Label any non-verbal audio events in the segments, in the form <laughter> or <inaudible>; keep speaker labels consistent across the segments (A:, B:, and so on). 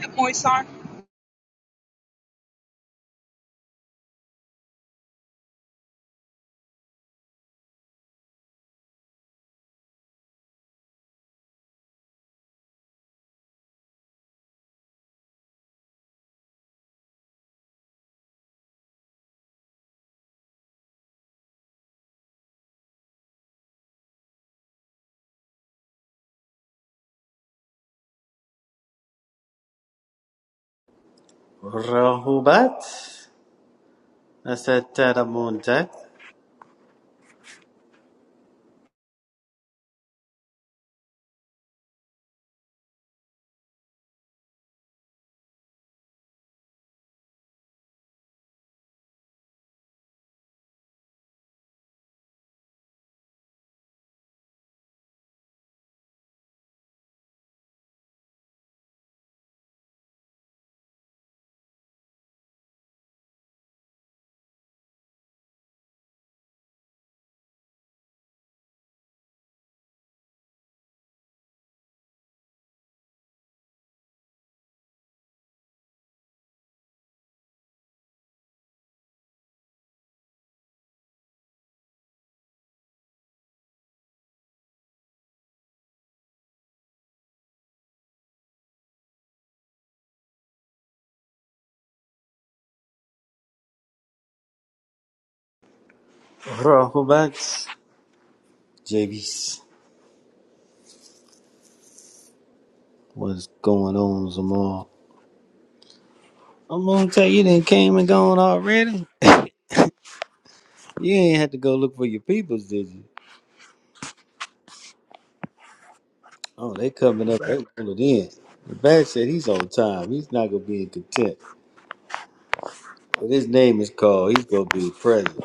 A: Good morning, sir. Can
B: Rahubat Asadaramunjak Rahubat JB's what's going on Zamal? I'm gonna tell you they came and gone already. You ain't had to go look for your peoples, did you? Oh, they coming up,
C: Rahu back.
B: they rolling in. The bad said he's on time. He's not gonna be in content. But his name is called, he's gonna be present.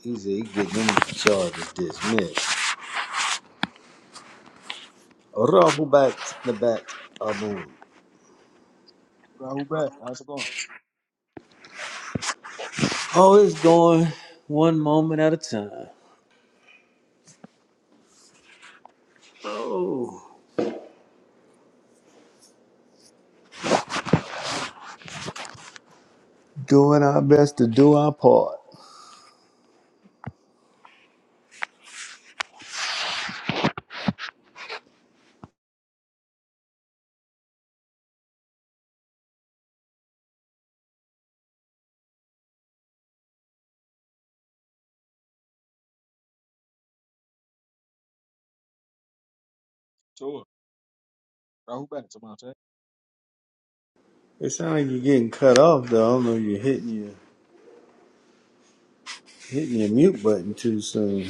B: He said he getting them charges dismissed. Rahubat the bat Amun.
C: Rahu back. How's it going?
B: Oh, it's going one moment at a time. Oh, Doing our best to do our part.
C: Tour. Rahu back to my tap.
B: it sounds like you're getting cut off though. I don't know. if You're hitting your hitting your mute button too soon.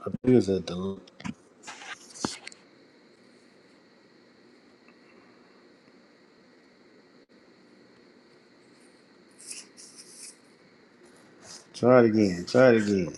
B: I think it's at the. Try it again. Try it again.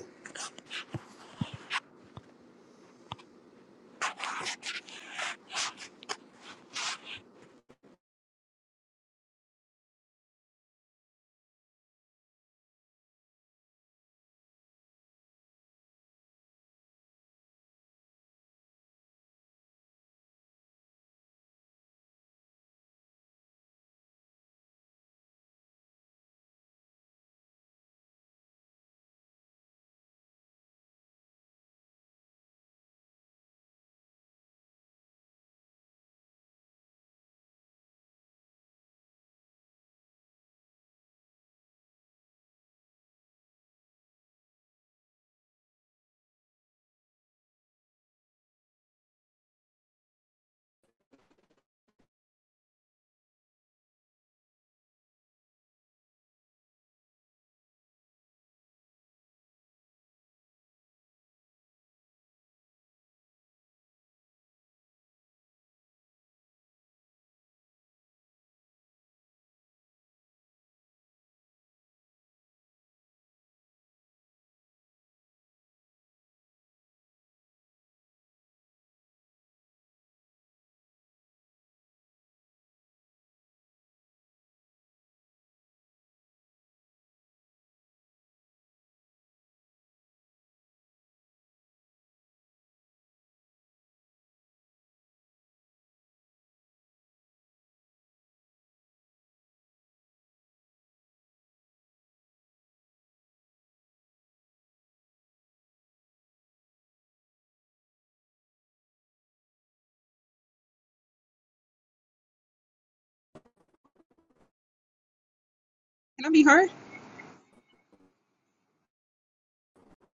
A: I be heard?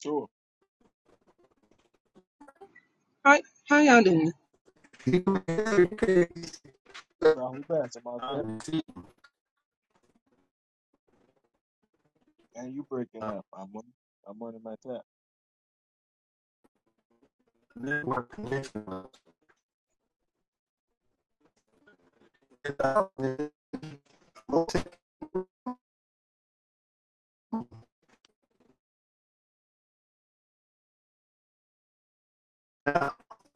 C: Tour.
A: Hi, how y'all doing?
C: Rahu back to my tap. And you breaking up. I'm on, I'm on my tap.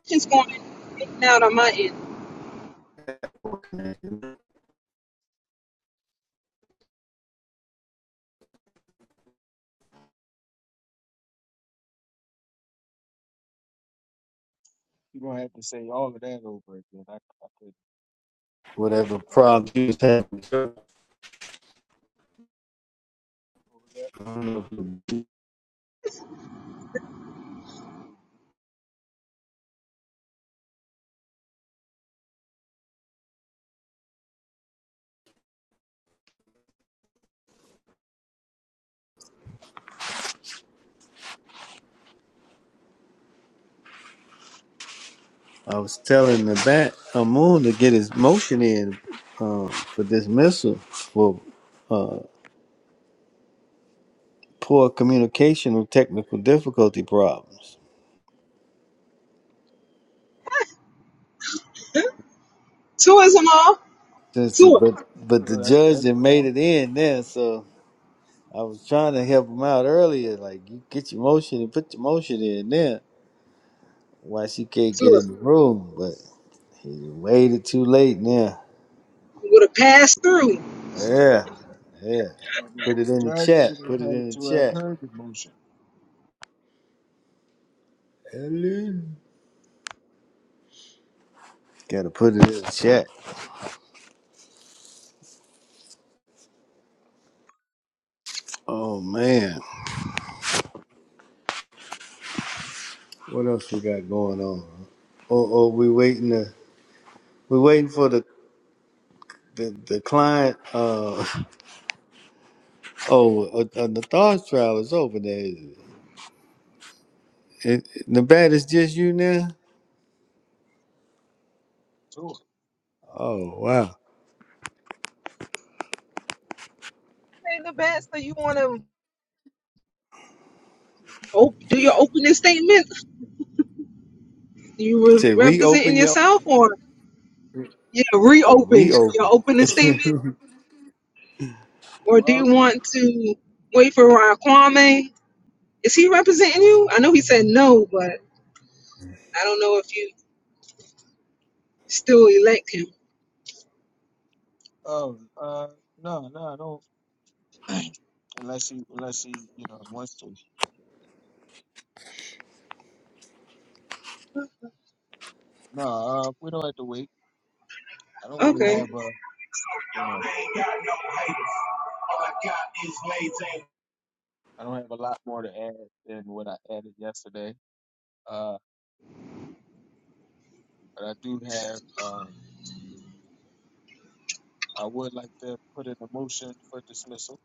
A: Just going in and out on my end.
C: You gonna have to say all of that over again. I, I could.
B: Whatever
C: Um,
B: problem you was having.
C: what was that?
B: I was telling the bat Amun to get his motion in um, for dismissal for. poor communication or technical difficulty problems.
A: Tourism all?
B: Since the,
A: Tour.
B: but but the
C: Uh, that's
B: judge
C: that's
B: that made
C: ground.
B: it in there, so I was trying to help him out earlier. Like you get your motion and put your motion in there. Why she can't get
A: Tour.
B: in the room? But he waited too late now.
A: Would have pass through.
B: Yeah, yeah.
C: Uh, The,
B: Put it
C: the
B: in the
C: judge
B: chat.
C: would
B: Put
C: have
B: it
C: had
B: in the
C: to have
B: chat.
C: heard the motion.
B: Ellen. Gotta put it in the chat. Oh man, what else we got going on? Oh, oh, we waiting to we waiting for the The the client, uh, <laughs> oh, uh, uh, the thoughts trial is over there. Is it? It, Nevada, just you now.
C: Tour.
B: Oh wow!
A: Say the best. So you want to op- do your opening statement? You re-
B: To reopen
A: representing
B: your
A: yourself or yeah,
B: go
A: reopen your
B: reopen.
A: opening statement?
B: <laughs>
A: Or do
C: Well,
A: you want to wait for Ron Kwame? Is he representing you? I know he said no, but I don't know if you still elect him.
C: oh, uh, no, no, no. <clears throat> unless he, unless he, you know, wants to. No, uh, we don't have to wait. I don't really
A: Okay.
C: have a, you know, I don't have a lot more to add than what I added yesterday Uh, but I do have, um, I would like to put in a motion for dismissal.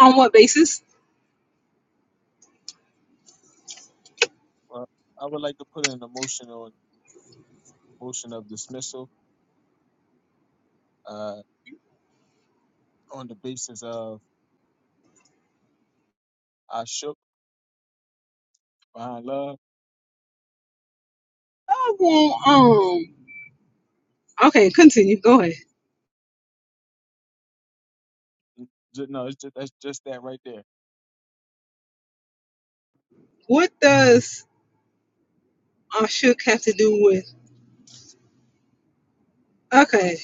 A: On what basis?
C: Well, I would like to put in a motion on motion of dismissal, uh, on the basis of I shook behind love.
A: I want um, Okay, continue. Go ahead.
C: Ju- No, it's just, that's just that right there.
A: What does Ashuk have to do with? Okay,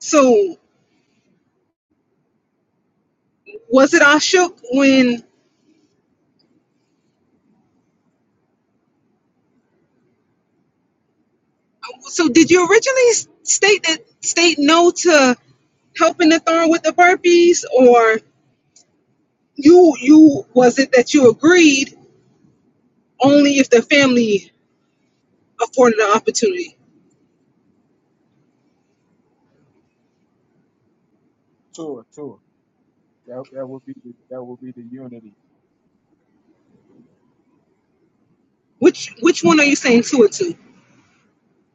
A: so was it Ashuk when? So did you originally s- state that state no to helping the thorn with the burpees, or you you was it that you agreed only if the family afforded the opportunity?
C: Tour, tour. That, that would be the, that would be the unity.
A: Which which one are you saying to it to?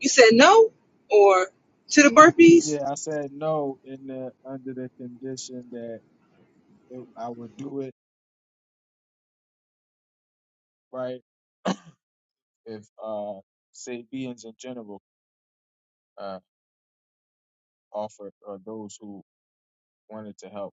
A: You said no or to the burpees?
C: Yeah, I said no in the, under the condition that it, I would do it, right? If, uh, say beings in general, uh, offer or those who wanted to help.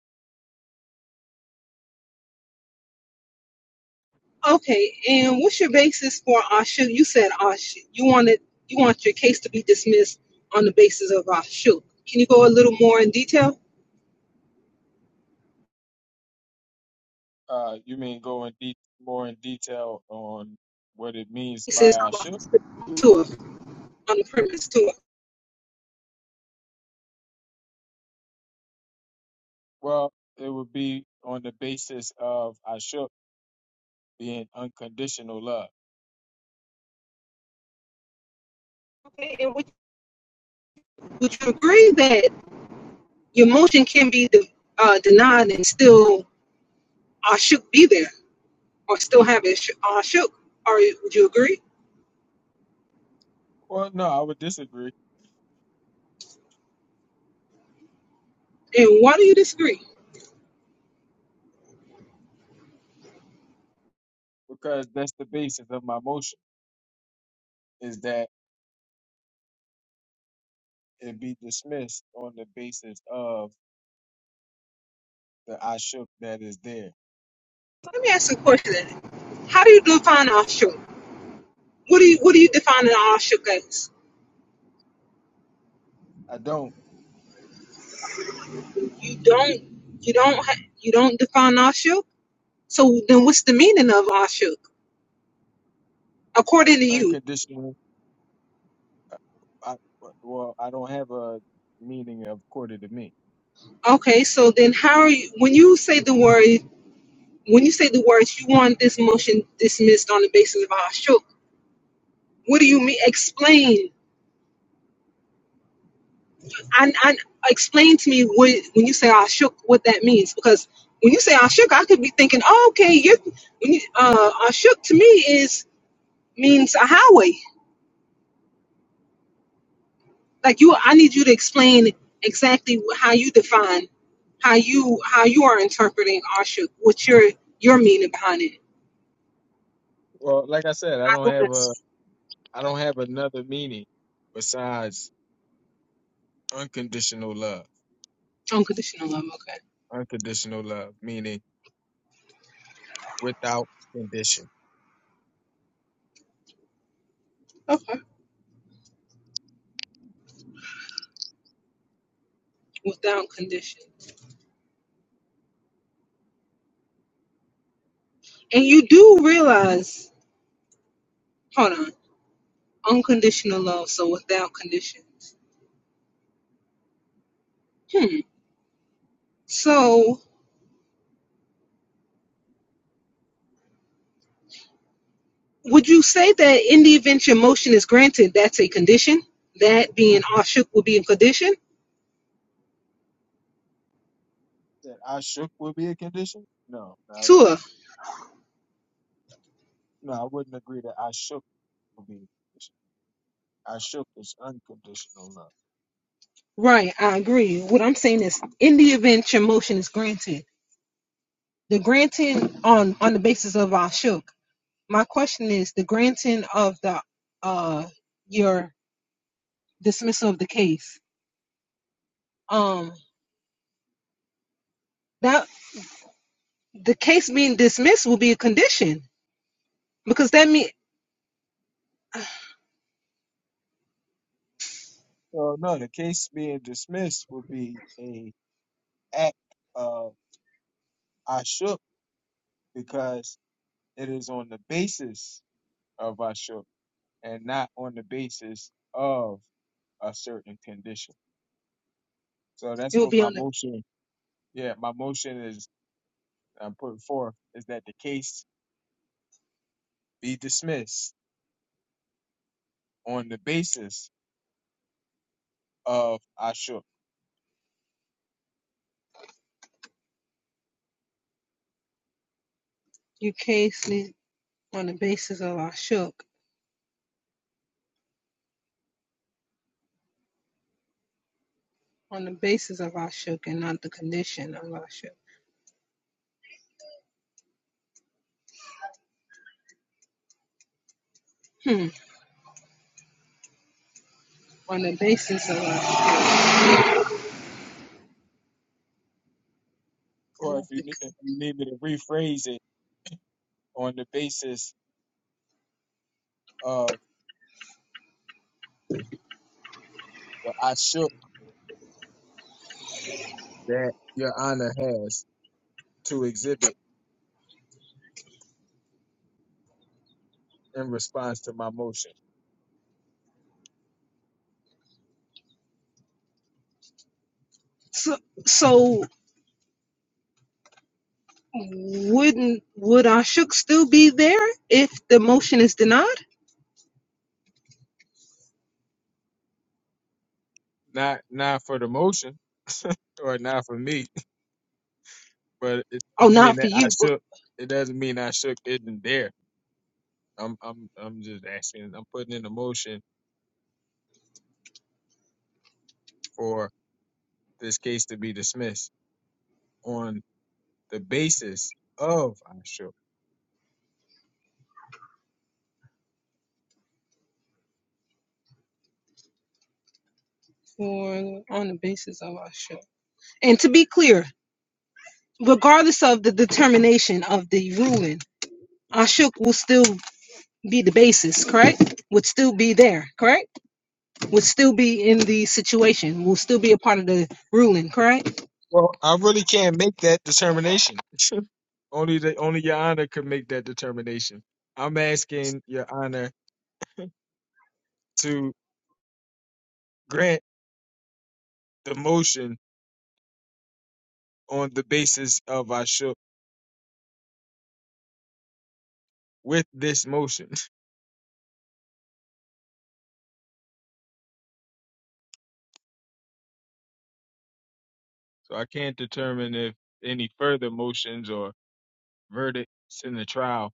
A: Okay, and what's your basis for Ashu? You said Ashu. You wanted you want your case to be dismissed on the basis of Ashu. Can you go a little more in detail?
C: Uh, you mean go in de- more in detail on what it means
A: He
C: by
A: says
C: Ashuk?
A: to it on the premise to it.
C: Well, it would be on the basis of Ashuk being unconditional love.
A: Okay, and would, would you agree that your motion can be de- uh, denied and still Ashu be there or still have it sh- Ashu? Or would you agree?
C: Well, no, I would disagree
A: And why do you disagree?
C: because that's the basis of my motion is that it be dismissed on the basis of the Ashuk that is there.
A: Let me ask you a question. How do you define Ashu? What do you what do you define an Ashu as?
C: I don't
A: You don't. You don't. ha- You don't define ashuk. So then, what's the meaning of ashuk according to you?
C: unconditional. uh, I, well, I don't have a meaning according to me.
A: Okay. So then, how are you? When you say the word, when you say the words, you want this motion dismissed on the basis of ashuk. What do you mean? Explain. And and explain to me what when you say ashuk, what that means because. When you say ashuk, I could be thinking, oh, okay, you when you, uh, ashuk to me is means a highway. Like you, I need you to explain exactly how you define how you how you are interpreting Ashuk, what your your meaning behind it.
C: Well, like I said, I
A: I
C: don't
A: think
C: have a
A: that's
C: I don't have another meaning besides unconditional love.
A: unconditional love. Okay.
C: Unconditional love, meaning without condition.
A: Okay. Without condition, and you do realize. Hold on. Unconditional love, so without conditions. Hmm. So, would you say that in the event your motion is granted, that's a condition? That being Ashuk would be a condition?
C: That I shook would be a condition? No, no, I would-
A: Tua.
C: no, I wouldn't agree that I shook would be a condition. I shook is unconditional love.
A: Right, I agree. What I'm saying is, in the event your motion is granted, the granting on on the basis of Ashok. My question is the granting of the uh your dismissal of the case. Um, that the case being dismissed will be a condition because that mean
C: So no, the case being dismissed would be a act of I shook because it is on the basis of I shook and not on the basis of a certain condition. So
A: it
C: that's
A: will
C: what
A: be
C: my
A: on the
C: motion Yeah, my motion is I'm putting forth is that the case be dismissed on the basis of I shook,
A: your case is on the basis of Ashok, on the basis of Ashok, and not the condition of Ashok. Hmm. On the basis of Ashok, and
C: or if
A: not
C: you
A: the con-
C: need, if you need me to rephrase it, on the basis of the I shook that Your Honor has to exhibit in response to my motion.
A: so so. Wouldn't would our shook still be there if the motion is denied?
C: Not not for the motion or not for me, <laughs> but it
A: Oh,
C: doesn't mean
A: not for
C: that I
A: you, but
C: shook. It doesn't mean I shook isn't there. I'm I'm I'm just asking. I'm putting in a motion for this case to be dismissed on the basis of Ashur.
A: for on the basis of our shook. And to be clear, regardless of the determination of the ruling, our shook will still be the basis, correct? Would still be there, correct? Would still be in the situation. Will still be a part of the ruling, correct?
C: Well, I really can't make that determination. <laughs> only the only your honor could make that determination. I'm asking your honor to grant the motion on the basis of Ashur with this motion. <laughs> So I can't determine if any further motions or verdicts in the trial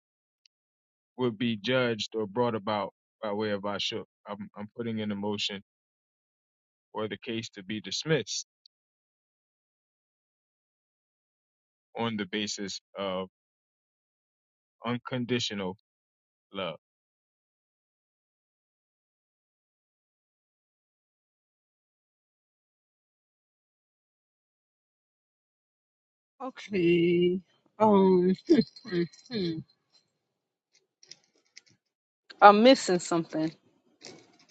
C: would be judged or brought about by way of Ashur. I'm, I'm putting in a motion for the case to be dismissed on the basis of unconditional Love.
A: Okay. Um, <laughs> hmm, hmm. hmm. I'm missing something.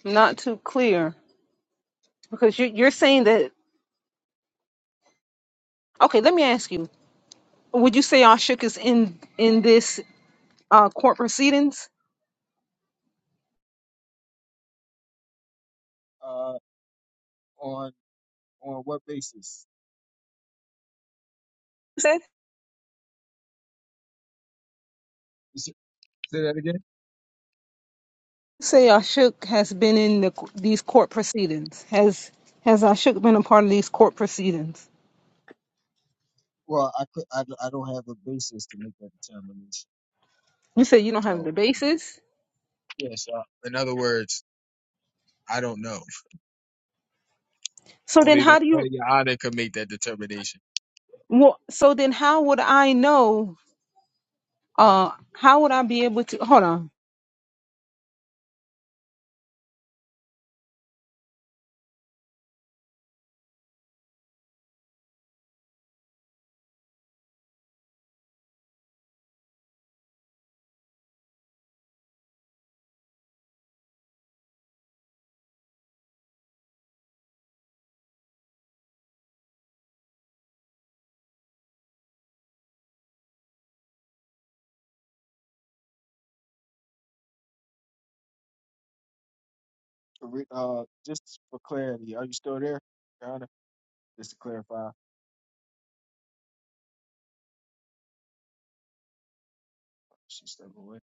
A: Not too clear because you are you're saying that. Okay, let me ask you. Would you say Ashuk is in in this uh, court proceedings?
C: Uh, on on what basis?
A: You said?
C: S- Say that again.
A: Say Ashuk has been in the, these court proceedings. Has has Ashuk been a part of these court proceedings?
C: Well, I could I, don't- I don't have a basis to make that determination.
A: You said you don't have
C: So
A: the basis.
C: yes. so in other words, I don't know.
A: So then,
C: Only the
A: how do
C: only
A: you?
C: your honor can make that determination.
A: Well, so then, how would I know? Uh, how would I be able to? Hold on.
C: re- uh, just for clarity, are you still there, Your Honor? Just to clarify, she stepped away.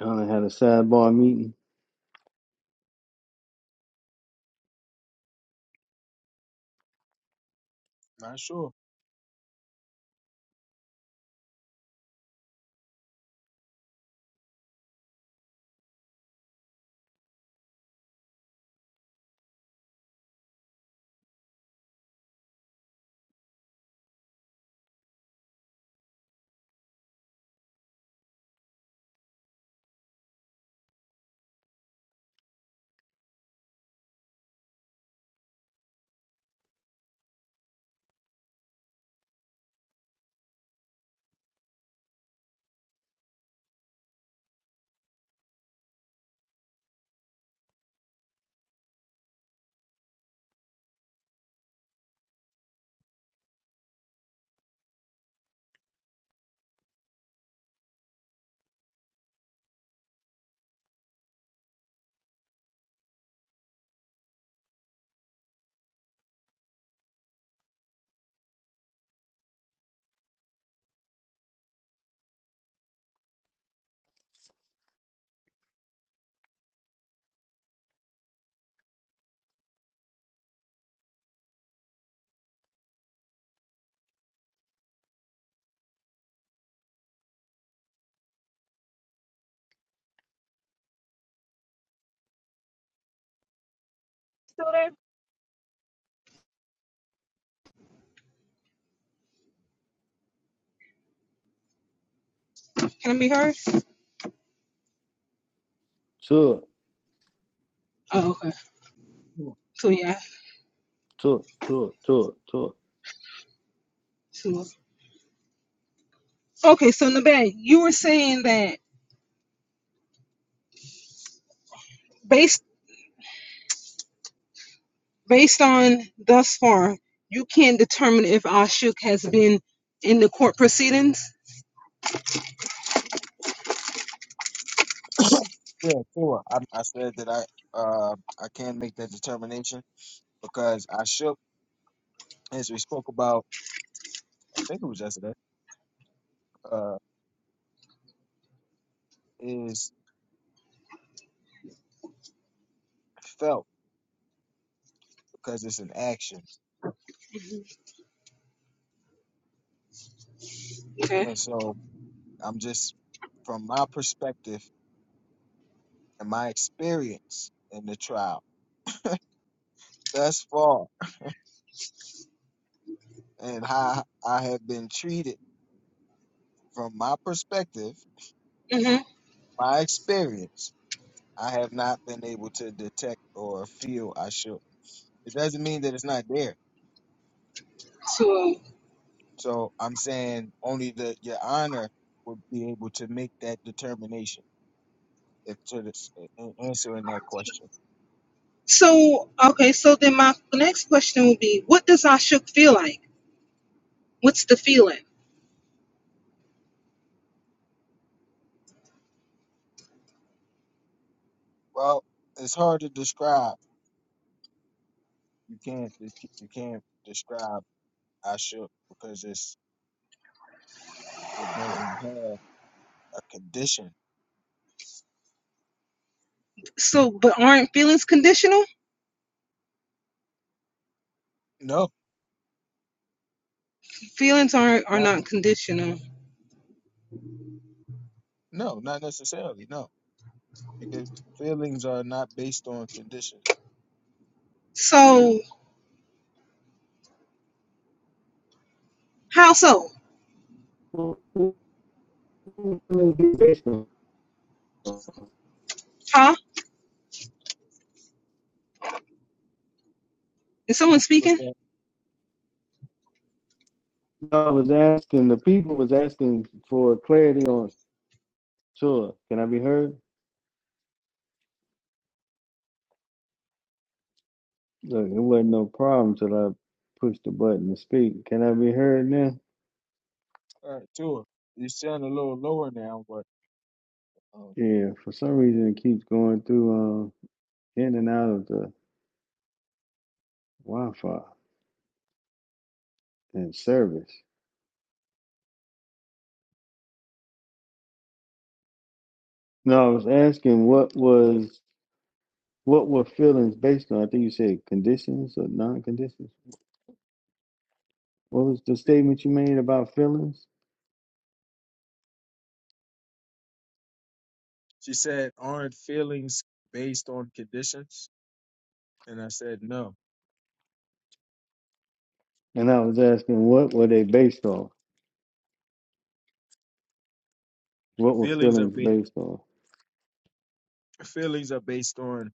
B: Y'all done had a sidebar meeting.
C: Not sure.
A: Still there? Can it be heard?
B: Tour,
A: Oh, okay.
C: Sure.
A: So yeah.
B: tour, tour, tour, tour.
A: So okay. So Nabe, you were saying that based Based on thus far, you can not determine if Ashuk has been in the court proceedings.
C: Yeah, sure. I, I said that I uh, I can make that determination because I shook, as we spoke about, I think it was yesterday, uh, felt because it's an action.
A: Mm-hmm. Okay.
C: And so I'm just from my perspective and my experience in the trial thus far and how I have been treated from my perspective,
A: Mm-hmm.
C: my experience, I have not been able to detect or feel I should. It doesn't mean that it's not there.
A: So,
C: So I'm saying only the your honor would be able to make that determination if to this, in answering that question.
A: so okay. So then, my next question would be, what does Ashuk feel like? What's the feeling?
C: Well, it's hard to describe you can't you ca- you can't describe Ashuk because it's it doesn't have a condition.
A: So, but aren't feelings conditional?
C: No,
A: Feelings aren't are
C: not
A: not conditional.
C: no, not necessarily. No, because feelings are not based on condition.
A: So, how so? Huh? Is someone
C: What's
A: speaking?
C: that?
B: I was asking the people was asking for clarity on tour. Can I be heard? Look, it wasn't no problem till I pushed the button to speak. Can I be heard now?
C: All right, Tua, you sound a little lower now, but um,
B: Yeah, for some reason it keeps going through um in and out of the Wi-Fi and service. No, I was asking what was what were feelings based on? I think you said conditions or non-conditions. What was the
C: fe-
B: statement you made about feelings?
C: she said, "Aren't feelings based on conditions?" And I said, "No,
B: And I was asking what were they based on? What were
C: feelings are
B: feelings
C: based
B: based on?
C: feelings are based on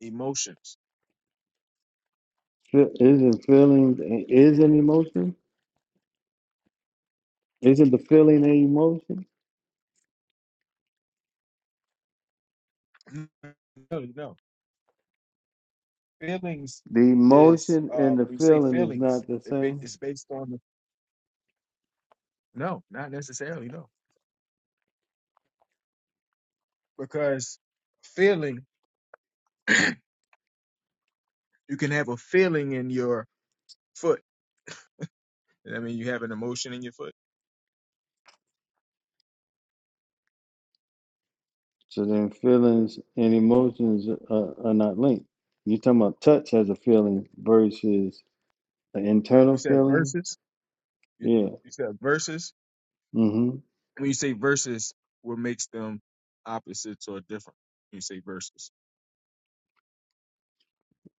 C: emotions."
B: Fe- Isn't feelings is an emotion? Isn't the feeling an emotion?
C: No, no. no. feelings
B: The
C: is
B: emotion
C: uh
B: and the
C: when you say
B: feeling is
C: feelings
B: not the
C: it ba-
B: same.
C: it's based on the, no not necessarily no because feeling you can have a feeling in your foot i mean you have an emotion in your foot
B: So then feelings and emotions are, are not linked. You're talking about touch as a feeling versus an
C: you
B: internal
C: said
B: feeling?
C: verses you,
B: Yeah.
C: you said verses
B: Mm-hmm.
C: when you say verses what makes them opposites or different when you say verses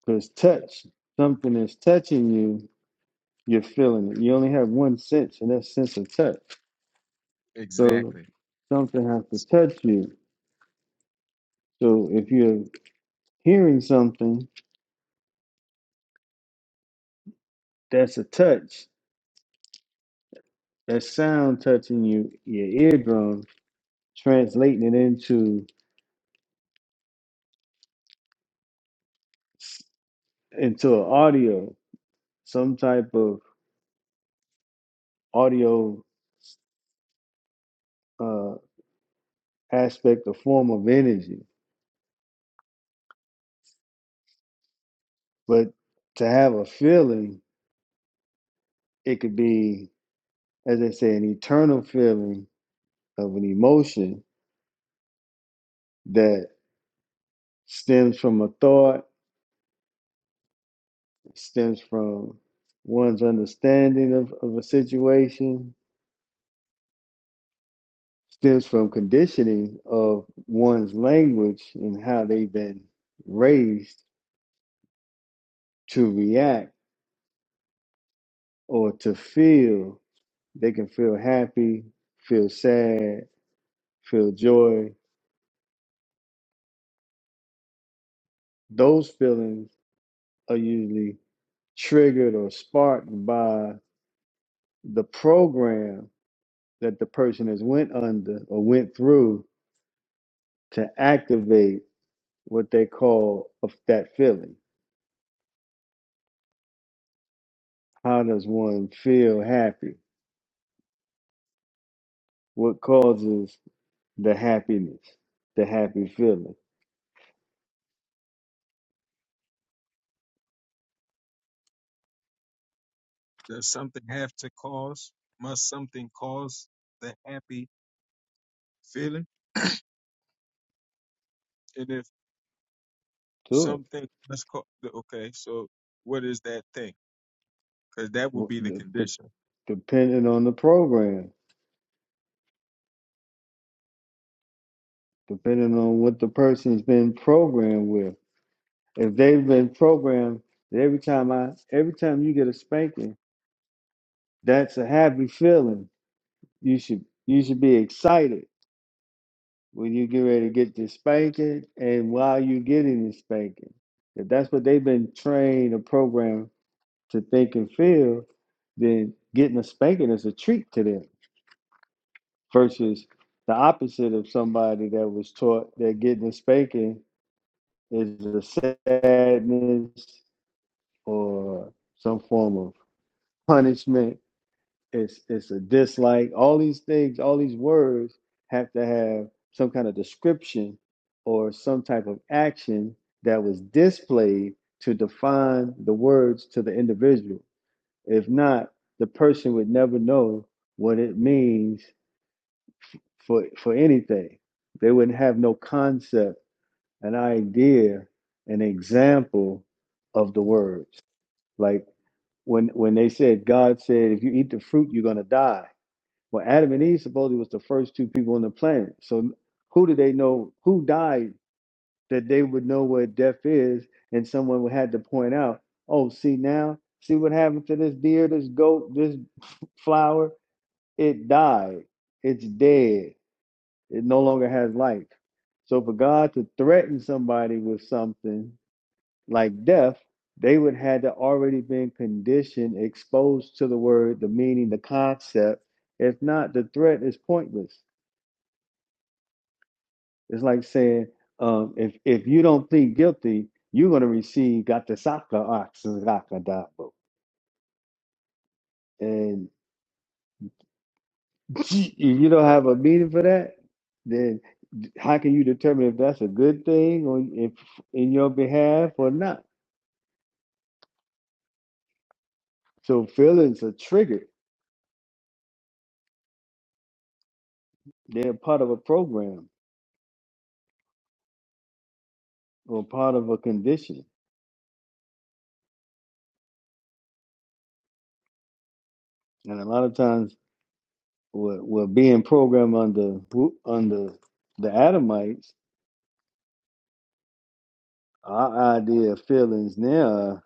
B: Because touch, something is touching you, you're feeling it. You only have one sense, and that's sense of touch. So
C: exactly
B: something has to
C: S-
B: touch you. So if you're hearing something, that's a touch. That sound touching you, your eardrum, translating it into into an audio, some type of audio uh, aspect, a form of energy. But to have a feeling, it could be, as they say, an eternal feeling of an emotion that stems from a thought, stems from one's understanding of, of a situation, stems from conditioning of one's language and how they've been raised to react or to feel. They can feel happy, feel sad, feel joy. Those feelings are usually triggered or sparked by the program that the person has went under or went through to activate what they call of that feeling. How does one feel happy? What causes the happiness, the happy feeling?
C: does something have to cause must something cause the happy feeling And if.
B: Sure.
C: something let's call the- okay so what is that thing because that would
B: Wh-
C: be the
B: The, the,
C: condition
B: depending on the program, depending on what the person's been programmed with If they've been programmed that every time I every time you get a spanking, that's a happy feeling. You should you should be excited when you get ready to get this spanking and while you're getting the spanking. If that's what they've been trained or programmed to think and feel, then getting a spanking is a treat to them versus the opposite of somebody that was taught that getting a spanking is a sadness or some form of punishment it's it's a dislike all these things all these words have to have some kind of description or some type of action that was displayed to define the words to the individual if not the person would never know what it means for for anything they wouldn't have no concept an idea an example of the words like when when they said god said if you eat the fruit you're going to die well, Adam and Eve supposedly was the first two people on the planet. So who did they know who died that they would know what death is and someone would had to point out, oh, see now, see what happened to this deer, this goat, this flower? It died. It's dead. It no longer has life. So for God to threaten somebody with something like death, they would had to already been conditioned, exposed to the word, the meaning, the concept. If not, the threat is pointless. It's like saying, um, if if you don't plead guilty, you're gonna receive gatasaka oxagakadabo. And <laughs> if you don't have a meaning for that, then how can you determine if that's a good thing or if in your behalf or not? So feelings are triggered. They're part of a program or part of a condition. And a lot of times we're, we're being programmed under under the Adamites, our idea of feelings now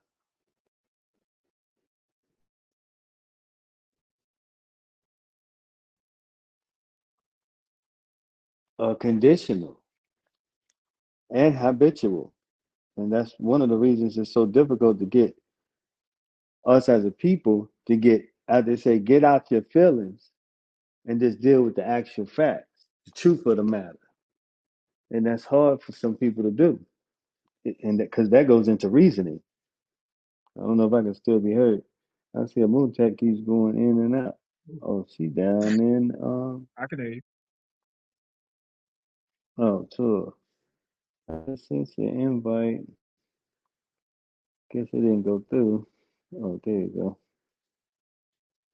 B: uh, conditional and habitual. And that's one of the reasons it's so difficult to get us as a people to get, as they say, get out your feelings and just deal with the actual facts, the truth of the matter. And that's hard for some people to do. And because that, that goes into reasoning. I don't know if I can still be heard. I see a moon tech keeps going in and out. Oh, she down in, um,
C: i can hear you
B: oh, tour. I sent the invite. Guess it didn't go through. Oh, there you go.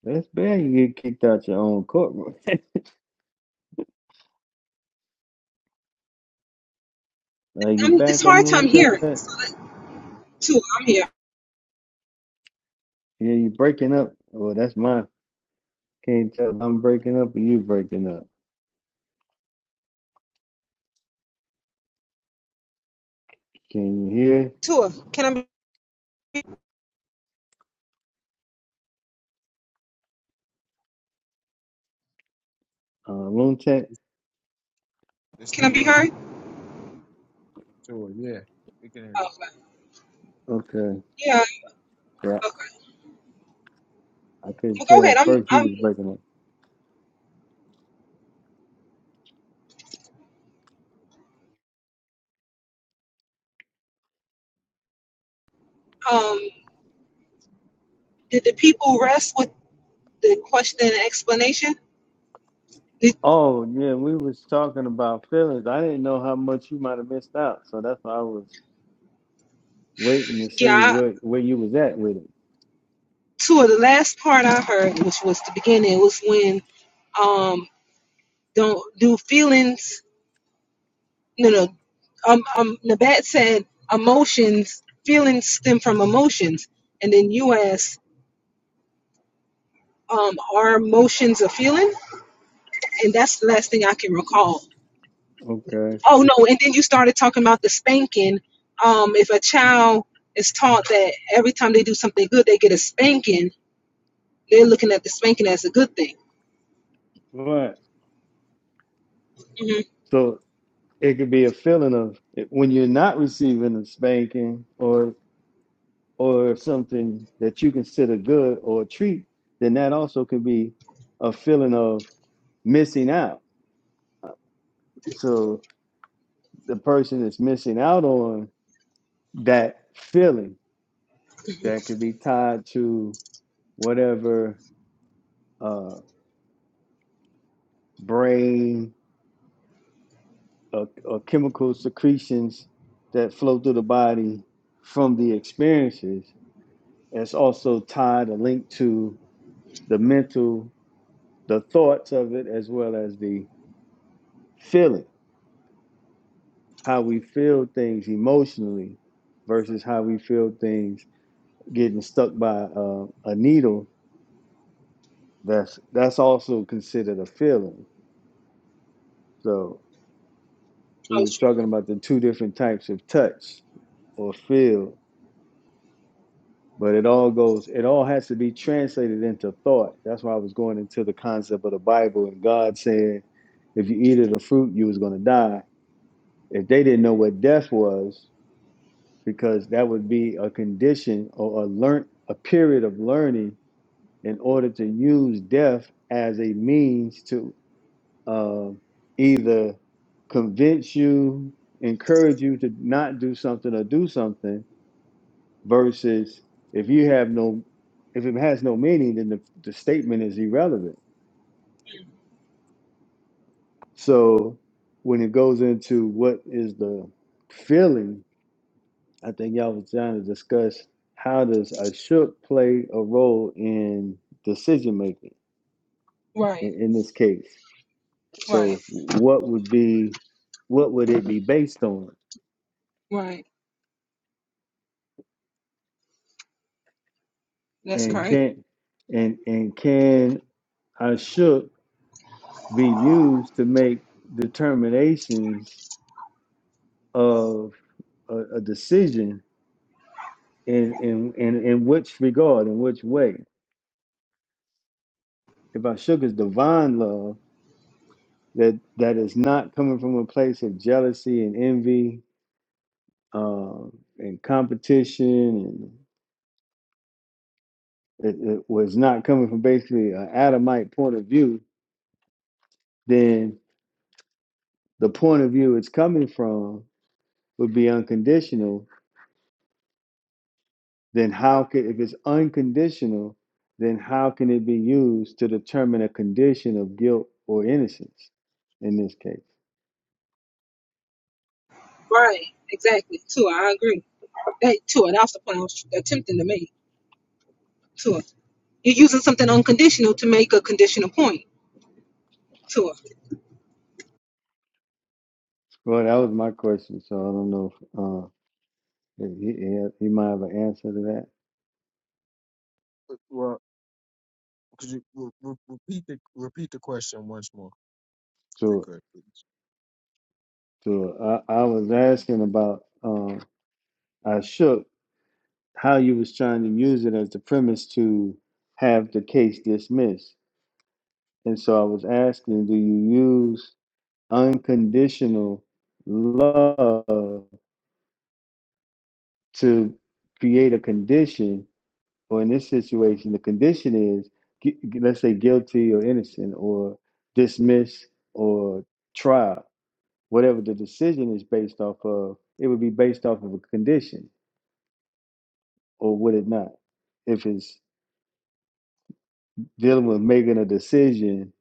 B: That's bad. You get kicked out your own courtroom. Uh, you
A: I'm, it's
B: back up
A: hard
B: on
A: time hearing.
B: that?
A: So, that- Tua, I'm here.
B: Yeah, you breaking up. Well, that's mine. Can't tell if I'm breaking up or you breaking up. Can you hear?
A: Tua, can I be,
B: Uh, loon tech?
C: it's
A: can
C: the
A: I be
C: room
A: heard?
C: so yeah we can hear you
A: Okay.
B: Okay.
A: Yeah.
B: Yeah,
A: Okay.
B: I couldn't
A: Well, go
B: tell.
A: ahead. I'm.
B: First, you was
A: I'm.
B: breaking up.
A: Um. Did the people rest with the question and explanation? Did,
B: Oh, yeah, we was talking about feelings. I didn't know how much you might have missed out, so that's why I was waiting to
A: yeah.
B: see
A: I,
B: what where you was at with it.
A: two of the last part I heard, which was the beginning, was when um don't do feelings. No, no. Um. Um. Nabat said emotions. Feelings stem from emotions, and then you asked, um, are emotions a feeling? And that's the last thing I can recall.
B: Okay.
A: Oh no, and then you started talking about the spanking. Um, if a child is taught that every time they do something good, they get a spanking, they're looking at the spanking as a good thing.
B: All right.
A: Mm-hmm.
B: So it could be a feeling of when you're not receiving a spanking, or or something that you consider good or a treat, then that also could be a feeling of missing out. So the person is missing out on that feeling that could be tied to whatever uh, brain or, or chemical secretions that flow through the body from the experiences. It's also tied or linked to the mental, the thoughts of it, as well as the feeling. how we feel things emotionally versus how we feel things getting stuck by uh, a needle that's that's also considered a feeling so we
A: Oh,
B: was
A: true.
B: talking about the two different types of touch or feel but it all goes it all has to be translated into thought that's why i was going into the concept of the bible and god saying if you eat of the fruit you was going to die if they didn't know what death was because that would be a condition or a learn a period of learning in order to use death as a means to uh, either convince you, encourage you to not do something or do something, versus if you have no, if it has no meaning, then the, the statement is irrelevant. So when it goes into what is the feeling I think y'all was trying to discuss how does a play a role in decision making
A: Right,
B: in, in this case.
A: right,
B: So what would be what would it be based on?
A: right. That's
B: And
A: correct.
B: can and and can a be used to make determinations of a, a decision in, in in in which regard, in which way? If I is divine love, that that is not coming from a place of jealousy and envy um, and competition and it, it was not coming from basically an adamite point of view then the point of view it's coming from would be unconditional then how could if it's unconditional then how can it be used to determine a condition of guilt or innocence in this case
A: Right. Exactly. Tua, I agree. That Tua, that's the point I was attempting to make. Tua, you're using something unconditional to make a conditional point. Tua,
B: well that was my question so i don't know if uh, he, he might have an answer to that
C: But, well could you re- re- repeat the repeat the question once more if you
B: So.
C: could please
B: So I, I was asking about um, I shook how you was trying to use it as the premise to have the case dismissed, and so I was asking, do you use unconditional love to create a condition, or in this situation, the condition is gu- let's say guilty or innocent or dismiss or trial, whatever the decision is based off of, it would be based off of a condition or would it not? If it's dealing with making a decision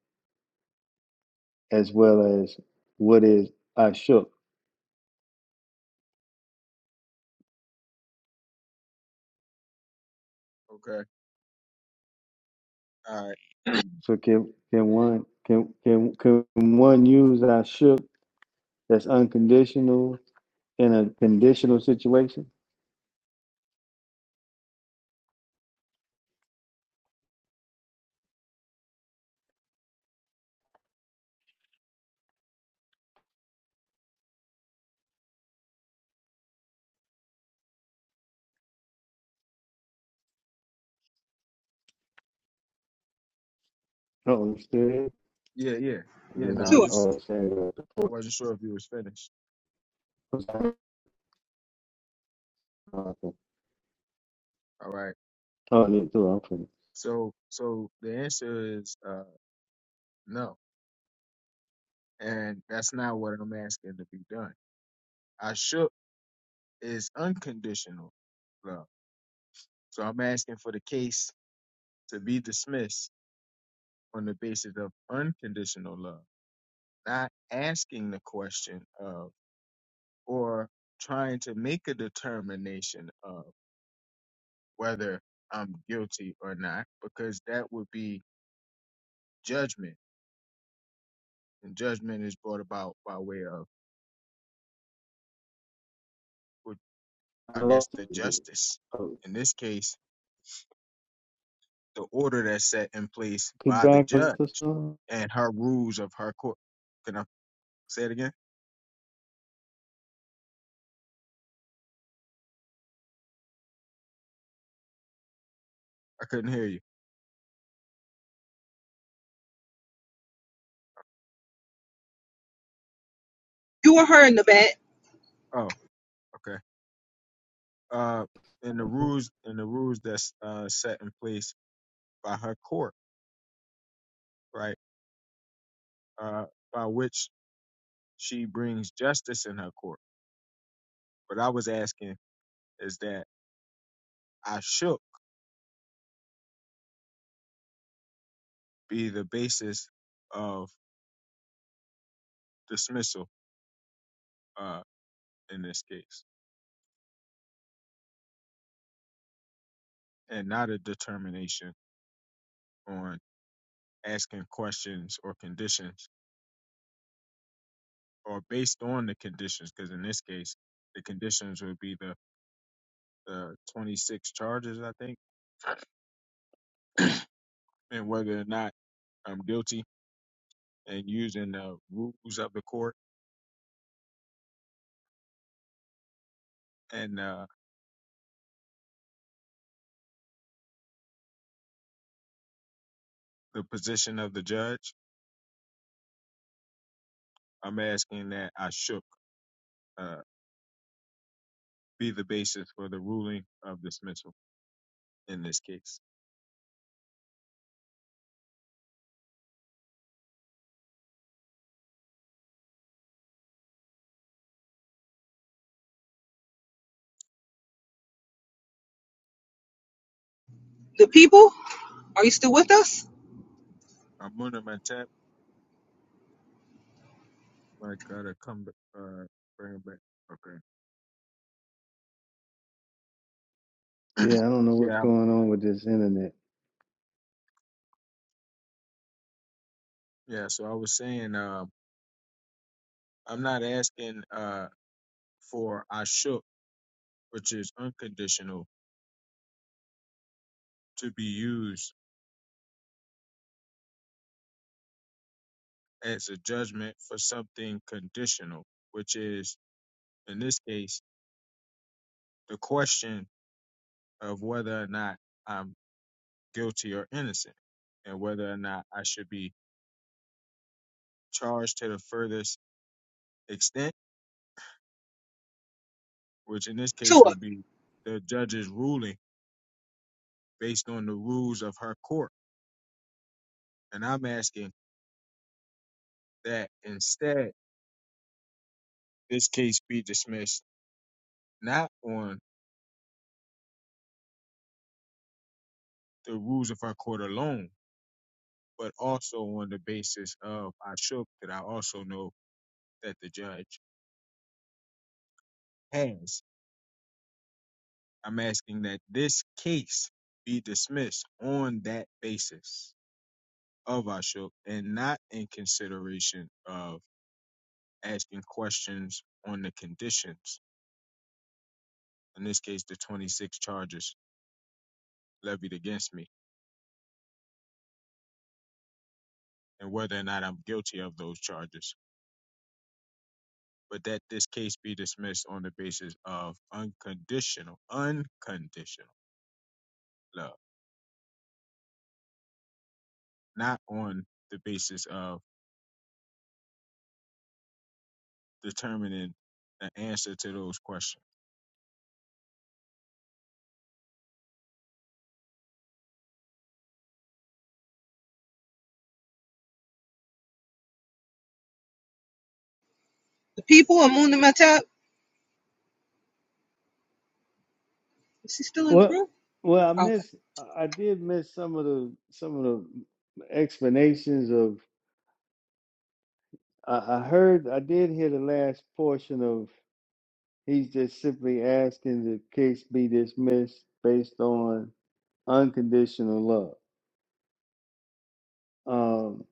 B: as well as what is I shook.
C: okay all right
B: So can can one can can can one use I shook that's unconditional in a conditional situation? Oh, you still
C: <clears throat> yeah yeah yeah no i
A: Tua,
C: just
B: Oh,
C: i
B: i
C: wasn't sure if you was finished
B: I'm sorry. Oh, okay.
C: all right
B: Oh, yeah, too. i
C: so so the answer is uh no and that's not what i'm asking to be done i should is unconditional love so i'm asking for the case to be dismissed on the basis of unconditional love, not asking the question of or trying to make a determination of whether I'm guilty or not, because that would be judgment. And judgment is brought about by way of, what-
B: I
C: I
B: lost
C: guess, the
B: it.
C: justice.
B: Oh,
C: In this case, the order that's set in place
B: Could
C: by the
B: back up
C: judge
B: to some?
C: and her rules of her court. Can I say it again? I couldn't hear you.
A: you or her in the back.
C: Oh, okay. uh in the rules in the rules that's uh set in place by her court right uh by which she brings justice in her court what i was asking is that i shook be the basis of dismissal uh in this case and not a determination on asking questions or conditions or based on the conditions because in this case the conditions would be the the 26 charges i think and whether or not i'm guilty and using the rules of the court and uh, the position of the judge, I'm asking that I shook uh, be the basis for the ruling of dismissal in this case.
A: The people, are you still with us?
C: I'm under my tap. I gotta come back, uh, bring it back. Okay.
B: Yeah, I don't know
C: Yeah.
B: what's
C: I'm-
B: going on with this internet.
C: Yeah. So I was saying, uh, I'm not asking uh, for I shook, which is unconditional, to be used as a judgment for something conditional, which is in this case the question of whether or not I'm guilty or innocent and whether or not I should be charged to the furthest extent, which in this case
A: Tua,
C: would be the judge's ruling based on the rules of her court. And I'm asking that instead this case be dismissed not on the rules of her court alone, but also on the basis of I shook that I also know that the judge has. I'm asking that this case be dismissed on that basis. of Ashok and not in consideration of asking questions on the conditions, in this case, the 26 charges levied against me, and whether or not I'm guilty of those charges, but that this case be dismissed on the basis of unconditional, unconditional love, not on the basis of determining the answer to those questions.
A: the people of Moon and Matap, Is she still in the
B: Well,
A: room?
B: well, I
A: Okay.
B: miss. I I did miss some of the some of the explanations of. I, I heard. I did hear the last portion of. He's just simply asking the case be dismissed based on unconditional love. Um,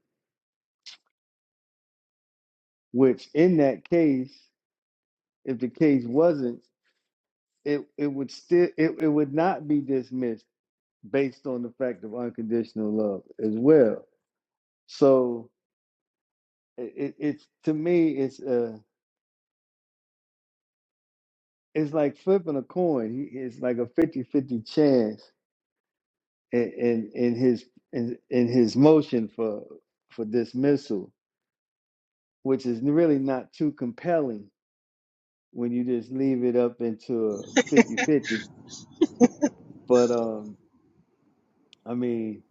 B: which in that case, if the case wasn't, it it would still it, it would not be dismissed based on the fact of unconditional love as well. So it, it, it's to me it's uh it's like flipping a coin. He, it's like a fifty-fifty chance in, in in his in, in his motion for for dismissal, which is really not too compelling when you just leave it up into a 50 But um, I mean,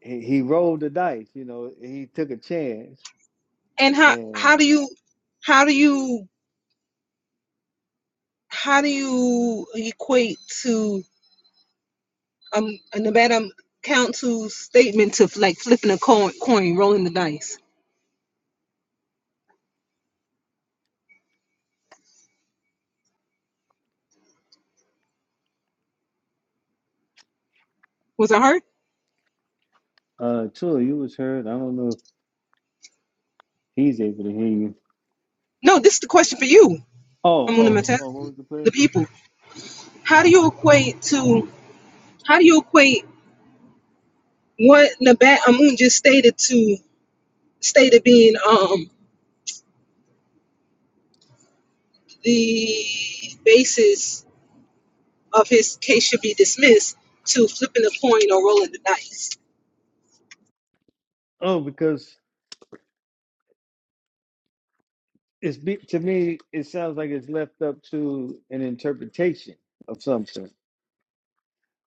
B: he, he rolled the dice. You know, he took a chance.
A: And how
B: And
A: how do you how do you how do you equate to um a Nevada Council's statement to like flipping a coin, coin rolling the dice? Was it her?
B: uh, Tua, you was heard. I don't know if he's able to hear you.
A: No, this is the question for you.
B: Oh,
A: I'm gonna
B: oh,
A: tell
B: oh, what was the play?
A: the people. How do you equate to how do you equate what Nabat Amun just stated to stated being um the basis of his case should be dismissed to flipping a coin or rolling the dice.
B: Oh, because it's be, to me it sounds like it's left up to an interpretation of some sort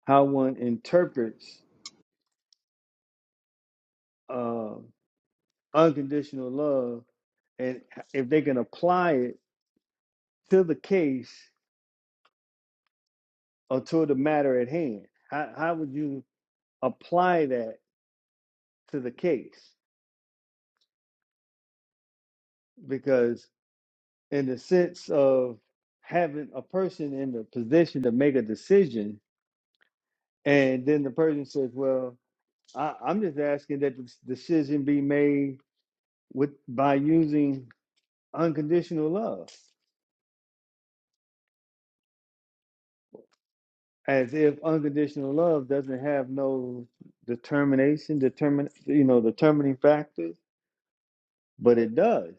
B: how one interprets uh, unconditional love and if they can apply it to the case or to the matter at hand how, how would you apply that to the case because in the sense of having a person in the position to make a decision and then the person says well I, i'm just asking that the decision be made with by using unconditional love as if unconditional love doesn't have no determination determine you know determining factors but it does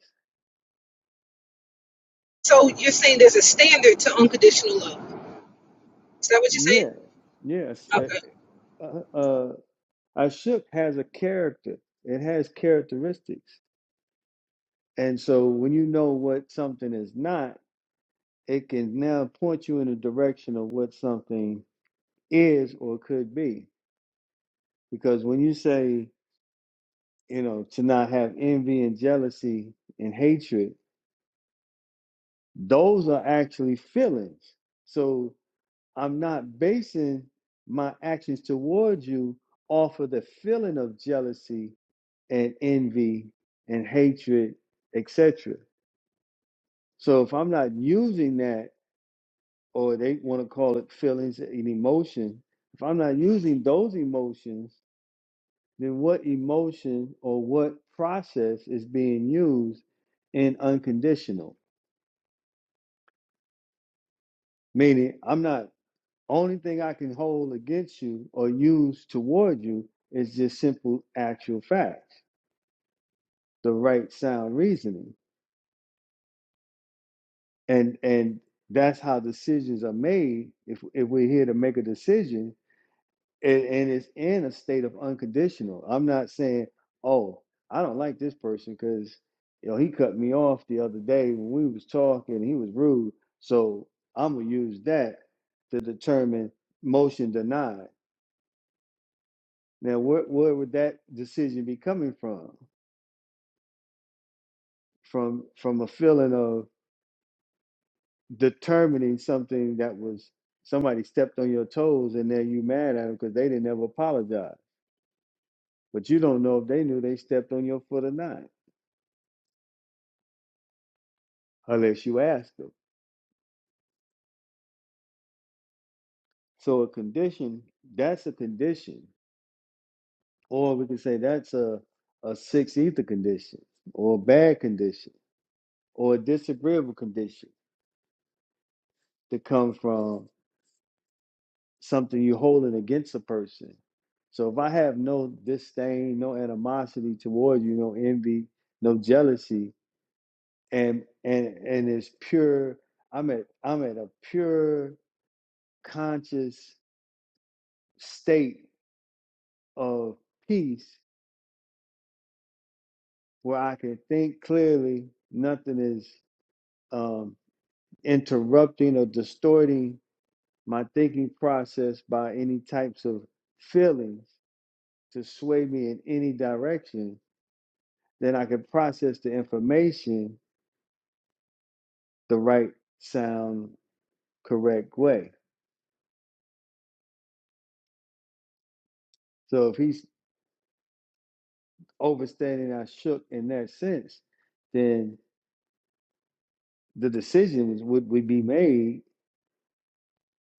A: So you're saying there's a standard to unconditional love. Is that what you're saying?
B: yeah yes eh,
A: Okay.
B: uh, uh ashok has a character it has characteristics and so when you know what something is not it can now point you in the direction of what something is or could be because when you say you know, to not have envy and jealousy and hatred, those are actually feelings. So I'm not basing my actions towards you off of the feeling of jealousy and envy and hatred, etc. So if I'm not using that, or they want to call it feelings and emotion, if I'm not using those emotions, then what emotion or what process is being used in unconditional? Meaning, I'm not, only thing I can hold against you or use toward you is just simple actual facts, the right sound reasoning. And and that's how decisions are made. If if we're here to make a decision and, and it's in a state of unconditional. I'm not saying, oh, I don't like this person because you know he cut me off the other day when we was talking, he was rude. So I'm gonna use that to determine motion denied Now, where, where would that decision be coming from? From from a feeling of determining something that was somebody stepped on your toes, and then you mad at them because they didn't ever apologize. But you don't know if they knew they stepped on your foot or not, unless you ask them. So a condition that's a condition, or we can say that's a a six ether condition, or a bad condition, or a disagreeable condition to come from something you're holding against a person. So if I have no disdain, no animosity towards you, no envy, no jealousy, and and and it's pure, I'm at I'm at a pure conscious state of peace where I can think clearly, nothing is um, interrupting or distorting my thinking process by any types of feelings to sway me in any direction then I could process the information the right sound correct way. So if he's overstanding I shook in that sense, then the decisions would, would be made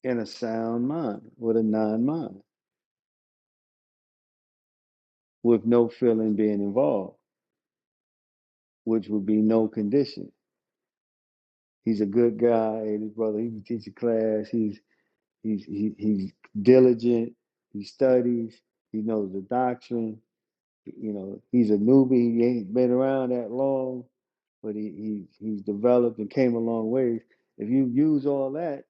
B: in a sound mind, with a non mind, with no feeling being involved, which would be no condition. He's a good guy, and his brother, he can teach a class, he's he's he, he's diligent, he studies, he knows the doctrine, You know, he's a newbie. He ain't been around that long, but he, he he's developed and came a long ways. If you use all that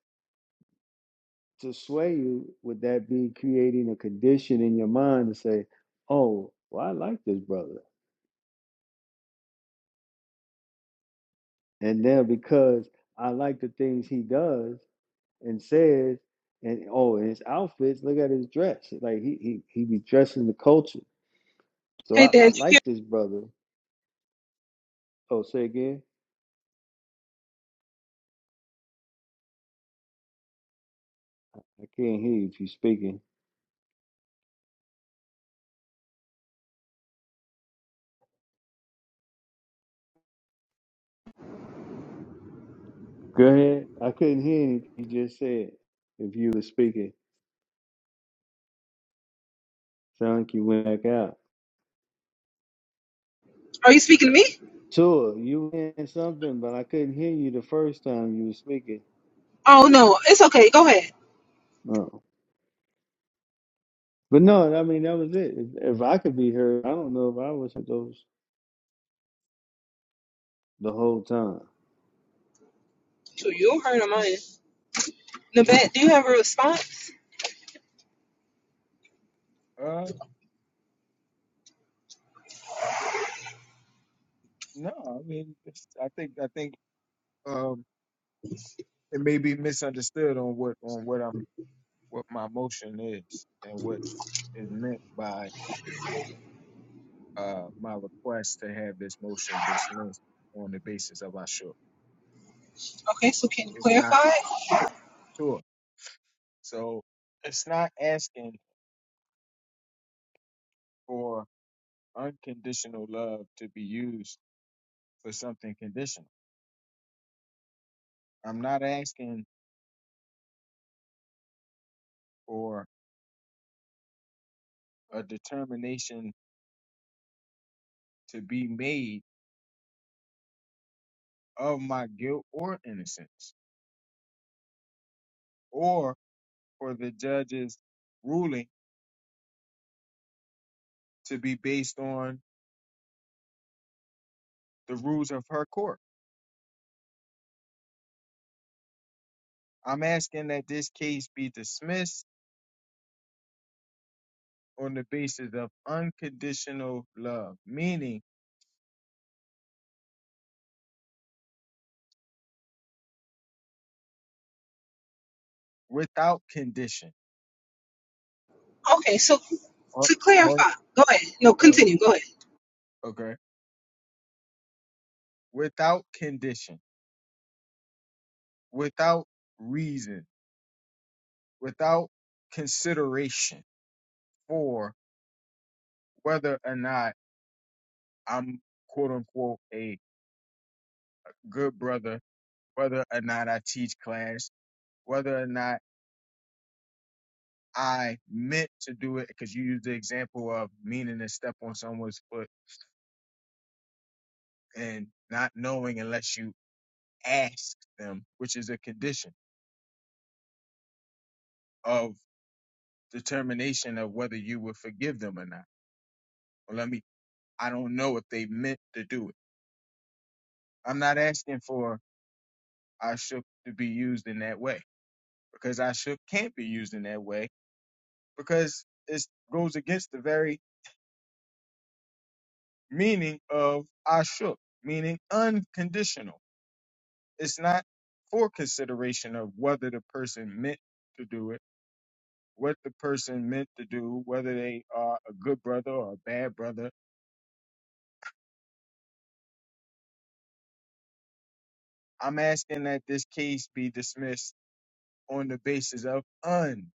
B: to sway you, would that be creating a condition in your mind to say, "Oh, well, I like this brother," and then because I like the things he does and says, and oh, and his outfits. Look at his dress. Like he he he be dressing the culture. So
A: Hey,
B: I, I
A: Dan, you here?
B: like this brother. Oh, say again. I can't hear you if you're speaking. Go ahead. I couldn't hear anything you just said. If you were speaking, sound like you went back out.
A: Are you speaking to me?
B: Tua, you were saying something, but I couldn't hear you the first time you were speaking.
A: Oh, no. It's okay. Go ahead.
B: No. But no, I mean, that was it. If, if I could be heard, I don't know if I was at those the whole time.
A: So
C: Sure,
A: you don't hurt on mine.
C: sure.
A: Nabat, do you have a response?
C: Uh, no, I mean, it's, I think I think um, it may be misunderstood on what on what I'm what my motion is and what is meant by uh, my request to have this motion dismissed on the basis of Ashur.
A: Okay, so can you
C: It's not
A: clarify?
C: Ashur. So it's not asking for unconditional love to be used for something conditional. I'm not asking for a determination to be made of my guilt or innocence or for the judge's ruling to be based on the rules of her court. I'm asking that this case be dismissed on the basis of unconditional love, meaning without condition.
A: Okay, so
C: Ho-
A: to
C: hold
A: clarify, go ahead. No,
C: on. uh,
A: continue. Go ahead.
C: Okay. Without condition, without reason, without consideration for whether or not I'm quote unquote a good brother, whether or not I teach class, whether or not I meant to do it, because you used the example of meaning to step on someone's foot and not knowing unless you ask them, which is a condition of determination of whether you will forgive them or not. Well, let me, I don't know if they meant to do it. I'm not asking for Ashuk to be used in that way because Ashuk can't be used in that way because it goes against the very meaning of Ashuk, meaning unconditional. It's not for consideration of whether the person meant to do it what the person meant to do, whether they are a good brother or a bad brother. I'm asking that this case be dismissed on the basis of unconditional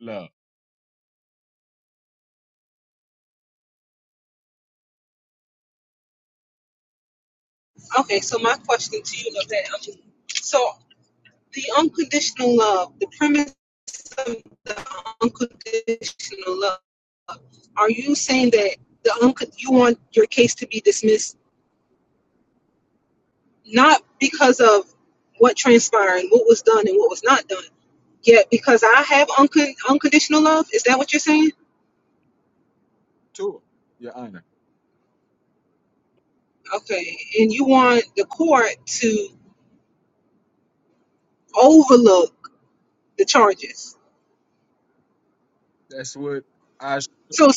C: love.
A: Okay, so my question to you, Nabat, um, so the unconditional love, the premise of the unconditional love. Are you saying that the unco- you want your case to be dismissed not because of what transpired, what was done, and what was not done, yet because I have uncon- unconditional love? Is that what you're saying?
C: Sure, Your Honor.
A: Okay, and you want the court to overlook the charges.
C: That's what I.
A: So,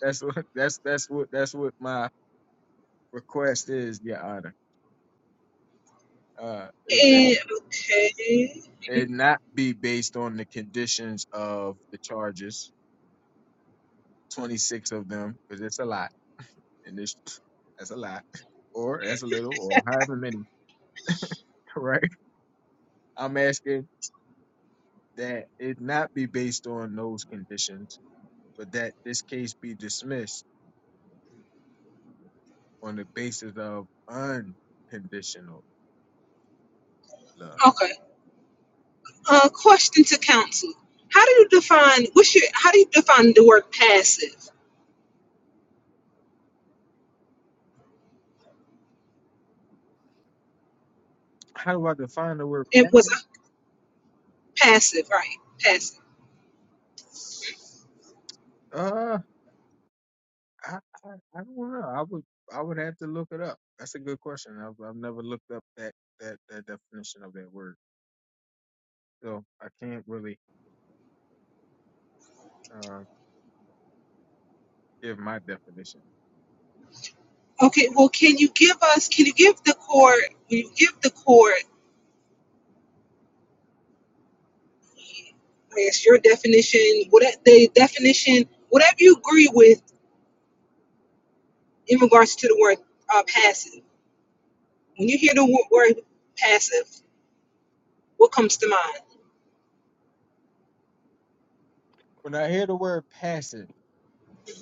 C: That's what. <laughs> That's that's what. That's what my request is, Your Honor. Uh, is that
A: and, okay,
C: it not be based on the conditions of the charges, 26 of them, because it's a lot, and this <laughs> that's a lot, or as a little, or however many, <laughs> right? I'm asking that it not be based on those conditions, but that this case be dismissed on the basis of unconditional love.
A: okay. Uh, question to counsel: How do you define what's your? How do you define the word passive?
C: How do I define the word
A: It was
C: passion?
A: a passive, right? Passive.
C: Uh, I, I, I don't know. I would I would have to look it up. That's a good question. I've I've never looked up that that that definition of that word, so I can't really uh, give my definition.
A: Okay. Well, can you give us? Can you give the court? Will you give the court? I guess your definition. What the definition? Whatever you agree with in regards to the word uh, passive. When you hear the wo- word passive, what comes to mind?
C: When I hear the word passive,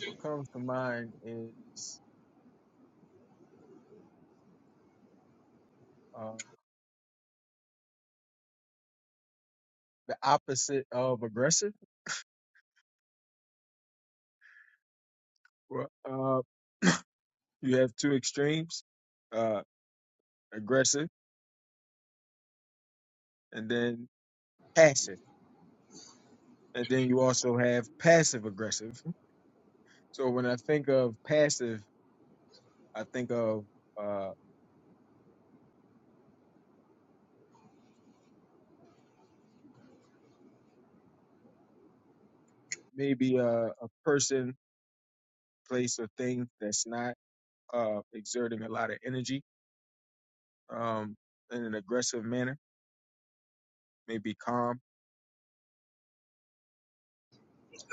C: what comes to mind is uh, the opposite of aggressive Well, uh, you have two extremes, uh, aggressive and then passive. And then you also have passive aggressive. So when I think of passive, I think of uh, maybe a, a person, place, or thing that's not uh, exerting a lot of energy um, in an aggressive manner, maybe calm.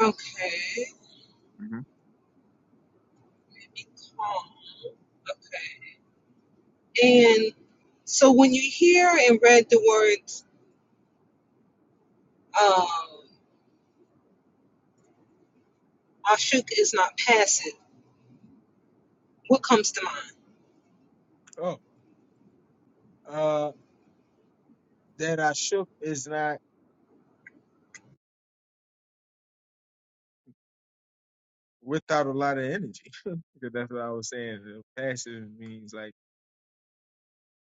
A: Okay.
C: hmm
A: Um, and so when you hear and read the words. um, Ashuk is not passive. What comes to mind?
C: Oh, uh, that I shook is not without a lot of energy. <laughs> because that's what I was saying. Passive means like,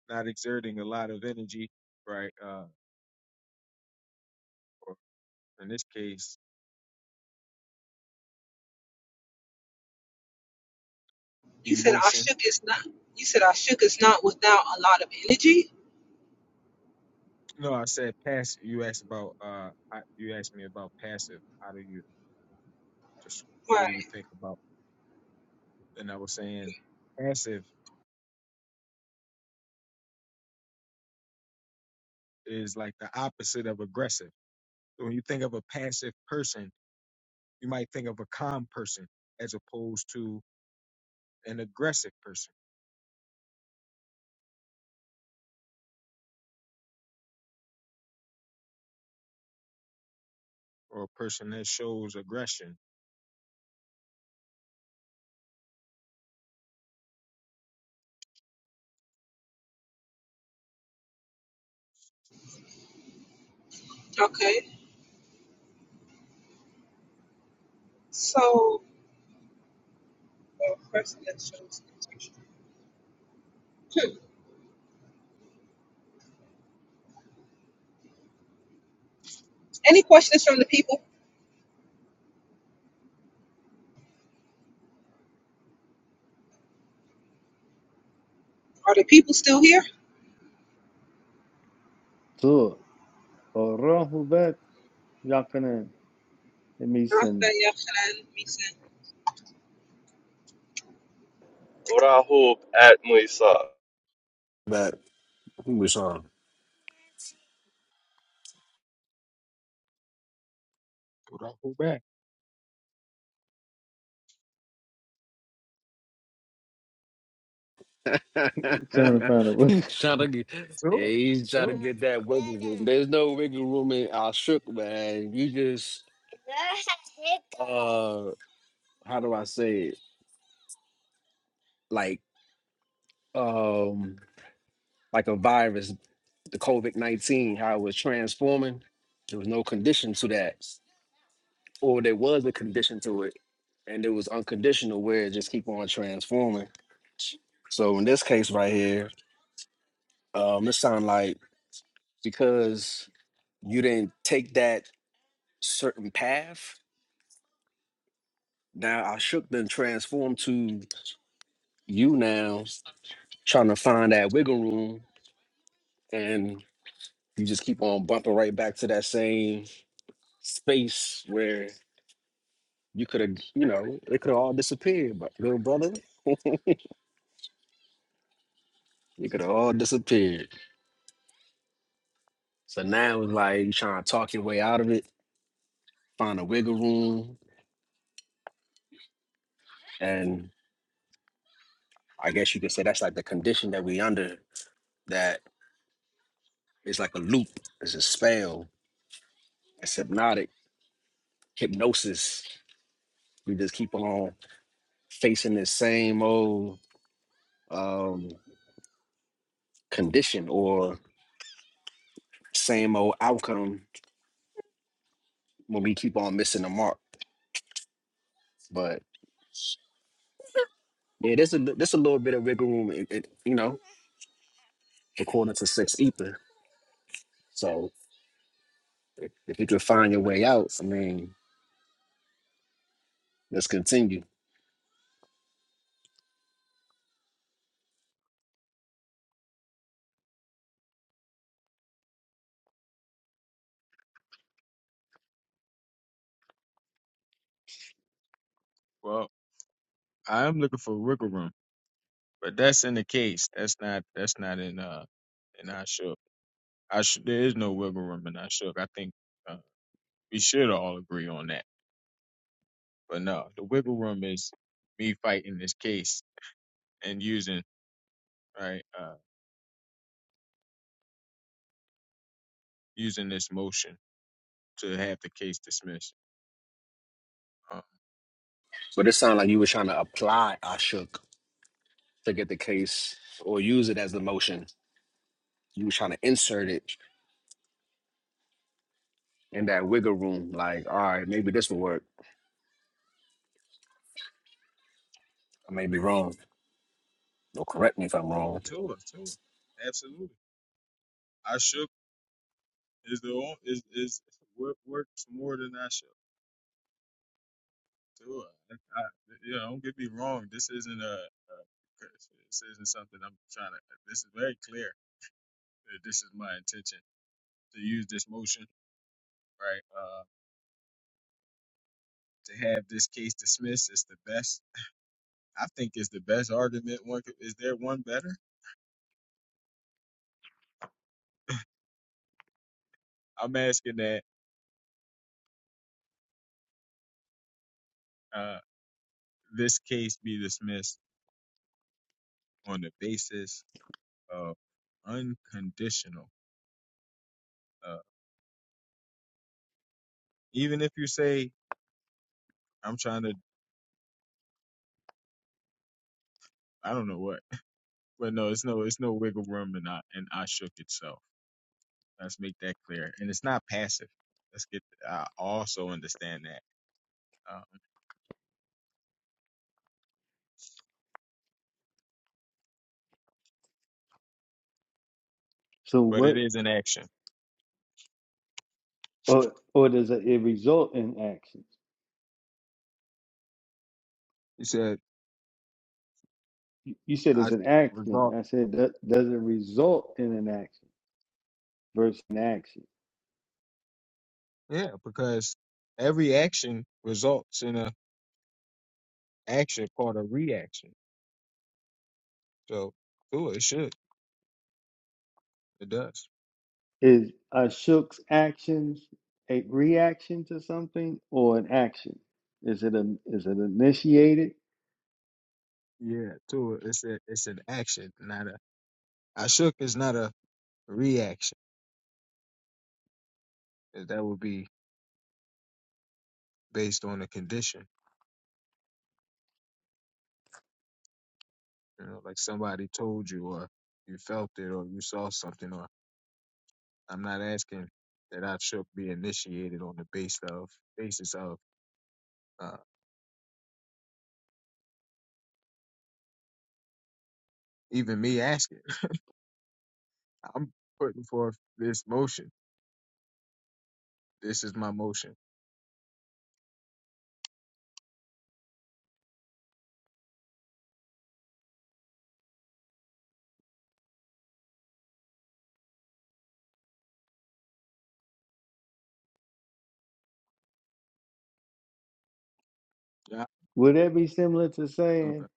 C: not exerting a lot of energy, right? Uh, or in this case,
A: You said
C: emotion.
A: Ashuk is not. You said Ashuk is not without a lot of energy.
C: No, I said passive. You asked about uh, I, you asked me about passive. How do you just what do you
A: Right.
C: think about? And I was saying passive is like the opposite of aggressive. So when you think of a passive person, you might think of a calm person as opposed to an aggressive person or a person that shows aggression.
A: Okay. So, well, person that shows. Hmm. Any questions from the people? Are the people still here?
B: Tua, or Rahubat, Yakanan. It means some-
A: Did
D: Rahub at Musa.
E: But he was on.
C: Well, Don't hold back?
B: trying to find out what. <laughs>
E: He's trying to <laughs> get, yeah,
C: Sure.
E: he's trying to
C: Sure.
E: get that wiggle room. There's no wiggle room in our shook, man. You just, uh, how do I say it? Like, um, like a virus, the COVID nineteen, how it was transforming. There was no condition to that, or there was a condition to it, and it was unconditional, where it just keep on transforming. So in this case right here, um, it sound like because You didn't take that certain path. Now I shook then transformed to you now trying to find that wiggle room and you just keep on bumping right back to that same space where you could have, you know, it could have all disappeared, but little brother, it could have all disappeared. So now it's like you trying to talk your way out of it, find a wiggle room. And I guess you could say that's like the condition that we under that is like a loop, it's a spell, it's hypnotic hypnosis. We just keep on facing the same old um, condition or same old outcome when we keep on missing the mark. But yeah, there's a there's a little bit of wiggle room, it, it, you know, according to Six Ether. So if, if you can find your way out, I mean, let's continue.
C: Well, I am looking for wiggle room. but that's in the case. That's not that's not in uh in I shook. I should there is no wiggle room in I shook. I think uh, we should all agree on that. But no, the wiggle room is me fighting this case and using right uh using this motion to have the case dismissed. Uh,
E: But it sounded like you were trying to apply Ashok to get the case or use it as the motion. You were trying to insert it in that wiggle room, like, all right, maybe this will work. I may be wrong. Don't correct me if I'm
C: oh,
E: wrong.
C: Tua, Tua, absolutely. I shook is the on- is is wor- works more than I shook. Sure. I, you know, don't get me wrong. This isn't a, a this isn't something I'm trying to. This is very clear. that This is my intention to use this motion, right? Uh, to have this case dismissed is the best. I think it's the best argument. One could, is there one better? I'm asking that uh, this case be dismissed on the basis of unconditional. Uh, even if you say I'm trying to, I don't know what, <laughs> but no, it's no, it's no wiggle room, and I and I shook itself. Let's make that clear. And it's not passive. Let's get. I also understand that, um,
B: So
C: but it
B: what,
C: is an action.
B: or, or does it, it result in actions?
C: He said,
B: You you said
C: "I
B: it's an action.
C: result."
B: I said, that does it result in an action? versus an action.
C: Yeah, because every action results in a action called a reaction. So, cool. It should. It does.
B: Is Ashok's actions a reaction to something or an action? Is it a is it initiated?
C: Yeah, too. It's a, it's an action, not a. I shook is not a reaction. 'cause That would be based on a condition. You know, like somebody told you, or you felt it, or you saw something, or I'm not asking that I should be initiated on the base of basis of uh, even me asking. <laughs> I'm putting forth this motion. This is my motion. Yeah.
B: Would that be similar to
C: Okay.
B: saying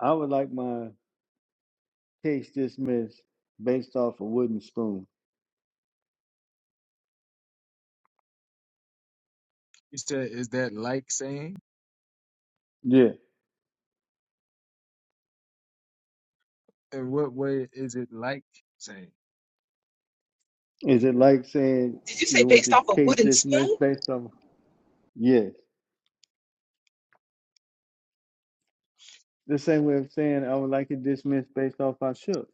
B: I would like my case dismissed based off a wooden spoon?
C: You said, is that like saying?
B: Yeah.
C: In what way is it like saying?
B: Is it like saying
A: you say
B: you want
A: based
B: your
A: off a
B: case
A: wooden spoon?
B: dismissed based off? Yes. The same way of saying I would like it dismissed based off I shook.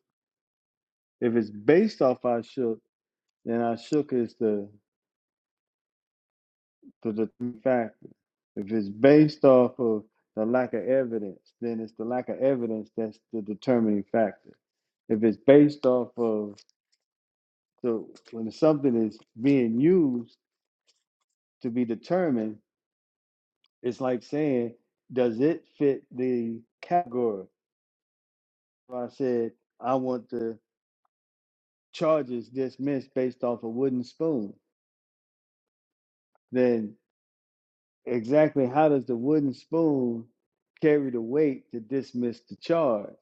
B: If it's based off I shook, then I shook is the to the three factors. If it's based off of the lack of evidence, then it's the lack of evidence that's the determining factor. If it's based off of the when something is being used to be determined, it's like saying, does it fit the category? If I said I want the charges dismissed based off a wooden spoon, then exactly how does the wooden spoon carry the weight to dismiss the charge?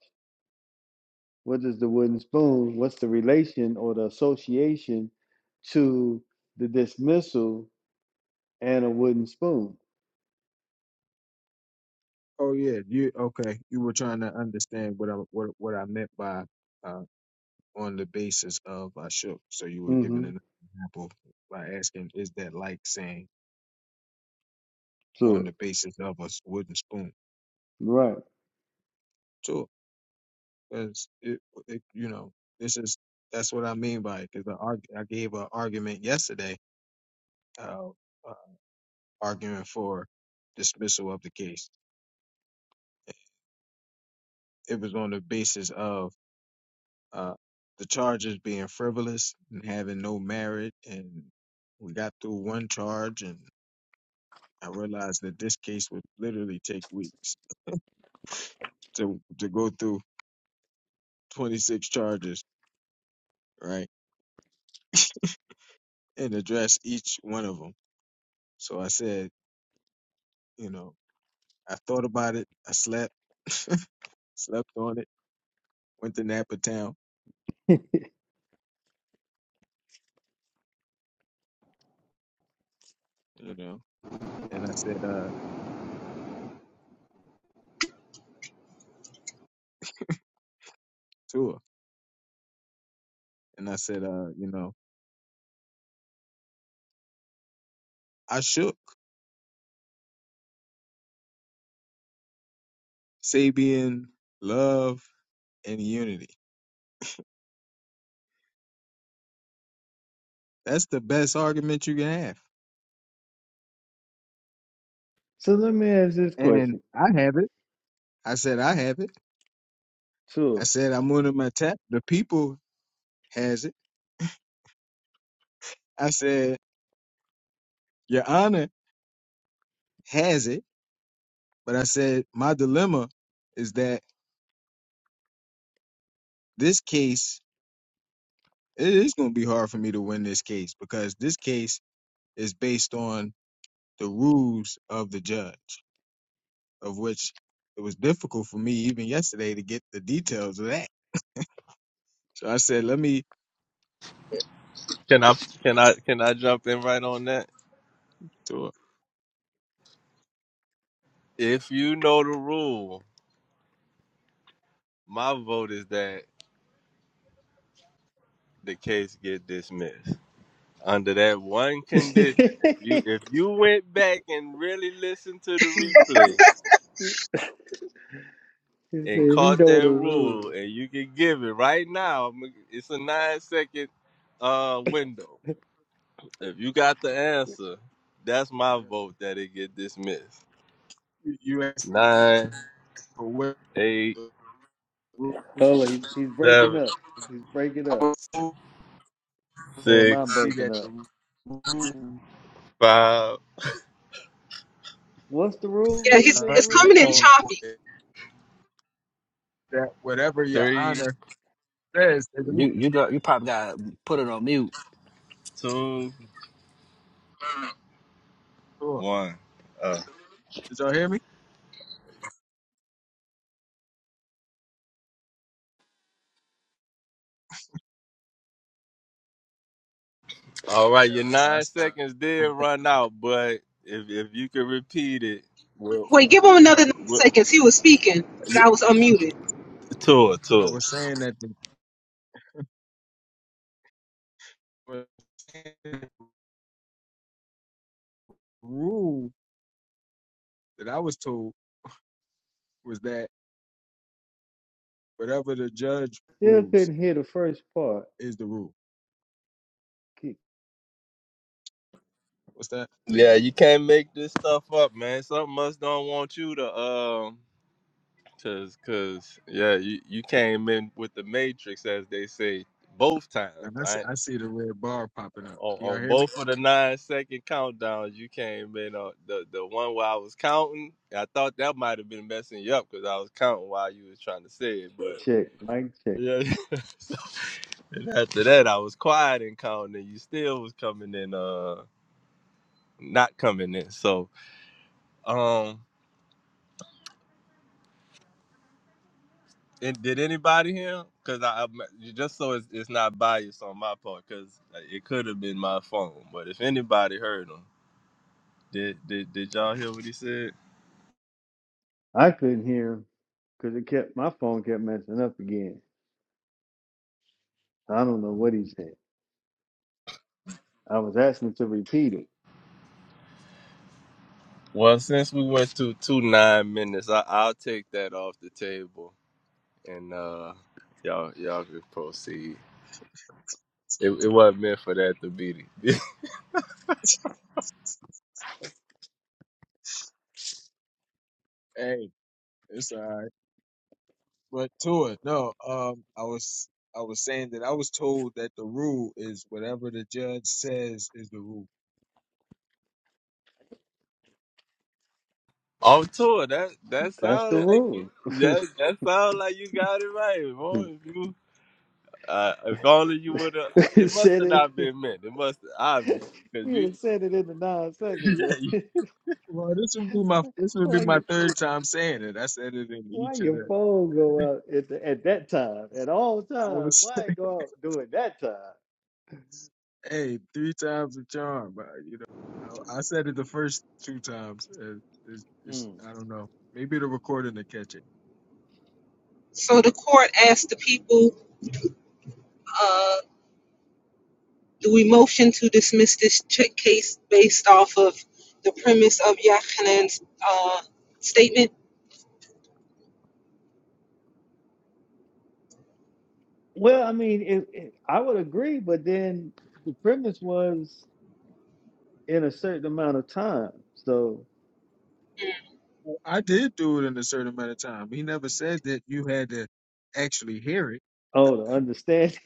B: what is the wooden spoon? What's the relation or the association to the dismissal and a wooden spoon?
C: Oh yeah. You okay? You were trying to understand what I what what I meant by uh, on the basis of I shook. So you were giving
B: Mm-hmm.
C: an example by asking, is that like saying on
B: Sure.
C: the basis of a wooden spoon?
B: Right.
C: Sure. because it, it, you know, this is that's what I mean by it. Because I, arg- I gave an argument yesterday, uh, uh, arguing for dismissal of the case. It was on the basis of uh, the charges being frivolous and having no merit, and we got through one charge, and I realized that this case would literally take weeks to to go through 26 charges, right, and address each one of them. So I said, you know. I thought about it. I slept, <laughs> slept on it. Went to Napa Town,
B: <laughs>
C: you know, and I said, uh, to her, and I said, uh, you know, I shook Sabian love and unity. That's the best argument you can have,
B: So let me ask this
C: and
B: question.
C: I have it. I said I have it. I
B: Sure.
C: said I'm on my tap. The people has it. I said Your Honor has it, but I said my dilemma is that this case it is going to be hard for me to win this case because this case is based on the rules of the judge, of which it was difficult for me even yesterday to get the details of that. So I said, let me.
D: Can I can I can I jump in right on that?
C: So
D: If you know the rule, my vote is that the case get dismissed. Under that one
B: <laughs> he said,
D: condition, if you if you went back and really listened to the replay
B: if
D: and
B: you
D: caught
B: know the
D: that
B: rules.
D: rule and you can give it right now, I'm- it's a nine second uh window. If you got the answer, that's my vote that it get dismissed.
C: you asked
D: Nine,
C: for where
D: eight,
C: the rules.
B: Hold on, he, he's breaking
D: seven,
B: up. He's breaking
C: I
B: up.
C: was told
B: Or am I
D: six.
B: breaking
C: that
B: up?
C: the rules
D: Five,
B: What's the rule?
A: Yeah,
B: What did he
A: he's
B: say the
A: it's
B: rule
A: coming
B: was?
A: in
D: four,
A: choppy.
C: that whatever your
D: three,
C: honor says is the
E: You
C: rule.
E: you got you probably got to put it on mute.
D: two,
C: Sure.
D: one. Uh,
C: Did y'all hear me?
D: all
C: Yeah.
D: right, your
C: No, I
D: nine
C: said-
D: seconds did run out, but if if you could repeat it, we'll,
A: Wait, give him another nine
D: we'll
A: seconds. He was speaking, but
D: yeah,
A: I was unmuted.
D: tour,
C: I
D: tour.
C: was saying that the the rule that I was told was that. Whatever the judge
B: Still
C: rules
B: couldn't hear the first part.
C: is the rule. What's that?
D: Yeah, you can't make this stuff up, man. Something us don't want you to um, cause cause yeah, you you came in with the matrix as they say both
C: And I see,
D: times.
C: I see the red bar popping up.
D: on,
C: Can y'all
D: on
C: hear me?
D: both of the nine second countdowns, you came in on the, the one where I was counting. I thought that might have been messing you up because I was counting while you was trying to say it, but
B: Check, mic check.
D: yeah. <laughs> So, and after that, I was quiet and counting, and you still was coming in, uh, not coming in. So, um, and did anybody hear? Because I, I just so it's, it's not biased on my part, because it could have been my phone. But if anybody heard him, did did did y'all hear what he said?
B: I couldn't hear him because it kept my phone kept messing up again. I don't know what he said. I was asking to repeat it.
D: Well, since we went through two nine minutes, I, I'll take that off the table, and uh, y'all y'all can proceed. It, it wasn't meant for that to be the-
C: Hey, it's all right. But to it, no. Um, I was I was saying that I was told that the rule is whatever the judge says is the rule.
D: <laughs> on tour. That that
B: That's the
D: sound like you.
B: rule.
D: That that sound like you got it right.
B: <laughs>
D: boy. If only you, uh, if only you would have. It must have
B: said
D: not
B: it.
D: been meant. It must obviously
B: <laughs>
D: because
B: You would
D: you.
B: have
D: <laughs>
B: said it in the nine seconds.
D: Yeah, you
B: <laughs>
C: Well, this would be my this would be
B: why
C: my
B: you,
C: third time saying it. I said it in
B: why
C: each of
B: your
C: the.
B: phone go out at the, at that time at all
C: I
B: times?
C: was
B: Why it
C: <laughs>
B: go out during that time?
C: hey three times the charm, but you know I, I said it the first two times. Uh, It's, it's,
B: Mm.
C: I don't know. Maybe the recording to catch it.
A: So the court asked the people. uh, Do we motion to dismiss this ch- case based off of the premise of Yachanan's uh, statement?
B: Well, I mean, it, it, I would agree, but then the premise was in a certain amount of time. So,
C: I did do it in a certain amount of time. He never said that you had to actually hear it.
B: oh, to understand.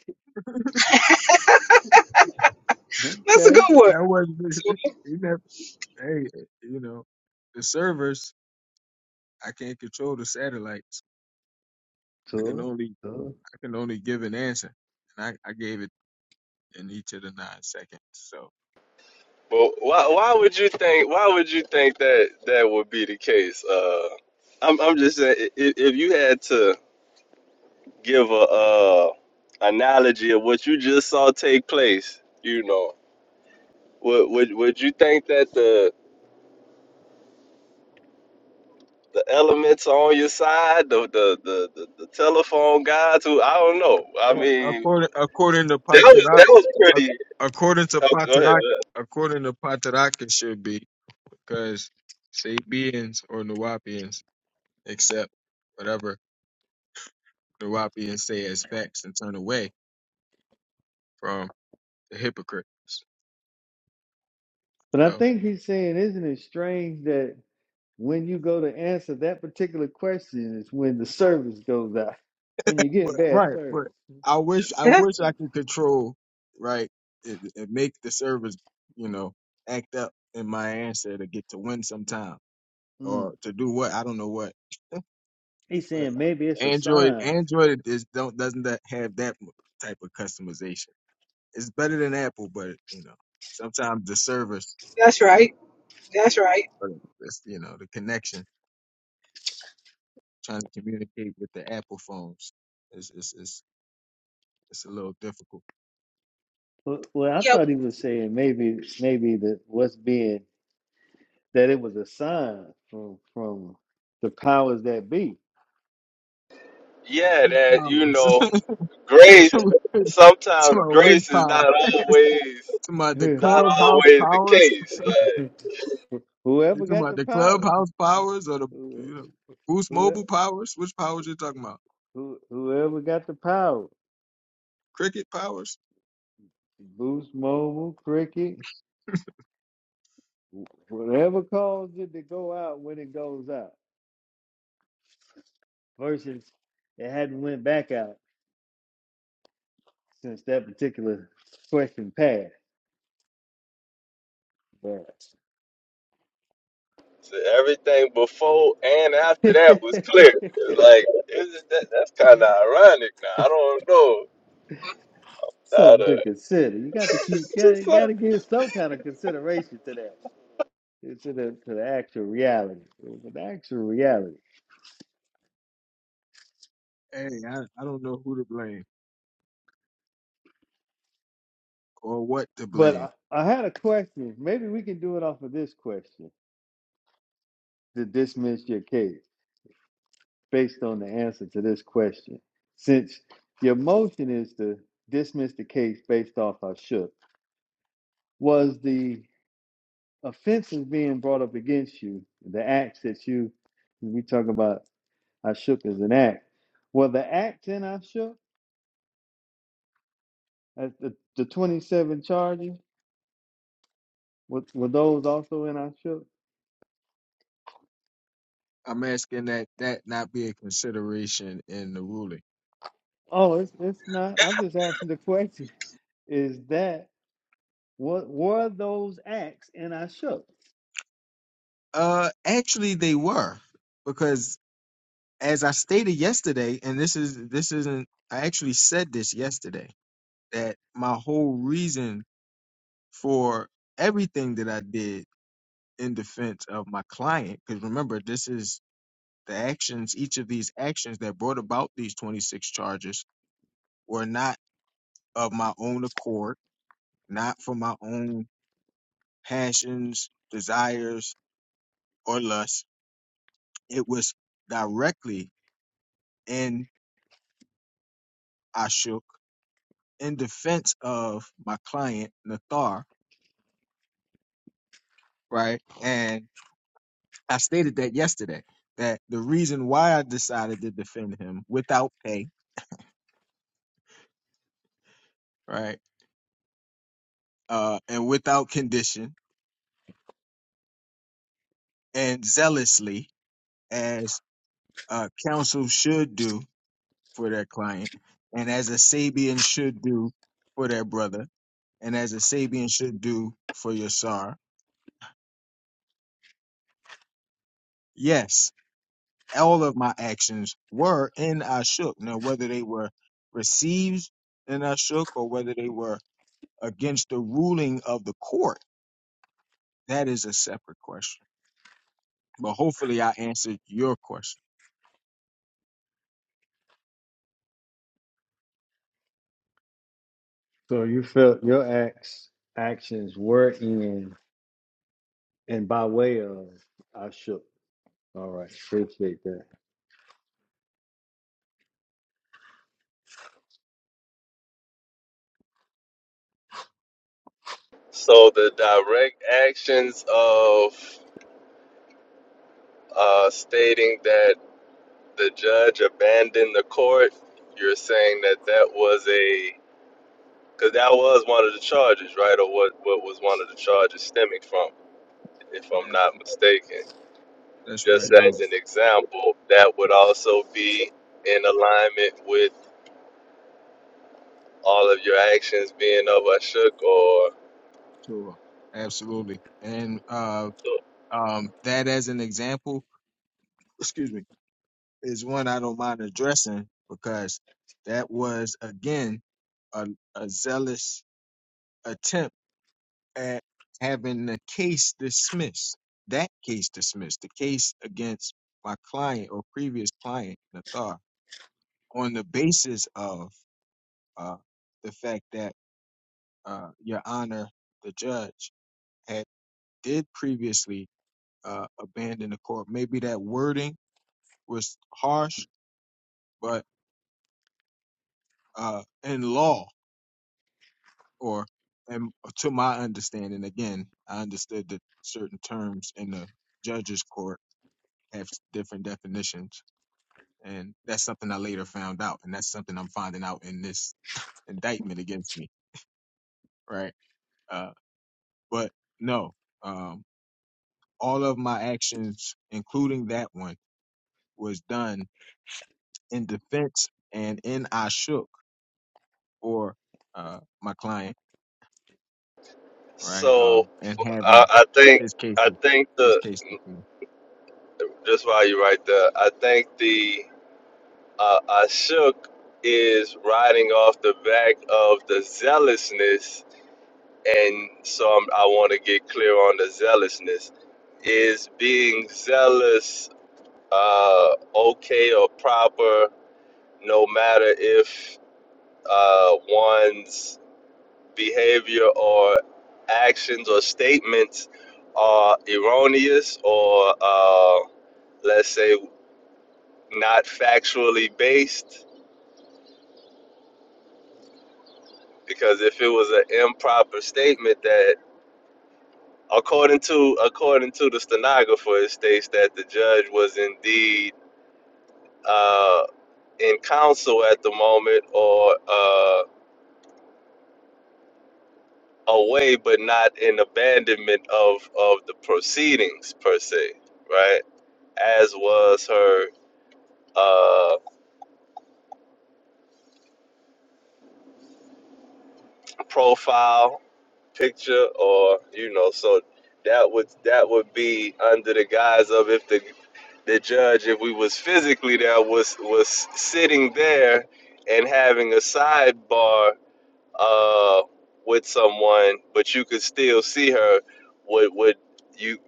B: <laughs>
A: That's a
B: Okay.
A: good one.
C: Yeah, I wasn't. <laughs> He never. Hey, you know, the servers. I can't control the satellites. I can
B: Tour,
C: only.
B: tour.
C: I can only give an answer, and I, I gave it in each of the nine seconds. So,
D: Well, why why would you think why would you think that that would be the case? Uh, I'm I'm just saying i- if you had to. give a uh, analogy of what you just saw take place, you know, would would, would you think that the the elements are on your side, the the, the the the telephone guys who I don't know. I
C: well,
D: mean,
C: according according to
D: that was
C: Patarak,
D: that was
C: ac-
D: pretty.
C: according to
D: Oh, go ahead.
C: Patarak,
D: go ahead.
C: according to Patarak, it should be because Sabians or Nuwapians accept whatever the Nuwapians say as facts and turn away from the hypocrites.
B: But I
C: So,
B: think he's saying, isn't it strange that when you go to answer that particular question is when the service goes out, when you
C: but
B: get bad
C: right,
B: service.
C: but I wish I
A: Yeah,
C: wish I could control right and, and make the servers, you know, act up in my answer to get to win sometime
B: Mm.
C: or to do what I don't know what.
B: He's
C: But
B: saying maybe it's a
C: Android
B: sign.
C: Android is don't doesn't that have that m- type of customization. It's better than Apple, but you know, sometimes the service,
A: that's right. That's right.
C: but it's, you know, the connection trying to communicate with the Apple phones. It's it's it's, it's a little difficult.
B: Well, well, I
A: Yep.
B: thought he was saying maybe maybe that what's being that it was a sign from from the powers that be.
D: Yeah,
C: Wind
D: that you
C: powers.
D: know,
C: <laughs>
D: grace.
C: to
D: Sometimes
C: my wind
D: grace is not
C: powers. <laughs>
D: always
C: to
B: <laughs>
C: my the
D: not
C: clubhouse
D: always the
C: powers.
D: case. Like,
C: You
B: Whoever
C: talking
B: got
C: about
B: the
C: the
B: power,
C: clubhouse
B: <laughs>
C: powers or the
B: who,
C: you know Boost
B: who,
C: Mobile powers? Which powers you talking about?
B: who, whoever got the power.
C: Cricket powers?
B: Boost Mobile, Cricket, whatever caused it to go out when it goes out, versus it hadn't went back out since that particular question passed. But
D: So everything before and after that was clear. It's
B: <laughs>
D: like is that, that's kind of ironic. Now I don't know. Now
B: something to
D: the-
B: consider. You got
D: <laughs>
B: to keep.
D: it's
B: got-
D: just
B: You got
D: so,
B: to give some kind of consideration to that, to the to the actual reality, to the actual reality.
C: Hey, I, I don't know who to blame or what to
B: But
C: blame.
B: I, I had a question. Maybe we can do it off of this question to dismiss your case. based on the answer to this question. Since your motion is to dismiss the case based off I shook, was the offenses being brought up against you, the acts that you, we talk about I shook as an act, were the acts in I shook, uh, the, the 27 charges, were, were those also in I shook?
C: I'm asking that that not be a consideration in the ruling.
B: Oh, it's, it's not, I'm just asking the question. Is that, what were those acts in I shook?
C: Uh, actually, they were because as I stated yesterday, and this is this isn't I actually said this yesterday that my whole reason for everything that I did in defense of my client because remember this is the actions each of these actions that brought about these 26 charges were not of my own accord, not for my own passions, desires or lust. It was directly in Ashuk in defense of my client Nathar right? And I stated that yesterday that the reason why I decided to defend him without pay, right, uh, and without condition and zealously, as uh, counsel should do for their client, and as a Sabian should do for their brother, and as a Sabian should do for your Sar. Yes, all of my actions were in Ashuk. Now, whether they were received in Ashuk or whether they were against the ruling of the court, that is a separate question. But hopefully, I answered your question.
B: So you felt your acts actions were in and by way of I shook. All right, appreciate that.
D: so the direct actions of uh, stating that the judge abandoned the court. You're saying that that was a because that was one of the charges, right? Or what what was one of the charges stemming from, if I'm
C: Ab-
D: not mistaken.
C: That's right,
D: Just as
B: So,
D: an example, that would also be in alignment with. all of your actions being overshook or
C: Tua. Absolutely. And uh, um, that, as an example, excuse me, is one I don't mind addressing because that was again a, a zealous attempt at having the case dismissed. That case dismissed. The case against my client or previous client, Nathar, on the basis of uh, the fact that uh, Your Honor, the judge, had did previously uh, abandon the court. Maybe that wording was harsh, but uh, in law, or and to my understanding, again, I understood that certain terms in the judge's court have different definitions, and that's something I later found out, and that's something I'm finding out in this indictment against me, right? Uh, but no. Um, all of my actions, including that one, was done in defense and in Ashuk for uh, my client, right? Uh,
D: so
C: and having
D: I, I think
C: his
D: I
C: cases,
D: think
C: his
D: the
C: case defended.
D: just while you right there, I think the uh, I shook is riding off the back of the zealousness, and so I'm, I want to get clear on the zealousness. Is being zealous uh, okay or proper, no matter if uh, one's behavior or actions or statements are erroneous or, uh, let's say, not factually based. Because if it was an improper statement that, according to according to the stenographer, it states that the judge was indeed uh, in counsel at the moment or uh, away, but not in abandonment of of the proceedings per se, right? As was her uh, profile picture or you know so that would that would be under the guise of if the the judge if we was physically there was was sitting there and having a sidebar uh with someone but you could still see her would would you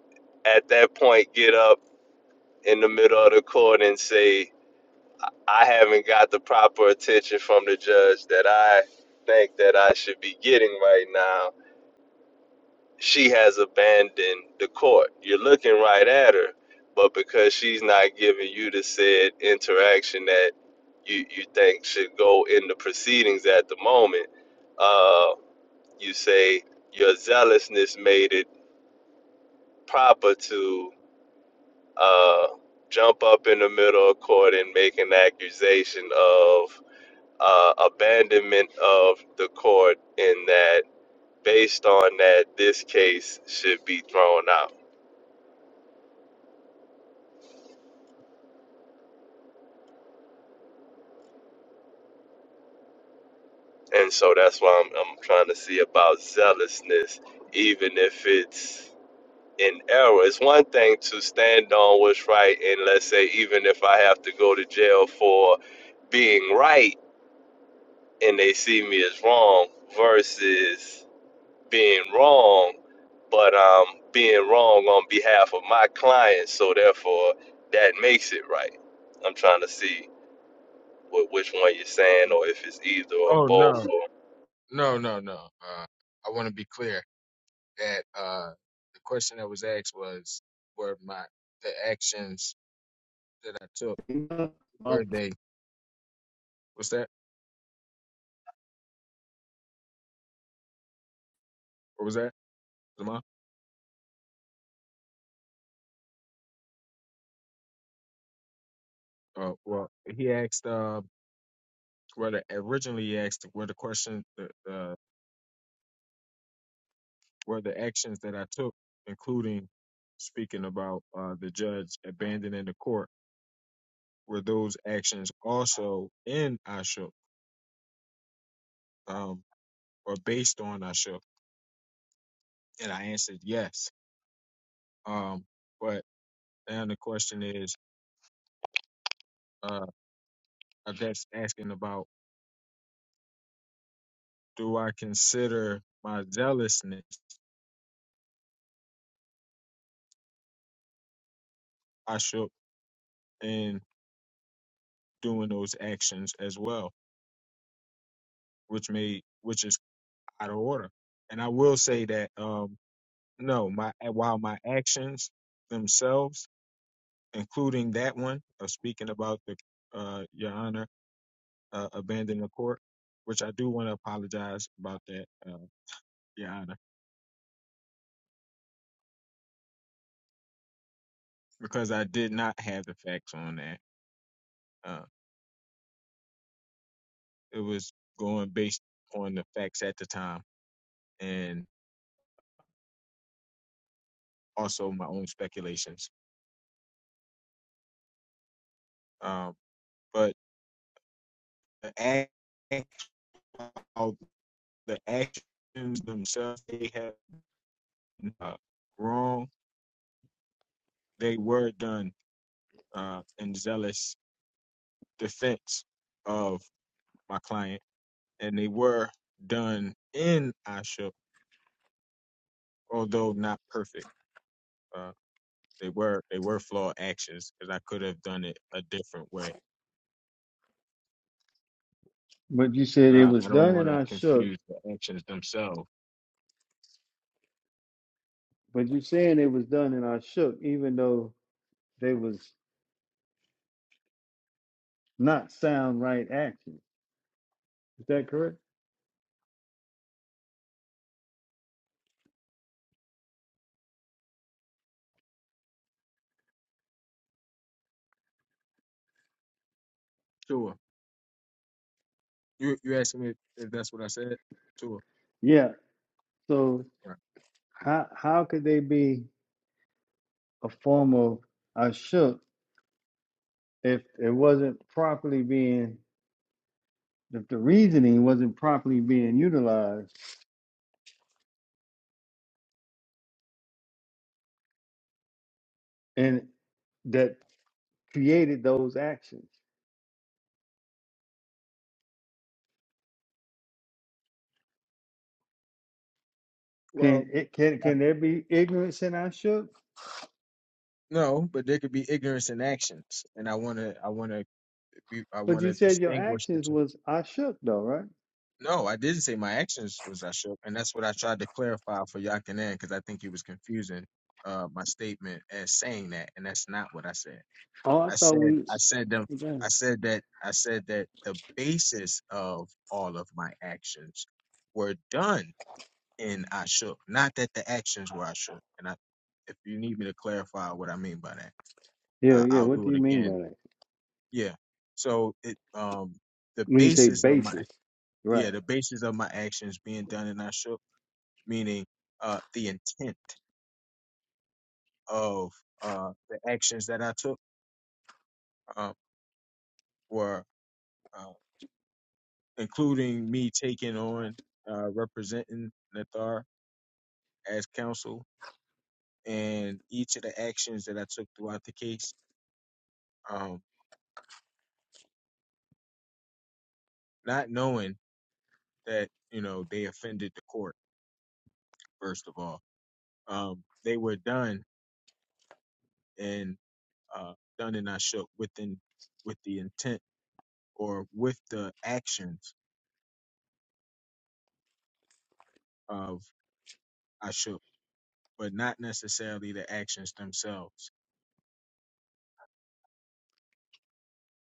D: at that point get up in the middle of the court and say I haven't got the proper attention from the judge that I think that I should be getting right now she has abandoned the court. You're looking right at her, but because she's not giving you the said interaction that you, you think should go in the proceedings at the moment, uh, you say your zealousness made it proper to uh, jump up in the middle of court and make an accusation of uh, abandonment of the court in that based on that this case should be thrown out And so that's why I'm, I'm trying to see about zealousness, even if it's in error. It's one thing to stand on what's right, and let's say, even if I have to go to jail for being right and they see me as wrong, versus being wrong, but um, being wrong on behalf of my client, so therefore that makes it right. I'm trying to see what, which one you're saying, or if it's either or
C: Oh
D: both.
C: no,
D: Or,
C: no, no, no. Uh, I want to be clear that uh, the question that was asked was, were my the actions that I took were they? What's that? What was that? Zama? Uh, well, he asked. Uh, where the originally he asked where the question the, uh, were the actions that I took, including speaking about uh, the judge abandoning the court, were those actions also in Ashok um, or based on Ashok? And I answered yes. Um, but now the question is, uh, that's asking about do I consider my zealousness Ashok in doing those actions as well, which may which is out of order. And I will say that um, No, my eh, while my actions themselves, including that one of speaking about the uh, Your Honor uh, abandoning the court, which I do want to apologize about that, uh, Your Honor, because I did not have the facts on that. Uh, it was going based on the facts at the time and also my own speculations. Um, but the act, how the actions themselves, they have uh, wrong. They were done uh, and zealous defense of my client, and they were done in Ashok, although not perfect. Uh, they were they were flawed actions because I could have done it a different way,
B: but you said
C: but
B: it
C: I,
B: was
C: I don't
B: done
C: want
B: and
C: to
B: I shook.
C: confuse the actions themselves.
B: But you saying it was done and I shook, even though they was not sound right actions. Is that correct?
C: Sure, you you asking me if that's what I said? Sure,
B: Yeah. So
C: right.
B: how how could they be a form of I shook if it wasn't properly being if the reasoning wasn't properly being utilized? and that created those actions.
C: Well,
B: Can it can can there be ignorance in Ashuk?
C: no, but there could be ignorance in actions, and I wanna I wanna we- I
B: But you
C: wanna
B: said your
C: distinguish the two.
B: actions was Ashuk though, right?
C: No, I didn't say my actions was I shook, and that's what I tried to clarify for Yakanan because I think he was confusing uh, my statement as saying that, and that's not what I said.
B: Oh, I
C: I
B: thought
C: said
B: we.
C: I said them
B: Yeah,
C: I said that I said that the basis of all of my actions were done in I shook, not that the actions were I shook. And I, if you need me to clarify what I mean by that, uh,
B: yeah.
C: I'll
B: What
C: do
B: do
C: it
B: you mean by
C: again.
B: that?
C: Yeah. So it um the
B: When you say
C: basis of my
B: basis, right?
C: yeah, the basis of my actions being done in I shook meaning uh, the intent of uh, the actions that I took uh, were uh, including me taking on uh, representing Nathar as counsel and each of the actions that I took throughout the case, um, not knowing that you know they offended the court. First of all, um, they were done and uh, done and I shook within with the intent or with the actions of Ashok but not necessarily the actions themselves.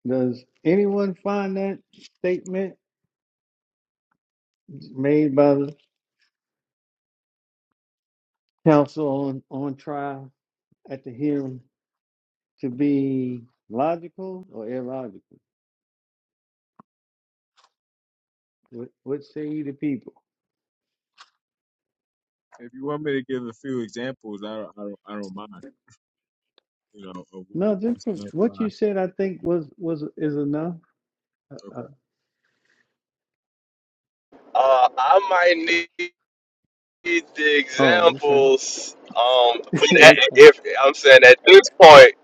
B: Does anyone find that statement made by the counsel on on trial at the hearing to be logical or illogical? What, what say you to people?
C: If you want me to give a few examples, I don't, I don't, I don't mind. You know, of what-
B: No, just
C: what's
B: from
C: meant by
B: what you said, I think was was is enough. Uh, uh,
C: okay,
D: uh, I might need. need the
B: oh, okay.
D: examples. Um, but
B: <laughs>
D: at,
B: That's fine.
D: if I'm saying at this point,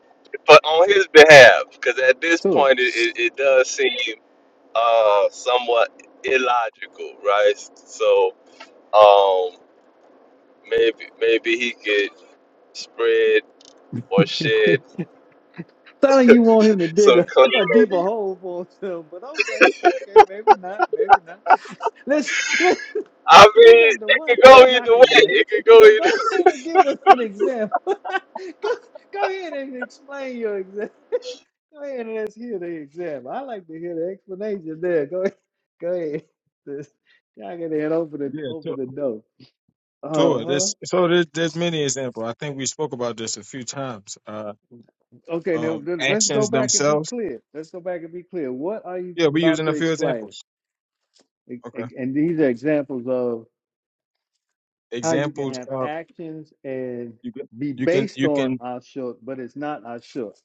D: but on his behalf, because at this
B: So,
D: point it, it, it does seem uh somewhat illogical, right? So um, maybe maybe he could spread or
B: <laughs>
D: shed
B: sounding you want him to dig
D: some
B: a,
D: clarity.
B: a deeper hole for himself, but okay, okay, maybe not, maybe not. <laughs> Let's let
D: I
B: you
D: mean,
B: got the
D: it could
B: one
D: go
B: yak
D: either way.
B: in there,
D: It could go
B: so go
D: either. <laughs>
B: ahead and give us an example. <laughs> go go ahead and explain your example. Go ahead and let's hear the example. I like to hear the explanation there. Go ahead. <laughs> Go ahead. Just- Y'all get ahead open the
C: yeah,
B: open
C: Sure.
B: the door.
C: so
B: Uh-huh.
C: there's so there's, there's many examples. I think we spoke about this a few times. Uh,
B: Okay, now
C: um,
B: th- let's go
C: actions
B: back and be
C: themselves.
B: clear. Let's go back and be clear. What are you
C: Yeah, we're
B: about
C: using a
B: to
C: few
B: explain?
C: examples.
B: E-
C: Okay,
B: e- And these are examples of how you can
C: examples
B: have
C: of
B: actions and
C: you can
B: be
C: you can
B: based
C: you
B: on
C: can
B: Ashok, but it's not Ashok.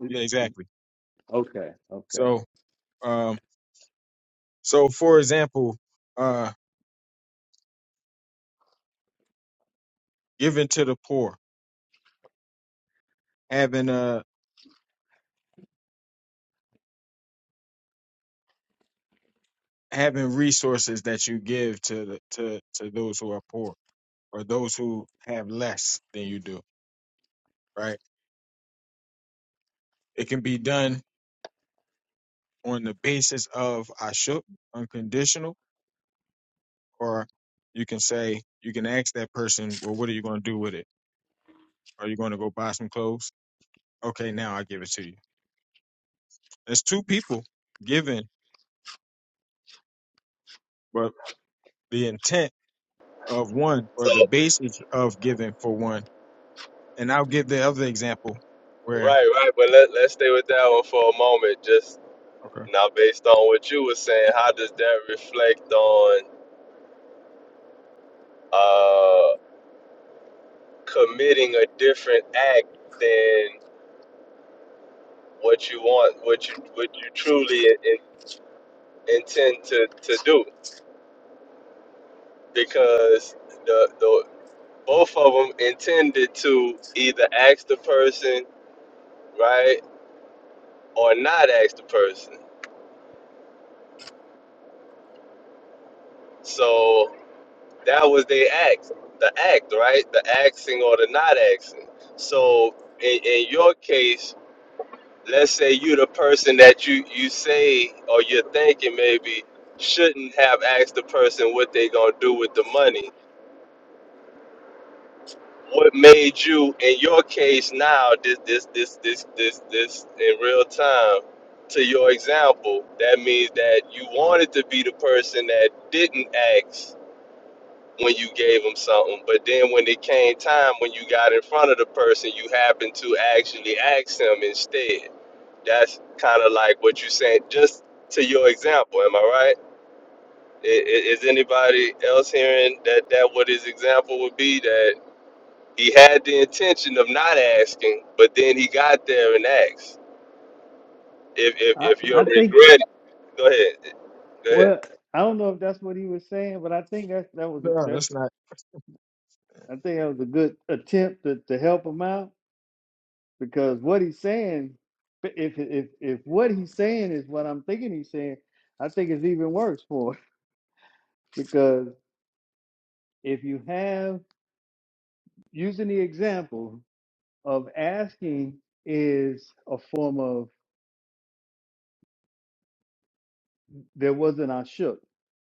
B: It-
C: yeah
B: it-
C: exactly.
B: Okay, okay.
C: So um, so for example, uh, giving to the poor, having a. having resources that you give to the, to to those who are poor or those who have less than you do right it can be done on the basis of ashuk, unconditional or you can say you can ask that person well what are you going to do with it are you going to go buy some clothes okay now i give it to you there's two people giving but the intent of one or
D: So,
C: the basis of giving for one and i'll give the other example where
D: right, right. But let let's stay with that one for a moment. Just
C: okay
D: now, based on what you were saying, how does that reflect on? uh, committing a different act than what you want, what you what you truly in, intend to, to do, because the the both of them intended to either ask the person right or not ask the person. So that was their act, the act, right, the asking or the not asking. So in, in your case let's say you're the person that you you say or you're thinking maybe shouldn't have asked the person what they gonna do with the money. What made you in your case now this this this this this this in real time to your example, that means that you wanted to be the person that didn't ask when you gave them something, but then when it came time when you got in front of the person, you happened to actually ask them instead That's kind of like what you said, just to your example. Am I right? I- i- Is anybody else hearing that that what his example would be that he had the intention of not asking, but then he got there and asked. If if,
B: I,
D: if you're
B: I think
D: regretting, go ahead. Go ahead.
B: well, I don't know if that's what he was saying, but I think that that was
C: no,
B: that's
C: that's not.
B: I think that was a good attempt to, to help him out because what he's saying, if if if what he's saying is what I'm thinking he's saying, I think it's even worse for him <laughs> because if you have using the example of asking is a form of there wasn't I shook.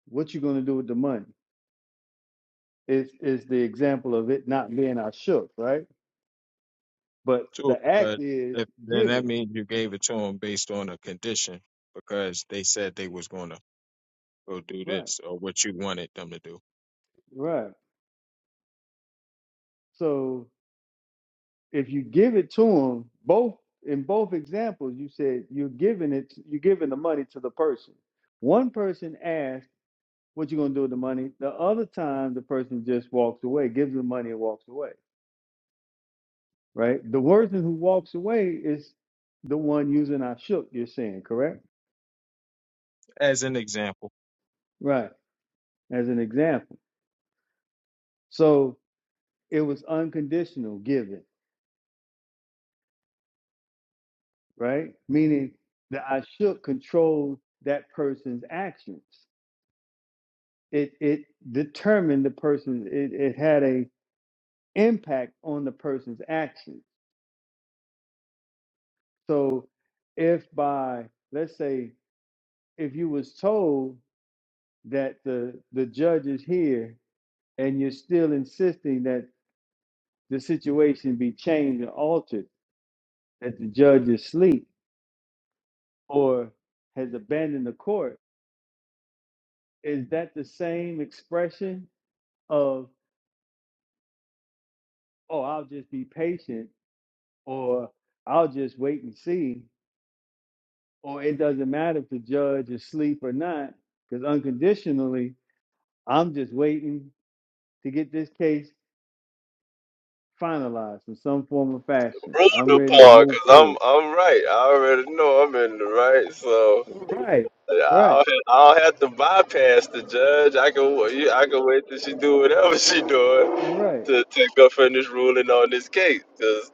B: What you gonna do with the money? Is is the example of it not being I shook, right? But
C: to it,
B: the act
C: but
B: is
C: if, then that
B: giving.
C: means you gave it to them based on a condition because they said they was going to go do
B: Right.
C: this or what you wanted them to do.
B: Right. so. if you give it to them, both in both examples, you said you're giving it, you're giving the money to the person. One person asked, "What you gonna do with the money?" The other time, the person just walks away, gives the money, and walks away. Right? The person who walks away is the one using "I shook." You're saying correct?
C: As an example,
B: Right. As an example, so it was unconditional giving, right? Meaning the I shook controls that person's actions. it it determined the person it, it had a impact on the person's actions so if by let's say if you was told that the the judge is here and you're still insisting that the situation be changed or altered that the judge is asleep or has abandoned the court is that the same expression of oh i'll just be patient or i'll just wait and see or it doesn't matter if the judge is asleep or not, because unconditionally, I'm just waiting to get this case finalized in some form or fashion. I'm
D: Ruled
B: ready to
D: upon,
B: move
D: cause I'm
B: forward.
D: I'm right. I already know I'm in the right. So.
B: Right, right,
D: I don't, I don't have to bypass the judge. I can wa- you- I can wait till she do whatever <laughs> she doing
B: right.
D: to to go finish ruling on this case. Cause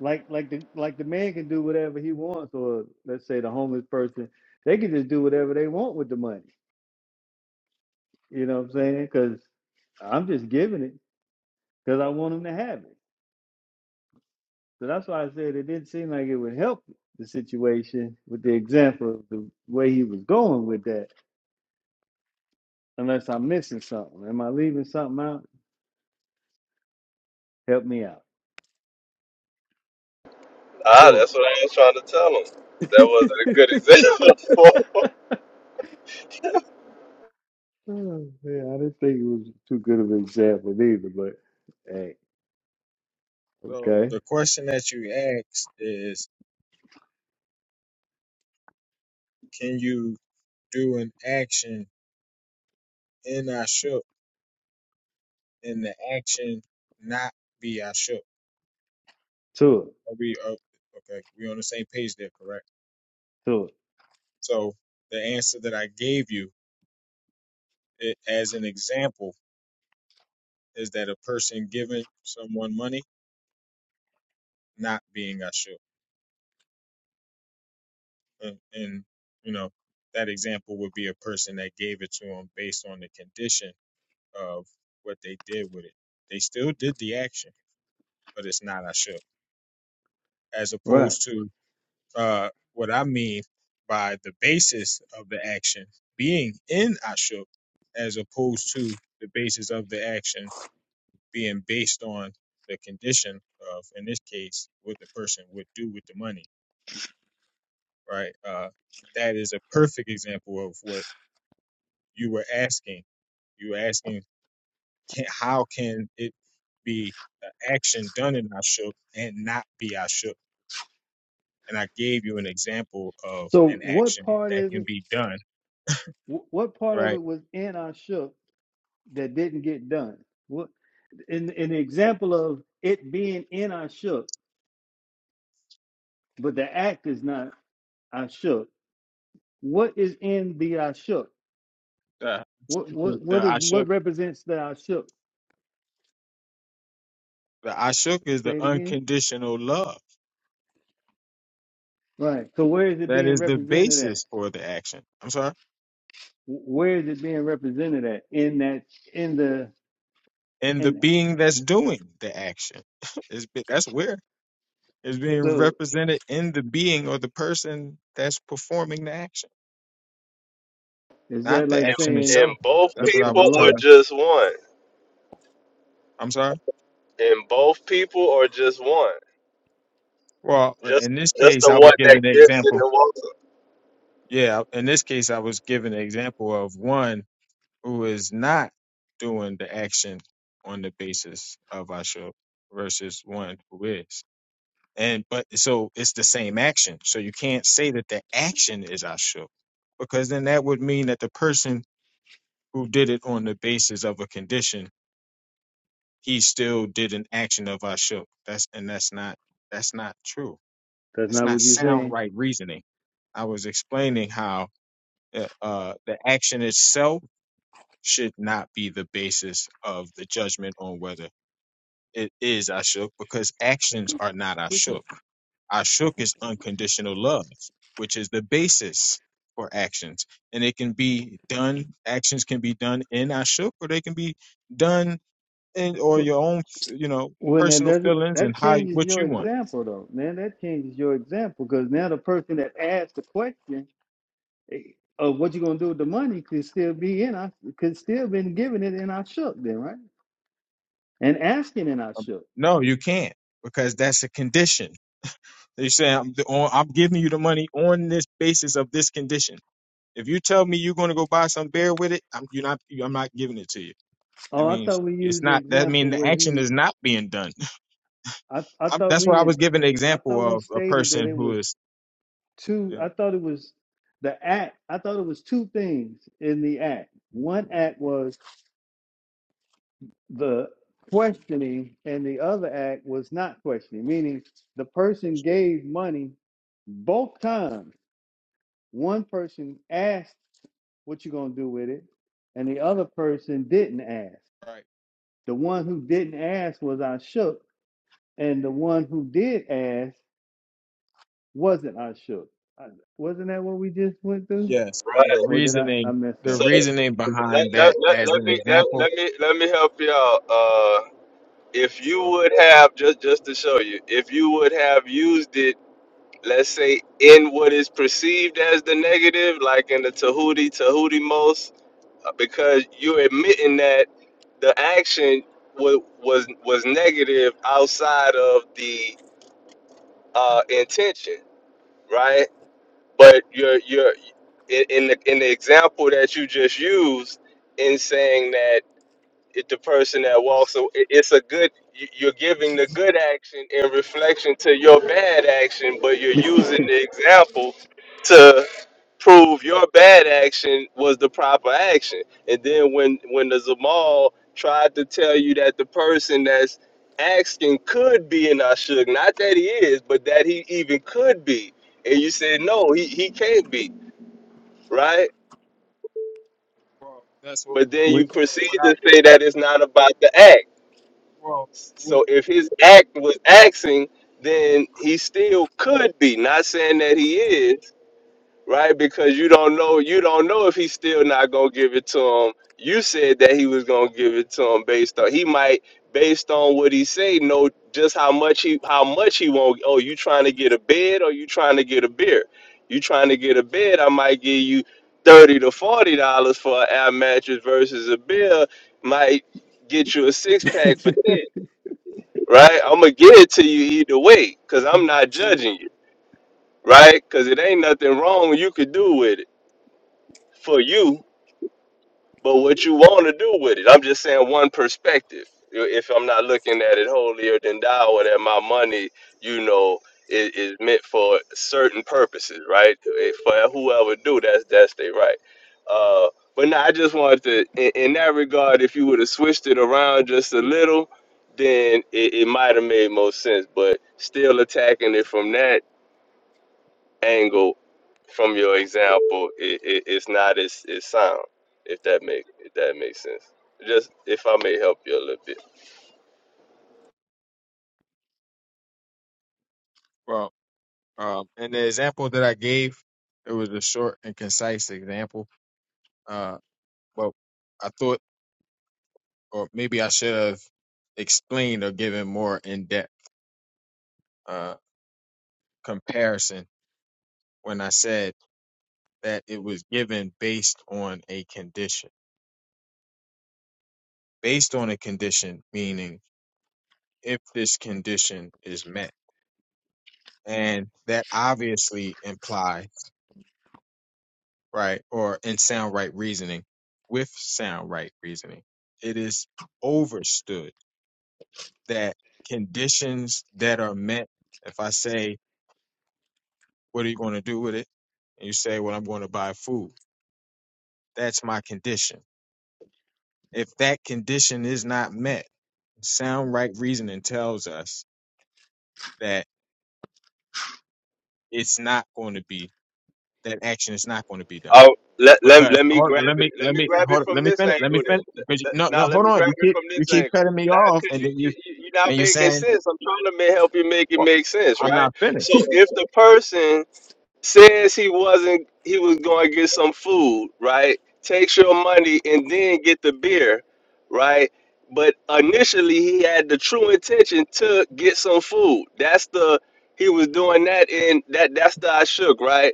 B: Like like the like the man can do whatever he wants, or let's say the homeless person, they can just do whatever they want with the money. You know what I'm saying? Because I'm just giving it because I want them to have it. So that's why I said it didn't seem like it would help the situation with the example of the way he was going with that, unless I'm missing something. Am I leaving something out? Help me out.
D: I,
C: to it.
D: that's what I was trying to tell him.
B: <laughs> oh,
D: That wasn't a good example.
B: man, I didn't think it was too good of an example either, but hey,
C: So
B: okay.
C: the question that you asked is, can you do an action in I shook and the action not be I shook?
B: To it,
C: Are we uh, okay? We on the same page there, correct?
B: to it.
C: So the answer that I gave you, it, as an example, is that a person giving someone money not being Ashur. And, and you know, that example would be a person that gave it to him based on the condition of what they did with it. They still did the action, but it's not Ashur. As
B: Right.
C: opposed to uh, what I mean by the basis of the action being in Ashur, as opposed to the basis of the action being based on the condition of, in this case, what the person would do with the money, right? Uh, that is a perfect example of what you were asking. You were asking, can, how can it be an action done in Ashuk and not be Ashuk? And I gave you an example of
B: So
C: an
B: what
C: action
B: part
C: that
B: is
C: can
B: it?
C: be done,
B: wh- What part of
C: right?
B: it was in our shook that didn't get done? What in in the example of it being in our shook, but the act is not. I shook. What is in the I shook?
C: The
B: What
C: Ashuk,
B: what
C: the
B: what is
C: Ashuk,
B: what represents the I shook?
C: the Ashuk is the
B: Say it again.
C: unconditional love.
B: Right. So where is it
C: That
B: being
C: is the
B: represented at?
C: basis for the action. I'm sorry.
B: Where is it being represented at? In that in the
C: And the
B: in
C: being that's doing the action <laughs> is that's where it's being
B: so
C: represented in the being or the person that's performing the action.
B: is
C: not
B: that
C: the
B: like
D: <laughs>
C: action
D: in,
B: saying
D: in
C: itself.
D: both
C: That's
B: the
C: what
B: the
C: I
D: people
C: was
D: or
C: trying
B: blood?
C: to.
D: just one?
C: I'm sorry.
D: In both people or just one?
C: Well,
D: Just
C: in this
D: just
C: case,
D: the
C: I
D: one
C: was
D: that
C: giving the
D: gets it
C: example.
D: and walks it,
C: Yeah, in this case, I was giving the example of one who is not doing the action on the basis of ashur versus one who is. And but so it's the same action. So you can't say that the action is ashur because then that would mean that the person who did it on the basis of a condition, he still did an action of ashur. That's and that's not that's not true
B: That's
C: That's
B: not
C: not
B: what you're
C: sound
B: saying.
C: right reasoning. I was explaining how uh, uh, the action itself should not be the basis of the judgment on whether it is ashuk, because actions are not ashuk. Ashuk is unconditional love, which is the basis for actions, and it can be done. Actions can be done in ashuk, or they can be done in or
B: Wh-
C: your own, you know,
B: When that
C: personal
B: doesn't
C: feelings
B: that
C: and how
B: changes
C: what
B: your
C: you want.
B: example though, man. That changes your example because now the person that asked the question Of what you gonna do with the money could still be in. I could still been giving it, and I shook then, right? And asking, and I
C: Um,
B: shook.
C: No, you can't because that's a condition They say I'm, the, on, I'm giving you the money on this basis of this condition. If you tell me you're going to go buy some beer with it, I'm you're not I'm not giving it to you. I
B: Oh, I
C: mean,
B: thought we
C: it's
B: used the
C: not that I mean
B: example
C: the
B: where
C: action
B: he.
C: is not being done. <laughs>
B: I I
C: I'm,
B: thought
C: that's why
B: we
C: I
B: had.
C: was giving the
B: I
C: example
B: thought we
C: of a
B: stated that
C: person
B: it
C: who
B: was
C: is
B: two.
C: yeah,
B: I thought it was the act. I thought it was two things in the act. One act was the questioning, and the other act was not questioning. Meaning, the person
C: sure.
B: gave money both times. One person asked What you gonna do with it? And the other person didn't ask.
C: right.
B: The one who didn't ask was I shook, and the one who did ask wasn't I shook. I- Wasn't that what we just went through?
C: Yes, and
D: right?
C: the
B: Or did I, I
C: reasoning
B: mess
C: the
D: So
B: up?
C: reasoning
D: let,
C: behind
D: let,
C: that
D: let,
C: as
D: let
C: an
D: me let,
C: example.
D: let me let me help you out. if you
C: Sure.
D: would have just just to show you if you would have used it let's say in what is perceived as the negative like in the tahuti tahuti most uh, because you're admitting that the action was was was negative outside of the uh intention right but you're you're in, in the in the example that you just used in saying that it, the person that walks away. It's a good. you- You're giving the good action in reflection to your bad action, but you're using
B: <laughs>
D: the example to prove your bad action was the proper action. And then when when the Zamal tried to tell you that the person that's asking could be an Ashug, not that he is, but that he even could be, and you said no, he he can't be, right?
C: Well, that's what
D: But then you
B: with
D: proceed
C: what I
D: to say that it's not about the act
C: well what,
D: So if his act was axing, then he still could be. Not saying that he is, right? Because you don't know. You don't know if he's still not gonna give it to him. You said that he was gonna give it to him based on he might based on what he say know just how much he how much he won't. Oh, you trying to get a bed or you trying to get a beer? You trying to get a bed? I might give you thirty to forty dollars for an air mattress versus a beer might get you a six
B: <laughs>
D: pack for ten
B: the
D: right? I'm gonna give it to you either way, cause I'm not judging you, right? Cause it ain't nothing wrong you could do with it for you, but what you want to do with it. I'm just saying one perspective. If I'm not looking at it holier than thou, or that my money, you know, is, is meant for certain purposes, right? If- For whoever do, that's that's their right. Uh, but no, I just wanted to, in, in that regard, if you would have switched it around just a little, then it, it might have made more sense. But still attacking it from that angle from your example, it, it, it's not as, as sound. If that make if that makes sense. Just if I may help you a little bit.
C: well um and the example that I gave it was a short and concise example uh, Well, I thought, or maybe I should have explained or given more in-depth uh, comparison when I said that it was given based on a condition. Based on a condition, meaning if this condition is met. And that obviously implies, right, or in sound right reasoning, with sound right reasoning, it is overstood that conditions that are met, if I say What are you going to do with it? And you say, Well, I'm going to buy food. That's my condition. If that condition is not met, sound right reasoning tells us that it's not going to be that action is not going to be done.
D: Oh, let, let,
C: Because
D: let me
C: hold
D: grab
C: on, let
D: it.
C: me
D: Let
C: let
D: me
C: me
D: grab it
C: hold on,
D: from
C: let me
D: this
C: finish let me
D: angle then.
C: finish
D: Let-
C: because you,
D: let-
C: no no
D: Now let
C: hold
D: me
C: on
D: grab
C: you
D: it
C: keep
D: from
C: you
D: this
C: keep
D: angle.
C: cutting me
D: Now,
C: off
D: cause
C: and
D: you,
C: then you
D: you you- you're not
C: and you're
D: making
C: saying
D: sense. I'm trying to make, help you make it
C: well
D: make sense,
C: I'm
D: right?
C: not
D: So
C: finished
D: if the person says he wasn't he was going to get some food right takes your money and then get the beer right but initially he had the true intention to get some food that's the he was doing that and that that's the i shook right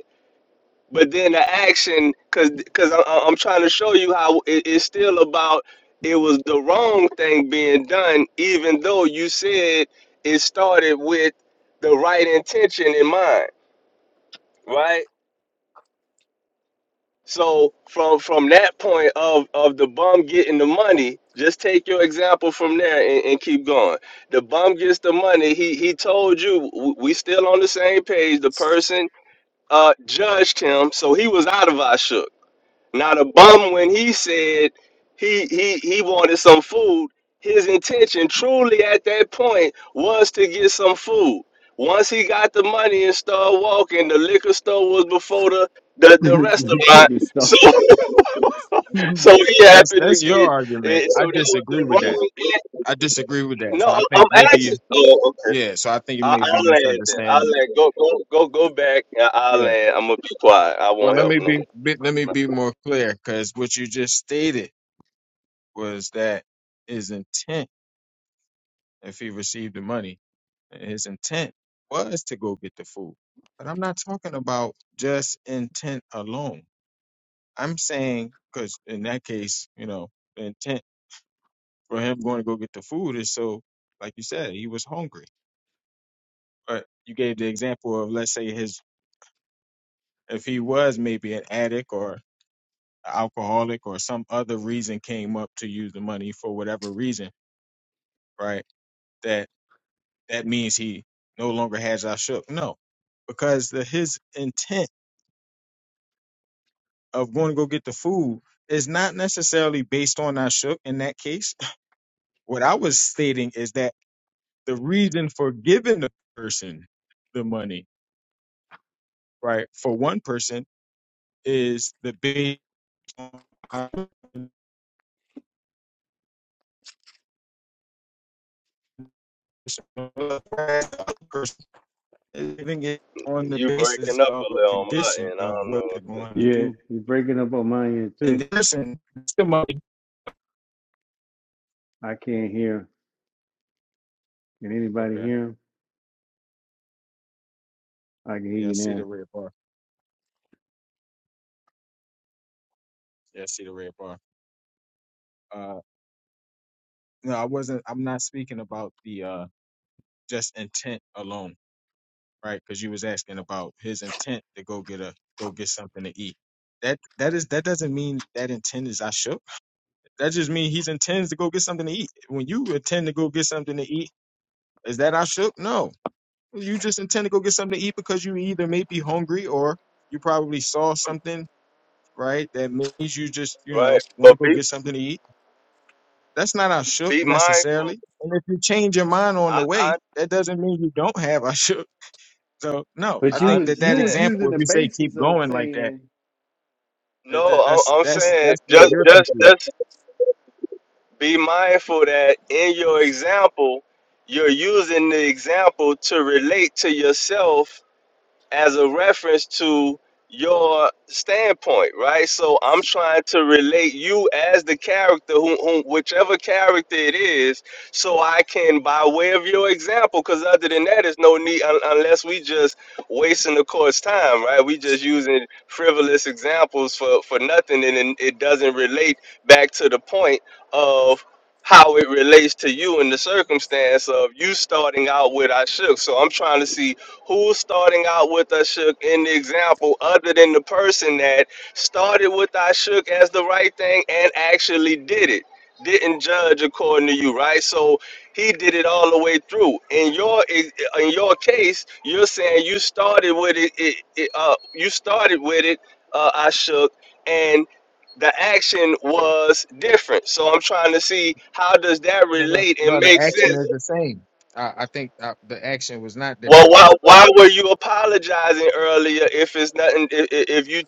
D: but then the action because because i'm trying to show you how it, it's still about it was the wrong thing being done even though you said it started with the right intention in mind right So from from that point of of the bum getting the money, just take your example from there and, and keep going. The bum gets the money. He he told you w- we still on the same page. The person uh judged him, so he was out of our shook. Now the bum, when he said he he he wanted some food, his intention truly at that point was to get some food. Once he got the money and started walking, the liquor store was before the the, the restaurant.
B: chicken stuff.
D: So
B: <laughs>
D: <laughs>
B: yeah,
D: so he
C: that's
D: happened to
C: that's your
D: get
C: argument
D: eh,
C: I
D: so that was
C: disagree
D: the
C: with that
D: wrong act.
C: I disagree with that so
D: No,
C: I
D: I'm
C: think maybe
D: asking.
C: you
D: Oh, okay.
C: yeah so I think you
D: I,
C: may be
D: I'll land. then. I'll
C: misunderstanding
D: land. Go go go go back. I- I'll
C: Yeah.
D: land. I'm gonna be quiet. I
C: Well,
D: won't
C: let
D: help
C: me
D: no more.
C: be, be let me be more clear, because what you just stated was that his intent, if he received the money, his intent was to go get the food. But I'm not talking about just intent alone. I'm saying because in that case, you know, the intent for him going to go get the food is so, like you said, he was hungry. But you gave the example of let's say his if he was maybe an addict or alcoholic or some other reason came up to use the money for whatever reason, right? That that means he no longer has our shook. No, because the, his intent of going to go get the food is not necessarily based on our shook in that case. <laughs> What I was stating is that the reason for giving the person the money, right, for one person is the based on <laughs> our Living it on the
D: You
C: basis
D: breaking up
C: of
D: a
C: a
D: little on my
C: condition
D: end. I
C: of
D: don't
C: what they're
D: know.
C: going to
B: you're
C: do.
B: breaking up on my end too.
C: And listen, somebody.
B: I can't hear. Can anybody
C: Okay.
B: hear? him? I can hear
C: Yeah, I
B: you
C: see the
B: now.
C: red bar. Yeah, I see the red bar. Uh, no, I wasn't. I'm not speaking about the uh just intent alone, right? Because you was asking about his intent to go get a go get something to eat. That that is that doesn't mean that intent is I shook. That just means he intends to go get something to eat. When you intend to go get something to eat, is that I shook? No, You just intend to go get something to eat because you either may be hungry or you probably saw something, right, that means you just, you know,
D: Right,
C: want to
D: but
C: go
D: be
C: get something to eat. That's not our shook
D: be mindful.
C: necessarily. And if you change your mind on
D: I
C: the way,
D: I,
C: that doesn't mean you don't have our <laughs> shook. So no, I
B: But you
D: I
C: think
B: was
C: that that
B: you was
D: understand.
C: example,
B: using
C: if
B: the
C: you say
B: basis
C: keep
B: of
C: going like that,
B: saying,
C: uh, th-
D: No,
C: that's
D: I'm, I'm
C: that's
D: saying
C: that's where
D: just
C: you're
D: just
C: confused.
D: just be mindful that in your example, you're using the example to relate to yourself as a reference to your standpoint, right? So I'm trying to relate you as the character, who, who, whichever character it is, so I can, by way of your example, because other than that, there's no need un- unless we just wasting the court's time, right? We just using frivolous examples for for nothing, and then it doesn't relate back to the point of how it relates to you in the circumstance of you starting out with I shook. So I'm trying to see Who's starting out with Ashuk in the example other than the person that started with Ashuk as the right thing and actually did it? Didn't judge according to you, right? So he did it all the way through. In your ex- in your case, you're saying you started with it. it, it uh, you started with it, uh, Ashuk, and the action was different. So I'm trying to see how does that
C: No, no,
D: relate and
C: no the
D: make
C: action
D: sense
C: is the same. I, I think uh the action was not
D: well,
C: different.
D: why
C: That's
D: why were you apologizing earlier if it's nothing? If, if you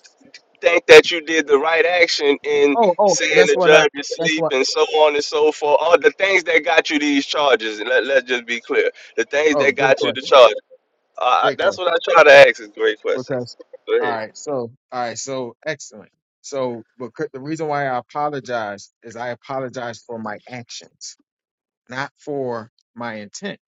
D: think that you did the right action in
C: oh oh,
D: saying
C: that's
D: the
C: what I.
D: judge is
C: That's
D: asleep
C: what.
D: and so on and so forth, all the things that got you these charges, and let let's just be clear, the things
C: Oh,
D: that
C: great
D: got you the
C: question.
D: charge. Uh,
C: Great
D: that's
C: question.
D: what I try to ask is great questions.
C: because
D: Go
C: all
D: ahead.
C: right so all right so excellent so but cou- the reason why i apologize is i apologize for my actions not for my intent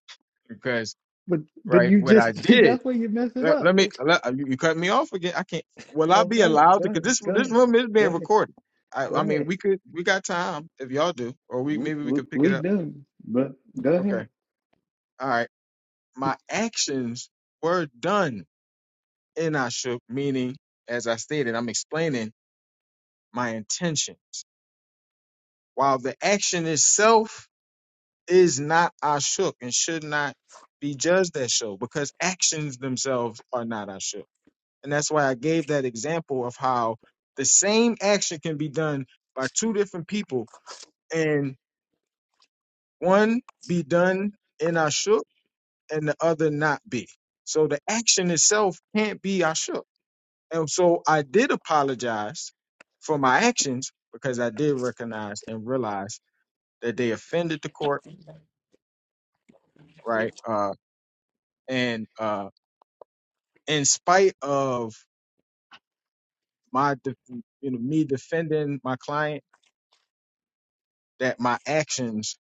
C: because
B: but but
C: right
B: you
C: what i
B: just <laughs> see
C: did
B: that's where you mess it
C: let,
B: up.
C: let me let, uh, you, you cut me off again i can't will i
B: Oh,
C: be
B: go ahead,
C: allowed
B: go
C: to because
B: ahead,
C: this
B: go
C: this
B: ahead,
C: room is
B: go
C: being
B: ahead,
C: recorded I,
B: go
C: I mean
B: ahead.
C: we could we got time if y'all do or we
B: We,
C: maybe we
B: we,
C: could pick it
B: we
C: up
B: do, but go
C: okay
B: ahead.
C: all right my actions were done in ashuk meaning as i stated i'm explaining my intention while the action itself is not ashuk and should not be judged as show because actions themselves are not ashuk. And that's why I gave that example of how the same action can be done by two different people and one be done in ashuk and the other not be. So the action itself can't be ashuk. And so I did apologize for my actions because I did recognize and realize that they offended the court right? Uh, and uh, in spite of my de- you know me defending my client that my actions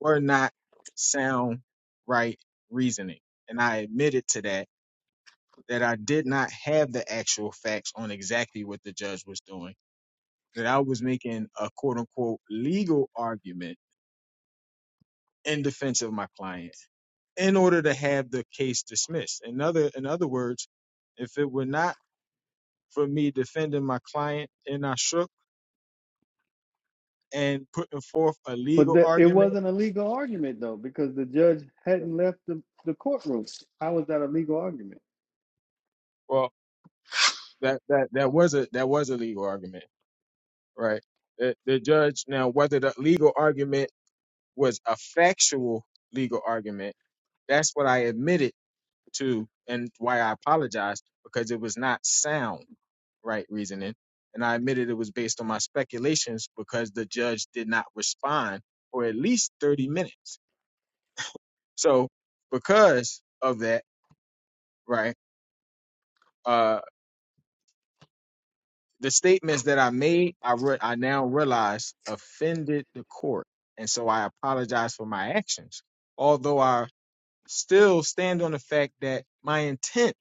C: were not sound right reasoning and i admitted to that that i did not have the actual facts on exactly what the judge was doing that i was making a quote unquote legal argument in defense of my client in order to have the case dismissed in other in other words if it were not for me defending my client and I shook. and putting forth a
B: But
C: legal
B: the, it
C: argument.
B: wasn't a legal argument though, because the judge hadn't left the, the courtroom. How was that a legal argument?
C: Well, that that that was a that was a legal argument, right? The, the judge now whether the legal argument was a factual legal argument. That's what I admitted to, and why I apologized because it was not sound right reasoning, and I admitted it was based on my speculations because the judge did not respond for at least thirty minutes. So because of that, right? uh, the statements that I made, I re- I now realize offended the court, and so I apologize for my actions. Although I still stand on the fact that my intent,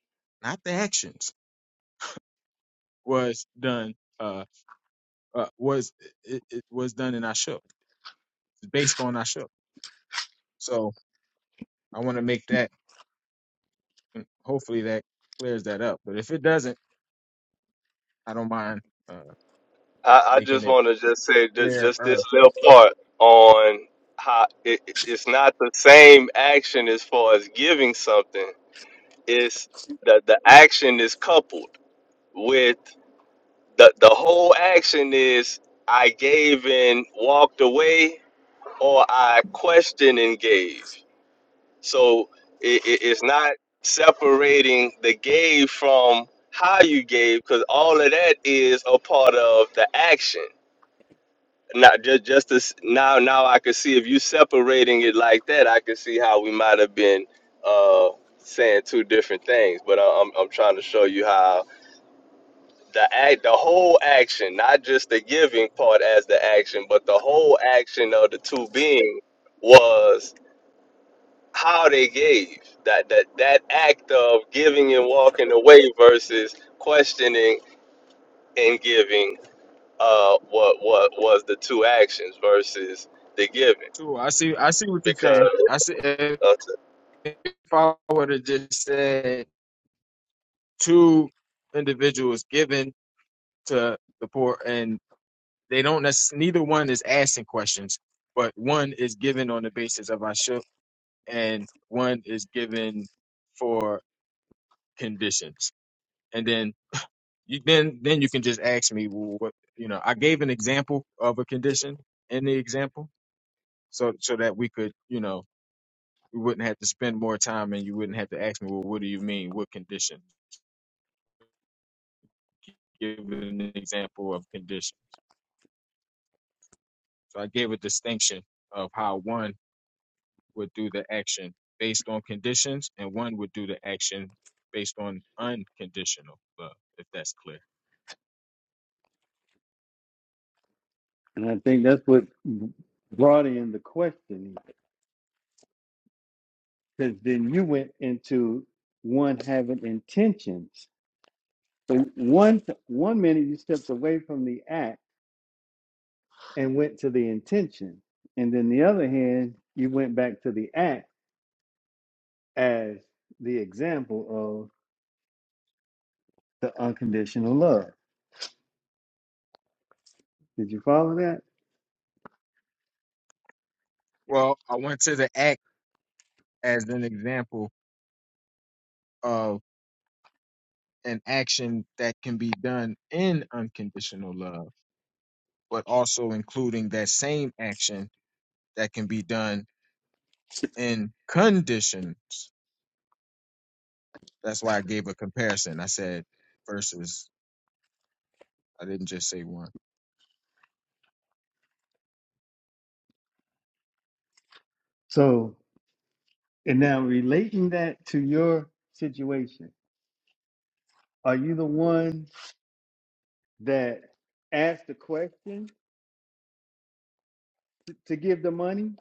C: not the actions, was done uh, uh was it, it was done in Ashok, based on Ashok. So I want to make that. mm, Hopefully that clears that up. But if it doesn't, I don't mind uh,
D: I, I
C: making
D: just
C: it
D: want to just say ju-
C: clear.
D: just this
C: Uh,
D: little part on how it, it- it's not the same action as far as giving something. It's the the action is coupled. with the the whole action is I gave and walked away, or I questioned and gave. So it, it, it's not separating the gave from how you gave, because all of that is a part of the action. Not just just this now. Now I can see if you separating it like that, I can see how we might have been uh, saying two different things. But I, I'm I'm trying to show you how the act, the whole action, not just the giving part as the action, but the whole action of the two being was how they gave that that that act of giving and walking away versus questioning and giving. Uh, what what was the two actions versus the giving?
C: too. I see. I see what you're
D: Because
C: saying. I see. If
D: uh,
C: I would have just said two individuals given to the poor, and they don't necessarily, neither one is asking questions, but one is given on the basis of our ship, and one is given for conditions. And then you then then you can just ask me well, what you know. I gave an example of a condition in the example, so so that we could you know we wouldn't have to spend more time, and you wouldn't have to ask me well, what do you mean? What condition? Give an example of condition. So I gave a distinction of how one would do the action based on conditions and one would do the action based on unconditional love, if that's clear.
B: And I think that's what brought in the question, because then you went into one having intentions. So one one minute you stepped away from the act and went to the intention, and then the other hand you went back to the act as the example of the unconditional love. Did you follow that?
C: Well, I went to the act as an example of an action that can be done in unconditional love, but also including that same action that can be done in conditions. That's why I gave a comparison. I said versus, I didn't just say one.
B: So, and now relating that to your situation, are you the one that asked the question to give the money,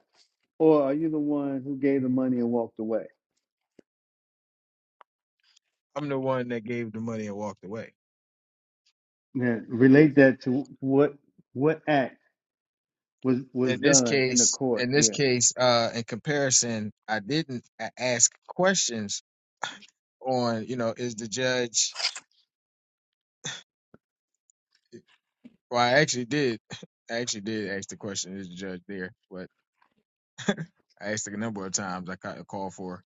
B: or are you the one who gave the money and walked away?
C: I'm the one that gave the money and walked away.
B: Now, relate that to what what act was was
C: in this
B: done in the
C: case,
B: court.
C: in this
B: Yeah,
C: case, uh, in comparison, I didn't a- ask questions on, you know, is the judge? Well, I actually did. <laughs> I actually did ask the question, is the judge there? But I asked it a number of times. I got a call for,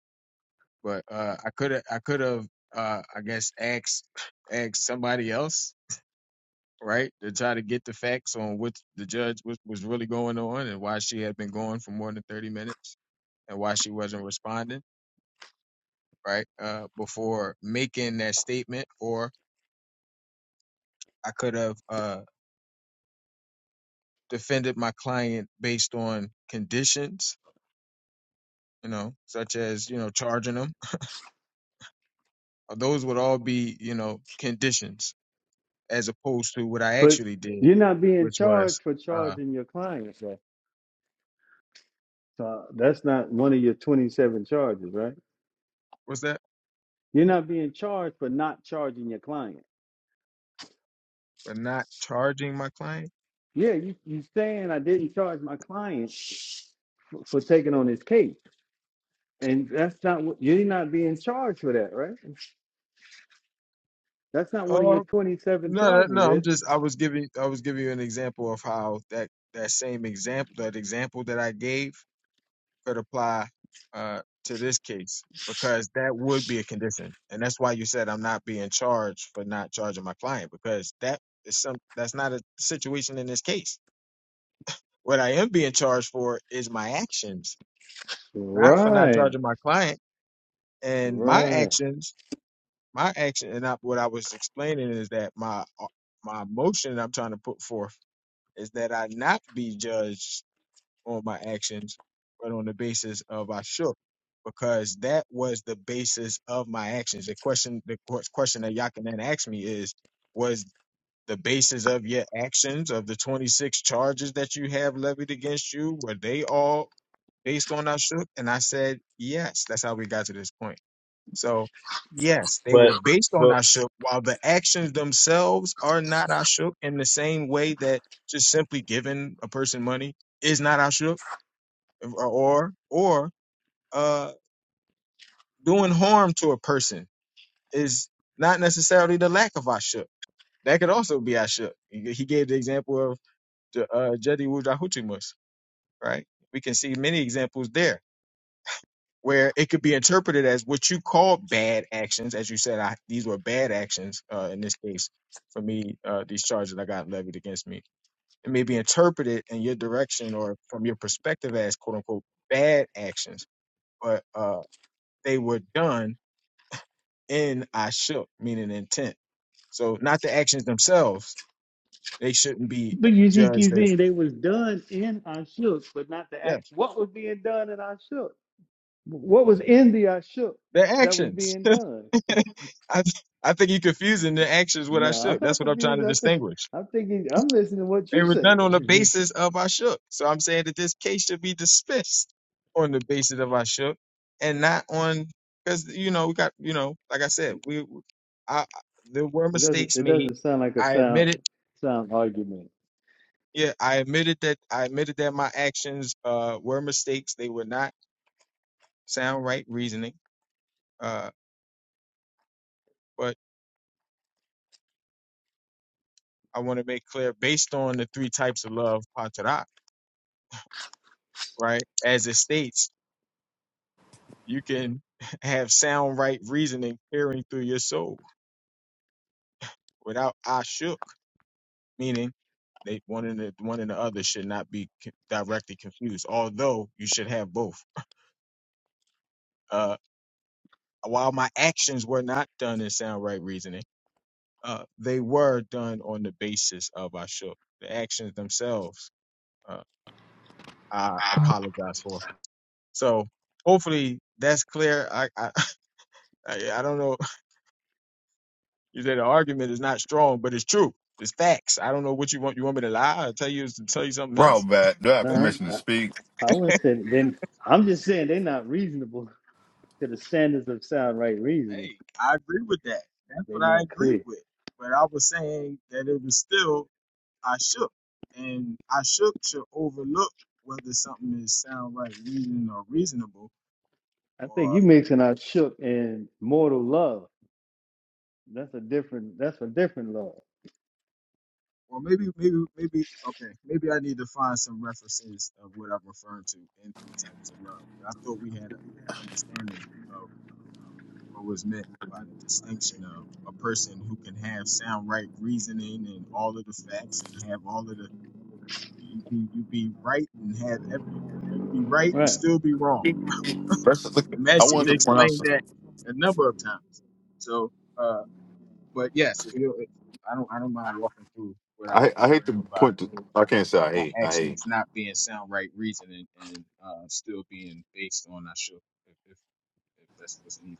C: but uh, I could have, I could have, uh, I guess, asked, <sniffs> asked somebody else, right, to try to get the facts on what the judge was, was really going on and why she had been going for more than thirty minutes and why she wasn't responding right, uh, before making that statement, or I could have uh, defended my client based on conditions, you know, such as, you know, charging them. Uh, Those would all be, you know, conditions as opposed to what I
B: but
C: actually did,
B: you're not being
C: which was,
B: charged for
C: uh,
B: charging your clients. Right? So that's not one of your 27 charges, right?
C: what's that?
B: You're not being charged for not charging your client.
C: But not charging my client?
B: Yeah, you you saying I didn't charge my client for taking on his case, and that's not what you're not being charged for that, right? That's not one of your
C: Oh,
B: 27
C: no, no,
B: charges, is
C: no. I'm
B: it?
C: just, I was giving, I was giving you an example of how that, that same example, that example that I gave could apply uh, to this case because that would be a condition, and that's why you said I'm not being charged for not charging my client because that is some that's not a situation in this case. What I am being charged for is my actions, not for not
B: Right,
C: charging my client. And my
B: right.
C: actions, my action, and not what I was explaining is that my uh, my motion I'm trying to put forth is that I not be judged on my actions, but on the basis of I shook, because that was the basis of my actions. The question, the que- question that Yakanan asked me is, was the basis of your actions of the 26 charges that you have levied against you, were they all based on I shook? And I said, yes. That's how we got to this point. So, yes, they were
D: But
C: based on
D: well,
C: I shook, while the actions themselves are not I shook in the same way that just simply giving a person money is not I shook or or uh doing harm to a person is not necessarily the lack of ashuk. That could also be ashuk. He he gave the example of the uh, Jedi Wujahutimus, right? We can see many examples there where it could be interpreted as what you call bad actions, as you said, I, these were bad actions uh, in this case for me. Uh, these charges that got levied against me, it may be interpreted in your direction or from your perspective as quote unquote bad actions, but uh, they were done and I shook, meaning intent. So not the actions themselves. They shouldn't be
B: But you see,
C: judged
B: keep
C: as
B: saying they was done in I shook, but not the
C: yeah,
B: act. What was being done in I shook? What was in the I shook
C: their
B: that was
C: actions.
B: being done?
C: <laughs> I I think you're confusing the actions with I
B: No, I'm
C: shook. That's
B: not
C: what I'm trying
B: confused.
C: to
B: I think
C: distinguish.
B: I'm thinking I'm listening to what
C: They
B: you
C: were
B: say.
C: done on the
B: <laughs>
C: basis of I shook. So I'm saying that this case should be dismissed on the basis of I shook and not on because you know we got you know like I said we I, there were
B: It doesn't.
C: mistakes
B: It
C: made.
B: doesn't sound like a
C: I
B: sound
C: admit it.
B: sound argument.
C: Yeah, I admitted that I admitted that my actions uh were mistakes. They were not sound right reasoning. Uh, but I want to make clear based on the three types of love, patara, right? As it states, you can <laughs> have sound right reasoning peering through your soul without ashuk, meaning they one and the one and the other should not be co- directly confused. Although you should have both. Uh, while my actions were not done in sound right reasoning. uh, they were done on the basis of Ashok. The actions themselves, uh, I apologize for. So hopefully that's clear. I, I <laughs> I I don't know. You said the argument is not strong, but it's true. It's facts. I don't know what you want. You want me to lie or tell you tell you something
F: Bro,
C: else?
F: back. Do I have
B: No,
F: permission to
B: I,
F: speak?
B: I wouldn't say that. then. I'm just saying they're not reasonable to the standards of sound right reason.
C: Hey, I agree with that. That's
B: They're
C: what I
B: not
C: agree
B: clear.
C: with. But I was saying that it was still I shook, and I shook should overlook whether something is sound right, reading, or reasonable
B: I think you
C: or.
B: mixing out shook and mortal love. That's a different. That's a different love.
C: Well, maybe, maybe, maybe. Okay, maybe I need to find some references of what I'm referring to in three types of love. But I thought we had an understanding of what was meant by the distinction of a person who can have sound right reasoning and all of the facts and have all of the you be you be right and have every you can be right and
B: Right.
C: still be wrong.
F: First, look,
C: And Matt
F: I
C: seemed to
F: wanted
B: You,
F: to point out.
C: explain that
F: Something.
C: a number of times. So, uh, but yes, if you, I don't, I don't mind walking through what I
F: I I
C: what I
F: hate to
C: mean by
F: point to. I can't say I
C: my
F: hate. I hate.
C: actions not being sound right reason and, and uh, still being based on I should if, if if that's what's needed.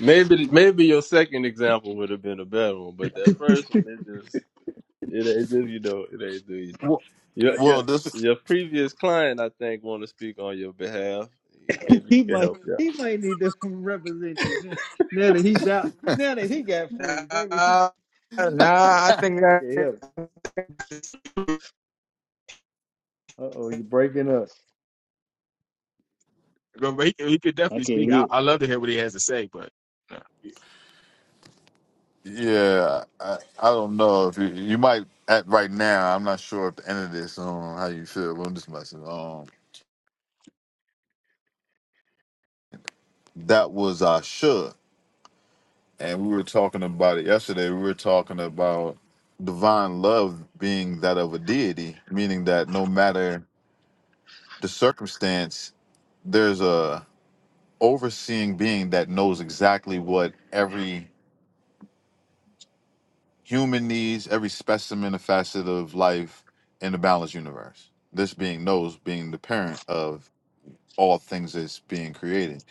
D: maybe maybe your second example would have been a better one, but that
B: <laughs>
D: first one, it just it, it just you know it ain't do
F: Well,
D: Your
F: well
D: your
F: this.
D: your previous client, I think, want to speak on your behalf. Maybe you
B: he
D: can
B: might.
D: help you.
B: He might need to <laughs> represent you now, now that he's out. Now that he got free, maybe <laughs> he,
C: Nah,
B: he might
C: nah,
B: get.
C: I
B: He
C: think
B: might
C: that
B: get him. Uh oh, you're breaking up.
C: but he, could- he could
B: I
C: definitely
B: can't
C: speak. I,
B: hear.
C: I love to hear what he has to say, but nah.
F: Yeah, I, I don't know if you, you might at right now. I'm not sure at the end of this on how you feel. But I'm just messing. Um, that was our should, and we were talking about it yesterday. We were talking about divine love being that of a deity, meaning that no matter the circumstance, there's a overseeing being that knows exactly what every human needs, every specimen and facet of life in the balanced universe. This being knows being the parent of all things that's being created.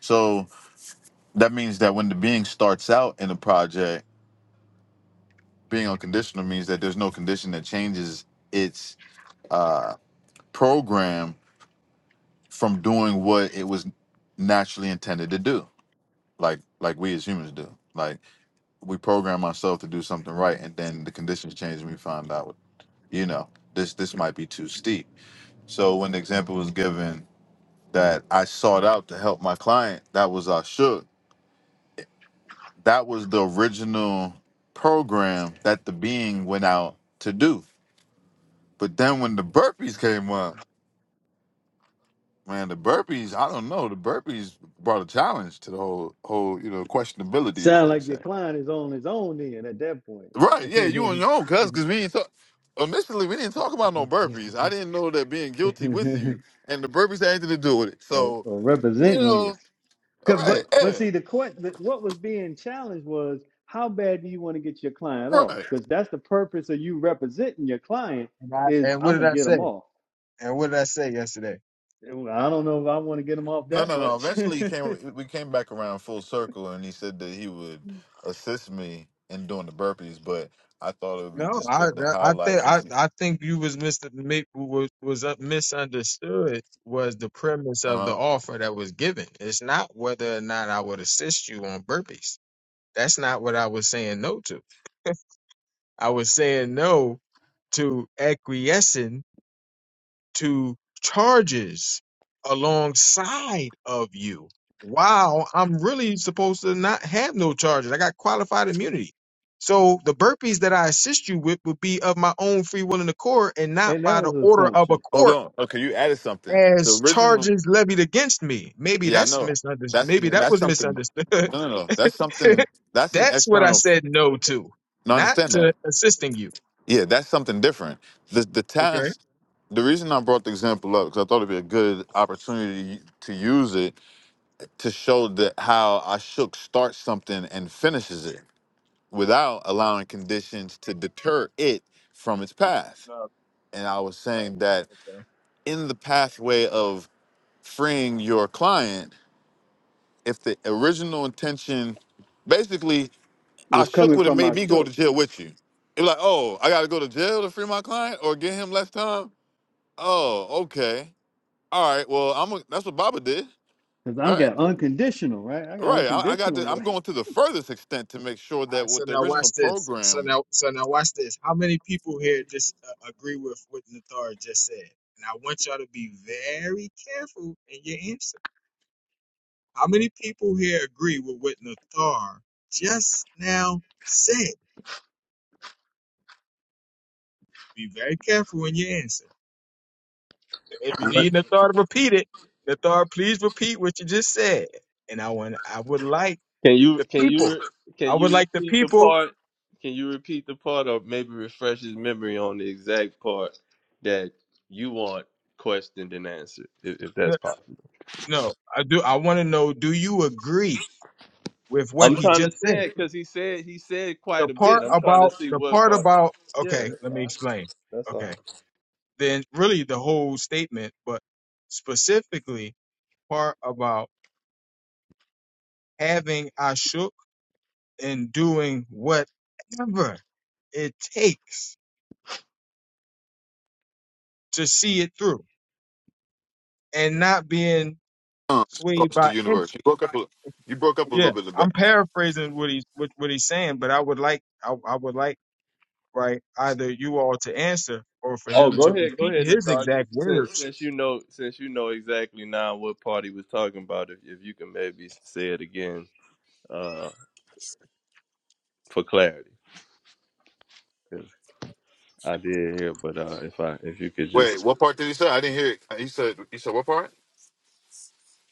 F: So that means that when the being starts out in a project, being unconditional means that there's no condition that changes its uh, program from doing what it was naturally intended to do, like like we as humans do. Like we program ourselves to do something right and then the conditions change and we find out you know this this might be too steep so when the example was given that i sought out to help my client that was our shook that was the original program that the being went out to do but then when the burpees came up man the burpees i don't know the burpees brought a challenge to the whole whole you know questionability as
B: Sound
F: they
B: like your
F: say
B: client is on his own then at that point.
F: Right, yeah, you on your own, cuz, because we ain't talk. Initially, we didn't talk about no burpees. I didn't know that being guilty with you and the burpees had anything to do with it.
B: <laughs> or,
F: So,
B: or
F: you
B: representing you.
F: know, all
B: 'Cause- But
F: right,
B: but
F: yeah,
B: see the court the, what was being challenged was how bad do you want to get your client off?
F: right.
B: Because that's the purpose of you representing your client
C: and, I,
B: is
C: and what
B: I'm
C: did
B: gonna
C: I
B: get
C: say?
B: them off.
C: And what did I say yesterday?
B: Well, I don't know if I want to get them off
F: No,
B: that
F: no, no.
B: much. <laughs>
F: Eventually, he came.
B: and
F: We came back around full circle, and he said that he would assist me in doing the burpees. But I thought it would be
C: No,
F: just
C: I
F: good to
C: I
F: highlight
C: think I,
F: since. He,
C: I think you was mis mi- was was uh, misunderstood was the premise of the
F: uh-huh.
C: offer that was given. It's not whether or not I would assist you on burpees. That's not what I was saying no to. I was saying no to acquiescing to charges alongside of you. Wow, I'm really supposed to not have no charges. I got qualified immunity. So the burpees that I assist you with would be of my own free will and accord and not by
B: that
C: the
B: was an
C: order of a
B: assumption
F: Hold
C: court
F: on. Okay, you added something. The
C: as
F: original.
C: charges levied against me. Maybe
F: Yeah, I
C: that's
F: know.
C: misunderstood.
F: That's
C: Maybe
B: that
C: that
F: that's
C: was
F: something.
C: misunderstood. <laughs>
F: No, no, no. That's something. That's an
C: That's what I
F: external.
C: said no to,
F: No, I
C: not
F: understand that.
C: to assisting you.
F: Yeah, that's something different. The the
C: Okay.
F: task. The reason I brought the example up because I thought it'd be a good opportunity to use it to show that how I shook starts something and finishes it without allowing conditions to deter it from its path.
C: No,
F: And I was saying that
C: okay.
F: in the pathway of freeing your client, if the original intention, basically, I
B: was
F: shook
B: coming
F: would have
B: from
F: made
B: my
F: me go to
B: shook.
F: jail with you. You're like, oh, I got to go to jail to free my client or get him less time Oh, okay. All right. Well, I'm. A, that's what Baba did.
B: Because I
F: All right.
B: got unconditional, right? I got
F: Right. I, I got.
B: unconditional.
F: To, I'm
B: love.
F: going to the furthest extent to make sure
C: All
F: that
C: right. So
F: what the
C: now watch
F: original
C: this. So
F: program
C: now, so now watch this. How many people here just uh, agree with what Nathar just said? And I want y'all to be very careful in your answer. How many people here agree with what Nathar just now said? Be very careful in your answer. If you
D: out. What-
C: need Nathar to repeat it, Nathar, please repeat what you just said. And I want, I would like
D: Can you
C: the
D: can you
C: people.
D: re- can
C: I would
D: you
C: like the
D: repeat the
C: people.
D: part? Can you repeat the part, or maybe refresh his memory on the exact part that you want questioned and answered, if, if that's possible?
C: No, I do. I want to know. Do you agree with what
D: I'm
C: he
D: trying to
C: just said?
D: say it because he said he said
C: The
D: quite a
C: part
D: bit. I'm trying to
C: about
D: see
C: the
D: what
C: part
D: part.
C: about.
D: Yeah,
C: Okay,
D: that's
C: let me
D: all.
C: explain.
D: That's all.
C: Okay, then really the whole statement, but specifically part about having ashuk and doing whatever it takes to see it through and not being
F: uh,
C: swayed
F: across the
C: by. any-
F: universe. You broke up. A, you broke up a little
C: Yeah,
F: bit in the
C: I'm
F: back.
C: paraphrasing what he's what, what he's saying, but I would like I, I would like right? Either you all to answer or for
D: Oh,
C: him
D: go
C: to
D: ahead, go
C: repeat
D: ahead,
C: his
D: Nathar. You-
C: exact
D: Since
C: words.
D: since you know since you know exactly now what party was talking about, if if you can maybe say it again uh for clarity, 'Cause I did hear, but uh if I if you could just
F: Wait. What part did he say? I didn't hear. It. He said. He said what part?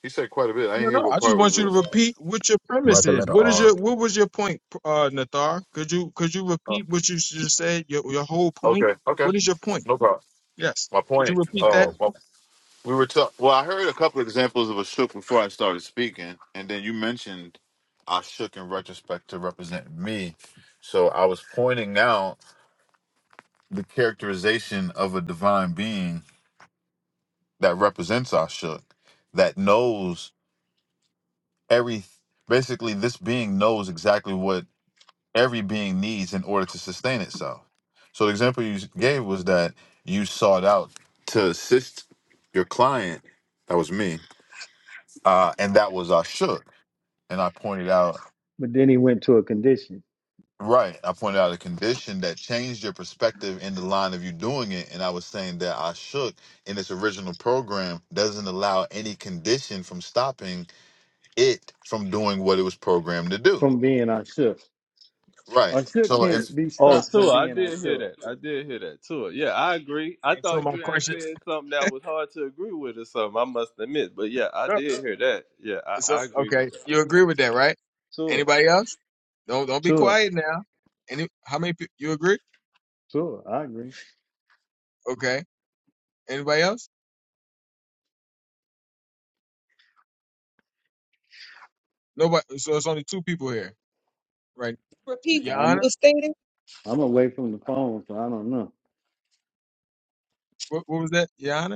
F: He said quite a bit. I didn't
C: No,
F: hear
C: no,
F: what
C: I just
F: part was.
C: want you to
F: The,
C: repeat what your
E: Write
C: premise
E: the
C: is.
E: letter
C: What is
E: R.
C: your what was your point, uh Nathar? Could you could you
F: oh,
C: repeat what you just said? Your your whole point?
F: okay. Okay.
C: What is your point?
F: No problem.
C: Yes.
F: My
C: Could you
F: point.
C: repeat that?
F: Oh. We were talking. Well, I heard a couple of examples of a shook before I started speaking, and then you mentioned I shook in retrospect to represent me. So I was pointing out the characterization of a divine being that represents I shook, that knows every. Basically, this being knows exactly what every being needs in order to sustain itself. So the example you gave was that you sought out to assist your client. That was me, uh, and that was I shook and I pointed out
B: But then he went to a condition.
F: right, I pointed out a condition that changed your perspective in the line of you doing it, and I was saying that I shook in its original program doesn't allow any condition from stopping it from doing what it was programmed to do.
B: from being I should.
F: Right. So
B: can't
F: it's
B: be
D: oh
B: stopped from
D: Tua, I
B: being I
D: did hear that, I did hear that Tua. Yeah, I agree. I
C: And so
D: thought
C: my
D: you had
C: question
D: said something that was hard to agree with or something. I must admit, but yeah, I
C: Yep.
D: did hear that. Yeah, I,
C: so
D: I agree with
C: okay,
D: that.
C: you agree with that, right?
D: Tua,
C: Anybody else? Don't don't be
B: Sure,
C: quiet now. Any how many people you agree?
B: sure, I agree.
C: Okay. Anybody else? Nobody so it's only two people here, right?
A: Repeat
C: Your
B: I'm
A: what
C: Honor?
A: was stated.
B: I'm away from the phone, so I don't know.
C: What, what was that? Your Honor?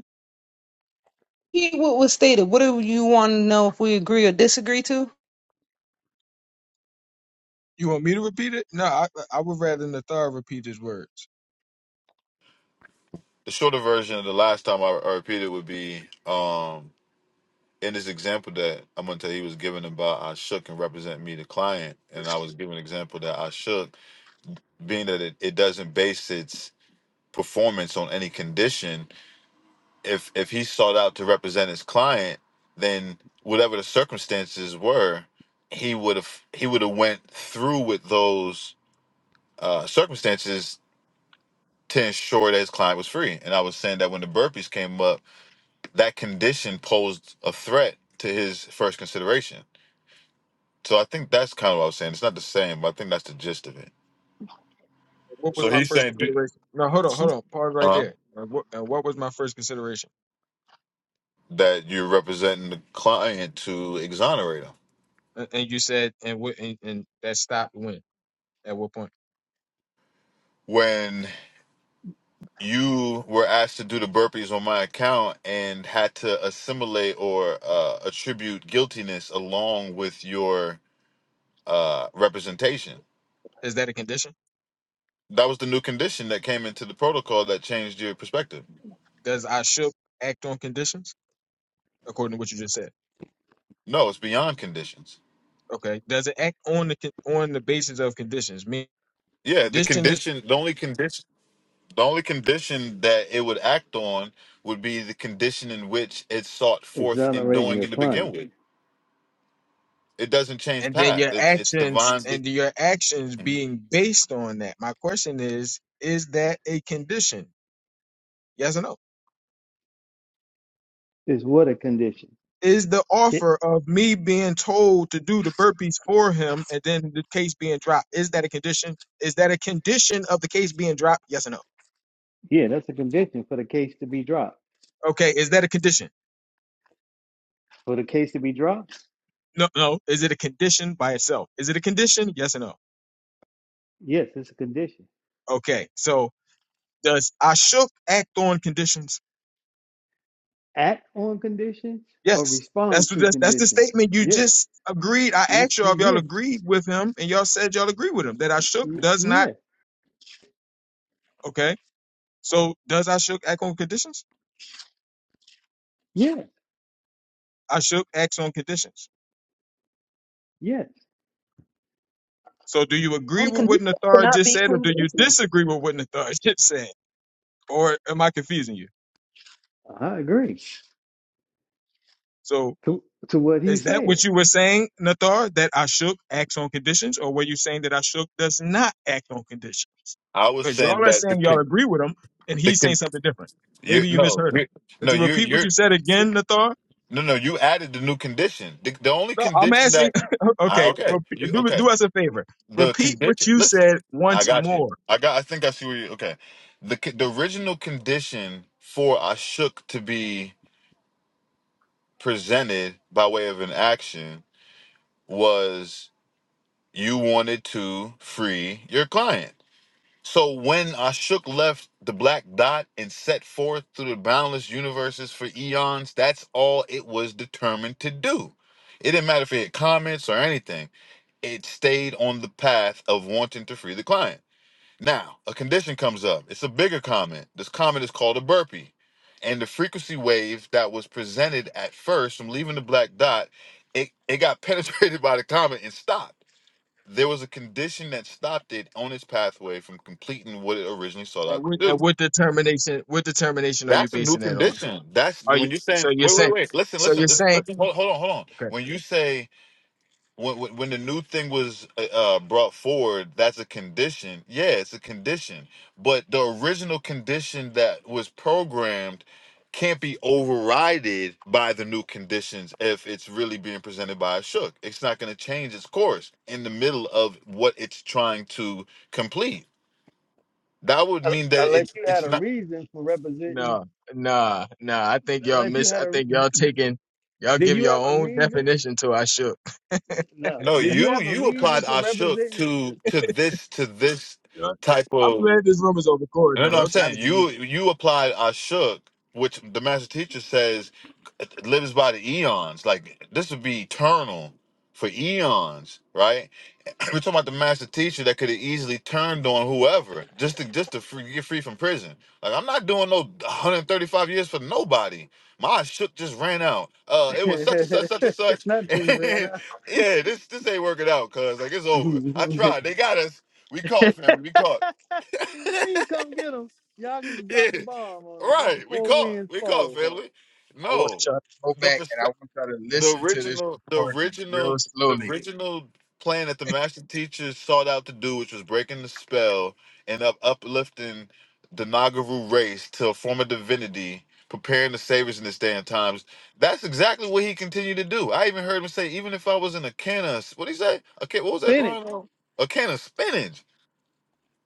A: Repeat what was stated. What do you want to know if we agree or disagree to?
C: You want me to repeat it? No, I, I would rather Nathar repeat his words.
F: the shorter version of the last time I, I repeated would be um in this example that I'm gonna tell you, he was giving about I shook and represent me the client, and I was giving an example that I shook, being that it, it doesn't base its performance on any condition if if he sought out to represent his client, then whatever the circumstances were, he would have he would have went through with those uh, circumstances to ensure that his client was free. And I was saying that when the burpees came up, that condition posed a threat to his first consideration. So I think that's kind of what I was saying. It's not the same, but I think that's the gist of it.
C: What was
F: So
C: my
F: he's
C: first
F: saying do,
C: consideration? No, hold on, hold on. Pause right
F: uh,
C: there. And what, and what was my first consideration?
F: that you're representing the client to exonerate him
C: And, and you said, and what, and, and that stopped when? At what point?
F: when you were asked to do the burpees on my account and had to assimilate or uh, attribute guiltiness along with your uh, representation.
C: Is that a condition?
F: That was the new condition that came into the protocol that changed your perspective.
C: Does I should act on conditions according to what you just said?
F: No, it's beyond conditions.
C: Okay. Does it act on the con- on the basis of conditions? Mean
F: Yeah, the
C: condition is,
F: condition, the only condition, the only condition that it would act on would be the condition in which it sought forth in
B: Exonerating
F: doing
B: your
F: it to begin
B: client
F: with. It doesn't change
C: and then
F: path.
C: your
F: It's it's
C: actions
F: divinely.
C: and your actions being based on that. My question is, is that a condition? Yes or no?
B: is what a condition.
C: is the
B: Ye-
C: offer of me being told to do the burpees for him and then the case being dropped is that a condition is that a condition of the case being dropped yes or no
B: Yeah, that's a condition for the case to be dropped.
C: okay is that a condition
B: For the case to be dropped,
C: no no is it a condition by itself is it a condition yes or no
B: yes, it's a condition.
C: okay so does i shook act on conditions
B: Act on conditions or
C: yes that's
B: respond
C: the
B: to
C: that's, that's the
B: conditions.
C: statement you
B: Yes,
C: just agreed i
B: y-
C: asked y'all if
B: y-
C: y'all
B: yes,
C: agreed with him and y'all said y'all agree with him that i shook
B: y-
C: does not
B: yeah,
C: okay so does i shook act on conditions
B: yeah,
C: i shook acts on conditions
B: yes.
C: So do you agree
A: Only
C: with what
A: condition
C: Nathar
A: cannot
C: just
A: be
C: said or do you
A: conditional.
C: disagree with what Nathar <laughs> just said? Or am I confusing you?
B: I agree
C: So
B: to to what he
C: is that
B: said.
C: what you were saying, Nathar, that I acts on conditions, or were you saying that I does not act on conditions?
F: I was
C: Because y'all
F: saying
C: are
F: that the
C: saying y'all
F: con-
C: agree with him and
F: the
C: he's saying
F: con-
C: something different.
F: You
C: Maybe you
F: no,
C: misheard him.
F: you
C: Could
F: no,
C: you
F: you
C: repeat what
F: you're
C: you said again, Nathar?
F: no, no. You added the new condition. The, the only
C: No, I'm
F: condition
C: asking.
F: that
C: <laughs>
F: I
C: okay,
F: okay,
C: repeat,
F: you
C: do,
F: okay.
C: do us a favor.
F: The
C: Repeat what
F: condition.
C: you
F: Listen,
C: said
F: I
C: once
F: got you.
C: more.
F: I got. I think I see where you. Okay, the co- the original condition for Ashuk to be presented by way of an action was you wanted to free your client. So when Ashuk left the black dot and set forth through the boundless universes for eons, that's all it was determined to do. It didn't matter if it had comments or anything. It stayed on the path of wanting to free the client. Now, a condition comes up. It's a bigger comment. This comment is called a burpee. And the frequency wave that was presented at first from leaving the black dot, it, it got <laughs> penetrated by the comet and stopped there was a condition that stopped it on its pathway from completing what it originally sought
C: And
F: out to
C: what,
F: do.
C: and what determination? What determination are you
F: That's a new
C: basing that on?
F: condition. That's
C: Are you
F: when you're
C: so
F: saying,
C: you're
F: wait,
C: saying
F: wait, wait. Listen,
C: so
F: listen,
C: you're
F: listen.
C: saying
F: listen, Hold, hold on, hold on.
C: okay.
F: When you say when when when the new thing was uh, uh, brought forward, that's a condition. Yeah, it's a condition, but the original condition that was programmed can't be overrided by the new conditions if it's really being presented by a shook. It's not going to change its course in the middle of what it's trying to complete. That would
B: Un-
F: mean that
B: Unless
F: it's
B: you had
F: it's
B: a
F: not.
B: reason for representing,
C: No, nah, nah. I think y'all
B: unless you
C: miss
B: had
C: I
B: a,
C: think
B: re-
C: y'all taking y'all
B: did
C: give
B: you
C: your
B: have a
C: own
B: reason?
C: definition to I shook.
B: No.
F: No,
B: Did you
F: you
B: have a
F: you
C: Y'all
F: applied
B: reason
C: just-
B: for
F: Ashuk
B: representing?
F: to to this to this
C: y'all-
F: type
C: I'm
F: of
C: glad this room is on record
F: No,
C: though.
F: what I'm
C: Don't try to
F: saying
C: delete
F: you
C: it.
F: you applied Ashuk, which the master teacher says lives by the eons. Like this would be eternal for eons, right? <clears throat> We're talking about the master teacher that could have easily turned on whoever just to just to free, get free from prison. Like I'm not doing no 135 years for nobody. My Ashuk just ran out. Uh, it was such and such, such and
B: <laughs>
F: such. <laughs>
B: Nothing, man.
F: And yeah, this this ain't working out, cause like it's over. I
B: you
F: tried. They got us. We caught, family. We caught. <laughs>
B: <laughs> come get him. Y'all
F: <laughs>
B: can
F: yeah,
B: drop the bomb or Let the
F: right. We
B: four
F: caught.
B: winds
F: We caught
B: fall. her.
F: family.
C: I want
F: No,
C: y'all to go
F: the
C: back and I
F: perspe-
C: want y'all to
F: the
C: listen to this
F: original, the
C: recording real
F: original, the
C: slowly.
F: original plan that the master teachers sought out to do, which was breaking the spell and up uplifting the Nagaru race to a form of divinity, preparing the saviors in this day and times. That's exactly what he continued to do. I even heard him say, even if I was in a can of what he say? A can, what was that
B: Finish
F: line? Ron? A can of spinach.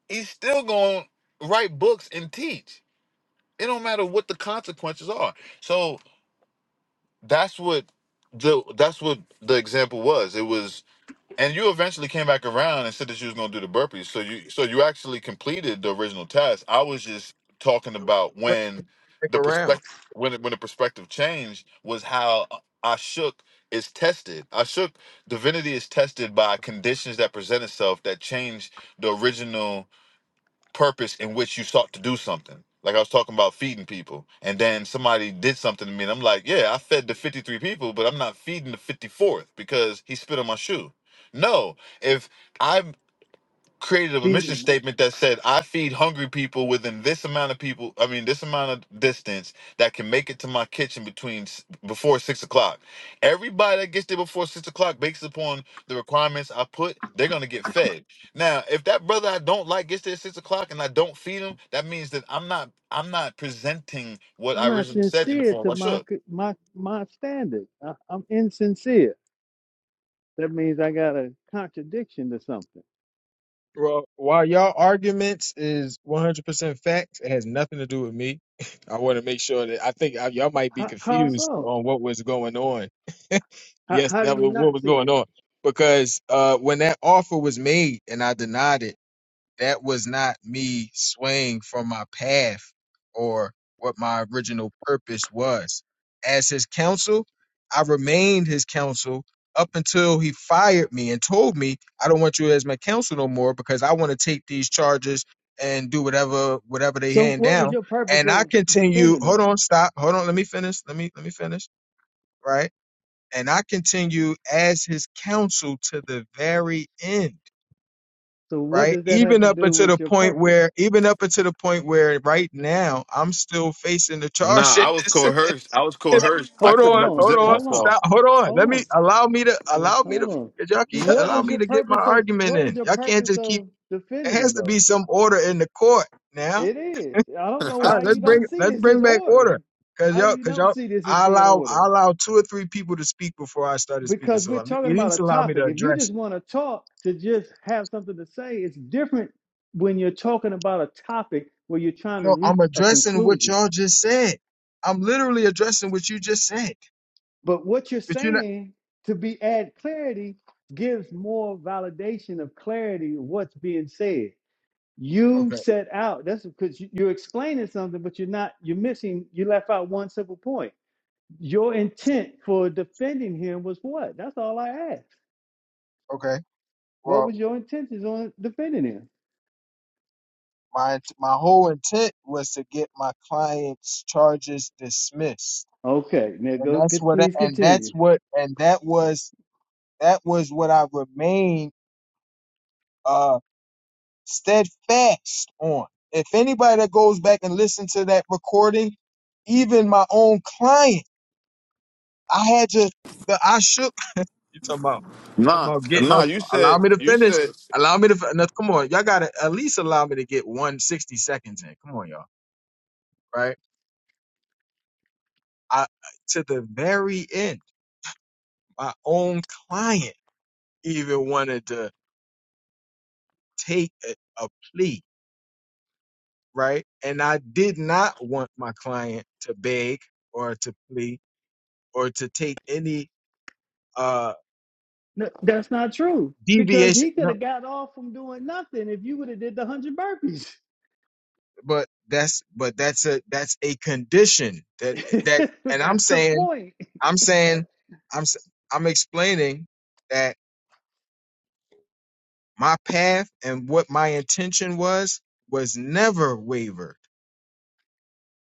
F: He's still going to write books and teach. It don't matter what the consequences are. So that's what the that's what the example was. It was and you eventually came back around and said that you was gonna do the burpees. So you so you actually completed the original task. I was just talking about when
C: Click
F: the
C: around.
F: perspective when it, when the perspective changed was how I shook is tested. I shook divinity is tested by conditions that present itself that change the original purpose in which you sought to do something. Like I was talking about feeding people, and then somebody did something to me, and I'm like, yeah, I fed the 53 people, but I'm not feeding the 54th because he spit on my shoe. No, if I created a mission
B: beating
F: statement that said, "I feed hungry people within this amount of people. I mean, this amount of distance that can make it to my kitchen between s- before six o'clock. Everybody that gets there before six o'clock, based upon the requirements I put, they're gonna get fed. Now, if that brother I don't like gets there at six o'clock and I don't feed him, that means that I'm not I'm not presenting what
B: I'm
F: I
B: not
F: originally said in the
B: sincere
F: form
B: to
F: I
B: my
F: should."
B: c- my my standard. I, I'm insincere. That means I got a contradiction to something.
C: Well, while y'all arguments is 100% facts, it has nothing to do with me. <laughs> I want to make sure that I think I, y'all might be
B: How, how
C: confused
B: so?
C: on what was going on. <laughs>
B: How,
C: yes,
B: how do
C: that
B: you
C: was what
B: not
C: was
B: see
C: going
B: it?
C: on because uh, when that offer was made and I denied it that was not me swaying from my path or what my original purpose was. As his counsel, I remained his counsel up until he fired me and told me, I don't want you as my counsel no more because I want to take these charges and do whatever whatever they
B: So
C: hand
B: what was
C: down.
B: your purpose
C: And I
B: of
C: continue,
B: defending
C: hold
B: them?
C: on, stop, hold on, let me finish. Let me let me finish. Right. And I continue as his counsel to the very end
B: So what
C: right?
B: does that have
C: Even
B: to
C: up
B: do
C: until the
B: with your
C: point
B: purpose?
C: where, even up until the point where right now I'm still facing the
F: Nah,
C: charges.
F: I was coerced. I was coerced.
C: <laughs>
F: I
B: Hold,
C: hold
F: couldn't
B: hold
C: on,
B: on,
C: hold
F: represent
C: on,
B: hold on,
F: myself.
C: stop, hold on.
B: hold
C: Let me
B: on,
C: allow me to allow me to
B: hold on.
C: cause y'all keep
B: What
C: allow
B: was
C: me
B: your
C: to get my
B: purpose of
C: argument
B: what was
C: in.
B: your
C: Y'all can't
B: purpose
C: just keep.
B: of
C: It
B: defending them
C: has to
B: though?
C: be some order in the court now.
B: It is. I don't know
C: All right,
B: why you
C: let's
B: don't
C: bring
B: see
C: let's
B: this as
C: bring back
B: order.
C: order, cause
B: I
C: y'all
B: you
C: cause
B: don't
C: y'all.
B: see this as
C: I
B: being
C: allow
B: order
C: I allow two or three people to speak before I started speaking,
B: because
C: so
B: we're
C: at
B: talking about a
C: least allow me
B: topic.
C: to
B: If you
C: address
B: just want to talk to just have something to say, it's different when you're talking about a topic where you're trying
C: You
B: to
C: know, I'm
B: reach a
C: addressing what
B: conclusion.
C: y'all just said. I'm literally addressing what you just said.
B: But what you're
C: But you're not
B: saying to be add clarity gives more validation of clarity of what's being said. You
C: okay.
B: set out. That's because you- you're explaining something, but you're not. You're missing. You left out one simple point. Your intent for defending him was what? That's all I asked.
C: Okay.
B: What
C: Well,
B: was your intentions on defending him?
C: my my whole intent was to get my client's charges dismissed,
B: Okay, now
C: and
B: go.
C: that's
B: could-
C: what I-
B: Please
C: and that's
B: continue.
C: what and that was that was what I remained uh steadfast on. If anybody that goes back and listen to that recording, even my own client, I had to. The, I shook You talking about talking
F: Nah,
C: about getting
F: nah.
C: up?
F: You
C: Allow
F: said
C: me to
F: you
C: finish.
F: said.
C: Allow me to. fi- No, come on, y'all got to at least allow me to get one sixty seconds in. Come on, y'all. Right? I to the very end. My own client even wanted to take a, a plea, right? And I did not want my client to beg or to plea or to take any uh
B: No, that's not true because
C: deviation.
B: he could
C: No,
B: have got off from doing nothing if you would have did the hundred burpees.
C: but that's but that's a that's a condition that that.
B: <laughs>
C: And I'm
B: that's the
C: saying
B: point.
C: I'm
B: That,
C: saying, I'm s- I'm explaining that my path and what my intention was was never wavered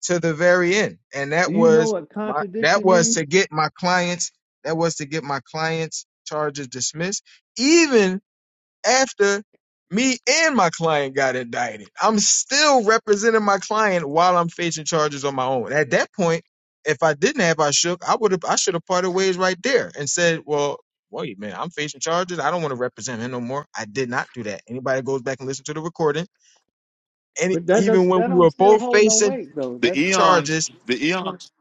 C: to the very end, and
B: do
C: that
B: you know
C: was
B: what
C: my that
B: contradiction
C: was
B: means?
C: to get my clients that was to get my clients charges dismissed, even after me and my client got indicted. I'm still representing my client while I'm facing charges on my own. At that point, if I didn't have I shook, I would have I should have parted ways right there and said, Well, wait a minute, I'm facing charges. I don't want to represent him no more. I did not do that. Anybody goes back and listen to the recording. And e,
B: But that does
C: even when
B: that
C: we
B: don't
C: were
B: still
C: both
B: hold no
C: facing
B: weight though.
F: the
B: That that
F: eons
C: charges,
F: the eons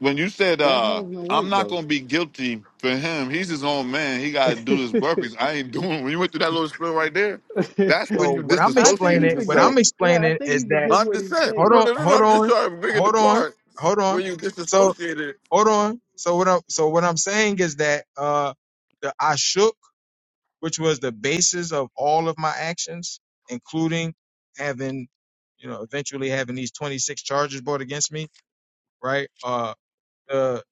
F: when you said
B: that
F: uh
B: holds no
F: i'm
B: weight
F: not
B: though.
F: gonna be guilty for him he's his own man he
B: <laughs>
F: gotta do his burpees i ain't doing when you went through that little spill right there that's
C: so
F: when you
C: what I'm
B: I think he
F: disassociated
C: explaining, what
F: yourself
C: I'm
B: forgets. right, I
C: explaining
B: think
C: is
B: he
C: that
B: forgets
F: no i'm
B: what
F: just
B: he
F: saying
C: hold
B: said.
F: no
C: on,
F: no no, no
C: hold
F: i'm just
C: on,
F: trying to bring it
C: hold on,
F: apart
C: hold on.
F: when you
C: So.
F: disassociated
C: Hold on. So what I'm so what I'm saying is that uh the ashuk, which was the basis of all of my actions, including having, you know, eventually having these 26 charges brought against me, right? Uh the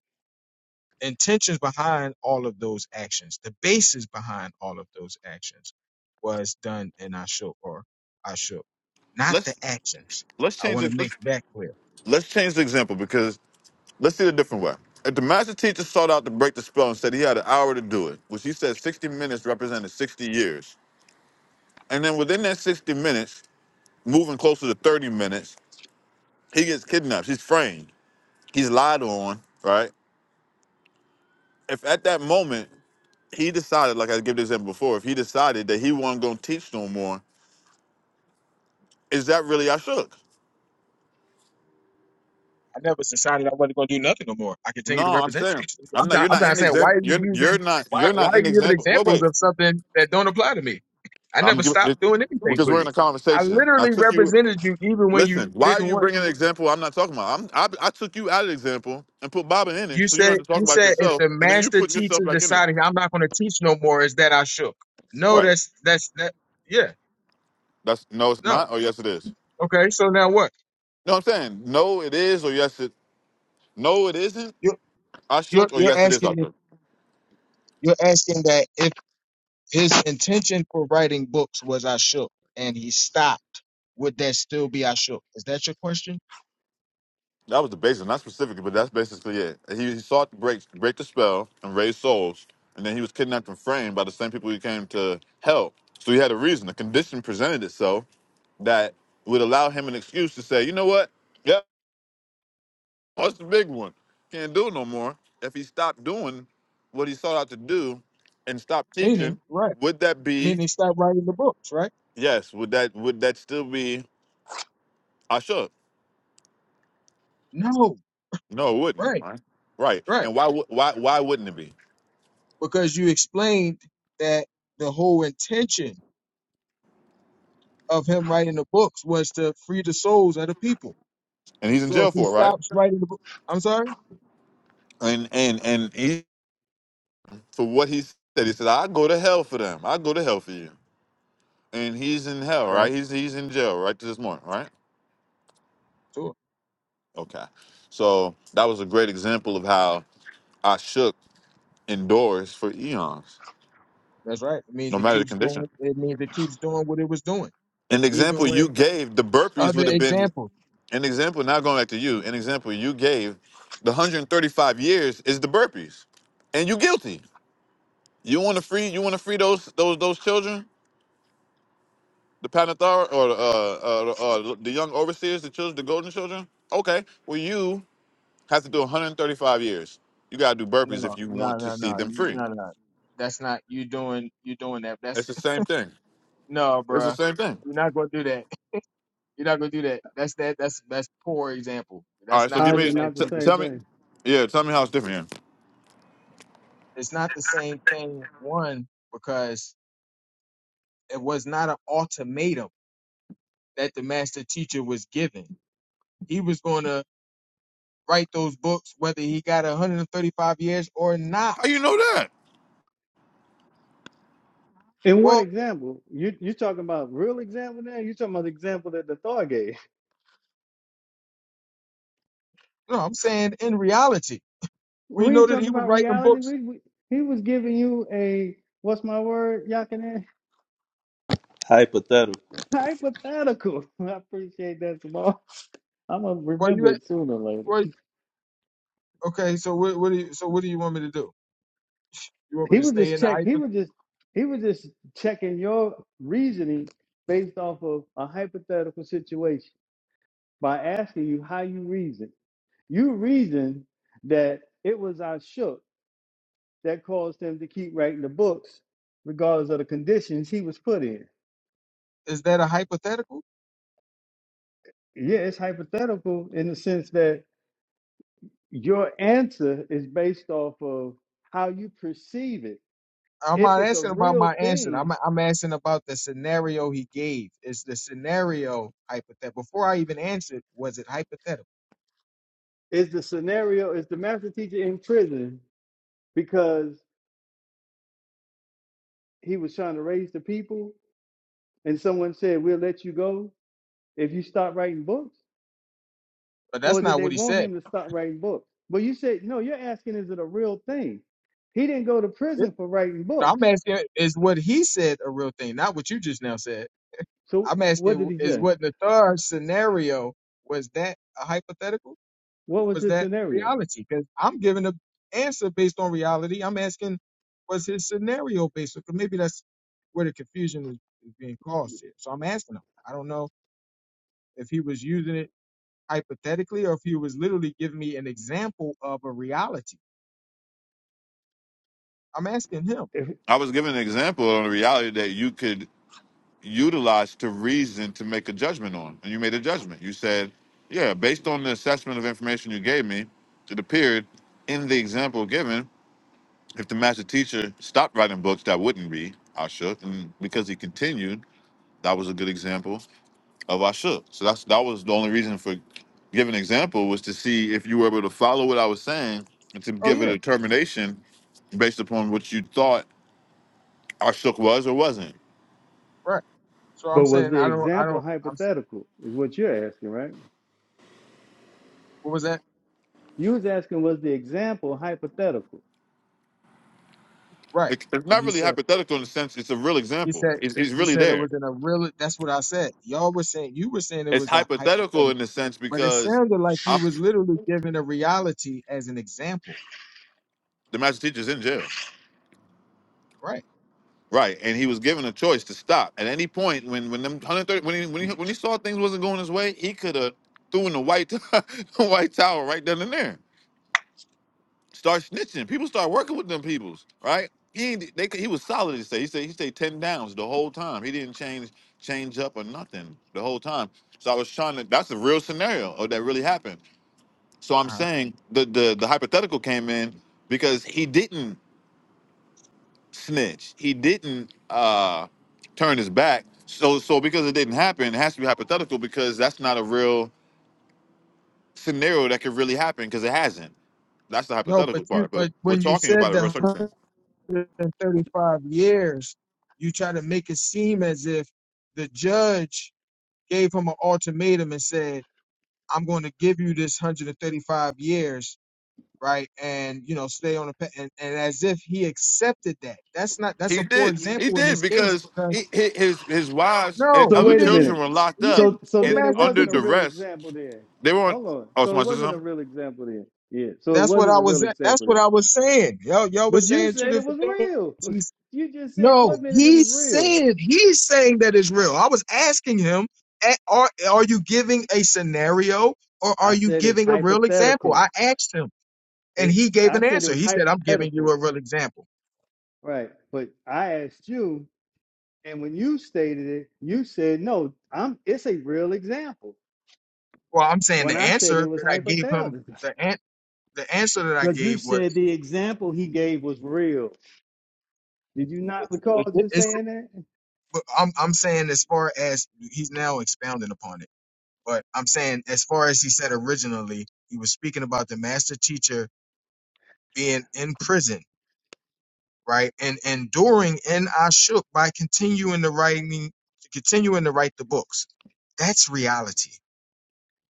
C: intentions behind all of those actions, the basis behind all of those actions was done in ashuk or ashuk, not the
F: let's
C: actions.
F: let's
C: I
F: change
C: want to
F: the
C: make
F: let's,
C: that clear.
F: let's change the example because let's see it a different way if the master teacher sought out to break the spell and said he had an hour to do it which he said 60 minutes represented 60 years and then within that 60 minutes moving closer to 30 minutes, he gets kidnapped. He's framed. He's lied on, right? If at that moment he decided, like I gave this example before, if he decided that he wasn't gonna teach no more, is that really I shook?
C: I never decided I wasn't going to do nothing no more. I
F: No,
C: continue to
F: I'm
C: represent you.
F: saying
C: <laughs>
F: I'm
C: I'm,
F: not.
C: trying,
F: You're
C: I'm
F: not
C: trying to
F: in the
C: say, why
F: example.
C: are you
F: You're you're
C: using,
F: not
C: why,
F: you're
C: why
F: not
C: are
F: in the
C: you giving
F: example. Wait,
C: examples
F: wait.
C: of something that don't apply to me? I
F: I'm
C: never
F: giving
C: stopped
F: it
C: doing anything
F: because
C: for
F: we're in
C: you.
F: a
C: I
F: conversation. I
C: literally
F: took you.
C: represented you even when you
F: Listen, why are
C: didn't
F: you
C: want.
F: bringing an example I'm not talking about? I'm, I, I took you out of the example and put Baba in it,
C: You
F: so you
C: said,
F: don't have to talk
C: you
F: about
C: said, if
F: yourself,
C: the
F: and then you
C: master
F: put yourself
C: teacher
F: back in it.
C: decided I'm not going to teach no more, is that I shook? No,
F: Right.
C: that's, that's, that, yeah,
F: That's no, it's
C: no.
F: not. Oh, yes, it is.
C: Okay, so now what?
F: No, I'm saying no, it is or yes, it no, it isn't.
C: You're,
F: I
C: you're,
F: shook or
C: you're
F: yes, it is. I
C: asking,
F: shook.
C: you're asking that if His intention for writing books was I shook, and he stopped. Would that still be I shook? Is that your question?
F: That was the basis, not specifically, but that's basically it. He, he sought to break break the spell and raise souls, and then he was kidnapped and framed by the same people he came to help. So he had a reason. a condition presented itself that would allow him an excuse to say, you know what? Yep, that's the big one. Can't do it no more. If he stopped doing what he sought out to do and stopped
C: Meaning,
F: teaching,
C: right.
F: would that be
C: Meaning, stop writing the books, right?
F: yes? Would that would that still be Ashok?
C: No,
F: No, it wouldn't.
C: right,
F: Right. Right.
C: right.
F: And why would why why wouldn't it be?
C: Because you explained that the whole intention of him writing the books was to free the souls of the people.
F: And he's in
C: So if
F: jail
C: he
F: for it, right?
C: stops writing the book, I'm sorry?
F: And and and he for what he said, he said, I go to hell for them. I go to hell for you. And he's in hell,
C: Right.
F: right? He's he's in jail right to this morning, right?
C: Sure.
F: Okay. So that was a great example of how I shook indoors for eons,
C: That's right. It means
F: no
C: it
F: matter the
C: keeps
F: condition.
C: doing, it means it keeps doing what it was doing.
F: An
C: Even
F: example
C: with
F: you gave, the burpees
C: other
F: would have been
C: examples.
F: an example, now going back to you, an example you gave, the 135 years is the burpees. And you guilty. You want to free? You want to free those those those children, the Panathar or uh, uh, uh, the young overseers, the children, the golden children? Okay. Well, you have to do 135 years. You gotta do burpees
C: No,
F: if you
C: no,
F: want to
C: no,
F: see
C: no,
F: them free.
C: no, no. That's not you doing. You doing that?
F: It's
C: That's
F: the same thing.
C: <laughs> no,
F: It's the
C: bruh.
F: same thing.
C: You're not gonna do that. You're not gonna do that. That's that. That's that's poor example.
F: All
C: That's
F: right. So
C: not
B: How
F: give
B: is
C: what the
B: it
F: me.
C: magic
B: not the
F: T-
C: did.
B: same
F: tell me.
B: thing?
F: Yeah. Tell me how it's different here.
C: It's not the same thing. One because it was not an ultimatum that the master teacher was given. He was going to write those books whether he got 135 years or not.
F: How you know that?
B: In what
C: Well,
B: example? You you talking about real example now? You talking about the example that the Thor gave? <laughs>
C: no, I'm saying in reality, we
B: We
C: know
B: ain't
C: that
B: talking
C: he was
B: about
C: writing
B: reality.
C: books.
B: We, we he was giving you a what's my word, Yakinen?
D: hypothetical.
B: <laughs> Hypothetical. <laughs> I appreciate that, Jamal. I'm gonna
C: Were
B: remember
C: you
B: it sooner or later.
C: at? Okay, so what, what do you so what do you want me to do? You want me
B: He
C: to
B: was
C: stay
B: just
C: in the
B: check. He
C: hypo?
B: was just he was just checking your reasoning based off of a hypothetical situation by asking you how you reason. You reason that it was our shook that caused him to keep writing the books, regardless of the conditions he was put in.
C: Is that a hypothetical?
B: Yeah, it's hypothetical in the sense that your answer is based off of how you perceive it.
C: I'm
B: If
C: not
B: it's a
C: asking about
B: real
C: my answer.
B: thing,
C: I'm I'm asking about the scenario he gave. Is the scenario hypothetical? Before I even answered, was it hypothetical?
B: is the scenario is the master teacher in prison? because he was trying to raise the people and someone said, We'll let you go if you stop writing books?
C: But
B: Or
C: that's
B: did
C: not
B: they
C: what he
B: want
C: said.
B: him to stop writing books? But you said, No, you're asking, is it a real thing? He didn't go to
C: Yeah.
B: prison for writing
C: No,
B: books.
C: I'm asking is what he said a real thing, not what you just now said.
B: So
C: I'm
B: what did
C: asking
B: he
C: is
B: say?
C: what Nathar's scenario was that a hypothetical?
B: What was
C: was
B: his
C: that
B: scenario?
C: reality? Because I'm giving an answer based on reality. I'm asking, was his scenario based? Because maybe that's where the confusion is, is being caused here. So I'm asking him. I don't know if he was using it hypothetically or if he was literally giving me an example of a reality. I'm asking him.
B: If,
F: I was giving an example on the reality that you could utilized to reason to make a judgment on. And you made a judgment. You said, yeah, based on the assessment of information you gave me, it appeared in the example given, if the master teacher stopped writing books that wouldn't be Ashuk, And because he continued, that was a good example of Ashuk." So that's that was the only reason for giving an example was to see if you were able to follow what I was saying and to
C: Oh
F: give a
C: yeah,
F: determination based upon what you thought Ashuk was or wasn't.
C: right. So I'm
B: but was
C: saying
B: the
C: I don't, I
B: example
C: don't. I'm. s-
B: hypothetical, is what you're asking, right?
C: What was that?
B: You was asking, was the example hypothetical?
C: Right.
F: it- it's
C: And
F: not
C: he
F: really
C: said.
F: hypothetical in the sense it's a real
C: He
F: example.
C: said
F: It's, it's
C: he
F: really
C: said it
F: there.
C: was in a real. That's what I said. Y'all were saying you were saying it
F: It's
C: was a
F: hypothetical
C: hypothetical,
F: in the sense
C: but it
F: because
C: sounded like he
F: I'm,
C: was literally giving a reality as an example,
F: the master teacher's in jail,
C: right?
F: right? And he was given a choice to stop at any point when when them 130 when he when he, when he saw things wasn't going his way, he could have threw in the white <laughs> the white towel right then and there. Start snitching. People start working with them peoples, right? He ain't- they he was solid. He say he said he stayed ten downs the whole time. He didn't change change up or nothing the whole time. So I was trying to. That's a real scenario of that really happened So
C: Uh
F: I'm
C: huh.
F: saying the the the hypothetical came in because he didn't snitch. He didn't uh turn his back. So so because it didn't happen, it has to be hypothetical because that's not a real scenario that could really happen because it hasn't. That's the
C: No, but
F: hypothetical
C: you
F: part, but
C: but
F: we're
C: when you
F: talking
C: said
F: about a
C: the
F: real circumstance.
C: 135 years, you try to make it seem as if the judge gave him an ultimatum and said, "I'm going to give you this 135 years." right? And you know, stay on the pa- and, and as if he accepted that. That's not that's
F: He
C: a poor
F: did. He
C: example in
F: did
C: this case
F: because
C: because
F: he, hi- his his wives and
C: no,
B: So
F: other
C: he
B: wait a
C: didn't.
F: children
B: minute.
F: were locked
C: He
F: up
B: So
C: didn't.
B: so
C: The
F: and
B: then it
C: master
F: under
B: wasn't a
C: teacher.
B: real
F: duress.
B: example then.
F: They weren't.
B: Hold on.
F: Oh,
B: So it
F: somebody said
B: wasn't a
F: something?
B: real example then. Yeah. So it
C: That's what
B: wasn't
C: I
B: a real
C: was. at- That's
B: example
C: what
B: then.
C: I was saying. Y'all, y'all
B: But
C: was
B: you
C: saying two
B: said it was
C: different things.
B: real. <laughs>
C: He's
B: You just said
C: no.
B: one minute it
C: He's
B: was real.
C: saying he's saying that it's real. I was asking him. "A- Are are you giving a scenario or
B: I
C: are you
B: said it's
C: giving a real example?
B: hypothetical.
C: I asked him, and
B: It
C: he gave
B: I
C: an
B: said it
C: answer.
B: was
C: He said, "I'm giving you
B: hypothetical.
C: a real example."
B: Right. But I asked you and when you stated it, you said no, I'm it's a real example.
C: Well, I'm saying
B: When
C: the
B: I said it
C: answer
B: was
C: that I gave him,
B: hypothetical. <laughs>
C: the an- the answer that I
B: Because you
C: gave was,
B: said the example he gave was real. Did you
C: it,
B: not recall
C: it, it-
B: just
C: it's,
B: saying that?
C: but I'm I'm saying as far as he's now expounding upon it, but I'm saying as far as he said originally, he was speaking about the master teacher being in prison, right, and enduring in Ashuk by continuing to writing, continuing to write the books. That's reality.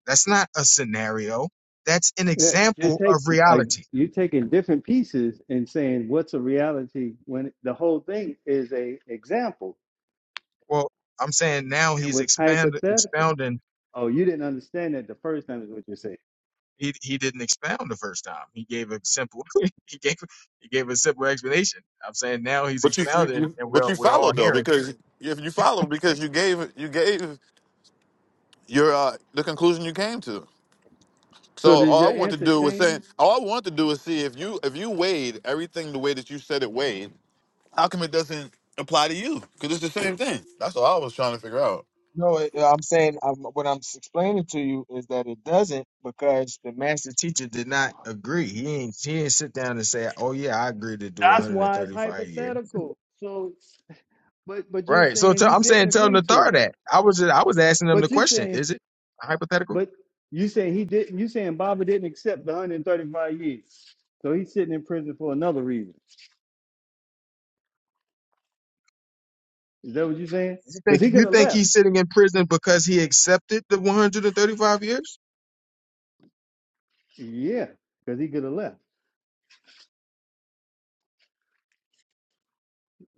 C: That's not a scenario. That's an
B: Yeah, you're
C: example of
B: taking like
C: reality
B: you're taking different pieces and saying what's a reality when the whole thing is a example.
C: Well, I'm saying now
B: It
C: he's
B: was
C: expand
B: hypothetical.
C: expounding.
B: Oh, you didn't understand that the first time is what you're saying.
C: He he didn't expound the first time. He gave a simple <laughs> he gave he gave a simple explanation. I'm saying now he's
F: But you, you,
C: expounding,
F: you
C: and
F: but
C: we're
F: you
C: we're all
F: followed though
C: hearing.
F: because if you followed, because you gave you gave your uh, the conclusion you came to. So
B: So does
F: all
B: your
F: I want to
B: answer
F: do was saying
B: change?
F: all I want to do is see if you if you weighed everything the way that you said it weighed. How come it doesn't apply to you? Because it's the same thing. That's all I was trying to figure out.
C: No, it- I'm saying i what I'm explaining to you is that it doesn't because the master teacher did not agree. He ain't he didn't sit down and say, "Oh yeah, I agree to do
B: That's why it's
C: 135 years."
B: hypothetical. So, but but you're
C: Right. So i
B: saying he
C: I'm
B: didn't
C: saying tell him
B: agree
C: to
B: to
C: throw
B: it.
C: that. I was I was asking him the
B: But you're
C: question.
B: saying,
C: Is it hypothetical?
B: but you saying he didn't. You saying Baba didn't accept the 135 years. So he's sitting in prison for another reason. Is that what you're saying?
C: You
B: Because
C: think
B: he could
C: you
B: have
C: think
B: left.
C: he's sitting in prison because he accepted the 135 years?
B: Yeah, because he could have left.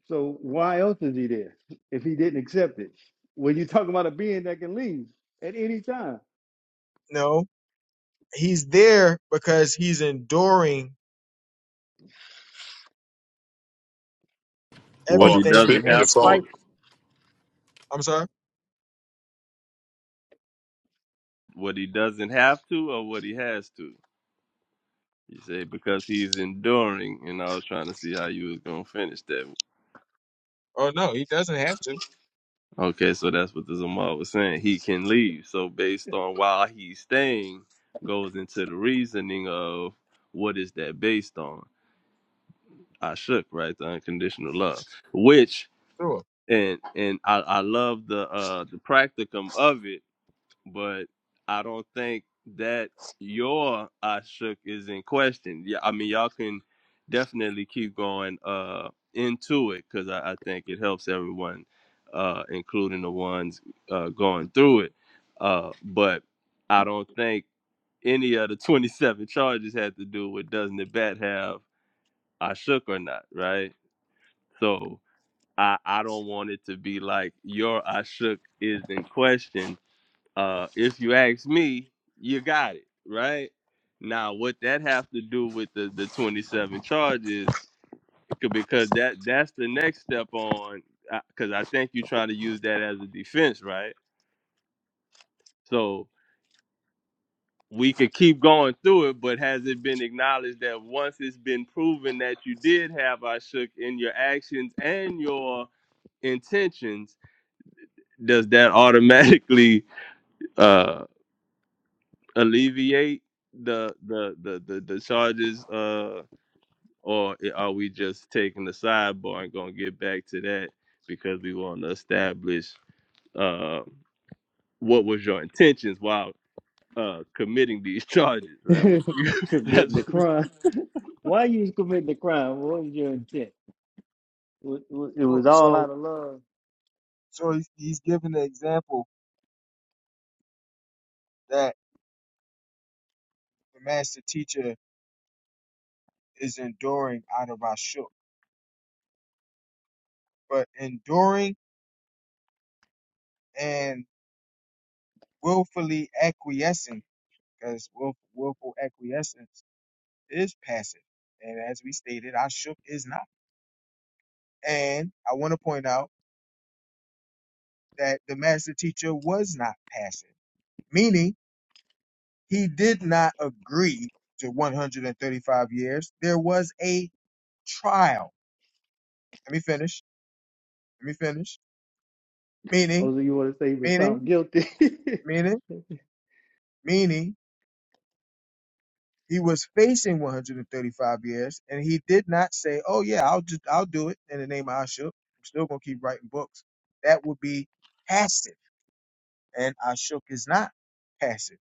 B: So why else is he there if he didn't accept it? When you talking about a being that can leave at any time,
C: No, he's there because he's enduring
D: What he
F: Hold on,
C: everything
D: doesn't
F: speaking
C: in
D: have
F: your
C: spite.
F: phone.
D: to,
C: I'm sorry.
D: what he doesn't have to, or what he has to. You say because he's enduring, and I was trying to see how you was gonna finish that.
C: Oh no, he doesn't have to.
D: Okay, so that's what the Zamal was saying. He can leave. So based on why he's staying, goes into the reasoning of what is that based on? I shook right the unconditional love, which
C: Sure,
D: and and I, I love the uh the practicum of it but I don't think that your I shook is in question. Yeah, I mean y'all can definitely keep going uh into it because I, I think it helps everyone, uh, including the ones uh going through it. Uh, but I don't think any of the <laughs> 27 charges had to do with doesn't the bat have I shook or not, right? So I I don't want it to be like your I shook is in question uh, if you ask me, you got it right. Now, what that have to do with the the twenty seven charges? c- Because that that's the next step on. Because I think you're trying to use that as a defense, right? So we could keep going through it, but has it been acknowledged that once it's been proven that you did have I shook in your actions and your intentions, does that automatically? uh, alleviate the the the the, the charges uh or i- are we just taking the sidebar and gonna get back to that because we want to establish uh what was your intentions while uh committing these <laughs> charges
B: <laughs>
D: right We- <laughs>
B: committing the
D: that's-
B: crime. Why you committing the crime? What was your intent? Wa- wa- It
C: sure.
B: was all
C: So,
B: out of love.
C: so he's he's giving the example that the master teacher is enduring out of our shook, but enduring and willfully acquiescing, because willful acquiescence is passive, and as we stated, our shook is not. And I want to point out that the master teacher was not passive, meaning he did not agree to 135 years. There was a trial. Let me finish. Let me finish.
B: Or
C: Meaning,
B: so you want to say he was found
C: meaning,
B: guilty, <laughs>
C: meaning, meaning he was facing 135 years and he did not say, Oh yeah, I'll just I'll do it in the name of Ashok. I'm still gonna keep writing books. That would be passive. And Ashok is not passive.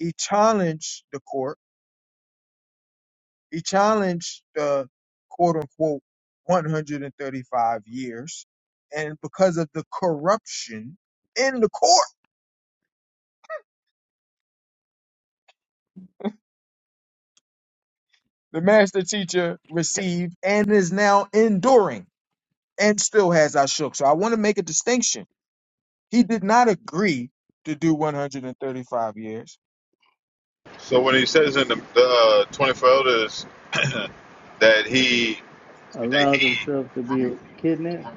C: He challenged the court He challenged the quote unquote 135 years. And because of the corruption in the court, the master teacher received and is now enduring and still has Ashok. So I want to make a distinction. He did not agree to do 135 years.
F: So when he says in the, the uh, 24 elders <clears throat> that he that
B: allowed
F: he
B: himself to be kidnapped?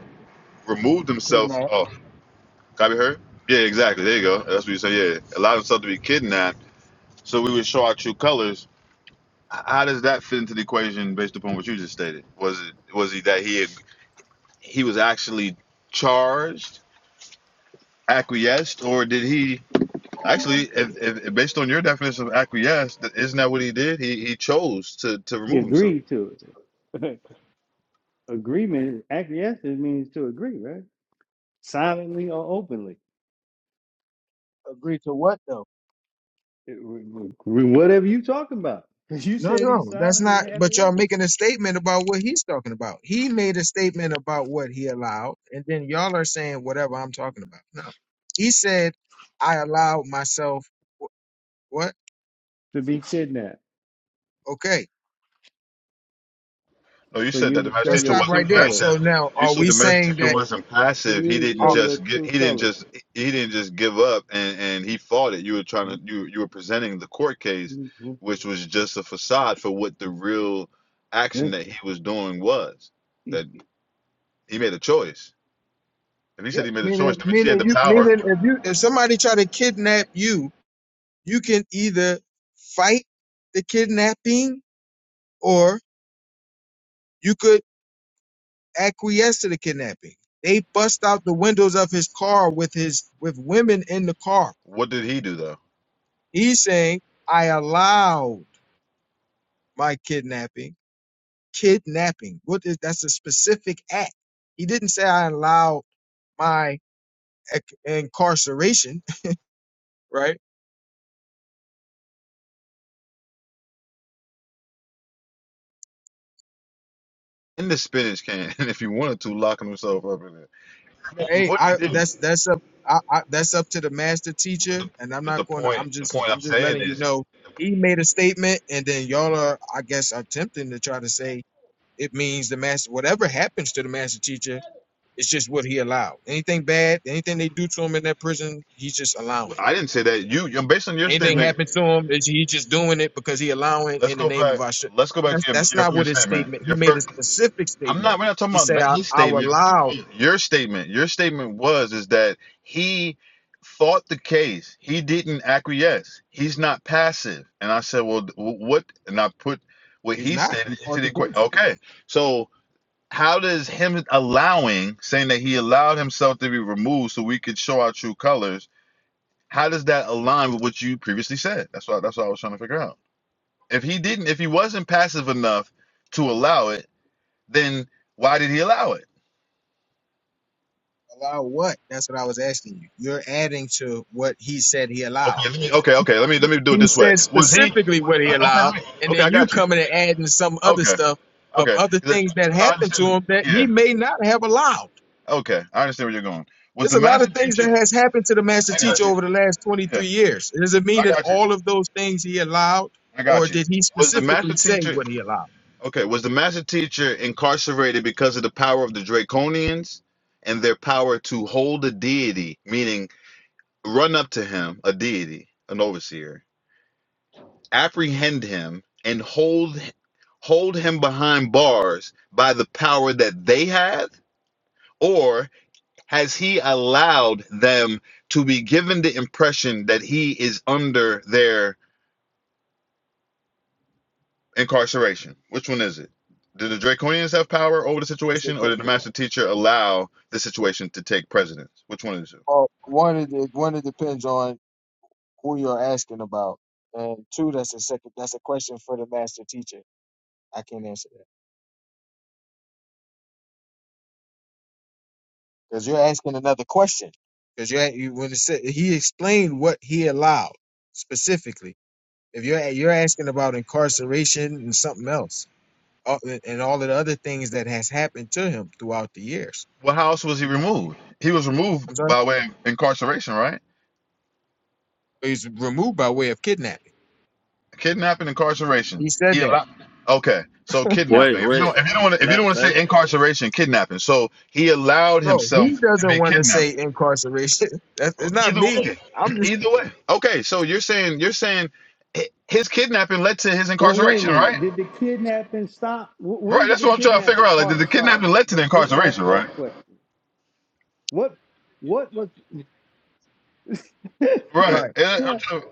F: removed himself,
C: Kidnap.
F: oh, can I be heard? Yeah, exactly. There you go. That's what you say. Yeah, allowed himself to be kidnapped so we would show our true colors. How does that fit into the equation based upon what you just stated? Was it was he that he had, he was actually charged, acquiesced, or did he actually, if, if, based on your definition of acquiesced, isn't that what he did? He he chose to to
B: He
F: remove himself.
B: agreed to it. <laughs> Agreement, acquiescence means to agree, right? Silently or openly.
C: Agree to what though?
B: It- w- w- Whatever you talking about. <laughs> You
C: No,
B: said he
C: no, that's
B: silently
C: not. But y'all
B: acquiesced
C: making a statement about what he's talking about. He made a statement about what he allowed, and then y'all are saying whatever I'm talking about. No, he said I allowed myself. wh- What?
B: to be kidnapped
C: Okay,
F: No, you
B: for
F: said
B: you
F: that the
B: to show
F: master
C: let's
F: teacher
B: your
C: stop
B: true
F: wasn't
C: right there.
B: colors.
F: passive.
C: So now,
F: You
C: are
F: said
C: we
F: the master
C: saying
F: teacher
C: that?
F: wasn't
B: For
F: passive.
B: you
F: He
B: to
F: didn't
B: show
C: Uh,
B: your
F: just get.
B: true
F: He didn't
B: colors.
F: just. He didn't just give up and and he fought it. You were trying to. You you were presenting the court case,
B: Well,
F: which was just a facade for what the real
B: <laughs>
F: action that he was doing was. That he made a choice. If he said
C: yeah,
F: he made a choice,
C: meaning,
F: that means he had
C: meaning
F: the
C: you,
F: power.
C: meaning if you, if somebody try to kidnap you, you can either fight the kidnapping, or you could acquiesced to the kidnapping. They bust out the windows of his car with his with women in the car.
F: What did he do though?
C: He's saying, I allowed my kidnapping. Kidnapping. What is that's a specific act. He didn't say I allowed my ec- incarceration, <laughs> right?
F: In the spinach can, <laughs> and if he wanted to, locking himself up in it.
C: Hey,
F: What he
C: I
F: didn't.
C: that's that's up I, I, that's up to the master
F: But
C: teacher,
F: the,
C: and I'm
F: but
C: not
F: the
C: going to.
F: point.
C: I'm
F: The
C: just
F: point
C: I'm
F: I'm
C: just
F: saying
C: letting you
F: is
C: know. He made a statement, and then y'all are, I guess, attempting to try to say it means the master whatever happens to the master teacher it's just what he allowed anything bad anything they do to him in that prison he's just allowing
F: I didn't say that. You, you- based on your
C: anything
F: statement,
C: happens to him is he's just doing it because he allowing
F: let's
C: in the
F: go
C: name of
F: back.
C: our
F: Let's go back
C: that's,
F: to your,
C: that's
F: your
C: not what
F: first
C: his
F: statement.
C: statement he
F: Your
C: made a
F: first.
C: specific
F: I'm
C: statement
F: not. We're not talking
C: he
F: about
C: said
F: that-
C: i,
F: his
C: I will
F: statement. We're talking
C: allow
F: about your statement. Your statement was is that he fought the case. He didn't acquiesce. He's not passive. And I said, well, wh- what? And I put what
C: is
F: he
C: not he
F: stated
C: fought
F: into the
C: the
F: equation.
C: case
F: Okay. So how does him allowing, saying that he allowed himself to be removed so we could show our true colors, how does that align with what you previously said? That's what that's what I was trying to figure out. If he didn't, if he wasn't passive enough to allow it, then why did he allow it?
C: allow what that's what i was asking you you're adding to what he said he allowed
F: Okay, let me, okay, okay. Let me let me do
C: He
F: it this way.
C: says
F: Was he?
C: specifically what he
F: Okay,
C: allowed,
F: let me,
C: and
F: okay,
C: then
F: I
C: you
F: got you.
C: coming and adding some other
F: Okay,
C: stuff of
F: okay.
C: other
F: 'Cause
C: things
F: I-
C: that
F: No, I
C: happened to
F: understand.
C: him that he
F: Yeah,
C: may not have allowed.
F: okay, I understand where you're going. Was
C: There's
F: the
C: a lot
F: master
C: of things that
F: teacher?
C: has happened to the master
F: I got
C: teacher
F: you.
C: over the last 23
F: Yeah,
C: years. Does it mean
F: I
C: that
F: got you.
C: all of those things he allowed,
F: I
C: or
F: got you.
C: did he
F: Was the
C: specifically
F: master
C: say
F: teacher?
C: what he allowed?
F: Okay, was the master teacher incarcerated because of the power of the Draconians and their power to hold a deity, meaning Run up to him, a deity, an overseer, apprehend him, and hold hold him behind bars by the power that they have? Or has he allowed them to be given the impression that he is under their incarceration? Which one is it? Did the Draconians have power over the
C: That's the
F: situation, or
C: que-
F: did the master teacher allow the situation to take precedence? Which one is it?
C: Well, one it, it- one it depends on who you're asking about, and two that's a second that's a question for the master teacher. I can't answer. that. because you're asking another question. Because you you- when it said, he explained what he allowed specifically. If you're you're asking about incarceration and something else, all- and all of the other things that has happened to him throughout the years.
F: Well, how else was he
C: Mhm.
F: removed? He was removed
C: I'm sorry,
F: by way of incarceration, right?
C: he's removed by way of kidnapping.
F: Kidnapping,
C: He
F: incarceration.
C: said
F: He
C: that.
F: allowed. Okay, so kidnapping.
D: Wait,
F: If you
D: wait.
F: don't, if you don't want to, if you don't
D: Let
F: want to
D: let
F: say incarceration, kidnapping. So he allowed
C: No, he
F: himself to
C: doesn't
F: be
C: want to
F: kidnapped.
C: say incarceration. <laughs> That's it's not
F: Either
C: me.
F: way,
C: I'm
F: <clears throat>
C: just
F: either way. Okay, so you're saying you're saying hi- his kidnapping led to his
B: wait a
F: incarceration,
B: minute.
F: right?
B: Did the kidnapping stop? W-
F: Right.
B: When did
F: That's
B: the
F: what I'm trying to
B: kidnap
F: figure out. Like, did
B: part
F: the
B: stop?
F: kidnapping led to
B: Th-
F: the
B: Just ask
F: incarceration, right?
B: that question. What? What was? <laughs>
F: Right.
C: right
F: Yeah, I'm
B: Correct.
F: trying-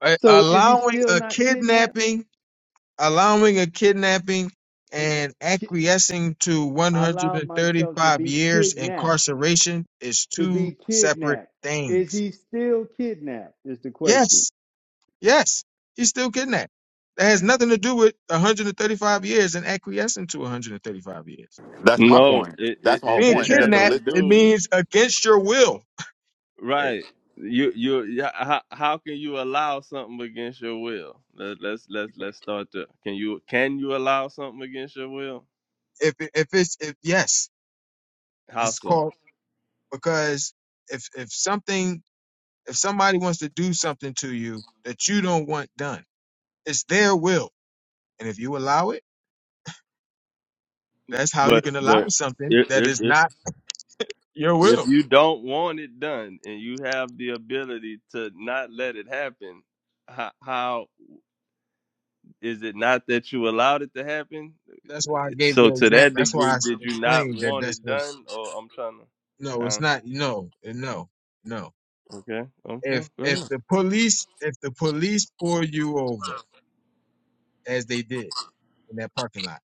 C: A-
B: So is he
C: allowing
B: still
C: a
B: not kidnapped?
C: kidnapping allowing a kidnapping
B: And
C: and
B: ki-
C: acquiescing to
B: I allowed myself to
C: 135
B: be
C: years
B: kidnapped.
C: incarceration is
B: to
C: two
B: be
C: separate
B: kidnapped. Is
C: things.
B: he still kidnapped? Is the question.
C: Yes, yes, he's still kidnapped. That has nothing to do with 135 years and acquiescing to 135 years.
F: That's my
D: no
F: point.
D: it, it
F: That's my
D: it
F: whole
C: Being
D: it
F: point. Is that
D: has
F: the
C: kidnapped,
D: to
F: lit-
C: it
D: do
C: means against your will.
D: Right.
C: If
D: You you yeah, how, how can you allow something against your will? Let, let's let's let's start there. Can you can you allow something against your will?
C: if it's if yes,
D: How
C: it's
D: so?
C: called because if if something if somebody wants to do something to you that you don't want done, it's their will And if you allow it, that's how you
D: But
C: can allow
D: but
C: something
D: if
C: that
D: if
C: is
D: if,
C: not your will.
D: if you don't want it done and you have the ability to not let it happen, how, how is it not that you allowed it to happen?
C: That's why I
D: It's-
C: gave
D: So
C: the
D: to
C: example.
D: that
C: That's why I
D: degree,
C: s-
D: did you not
C: explained that
D: want
C: that's
D: it
C: what,
D: done? Or I'm trying to.
C: no, it's
D: Huh?
C: not, no, no, no.
D: Okay. Okay.
C: If,
D: Go ahead.
C: if the police, if the police pull you over as they did in that parking lot,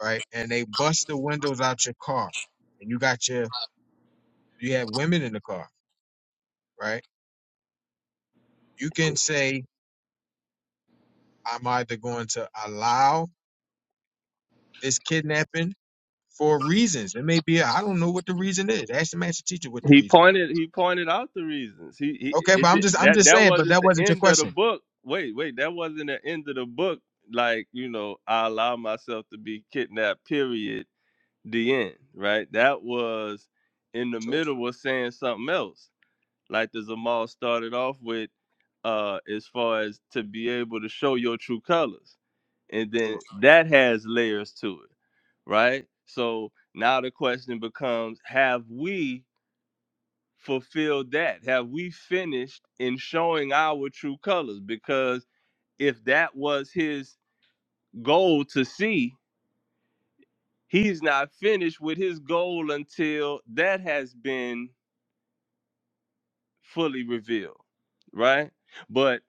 C: right? And they bust the windows out your car and you got your, you have women in the car, right? You can say, I'm either going to allow this kidnapping for reasons. It may be I don't know what the reason is. Ask the master teacher what the
D: He
C: reason was.
D: pointed. He pointed out the reasons. He, he
C: Okay, but
D: it
C: I'm
D: did,
C: just I'm
D: that
C: just
D: that
C: saying. But
D: wasn't
C: that
D: the
C: wasn't your
D: end of the
C: question.
D: book. Wait, wait, that wasn't the end of the book. Like you know, I allow myself to be kidnapped. Period. The end. Right. That was in the
C: Sure,
D: middle was saying something else. Like the
C: Mhm.
D: Zamal started off with, uh, as far as to be able to show your true colors, and then
C: sure,
D: that has layers to it, right? So now the question becomes: Have we? fulfilled that? Have we finished in showing our true colors? Because if that was his goal to see, he's not finished with his goal until that has been fully revealed, right? But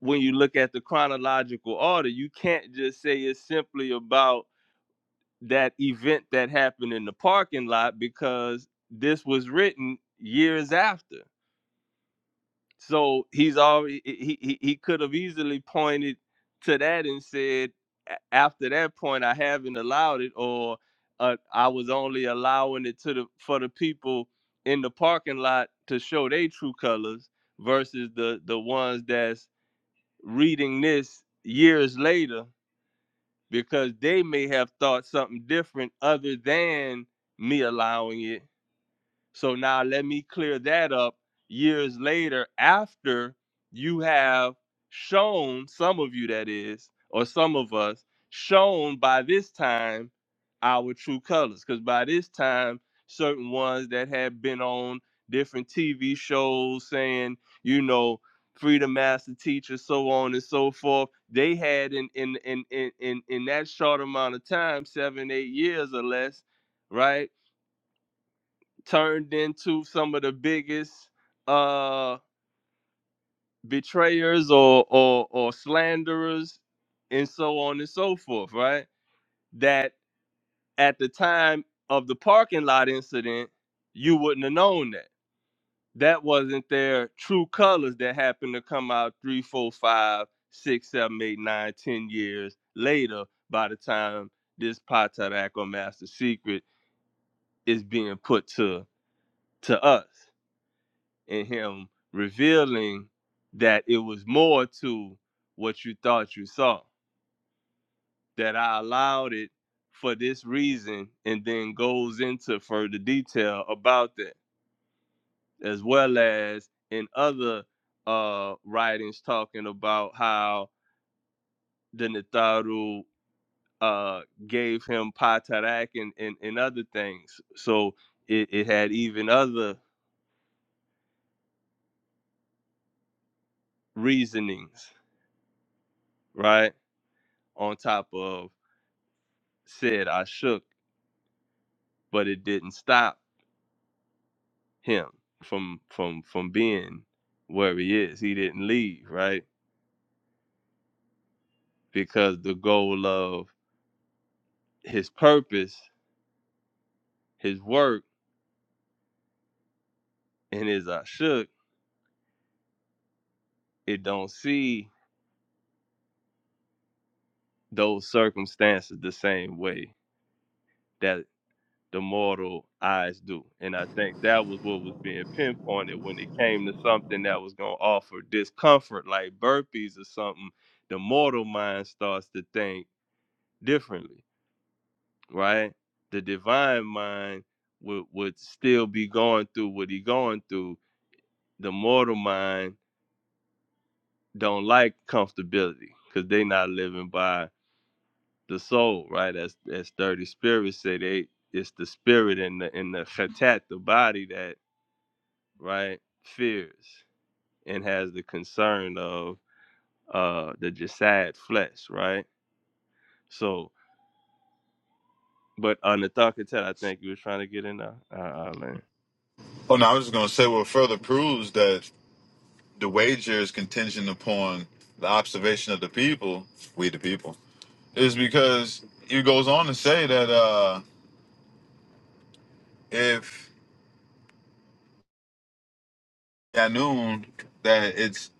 D: when you look at the chronological order, you can't just say it's simply about that event that happened in the parking lot because this was written years after. So he's already he he, he could have easily pointed to that and said, "A- after that point, I haven't allowed it, or uh, I was only allowing it to the for the people in the parking lot to show their true colors versus the the ones that's reading this years later because they may have thought something different other than me allowing it so now let me clear that up years later after you have shown, some of you that is, or some of us, shown by this time our true colors. Because by this time, certain ones that had been on different TV shows saying, you know, freedom master teacher, so on and so forth, they had in in in in in, in that short amount of time, seven, eight years or less, right? turned into some of the biggest uh betrayers or or or slanderers and so on and so forth right that at the time of the parking lot incident you wouldn't have known that that wasn't their true colors that happened to come out three four five six seven eight nine ten years later by the time this Potadak or master secret is being put to to us and him revealing that it was more to what you thought you saw that i allowed it for this reason and then goes into further detail about that as well as in other uh writings talking about how the Nataru uh gave him patarak and, and and other things so it, it had even other reasonings right on top of said ashuk but it didn't stop him from from from being where he is. He didn't leave, right? Because the goal of his purpose, his work, and his I shook, it don't see those circumstances the same way that the mortal eyes do. And I think that was what was being pinpointed when it came to something that was gonna offer discomfort, like burpees or something, the mortal mind starts to think differently right? The divine mind would would still be going through what he going through. The mortal mind don't like comfortability because they not living by the soul, right? As as thirty spirits say, they it's the spirit in the in the khatat, the body that right fears and has the concern of uh the jasad flesh, right? So, but on the thought I think you was trying to get in there.
F: Oh no, I was just gonna say what further proves that. the wager is contingent upon the observation of the people, we the people, is because he goes on to say that uh, if Yanun, that it's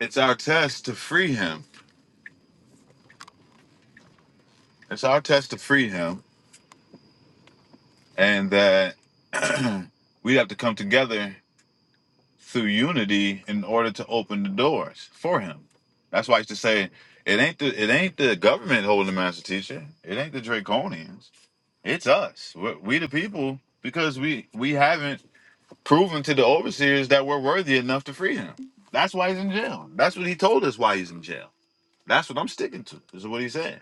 F: it's our test to free him. It's our test to free him, and that <clears throat> we have to come together through unity in order to open the doors for him. That's why I used to say it ain't the it ain't the government holding the master teacher. It ain't the Draconians It's us. We're, we the people because we we haven't proven to the overseers that we're worthy enough to free him. That's why he's in jail. That's what he told us why he's in jail. That's what I'm sticking to. Is what he said,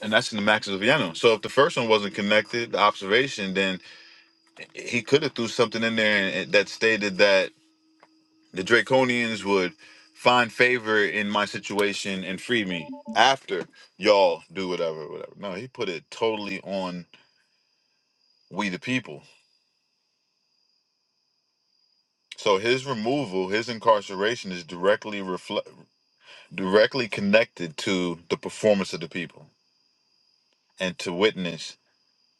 F: and that's in the Max of Vienna. So if the first one wasn't connected, the observation, then he could have threw something in there and- that stated that the Draconians would find favor in my situation and free me after y'all do whatever, whatever. No, he put it totally on we the people So his removal, his incarceration is directly reflect directly connected to the performance of the people and to witness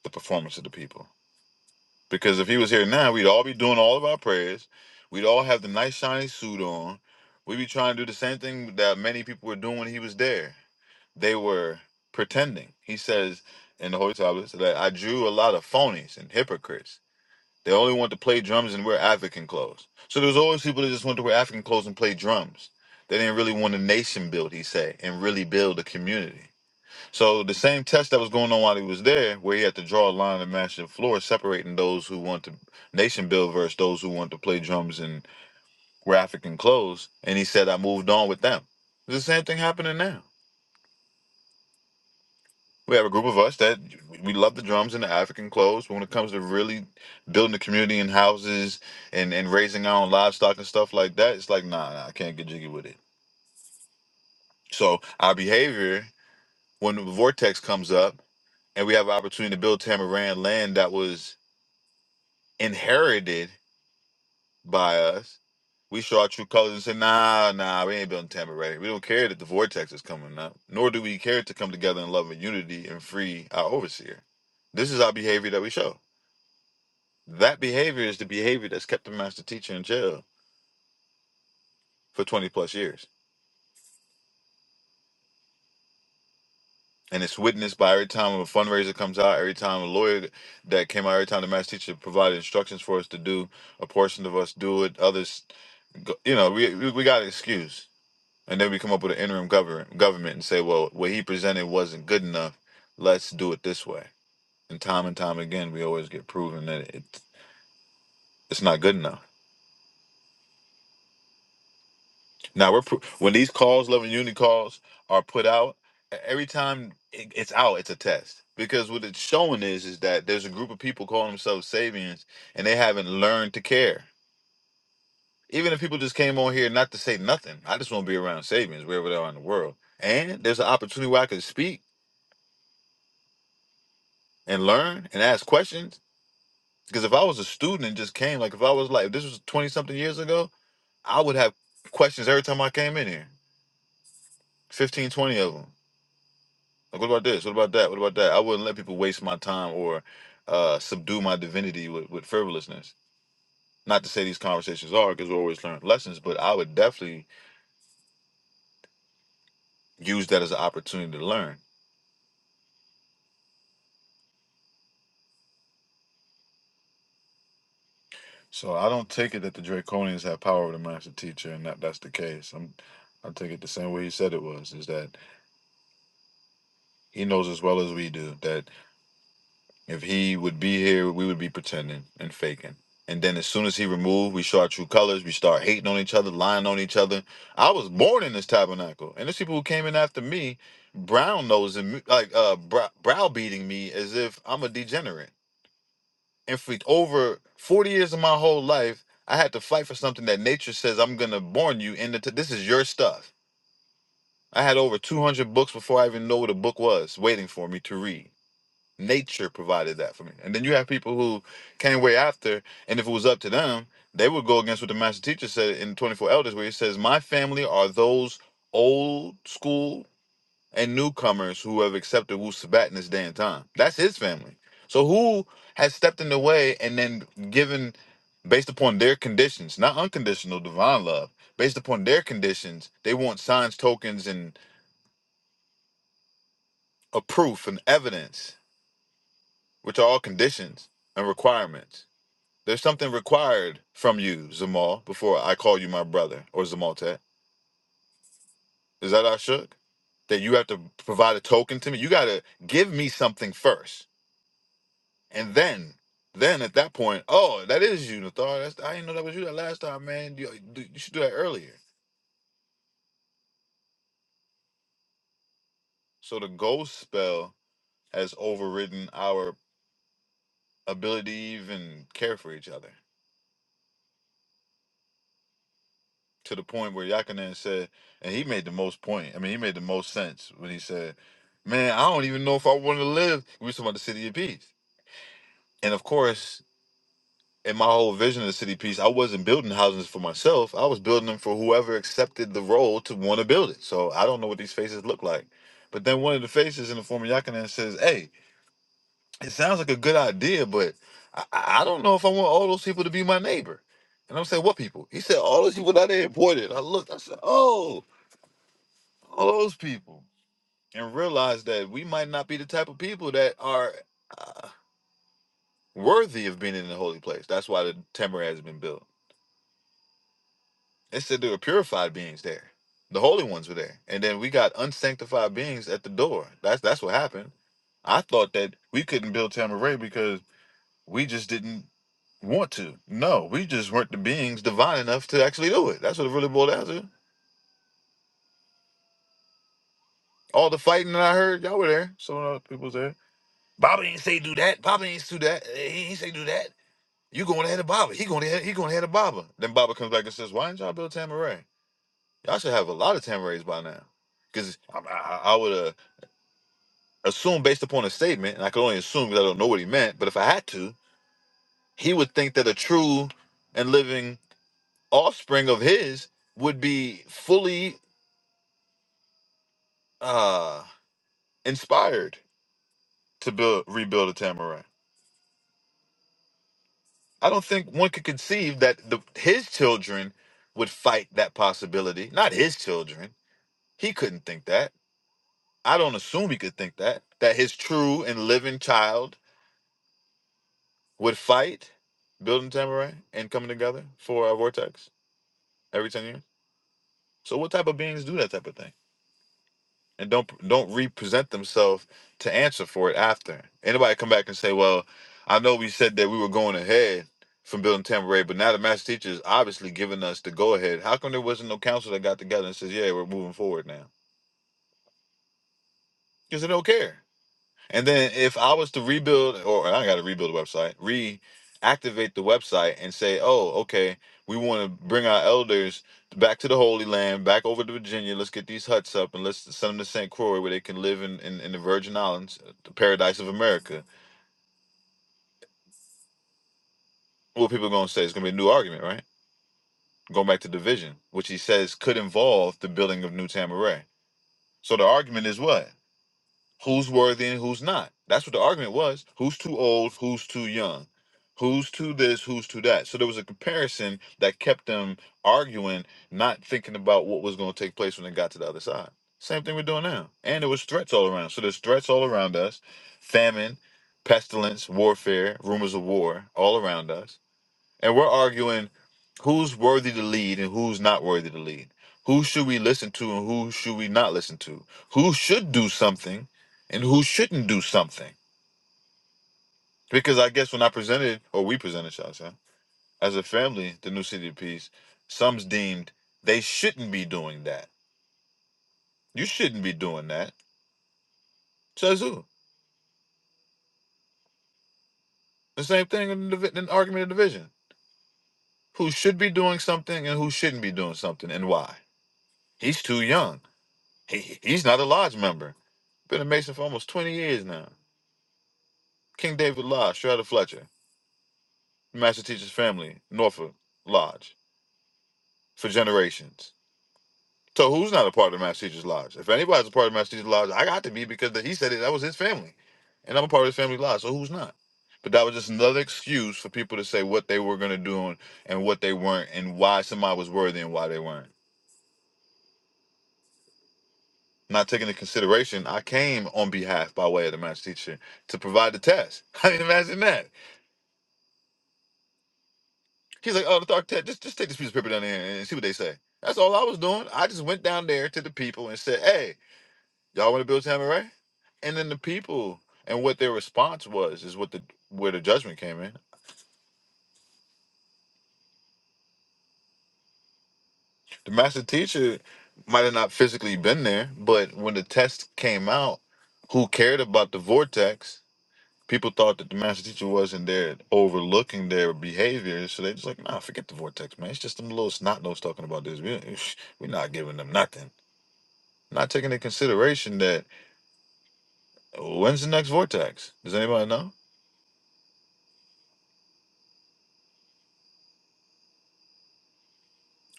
F: the performance of the people. Because if he was here now, we'd all be doing all of our prayers. We'd all have the nice shiny suit on. We'd be trying to do the same thing that many people were doing when he was there. They were pretending. He says in the Holy Tablets that I drew a lot of phonies and hypocrites They only want to play drums and wear African clothes. So there was always people that just wanted to wear African clothes and play drums. They didn't really want a nation build, he said, and really build a community. So the same test that was going on while he was there, where he had to draw a line and match the floor, separating those who want to nation build versus those who want to play drums and wear African clothes. And he said, I moved on with them. The same thing happening now. We have a group of us that we love the drums and the African clothes. But when it comes to really building the community in houses and, and raising our own livestock and stuff like that, it's like, nah, nah, I can't get jiggy with it. So our behavior, when the vortex comes up and we have an opportunity to build Tamaran land that was inherited by us, we show our true colors and say, nah, nah, we ain't building Tamaran. We don't care that the vortex is coming up, nor do we care to come together in love and unity and free our overseer. This is our behavior that we show That behavior is the behavior that's kept the master teacher in jail for 20 plus years. And it's witnessed by every time a fundraiser comes out, every time a lawyer that came out, every time the master teacher provided instructions for us to do, a portion of us do it, others, go- you know, we, we we got an excuse. And then we come up with an interim government, government and say, well, what he presented wasn't good enough. Let's do it this way. And time and time again, we always get proven that it, it's not good enough. Now we're pro- when these calls, love and unity calls, are put out. e- Every time it- it's out, it's a test because what it's showing is is that there's a group of people calling themselves Sabians and they haven't learned to care. Even if people just came on here not to say nothing, I just want to be around Sabians wherever they are in the world. And there's an opportunity where I can speak and learn and ask questions. Because if I was a student and just came, like if I was like if this was twenty something years ago, I would have questions every time I came in here, 15, 20 of them. Like, what about this? What about that? What about that? I wouldn't let people waste my time or uh, subdue my divinity with, with frivolousness. Not to say these conversations are, because we always learn lessons, but I would definitely use that as an opportunity to learn. So I don't take it that the Draconians have power over the master teacher, and that that's the case. I'm, I take it the same way he said it was, is that he knows as well as we do that If he would be here, we would be pretending and faking. And then as soon as he removed, we show our true colors. We start hating on each other, lying on each other. I was born in this tabernacle, and there's people who came in after me, brown nosing, me, like uh, brow browbeating me as if I'm a degenerate. And for over 40 years of my whole life, I had to fight for something that nature says I'm gonna born you into. T- this is your stuff. I had over 200 books before I even know what a book was, waiting for me to read. Nature provided that for me. And then you have people who came way after, and if it was up to them, they would go against what the master teacher said in 24 Elders, where he says, My family are those old school and newcomers who have accepted Wu Sabat in this day and time. That's his family. So who has stepped in the way and then given based upon their conditions, not unconditional divine love, based upon their conditions, they want signs, tokens, and a proof and evidence, which are all conditions and requirements There's something required from you, Zamal, before I call you my brother or Zamaltet. Is that Ashuk? That you have to provide a token to me? You gotta give me something first. And then, then at that point, oh, that is you, Nathar. That's I didn't know that was you that last time, man. You, you should do that earlier. So the ghost spell has overridden our ability to even care for each other. to the point where Yakinen said, and he made the most point. I mean, he made the most sense when he said, "Man, I don't even know if I want to live." We was talking about the city of peace, and of course, in my whole vision of the city of peace, I wasn't building houses for myself. I was building them for whoever accepted the role to want to build it. So I don't know what these faces look like. But then one of the faces in the form of Yakinen says, "Hey, it sounds like a good idea, but I, I don't know if I want all those people to be my neighbor." And I'm saying, what people? He said, all those people that they imported. I looked, I said, oh. all those people and realize that we might not be the type of people that are uh, worthy of being in the holy place. That's why the temple has been built. It said there were purified beings there. The holy ones were there. And then we got unsanctified beings at the door. That's that's what happened. I thought that we couldn't build Tamaray because we just didn't want to. No, we just weren't the beings divine enough to actually do it. That's what it really boiled down to. All the fighting that I heard, y'all were there. Some of the other people was there Baba ain't say do that. Baba ain't do that. He ain't say do that. You going ahead of Baba. He going ahead. He going ahead of Baba. Then Baba comes back and says, "Why didn't y'all build Tamaray? Y'all should have a lot of Tamarays by now." Because I, I, I would uh, assume, based upon a statement, and I could only assume because I don't know what he meant. But if I had to, he would think that a true and living offspring of his would be fully uh, inspired to build rebuild a Tamaray. I don't think one could conceive that the, his children would fight that possibility. Not his children. He couldn't think that. I don't assume he could think that. That his true and living child would fight building Tamarack and coming together for a vortex every 10 years. So, what type of beings do that type of thing? and don't don't represent themselves to answer for it after. Anybody come back and say, "Well, I know we said that we were going ahead from building Tampa but now the master teacher is obviously giving us the go ahead. How come there wasn't no council that got together and says, 'Yeah, we're moving forward now"? Because they don't care. And then if I was to rebuild, or I got to rebuild the website, reactivate the website, and say, oh, okay, we want to bring our elders back to the Holy Land, back over to Virginia. Let's get these huts up and let's send them to St. Croix where they can live in, in, in the Virgin Islands, the paradise of America. What people are going to say? It's going to be a new argument, right? Going back to division, which he says could involve the building of New Tamaray. So the argument is what? who's worthy and who's not. That's what the argument was. Who's too old, who's too young, who's too this, who's too that. So there was a comparison that kept them arguing, not thinking about what was going to take place when they got to the other side. Same thing we're doing now. And there was threats all around. So there's threats all around us. Famine, pestilence, warfare, rumors of war all around us and we're arguing who's worthy to lead and who's not worthy to lead. Who should we listen to and who should we not listen to? Who should do something and who shouldn't do something? Because I guess when I presented, or we presented, shall I say, as a family, the new city of peace, some's deemed they shouldn't be doing that. You shouldn't be doing that. Says who? The same thing in the divi- in argument of division. Who should be doing something and who shouldn't be doing something and why? He's too young. He, he's not a lodge member Been a Mason for almost 20 years now. King David Lodge, Strata Fletcher, Master Teacher's family, Norfolk Lodge, for generations. So who's not a part of the Master Teacher's Lodge? If anybody's a part of the Master Teacher's Lodge, I got to be because he said it, that was his family. And I'm a part of his family lodge, so who's not? But that was just another excuse for people to say what they were going to do and, and what they weren't and why somebody was worthy and why they weren't. Not taking into consideration, I came on behalf by way of the Master Teacher to provide the test. <laughs> I mean, imagine that He's like, oh, Dr. Ted, just, just take this piece of paper down there and see what they say. That's all I was doing. I just went down there to the people and said, hey, y'all want to build Tammy Ray? And then the people and what their response was is what the where the judgment came in. The master teacher might have not physically been there, but when the test came out, who cared about the vortex? People thought that the master teacher wasn't there overlooking their behavior. So they just like, nah, forget the vortex, man. It's just them little snot nose talking about this. We, <laughs> we're not giving them nothing. not taking into consideration that when's the next vortex? Does anybody know?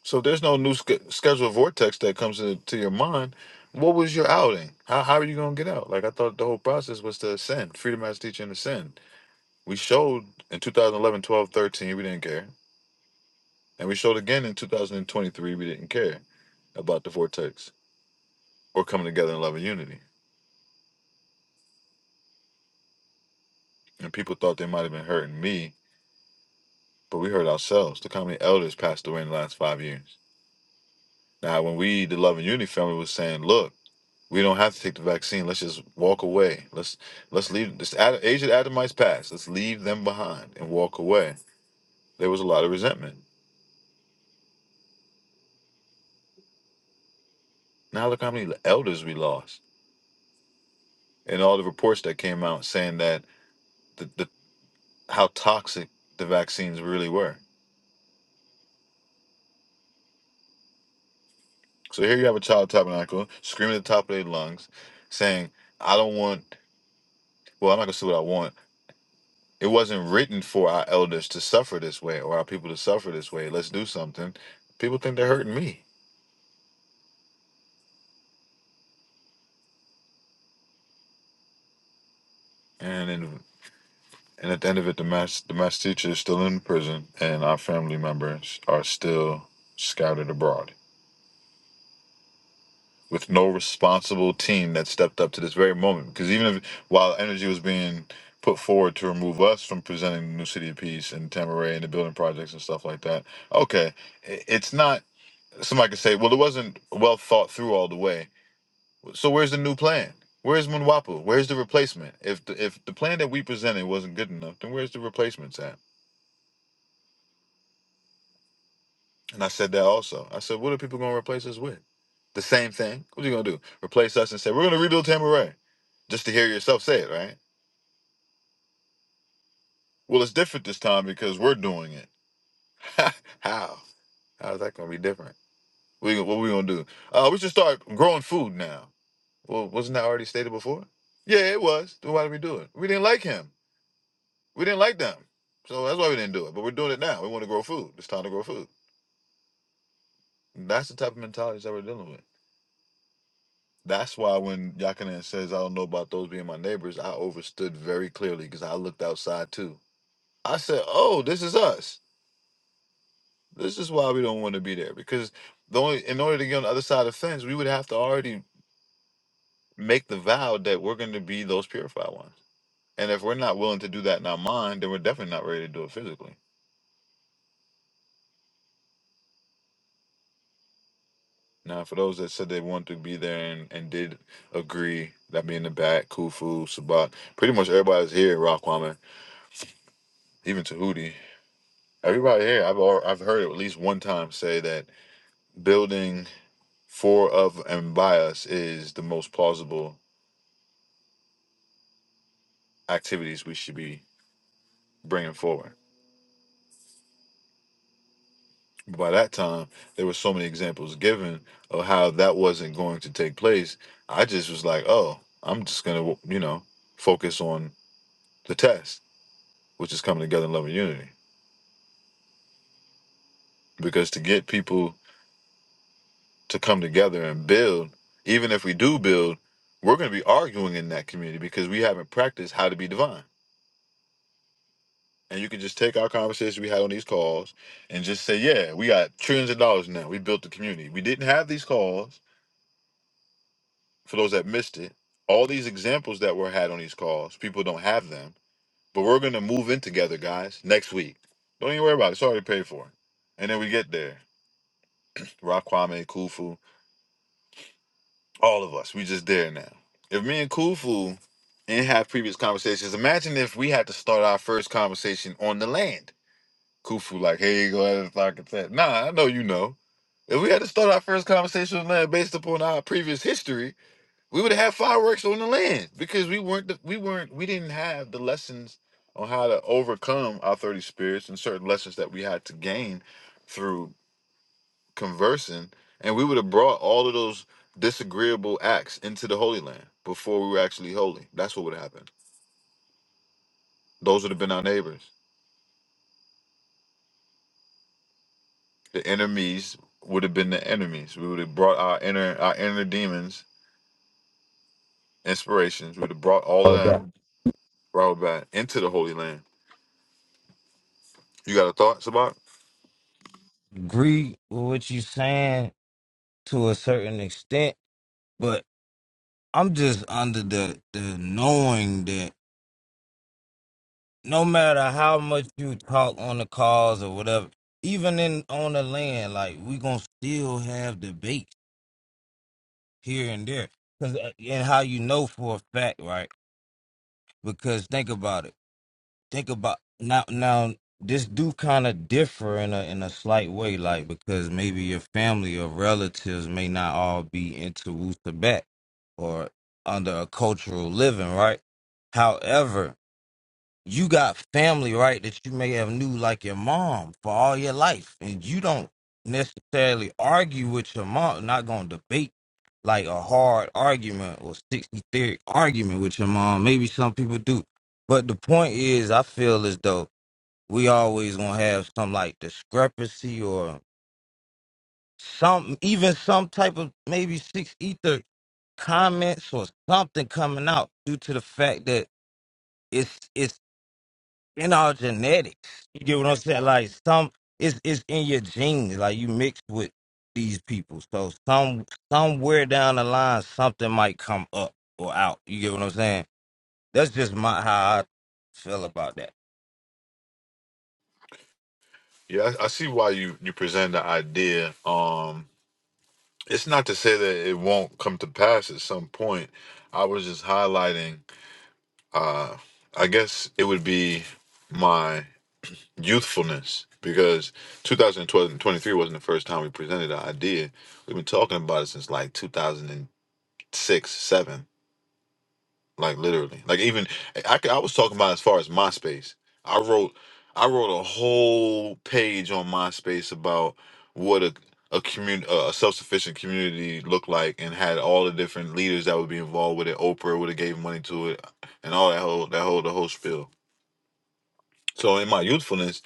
F: So if there's no new sch- scheduled vortex that comes to, your mind. What was your outing? How, how are you going to get out? Like I thought the whole process was to ascend, freedom as teaching and ascend. We showed in 2011, 12, 13, we didn't care. And we showed again in 2023, we didn't care about the vortex or coming together in love and unity. And people thought they might have been hurting me, but we hurt ourselves. Look how many elders passed away in the last five years Now, when we, the Love and Unity family, was saying, "Look, we don't have to take the vaccine. Let's just walk away. Let's let's leave this Ad- age of the Adamites past. Let's leave them behind and walk away." There was a lot of resentment. Now look how many elders we lost, and all the reports that came out saying that the, the how toxic the vaccines really were. So here you have a child tabernacle screaming at the top of their lungs, saying, "I don't want. Well, I'm not gonna say what I want. It wasn't written for our elders to suffer this way or our people to suffer this way. Let's do something. People think they're hurting me, and and, and at the end of it, the mass the mass teacher is still in prison, and our family members are still scattered abroad with no responsible team that stepped up to this very moment. Because even if while energy was being put forward to remove us from presenting the new city of peace and Tamaray and the building projects and stuff like that, okay, i- it's not. Somebody could say, well, it wasn't well thought through all the way So where's the new plan? Where's Munwapu? Where's the replacement? If the, if the plan that we presented wasn't good enough, then where's the replacements at? And I said that also. I said, what are people gonna replace us with? The same thing. What are you gonna do? Replace us and say we're gonna rebuild Tamaray? Just to hear yourself say it, right? Well, it's different this time because we're doing it. <laughs> How? How's that gonna be different? We what we gonna do? Uh, we should start growing food now. Well, wasn't that already stated before? Yeah, it was. Then why did we do it? We didn't like him. We didn't like them. So that's why we didn't do it. But we're doing it now. We want to grow food. It's time to grow food. And That's the type of mentalities that we're dealing with. That's why when Yakanan says, I don't know about those being my neighbors, I overstood very clearly because I looked outside too. I said, Oh, this is us. This is why we don't want to be there. Because the only in order to get on the other side of the fence, we would have to already make the vow that we're going to be those purified ones. And if we're not willing to do that in our mind, then we're definitely not ready to do it physically. Now, for those that said they wanted to be there and, and did agree, that being the back, Kufu, Sabat, pretty much everybody's here, Raquaman, even Tahuti. Everybody here, I've al- I've heard at least one time say that building four of, and by us is the most plausible activities we should be bringing forward. By that time, there were so many examples given of how that wasn't going to take place. I just was like, oh, I'm just going to, you know, focus on the test which is coming together in love and unity. Because to get people to come together and build, even if we do build, we're going to be arguing in that community because we haven't practiced how to be divine. And you can just take our conversation we had on these calls and just say, yeah, we got trillions of dollars now. We built the community. We didn't have these calls for those that missed it. All these examples that were had on these calls, people don't have them. But we're going to move in together, guys, next week. Don't even worry about it. It's already paid for. And then we get there. Rock Kwame, Khufu, All of us. We just there now. If me and Kufu didn't have previous conversations, imagine if we had to start our first conversation on the land. Kufu, like, hey, go ahead and talk at that. Nah, I know you know. If we had to start our first conversation on land based upon our previous history, we would have had fireworks on the land because we weren't the, we weren't we didn't have the lessons on how to overcome our 30 spirits and certain lessons that we had to gain through conversing, and we would have brought all of those disagreeable acts into the Holy Land before we were actually holy. That's what would have happened. Those would have been our neighbors. The enemies would have been the enemies. We would have brought our inner our inner demons, inspirations. We would have brought all of
G: Oh, that.
F: them, brought back into the Holy Land. You got a thought, Sabak?
G: Agree with what you're saying to a certain extent, but I'm just under the the knowing that no matter how much you talk on the calls or whatever, even in on the land, like we gonna still have debates here and there, cause uh, and how you know for a fact, right? Because think about it. think about now now this do kind of differ in a in a slight way like because maybe your family or relatives may not all be into Wusa or under a cultural living right however you got family, right, that you may have knew like your mom for all your life, and you don't necessarily argue with your mom. Not gonna debate like a hard argument or sixty theory argument with your mom. Maybe some people do, but the point is, I feel as though we always gonna have some like discrepancy or some even some type of maybe six ether comments or something coming out due to the fact that it's it's in our genetics. You get what I'm saying? Like some it's it's in your genes. Like you mixed with these people. So some somewhere down the line something might come up or out. You get what I'm saying? That's just my how I feel about that.
F: Yeah, I, I see why you you present the idea. Um, it's not to say that it won't come to pass at some point. I was just highlighting. uh, I guess it would be my youthfulness because 2012 and 23 wasn't the first time we presented the idea. We've been talking about it since like 2006, seven, like literally. Like even I, I was talking about as far as MySpace. I wrote I wrote a whole page on MySpace about what a a community, a self-sufficient community looked like, and had all the different leaders that would be involved with it. Oprah would have gave money to it, and all that whole that whole the whole spiel So in my youthfulness,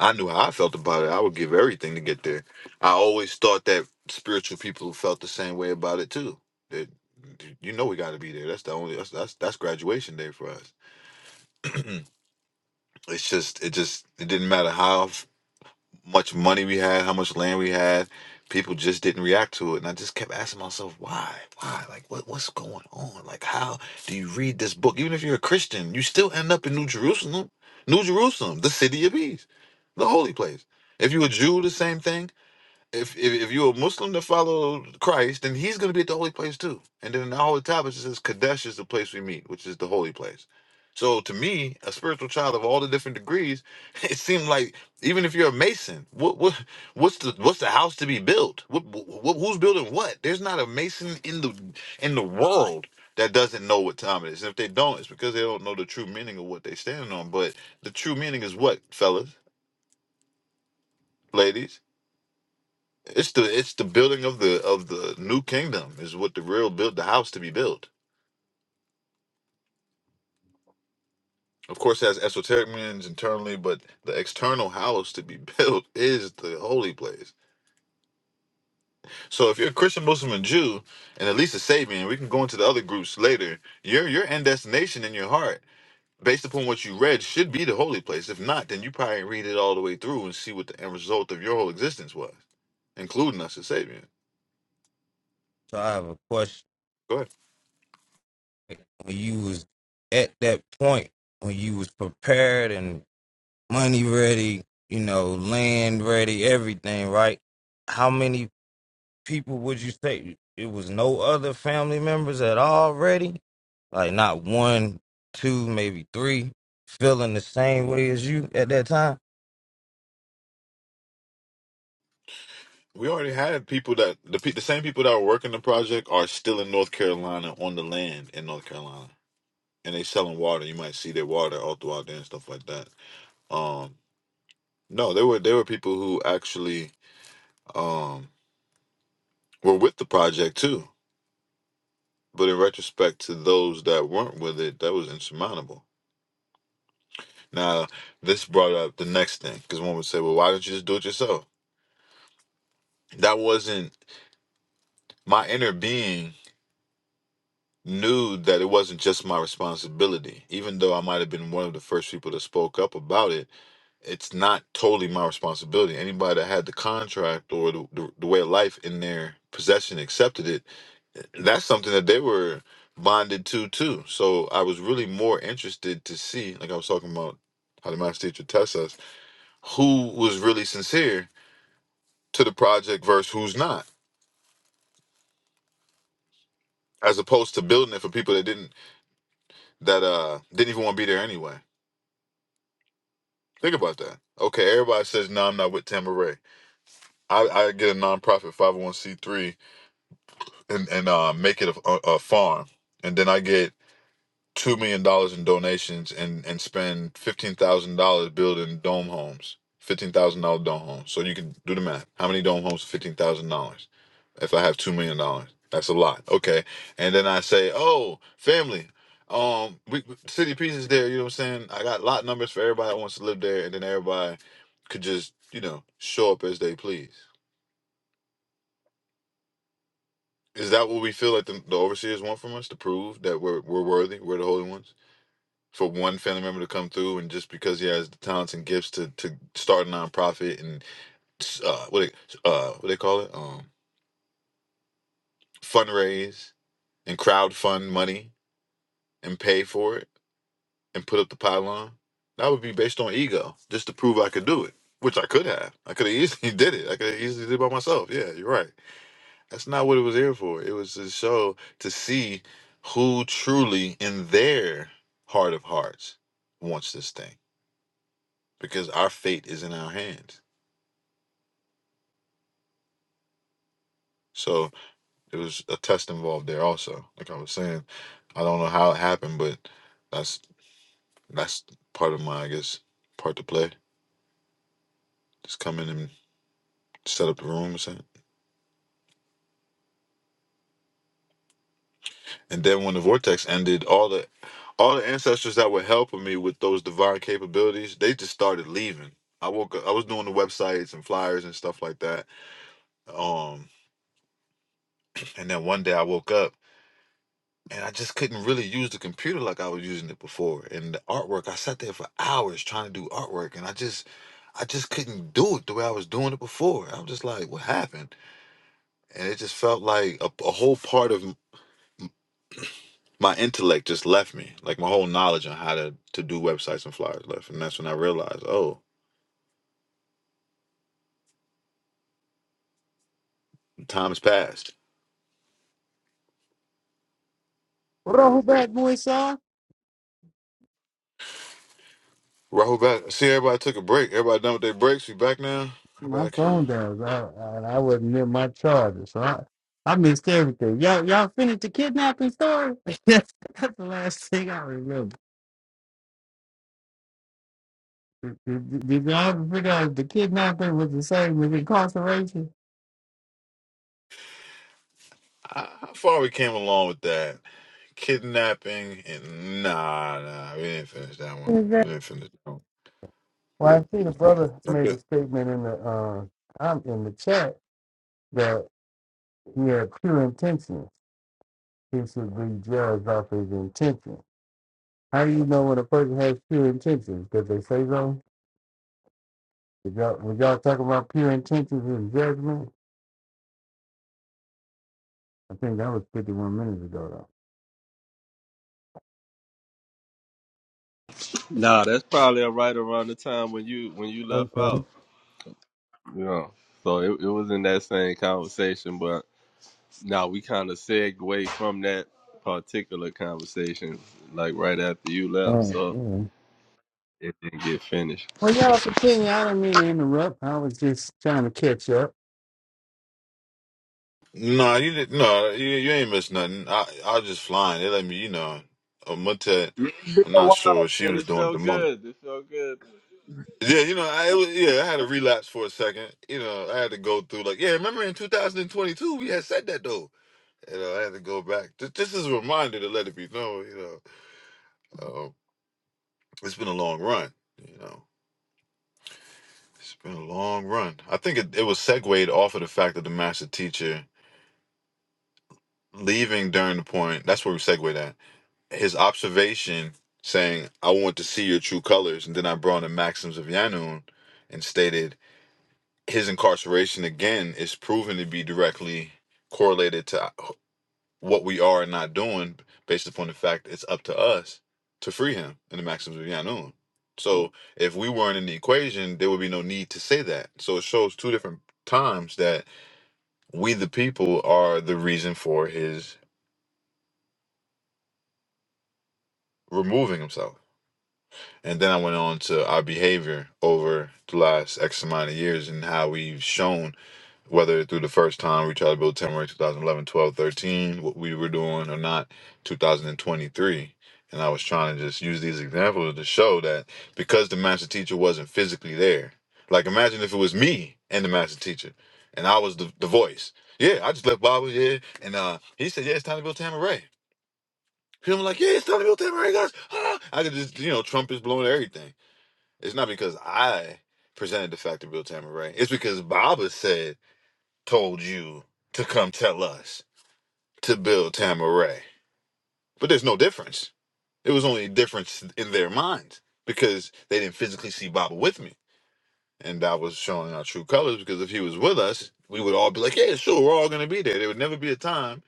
F: I knew how I felt about it. I would give everything to get there. I always thought that spiritual people felt the same way about it too. That you know we got to be there. That's the only that's, that's that's graduation day for us. <clears throat> it's just it just it didn't matter how much money we had, how much land we had. People just didn't react to it, and I just kept asking myself, why, why, like, what, what's going on? Like, how do you read this book? Even if you're a Christian, you still end up in New Jerusalem, New Jerusalem, the city of peace, the holy place. If you're a Jew, the same thing if if, if you're a Muslim that follow Christ, then he's going to be at the holy place too. And then in the holy tablets it says Kadesh is the place we meet, which is the holy place. So to me, a spiritual child of all the different degrees, <laughs> it seemed like even if you're a Mason, what what what's the what's the house to be built? What, what who's building what? There's not a Mason in the in the world that doesn't know what time it is. And if they don't, it's because they don't know the true meaning of what they're standing on. But the true meaning is what, fellas, ladies? It's the it's the building of the of the new kingdom is what the real build the house to be built. Of course, it has esoteric meanings internally, but the external house to be <laughs> built is the holy place. So, if you're a Christian, Muslim, and Jew, and at least a Sabian, we can go into the other groups later. Your your end destination in your heart, based upon what you read, should be the holy place. If not, then you probably read it all the way through and see what the end result of your whole existence was, including us as Sabians.
G: So I have a question.
F: Go ahead.
G: When you was at that point, when you was prepared and money ready, you know, land ready, everything, right? How many people would you say it was no other family members at all ready? Like not one, two, maybe three feeling the same way as you at that time?
F: We already had people that the pe- the same people that were working the project are still in North Carolina on the land in North Carolina, and they selling water. You might see their water all throughout there and stuff like that. Um, no, there were there were people who actually um were with the project too. But in retrospect to those that weren't with it, that was insurmountable. Now, this brought up the next thing because one would say, "Well, why don't you just do it yourself?" That wasn't my inner being knew that it wasn't just my responsibility. Even though I might have been one of the first people that spoke up about it, it's not totally my responsibility. Anybody that had the contract or the, the, the way of life in their possession accepted it, that's something that they were bonded to too. So I was really more interested to see, like I was talking about how the math teacher tests us, who was really sincere to the project versus who's not, as opposed to building it for people that didn't that uh didn't even want to be there anyway. Think about that. Okay, everybody says no, I'm not with Tamara Ray. I, I get a nonprofit 501c3 and and uh, make it a, a, a farm, and then I get two million dollars in donations and and spend fifteen thousand dollars building dome homes, fifteen thousand dollar dome homes. So you can do the math. How many dome homes? Fifteen thousand dollars. If I have two million dollars, that's a lot. Okay, and then I say, oh, family. Um, we city peace is there. You know what I'm saying? I got lot numbers for everybody that wants to live there, and then everybody could just you know show up as they please. Is that what we feel like the, the overseers want from us to prove that we're we're worthy? We're the holy ones. for one family member to come through, and just because he has the talents and gifts to to start a nonprofit and uh, what they, uh, what they call it, um, fundraise and crowdfund money and pay for it and put up the pylon, that would be based on ego, just to prove I could do it, which I could have. I could have easily <laughs> did it. I could have easily did it by myself. Yeah, you're right. That's not what it was here for. It was to show to see who truly in their heart of hearts wants this thing because our fate is in our hands. So there was a test involved there also. Like I was saying, I don't know how it happened, but that's that's part of my I guess part to play. Just come in and set up the room and and then when the vortex ended, all the all the ancestors that were helping me with those divine capabilities, they just started leaving. I woke up I was doing the websites and flyers and stuff like that. Um and then one day I woke up and I just couldn't really use the computer like I was using it before. And the artwork, I sat there for hours trying to do artwork, and I just, I just couldn't do it the way I was doing it before. I was just like, what happened? And it just felt like a, a whole part of m- my intellect just left me, like my whole knowledge on how to to do websites and flyers left. And that's when I realized, oh, time has passed.
B: Rollback Moisar.
F: Rahul back. See, everybody took a break. Everybody done with their breaks. We back now.
B: My
F: Everybody.
B: phone does. I, I, I wasn't near my charger, so I, I missed everything. Y'all, y'all finished the kidnapping story? <laughs> that's, that's the last thing I remember. Did, did, did y'all ever figure out if the kidnapping was the same as incarceration?
F: How how far we came along with that? Kidnapping and nah, nah, we didn't finish that one. We didn't finish that one.
B: Well, I see the brother made
F: Okay.
B: a statement in the uh, um, in the chat that he had pure intentions. He should be judged off his intentions. How do you know when a person has pure intentions? Because they say so. Did y'all, when y'all talk about pure intentions and judgment? I think that was 51 minutes ago,
D: Nah, that's probably right around the time when you when you
B: though.
D: left
B: Okay.
D: out. You know, so it, it was in that same conversation, but now we kind of segue from that particular conversation, like right after you left,
B: All right.
D: so
B: Yeah.
D: it didn't get finished.
B: Well, y'all continue. I didn't mean to interrupt. I was just trying to catch up.
F: No, you didn't. No, you, you ain't missed nothing. I I was just flying. They let me, you know, a Mutet. I'm not sure what she
D: And
F: was
D: it
F: doing at the
D: felt
F: moment.
D: good. It felt good.
F: Yeah, you know, I it was, yeah, I had a relapse for a second. You know, I had to go through like, yeah, remember in 2022 we had said that though. You know, I had to go back. Th- This is a reminder to let it be known. You know, uh, it's been a long run. You know. It's been a long run. I think it, it was segued off of the fact that the master teacher leaving during the point, that's where we segued at. His observation saying, I want to see your true colors. And then I brought in Maxims of Yanun and stated his incarceration again is proven to be directly correlated to what we are and not doing based upon the fact it's up to us to free him in the maxims of Yanun. So if we weren't in the equation, there would be no need to say that. So it shows two different times that we the people are the reason for his removing himself. And then I went on to our behavior over the last X amount of years and how we've shown whether through the first time we tried to build Tamarack 2011, 12, thirteen, what we were doing or not, 2023. And I was trying to just use these examples to show that because the master teacher wasn't physically there, like imagine if it was me and the master teacher and I was the, the voice. Yeah, I just left Bible, yeah. And uh, he said, yeah, it's time to build Tamaray. I'm like, yeah, it's time to build Tamaray, guys. Ah! I could just, you know, trumpets blowing everything. It's not because I presented the fact to build Tamaray. It's because Baba said, told you to come tell us to build Tamaray. But there's no difference. It was only a difference in their minds because they didn't physically see Baba with me. And I was showing our true colors because if he was with us, we would all be like, yeah, sure, we're all going to be there. There would never be a time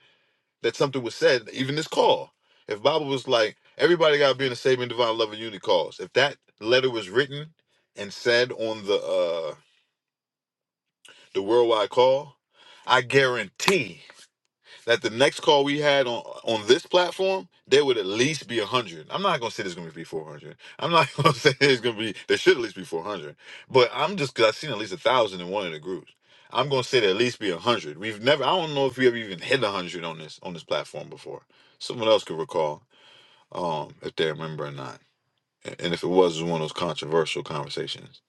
F: that something was said, even this call. If Baba was like, everybody got to be in the saving divine love and unity calls, if that letter was written and said on the uh the worldwide call, I guarantee that the next call we had on on this platform, there would at least be one hundred. I'm not gonna say there's gonna be 400. I'm not <laughs> gonna say there's gonna be there should at least be 400. But I'm just because I've seen at least a thousand in one of the groups. I'm gonna say there at least be one hundred. We've never. I don't know if we ever even hit one hundred on this on this platform before. Someone else could recall um, if they remember or not, A- and if it was, it was one of those controversial conversations.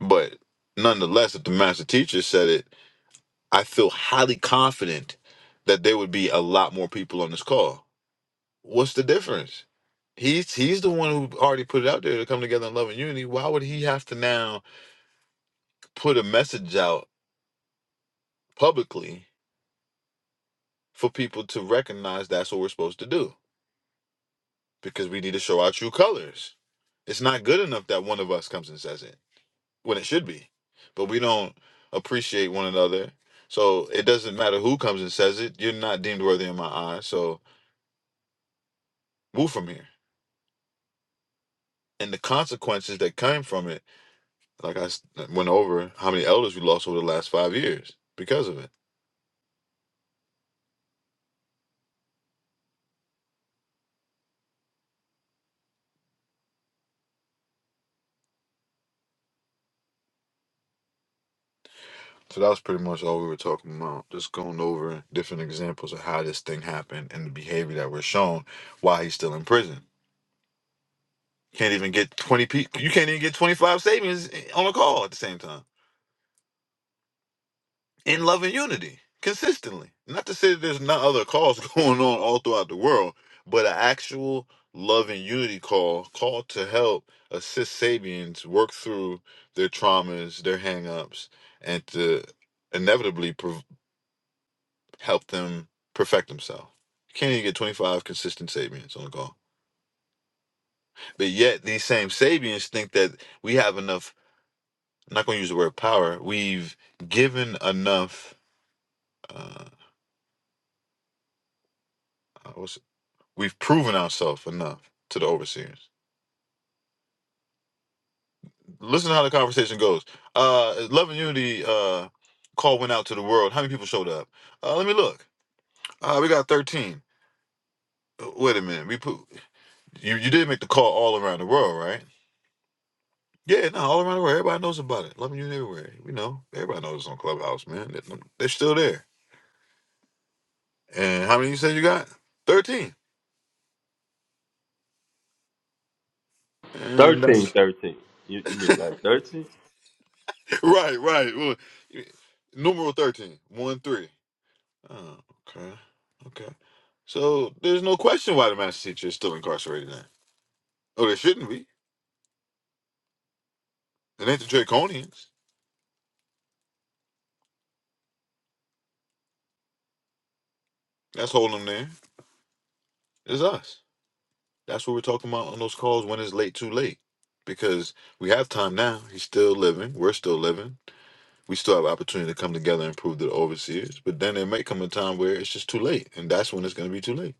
F: But nonetheless, if the master teacher said it I feel highly confident that there would be a lot more people on this call. What's the difference? He's he's the one who already put it out there to come together in love and unity. Why would he have to now put a message out publicly for people to recognize that's what we're supposed to do? Because we need to show our true colors. It's not good enough that one of us comes and says it when it should be, but we don't appreciate one another. So it doesn't matter who comes and says it. You're not deemed worthy in my eyes. So move from here and the consequences that came from it. Like I s- went over how many elders we lost over the last five years because of it. So that was pretty much all we were talking about. Just going over different examples of how this thing happened and the behavior that we're shown while he's still in prison. Can't even get twenty people. You can't even get twenty five statements on a call at the same time. in love and unity consistently. Not to say that there's not other calls <laughs> going on all throughout the world, but an actual love and unity call, call to help assist Sabians work through their traumas, their hangups, and to inevitably prov help them perfect themselves. You can't even get 25 consistent Sabians on the call. But yet, these same Sabians think that we have enough, I'm not going to use the word power, we've given enough. Uh, We've proven ourselves enough to the overseers. Listen to how the conversation goes. Uh, Love and Unity uh, call went out to the world. How many people showed up? Uh, let me look. Uh, we got 13. Uh, Wait a minute. We put, you, you did make the call all around the world, right? Yeah, no, all around the world. Everybody knows about it. Love and Unity everywhere. We know. Everybody knows it's on Clubhouse, man. They- They're still there. And how many you said you got? 13. And
D: 13,
F: that's
D: 13. You, you mean like 13?
F: <laughs> right, right. Well, Numeral 13. 1 3. Oh, okay. Okay. So there's no question why the master teacher is still incarcerated then. Oh, there shouldn't be. It ain't the Draconians. That's holding them there. It's us. That's what we're talking about on those calls when it's late, too late. Because we have time now. He's still living. We're still living. We still have opportunity to come together and prove to the overseers. But then there may come a time where it's just too late. And that's when it's going to be too late.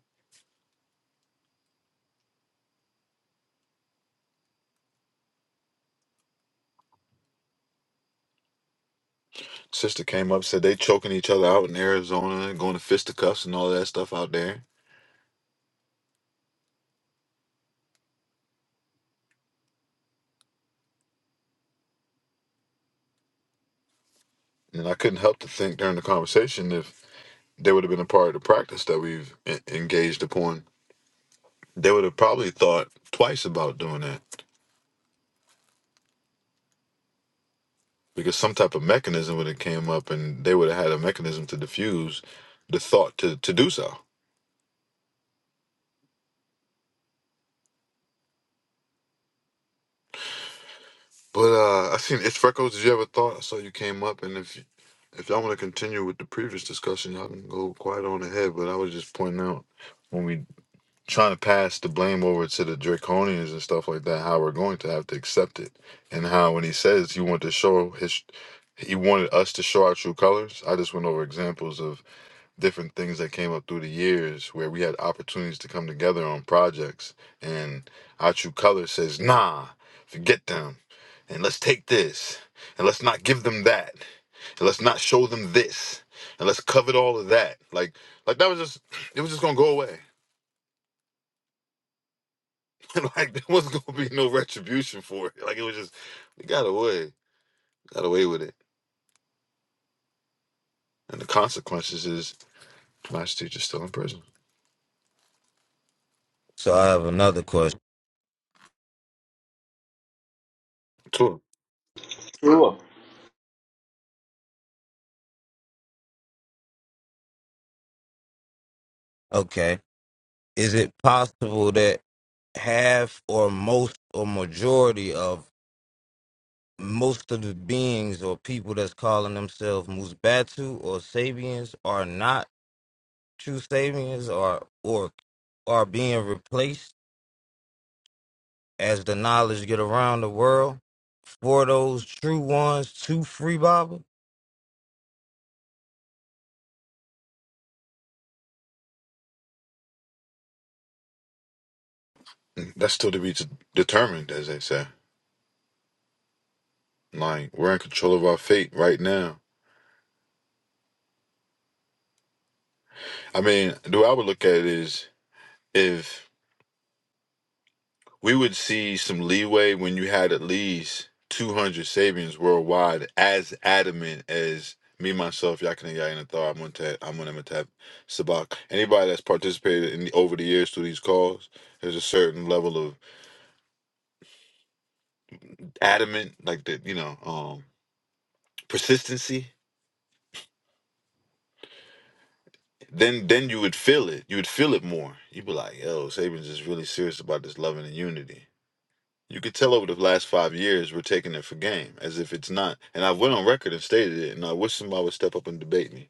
F: Sister came up, said they choking each other out in Arizona and going to fisticuffs and all that stuff out there. And I couldn't help to think during the conversation if they would have been a part of the practice that we've en- engaged upon, they would have probably thought twice about doing that because some type of mechanism would have came up and they would have had a mechanism to diffuse the thought to, to do so. But uh, I seen it's freckles. Did you ever thought? I saw you came up, and if you, if y'all want to continue with the previous discussion, y'all can go quiet on ahead. But I was just pointing out when we trying to pass the blame over to the draconians and stuff like that how we're going to have to accept it and how when he says he wanted to show his he wanted us to show our true colors i just went over examples of different things that came up through the years where we had opportunities to come together on projects and our true color says nah forget them and let's take this and let's not give them that and let's not show them this and let's covet all of that like like that was just it was just gonna go away <laughs> like there wasn't gonna be no retribution for it. Like it was just we got away, got away with it, and the consequences is class teacher's still in prison.
G: So I have another question.
F: Too.
D: Sure.
G: Okay. Is it possible that half or most or majority of most of the beings or people that's calling themselves Musbatu or Sabians are not true Sabians or or are being replaced as the knowledge get around the world for those true ones to free Baba?
F: That's still to be t- determined, as they say. Like we're in control of our fate right now. I mean, the way I would look at it is if we would see some leeway when you had at least 200 Sabians worldwide as adamant as me, myself, Yakin and Yakin and Thar, Amuntat, Amunimatap, Sabak. Anybody that's participated in the, over the years through these calls, there's a certain level of adamant, like the, you know, um, persistency. Then then you would feel it. You would feel it more. You'd be like, yo, Sabians is really serious about this loving and unity. You could tell over the last five years we're taking it for game, as if it's not. And I went on record and stated it, and I wish somebody would step up and debate me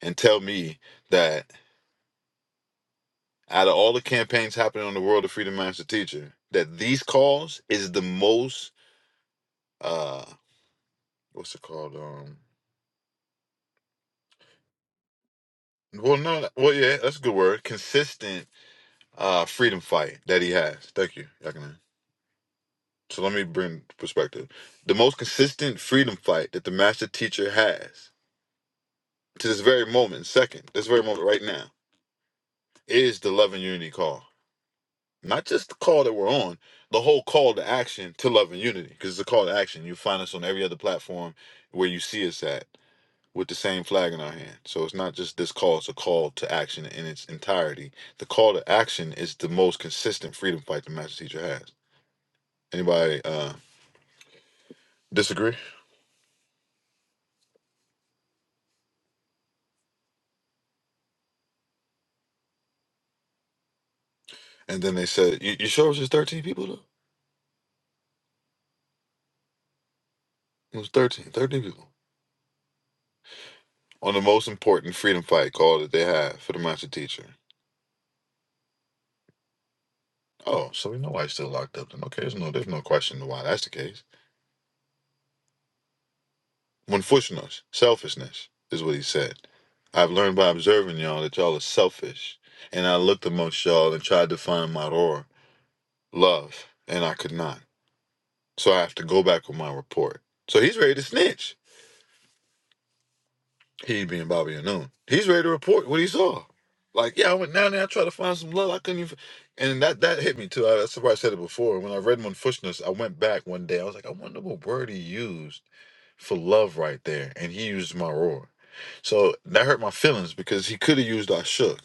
F: and tell me that out of all the campaigns happening on the world of Freedom Master Teacher, that these calls is the most uh what's it called? Um well no no- well yeah, that's a good word. Consistent uh freedom fight that he has. Thank you, Yakuna. So let me bring perspective. The most consistent freedom fight that the master teacher has to this very moment, second, this very moment right now, is the love and unity call. Not just the call that we're on, the whole call to action to love and unity, because it's a call to action. You find us on every other platform where you see us at with the same flag in our hand. So it's not just this call, it's a call to action in its entirety. The call to action is the most consistent freedom fight the master teacher has. Anybody uh, disagree? And then they said, you, you sure it was just 13 people though? It was 13, 13 people. On the most important freedom fight call that they have for the master teacher. Oh, so we know why he's still locked up then. Okay, there's no there's no question why that's the case. Unfortunately, selfishness is what he said. I've learned by observing y'all that y'all are selfish. And I looked amongst y'all and tried to find my roar, love, and I could not. So I have to go back with my report. So he's ready to snitch. He being Bobby Unknown. He's ready to report what he saw. Like, yeah, I went down there, I tried to find some love. I couldn't even and that that hit me too. I, that's why I said it before. When I read Monfushness, I went back one day. I was like, I wonder what word he used for love right there. And he used my roar. So that hurt my feelings because he could have used I shook.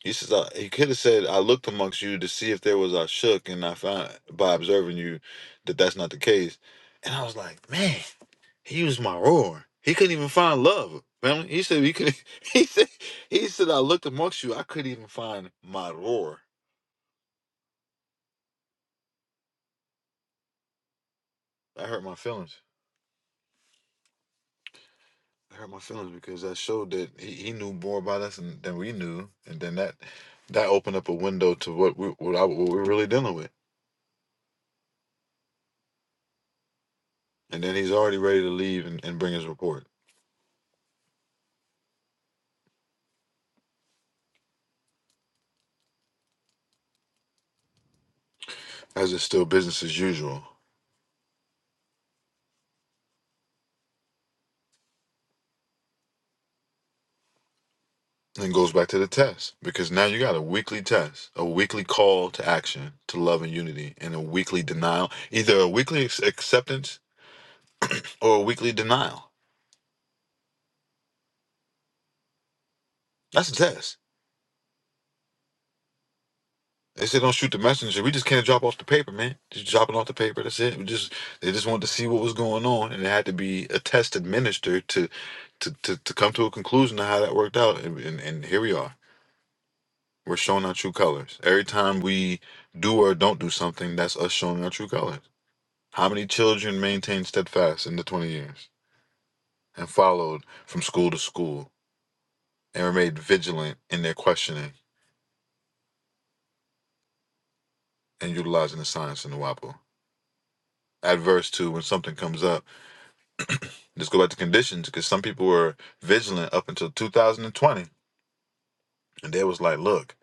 F: He says I, he could have said I looked amongst you to see if there was I shook, and I found by observing you that that's not the case. And I was like, man, he was my roar. He couldn't even find love. Family. He said he could <laughs> he said he said I looked amongst you, I couldn't even find my roar. That hurt my feelings. That hurt my feelings because that showed that he, he knew more about us than, than we knew. And then that that opened up a window to what we what, I, what we're really dealing with. And then he's already ready to leave and, and bring his report. As it's still business as usual. And it goes back to the test because now you got a weekly test, a weekly call to action to love and unity, and a weekly denial, either a weekly ex- acceptance or a weekly denial. That's the test. They said don't shoot the messenger. We just can't drop off the paper, man. Just drop it off the paper. That's it. We just they just wanted to see what was going on, and it had to be a test administered to to to, to come to a conclusion of how that worked out. And, and and here we are. We're showing our true colors every time we do or don't do something. That's us showing our true colors. How many children maintained steadfast in the 20 years and followed from school to school and remained vigilant in their questioning and utilizing the science in the WAPO? Adverse to when something comes up. just go back to conditions because some people were vigilant up until 2020 and they was like, look,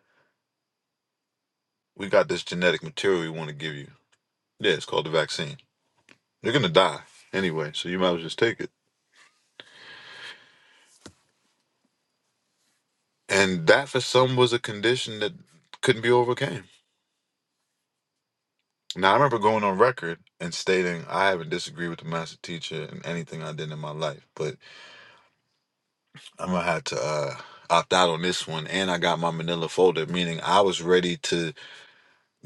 F: we got this genetic material we want to give you. Yeah, it's called the vaccine. You're going to die anyway, so you might as well just take it. And that for some was a condition that couldn't be overcame Now, I remember going on record and stating I haven't disagreed with the master teacher in anything I did in my life, but I'm gonna have to uh, opt out on this one. And I got my manila folder, meaning I was ready to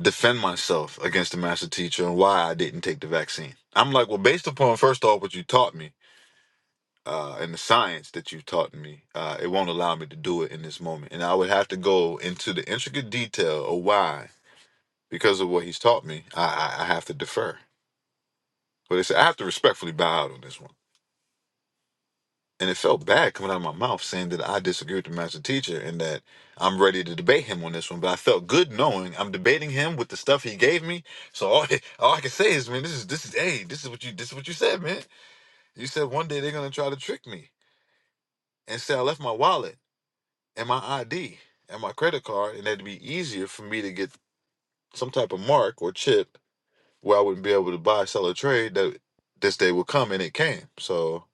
F: defend myself against the master teacher and why I didn't take the vaccine. I'm like, well, based upon first off what you taught me uh, and the science that you've taught me, uh, it won't allow me to do it in this moment. And I would have to go into the intricate detail of why, because of what he's taught me, I, I, I have to defer. But it's, I have to respectfully bow out on this one. And it felt bad coming out of my mouth saying that I disagree with the master teacher and that I'm ready to debate him on this one. But I felt good knowing I'm debating him with the stuff he gave me. So all, <laughs> all I can say is, man, this is this is hey, this is what you this is what you said, man. You said one day they're gonna try to trick me and say I left my wallet and my ID and my credit card, and that'd be easier for me to get some type of mark or chip where I wouldn't be able to buy, sell, or trade. That this day would come, and it came. So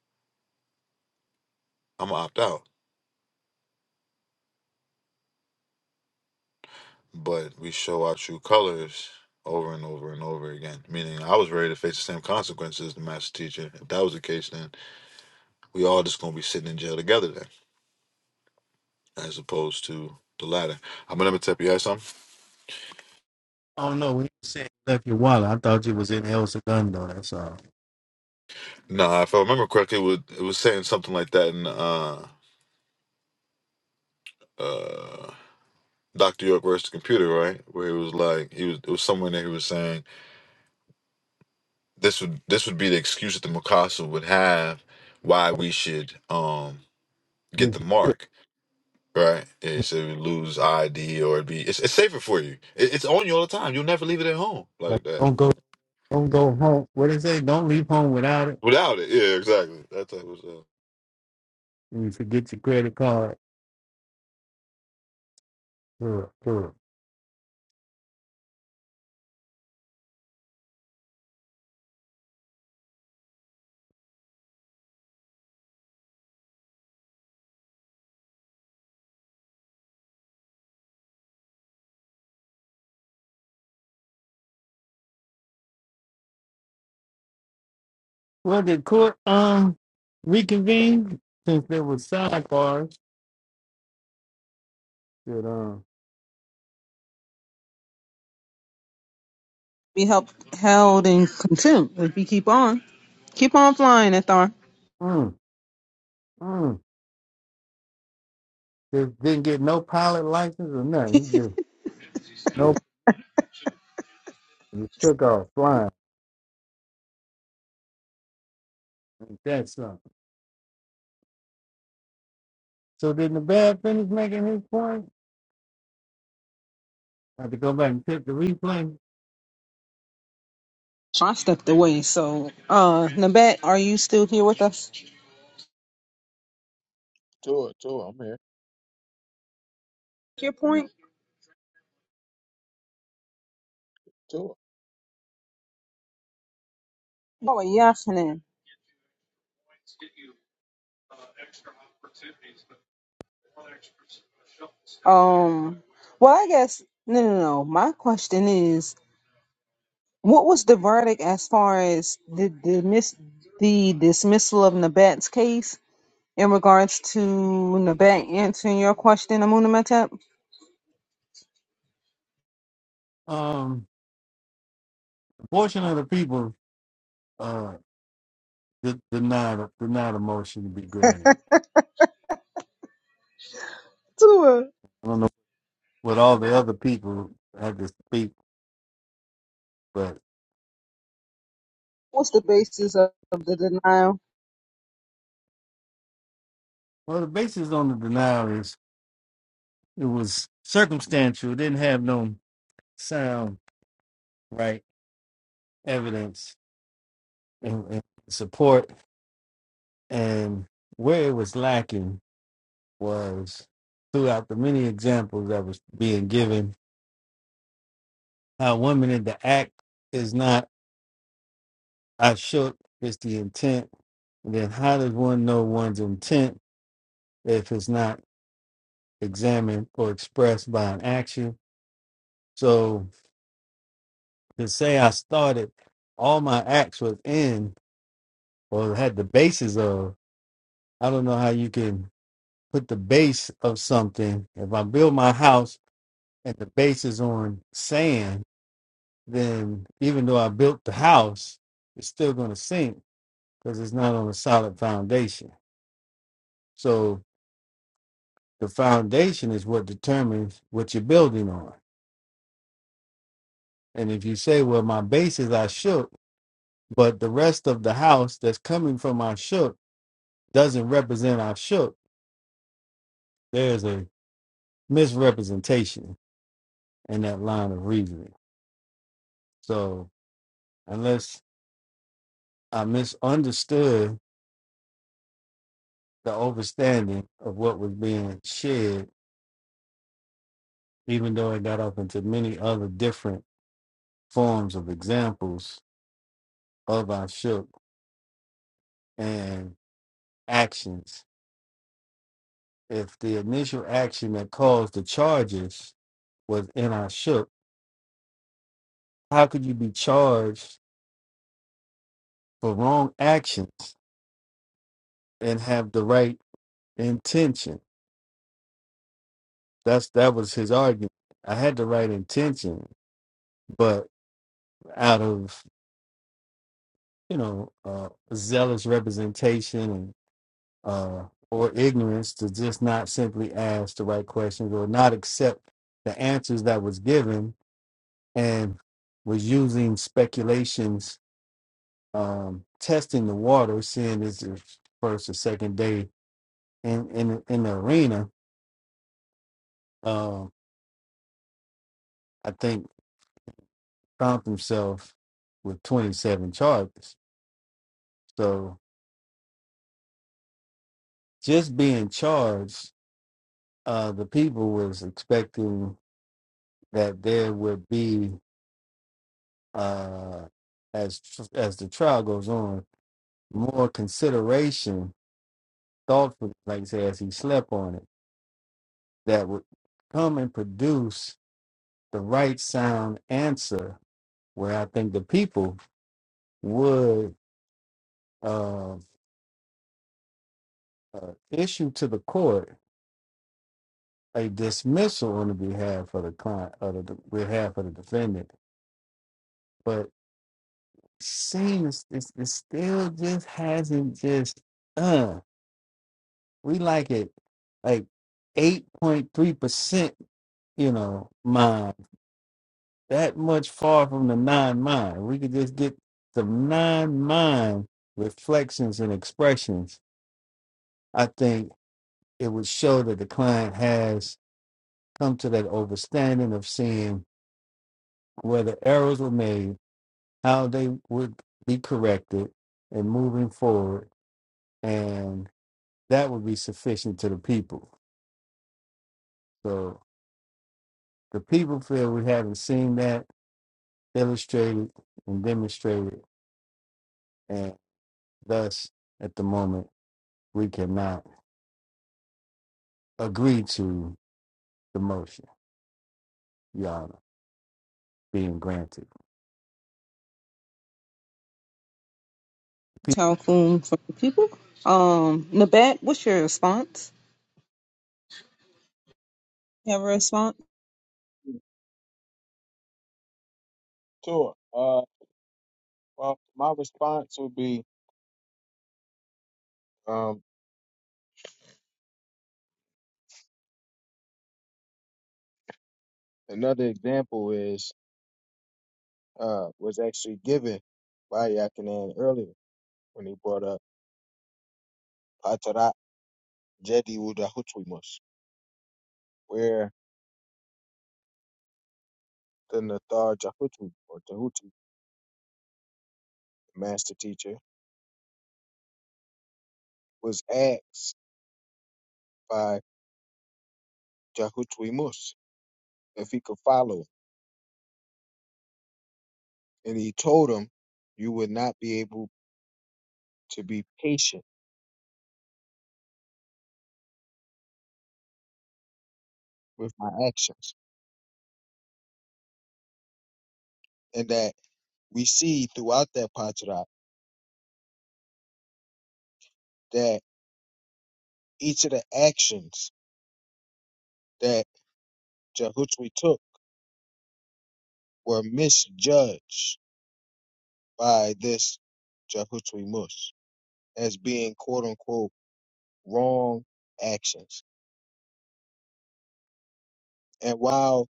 F: I'm gonna opt out. but we show our true colors over and over and over again. Meaning, I was ready to face the same consequences as the master teacher. If that was the case, then we all just gonna be sitting in jail together then, as opposed to the latter. I'm gonna tap you had something. Nah, if I remember correctly, it was, it was saying something like that in uh uh. Dr. York versus the computer, right? Where it was like he was it was somewhere in there he was saying this would this would be the excuse that the Mikasa would have why we should um get
B: You
F: the
B: can-
F: mark Right. Yeah, so you lose ID or it'd be it's, it's safer for you. It, it's on you all the time. You'll never leave it at home
B: Like,
F: like that.
B: don't go, don't go home. What they say? Don't leave home without it.
F: Without it. Yeah, exactly. That type of stuff.
B: And you forget your credit card. Sure, sure. Well, the court um reconvened since there was sidebars. That um,
A: Be held, held in contempt if you keep on. Keep on flying, Ethar.
B: mm, mm. Just didn't get no pilot license or nothing. He just no he took off flying. That's that something? So did the bad finish making his point? I have to go back and check the replay.
A: I stepped away. So, uh, Nabat, are you still here with us?
C: sure, sure. I'm here.
A: Your point?
C: Sure,
A: Oh, yeah, Um, well, I guess no, no, no. My question is, what was the verdict as far as the the, mis- the dismissal of Nabat's case in regards to Nabat answering your question, Amunimatap?
B: Um, a portion of the people uh de- denied denied a motion to be granted.
A: Sure.
B: I don't know what all the other people had to speak, but
A: What's the basis of, of the denial,
B: well, the basis on the denial is it was circumstantial. It didn't have no sound right evidence and, and support And where it was lacking was throughout the many examples that was being given, how women in the act is not I shook, it's the intent. And then how does one know one's intent if it's not examined or expressed by an action? So to say I started, all my acts was in or had the basis of, I don't know how you can put the base of something. If I build my house and the base is on sand, then even though I built the house, it's still going to sink because it's not on a solid foundation. So the foundation is what determines what you're building on. And if you say, well, my base is I shook, but the rest of the house that's coming from I shook doesn't represent I shook, there's a misrepresentation in that line of reasoning. So unless I misunderstood the overstanding of what was being shared even though it got off into many other different forms of examples of our shook and actions. If the initial action that caused the charges was in our shook, how could you be charged for wrong actions and have the right intention? That's that was his argument. I had the right intention, but out of you know uh, zealous representation and uh, or ignorance to just not simply ask the right questions or not accept the answers that was given and was using speculations um, testing the water seeing it's the first or second day in in, in the arena um, i think found himself with 27 charges so just being charged uh, the people was expecting that there would be uh, as as the trial goes on, more consideration, thoughtfully, like you say, as he slept on it, that would come and produce the right sound answer, where I think the people would uh, uh, issue to the court a dismissal on the behalf of the client, of the behalf of the defendant, but seems it's, it still just hasn't just. uh, We like it like 8.3%, you know, mind. That much far from the non mind. We could just get some non mind reflections and expressions. I think it would show that the client has come to that understanding of seeing where the errors were made, how they would be corrected, and moving forward. And that would be sufficient to the people. So the people feel we haven't seen that illustrated and demonstrated, and thus at the moment we cannot agree to the motion, Your Honor, being granted. Pe-
A: Talcum, for the people? Um, Nabat, what's your response? You have a response?
C: sure. Uh, well, my response would be um another example is uh was actually given by Yakinan earlier when he brought up Patara. Jedi Wu Dahuchimus, where the Nathar Jahutu or Jahuti, the master teacher, was asked by Jahutuimus if he could follow him. And he told him, You would not be able to be patient with my actions. And that we see throughout that Pajra that each of the actions that Jahutwi took were misjudged by this Jahutwimus as being quote unquote wrong actions And while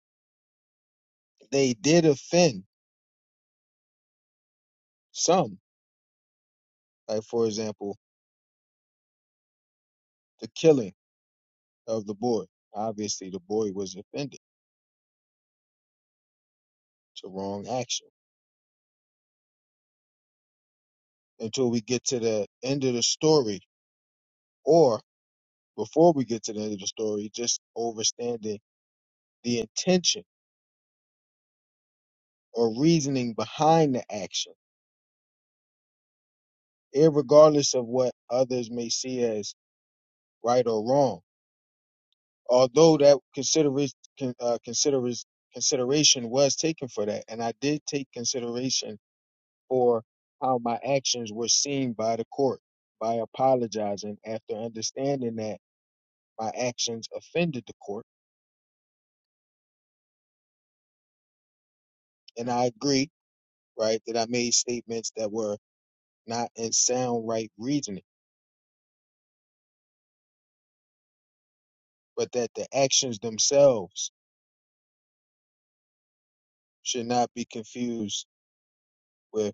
C: they did offend some, like for example, the killing of the boy, obviously the boy was offended to wrong action. Until we get to the end of the story, or before we get to the end of the story, just overstanding the intention or reasoning behind the action, irregardless of what others may see as right or wrong. Although that consider uh, consider consideration was taken for that, and I did take consideration or how my actions were seen by the court. By apologizing after understanding that my actions offended the court, and I agree, right, that I made statements that were not in sound right reasoning, but that the actions themselves should not be confused with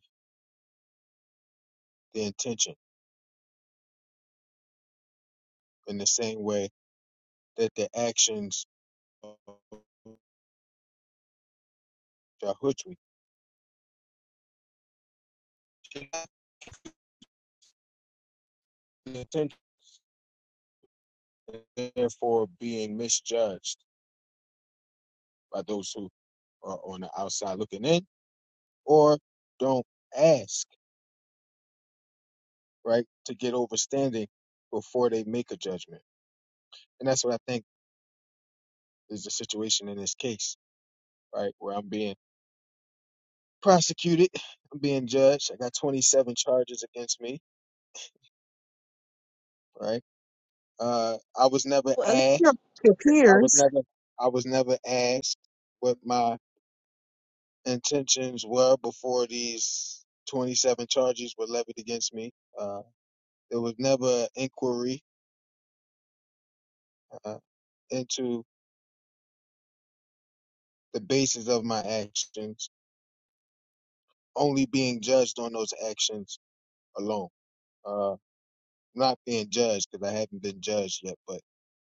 C: the intention in the same way that the actions of Jahutri should not be the intention, therefore being misjudged by those who are on the outside looking in or don't ask, right, to get overstanding before they make a judgment. And that's what I think is the situation in this case, right, where I'm being prosecuted, <sighs> I'm being judged. I got 27 charges against me, right? Uh, I was never
A: Well, at least your,
C: asked.
A: your
C: I was
A: peers.
C: never. I was never asked what my intentions were before these 27 charges were levied against me. Uh, there was never an inquiry uh, into the basis of my actions only being judged on those actions alone. Uh, not being judged because I haven't been judged yet, but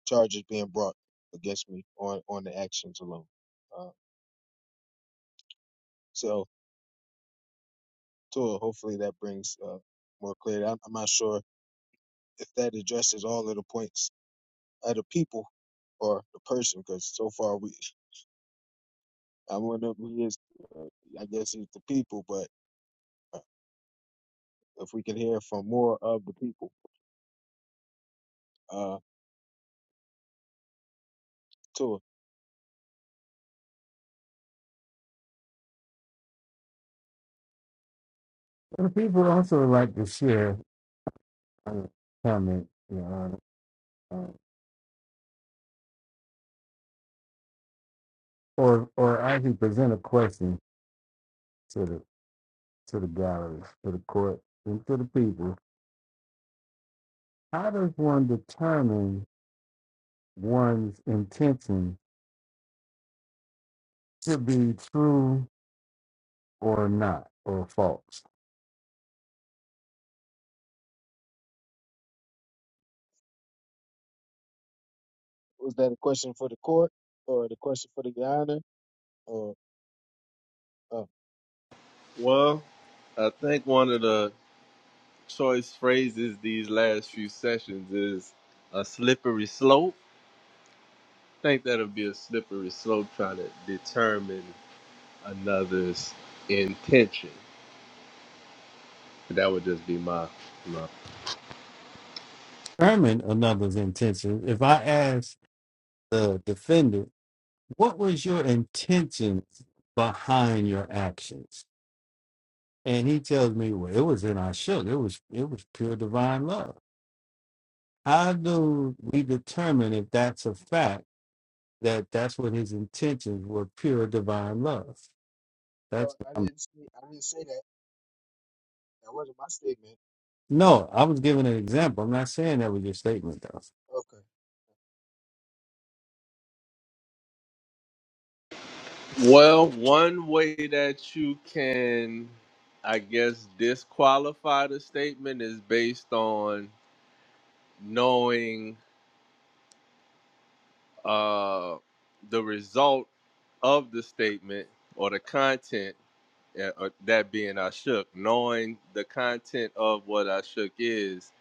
C: charges being brought against me on on the actions alone. Uh, so, Tua, hopefully that brings uh, more clarity. I'm, I'm not sure if that addresses all of the points of the people or the person, because so far we, I wonder if we is, uh, I guess it's the people, but uh, if we can hear from more of the people, uh, Tua,
B: and People also like to share uh, comment, Your Honor, uh, or or actually present a question to the to the gallery, to the court, and to the people. How does one determine one's intention to be true or not or false?
C: was that a question for the court or the question for the honor? Uh, uh,
D: Well, I think one of the choice phrases these last few sessions is a slippery slope. think that'll be a slippery slope trying to determine another's intention. That would just be my, my.
B: determine another's intentions, if I ask the defendant, what was your intentions behind your actions? And he tells me, well, it was in our shook. It was it was pure divine love. How do we determine if that's a fact that that's what his intentions were pure divine love? That's
C: well, I
B: I'm,
C: didn't say I didn't say that. That wasn't my statement.
B: no. I was giving an example. I'm not saying that was your statement
C: Okay,
D: Well, one way that you can, I guess, disqualify the statement is based on knowing uh, the result of the statement or the content, uh, uh, that being I shook, knowing the content of what I shook is,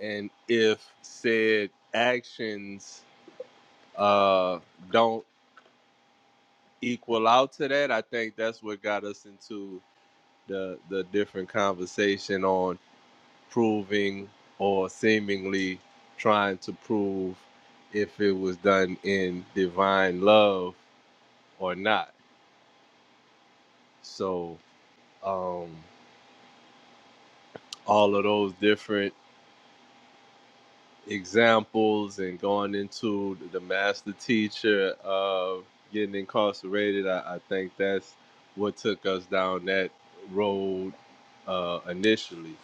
D: and if said actions uh, don't equal out to that, I think that's what got us into the the different conversation on proving or seemingly trying to prove if it was done in divine love or not So, um, all of those different examples and going into the master teacher of getting incarcerated, I, I think that's what took us down that road uh, initially.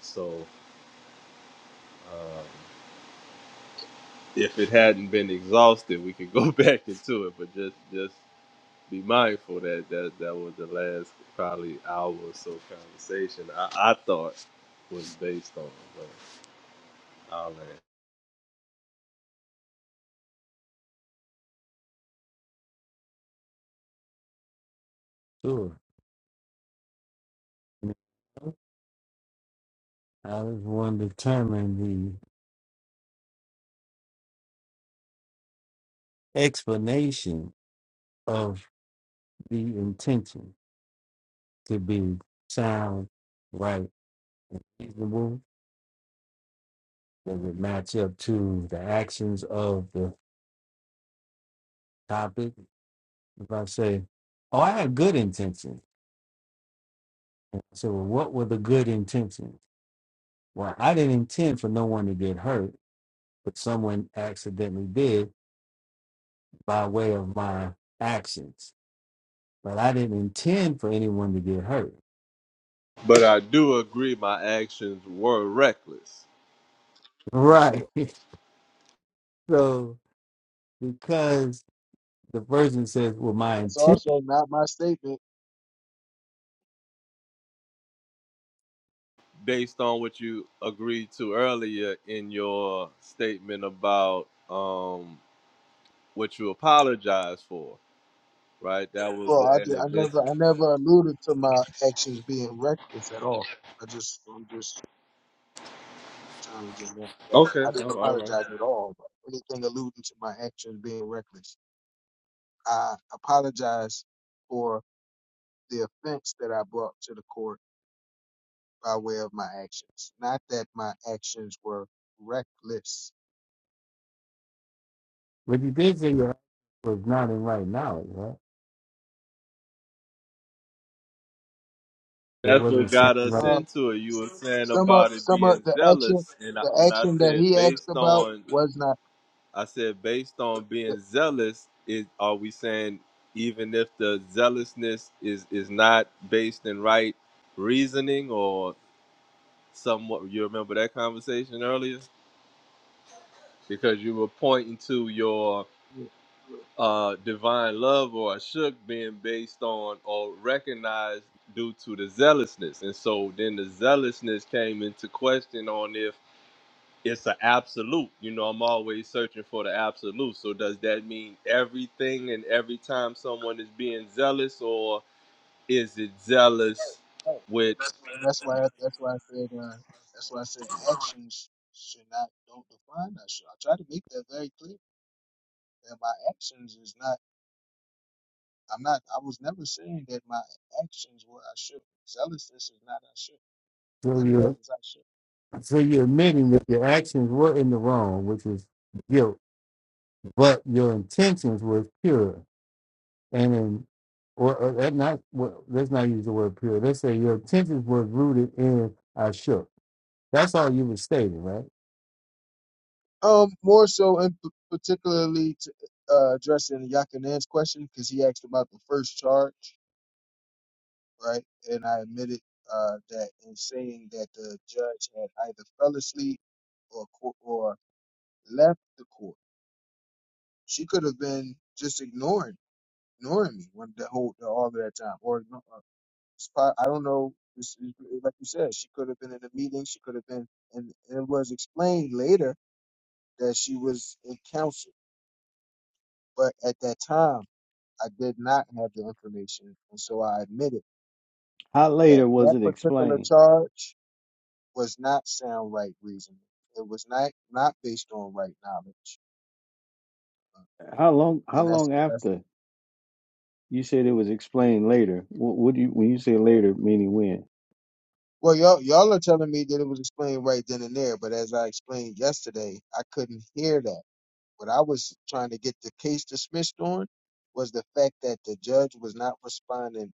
D: So, um, if it hadn't been exhausted, we could go <laughs> back into it, but just just be mindful that that, that was the last probably hour or so conversation I, I thought was based on. But I'll land.
B: though. Sure. How does one determine the explanation of the intention to be sound, right, reasonable? that it match up to the actions of the topic? If I say, "Oh, I had good intentions," so well, what were the good intentions? Well, I didn't intend for no one to get hurt, but someone accidentally did by way of my actions. But I didn't intend for anyone to get hurt.
D: But I do agree my actions were reckless
B: Right. <laughs> So because the person says, "Well, my
C: that's
B: intention."
C: also not my statement.
D: based on what you agreed to earlier in your statement about um what you apologized for, right? That was
C: Well, I
D: the end
C: did, I
D: of this.
C: never I never alluded to my actions being reckless at all. I just I'm just challenging that. that.
D: Okay,
C: I didn't
D: all all right.
C: apologize at all. But anything alluding to my actions being reckless, I apologize for the offense that I brought to the court by way of my actions. Not that my actions were reckless.
B: But you did say your heart was not in right knowledge, right? There
D: That's
B: wasn't
D: what got
B: something
D: us
B: right.
D: into it. You were saying
C: Some of
D: about it
C: some of
D: being
C: the action
D: zealous, and I,
C: the
D: and I
C: action that
D: said
C: he asked
D: based
C: about
D: on
C: was not
D: I said, based on
C: the,
D: being zealous, is are we saying even if the zealousness is is not based in right reasoning or somewhat? You remember that conversation earlier because you were pointing to your
C: the-
D: uh, divine love or shook being based on or recognized due to the zealousness, and so then the zealousness came into question on if it's an absolute. You know, I'm always searching for the absolute. So does that mean everything and every time someone is being zealous, or is it zealous
C: oh,
D: with
C: and that's why that's why I said uh, that's why I said actions should not don't define us. I try to make that very clear that my actions is not. I'm not. I was never saying that my actions were I should. Zealousness is not I should.
B: So
C: None of that
B: you're
C: is I should.
B: so you're admitting
C: That's,
B: that your actions were in the wrong, which is guilt, but your intentions were pure. And in or, or that not well, let's not use the word pure. Let's say your intentions were rooted in I shook. That's all you were stating, right?
C: um, more so in p- particularly to uh, addressing Yakanan's question because he asked about the first charge right? And I admitted uh, that in saying that the judge had either fell asleep or co- or left the court. She could have been just ignoring ignoring me when the whole the, all of that time, or igno- uh, it's I don't know. It's, it's, like you said, she could have been in a meeting. She could have been, and it was explained later that she was in counsel. But at that time, I did not have the information, and so I admitted
B: How
C: that
B: later was
C: that
B: it
C: particular
B: explained?
C: charge was not sound right reasoning. It was not not based on right knowledge,
B: How long? How
C: and that's
B: long
C: that's.
B: after? You said it was explained later. What, what do you when you say later, meaning when?
C: Well, y'all y'all are telling me that it was explained right then and there, but as I explained yesterday, I couldn't hear that. What I was trying to get the case dismissed on was the fact that the judge was not responding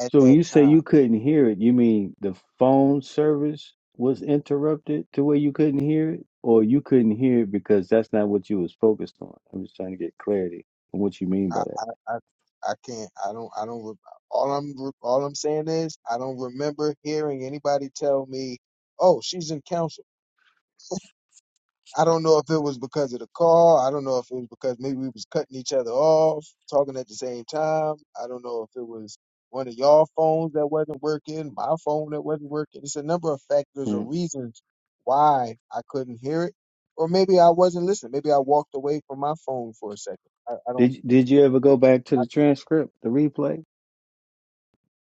C: at
B: So when
C: that
B: you say
C: time.
B: you couldn't hear it, you mean the phone service was interrupted to where you couldn't hear it, or you couldn't hear it because that's not what you was focused on. I'm just trying to get clarity on what you mean
C: I
B: by that.
C: I I, I can't. I don't. I don't. re- All I'm re- all I'm saying is I don't remember hearing anybody tell me, "Oh, she's in counsel." I don't know if it was because of the call. I don't know if it was because maybe we was cutting each other off, talking at the same time. I don't know if it was one of y'all phones that wasn't working, my phone that wasn't working. It's a number of factors or
B: Mm.
C: reasons why I couldn't hear it, or maybe I wasn't listening. Maybe I walked away from my phone for a second. I, I don't.
B: Did Did you ever go back to
C: I,
B: the transcript, the replay,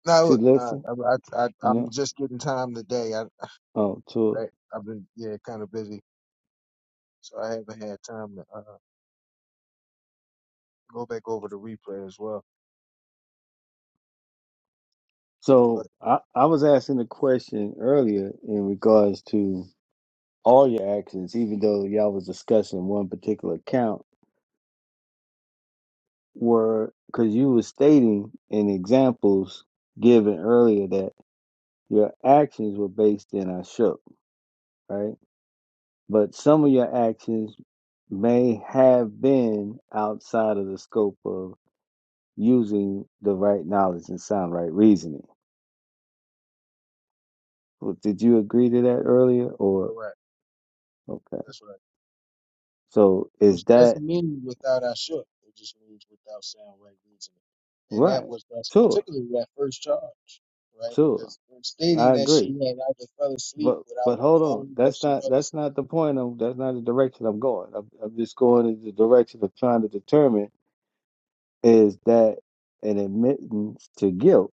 C: no,
B: to
C: look, no,
B: listen?
C: I, I, I, I'm
B: No.
C: just getting time today. I,
B: Oh, to
C: I, I've been yeah, kind of busy, so I haven't had time to uh, go back over the replay as well. But
B: so I I was asking a question earlier in regards to all your actions, even though y'all was discussing one particular account, were because you were stating in examples given earlier that your actions were based in I shook, right? But some of your actions may have been outside of the scope of using the right knowledge and sound right reasoning. Well, Did you agree to that earlier, or
C: correct,
B: okay?
C: that's right.
B: So is
C: which
B: that
C: doesn't mean without I shook. It just means without sound right reasoning. And that
B: right?
C: was that's
B: Sure,
C: particularly that first charge, right?
B: sure.
C: Because
B: I
C: stating that
B: agree.
C: she had either fell asleep
B: But
C: without
B: but hold on.
C: knowing that
B: That's
C: she
B: not
C: fell
B: that's
C: asleep.
B: not the point of that's not the direction I'm going. I'm, I'm just going in the direction of trying to determine is that an admittance to guilt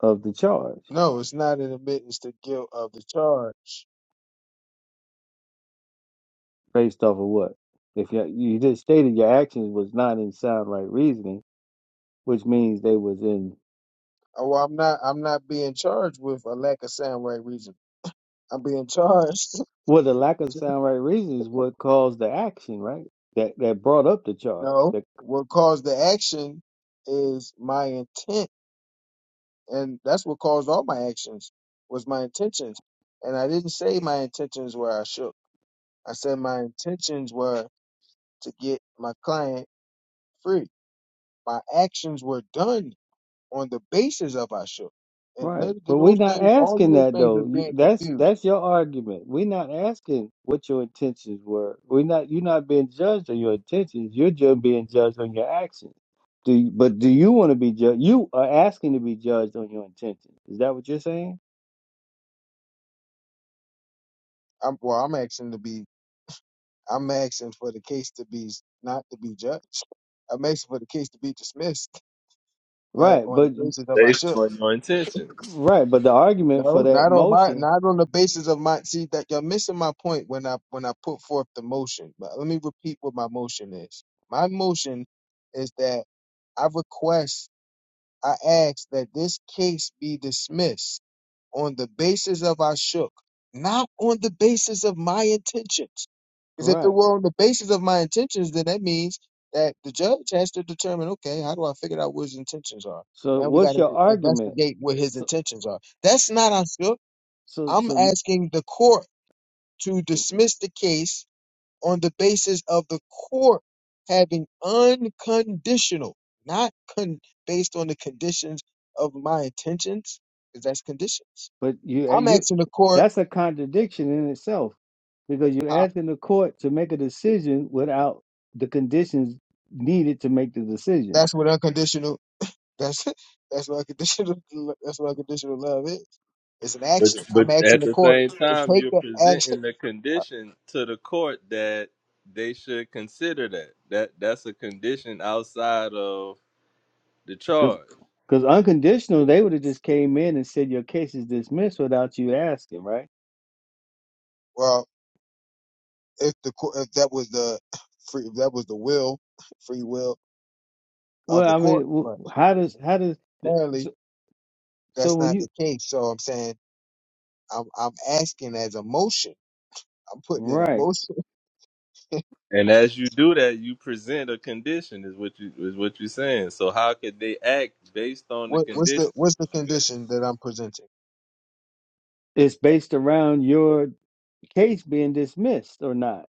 B: of the charge
C: No, it's not an admittance to guilt of the charge.
B: based off of what? If you you just stated your actions was not in sound right reasoning, which means they was in
C: Oh, well, I'm not. I'm not being charged with a lack of sound right reason. I'm being charged.
B: well the lack of
C: <laughs>
B: sound right reasoning is what caused the action, right? That that brought up the charge.
C: no,
B: that.
C: what caused the action is my intent and that's what caused all my actions was my intentions and i didn't say my intentions were i shook i said my intentions were to get my client free my actions were done on the basis of i shook and
B: Right,
C: none of
B: but we're
C: those
B: not
C: things all of
B: asking
C: those
B: that
C: things are
B: though. You-
C: being
B: That's
C: confused
B: that's your argument. We're not asking what your intentions were. We're not. You're not being judged on your intentions. You're just being judged on your actions. Do you, but do you want to be judged? You are asking to be judged on your intentions. Is that what you're saying?
C: i'm well i'm asking to be i'm asking for the case to be not to be judged i'm asking for the case to be dismissed right
B: Right,
C: on the
B: but
C: basis of I
D: based
C: shook
D: on your intention?
B: right, but the argument for
C: No,
B: that
C: not on my,
B: motion,
C: not on the basis of my. See that you're missing my point when I when I put forth the motion. But let me repeat what my motion is. My motion is that I request, I ask that this case be dismissed on the basis of I shook, not on the basis of my intentions. Because if it
B: right.
C: were on the basis of my intentions, then that means that the judge has to determine, okay, how do I figure out what his intentions are?
B: So
C: Now we got
B: what's
C: to
B: your argument?
C: investigate what his
B: So
C: intentions are. That's
B: so
C: not I shook.
B: so,
C: I'm
B: so
C: asking the court to dismiss the case on the basis of the court having unconditional, not con- based on the conditions of my intentions, because that's conditions.
B: But you uh,
C: I'm
B: you
C: asking the court.
B: that's a contradiction in itself because you're
C: Uh,
B: asking the court to make a decision without the conditions needed to make the decision.
C: that's what unconditional. That's <laughs> that's what unconditional. <laughs> That's what unconditional love is. It's an
D: But
C: action. I'm
D: but
C: asking
D: at
C: the
D: the
C: court
D: same
C: to
D: time,
C: take
D: you're
C: the action.
D: presenting
C: <laughs>
D: the condition to the court that they should consider that. That that's a condition outside of the
B: Because
D: charge.
B: because unconditional, they would have just came in and said your case is dismissed without you asking, right?
C: Well, if the court, if that was the <laughs> free, if that was the will, <laughs> free will of
B: Well,
C: the
B: I mean,
C: court, but
B: wh- how does how does th-
C: apparently
B: so, so
C: That's
B: when
C: not the
B: you
C: case. So I'm saying I'm I'm asking as a motion. I'm putting in a
B: right,
C: motion. <laughs>
D: And as you do that, you present a condition is what you is what you're saying. So how could they act based on the
C: What what's the
D: condition?
C: what's the condition that I'm presenting?
B: it's based around your case being dismissed or not.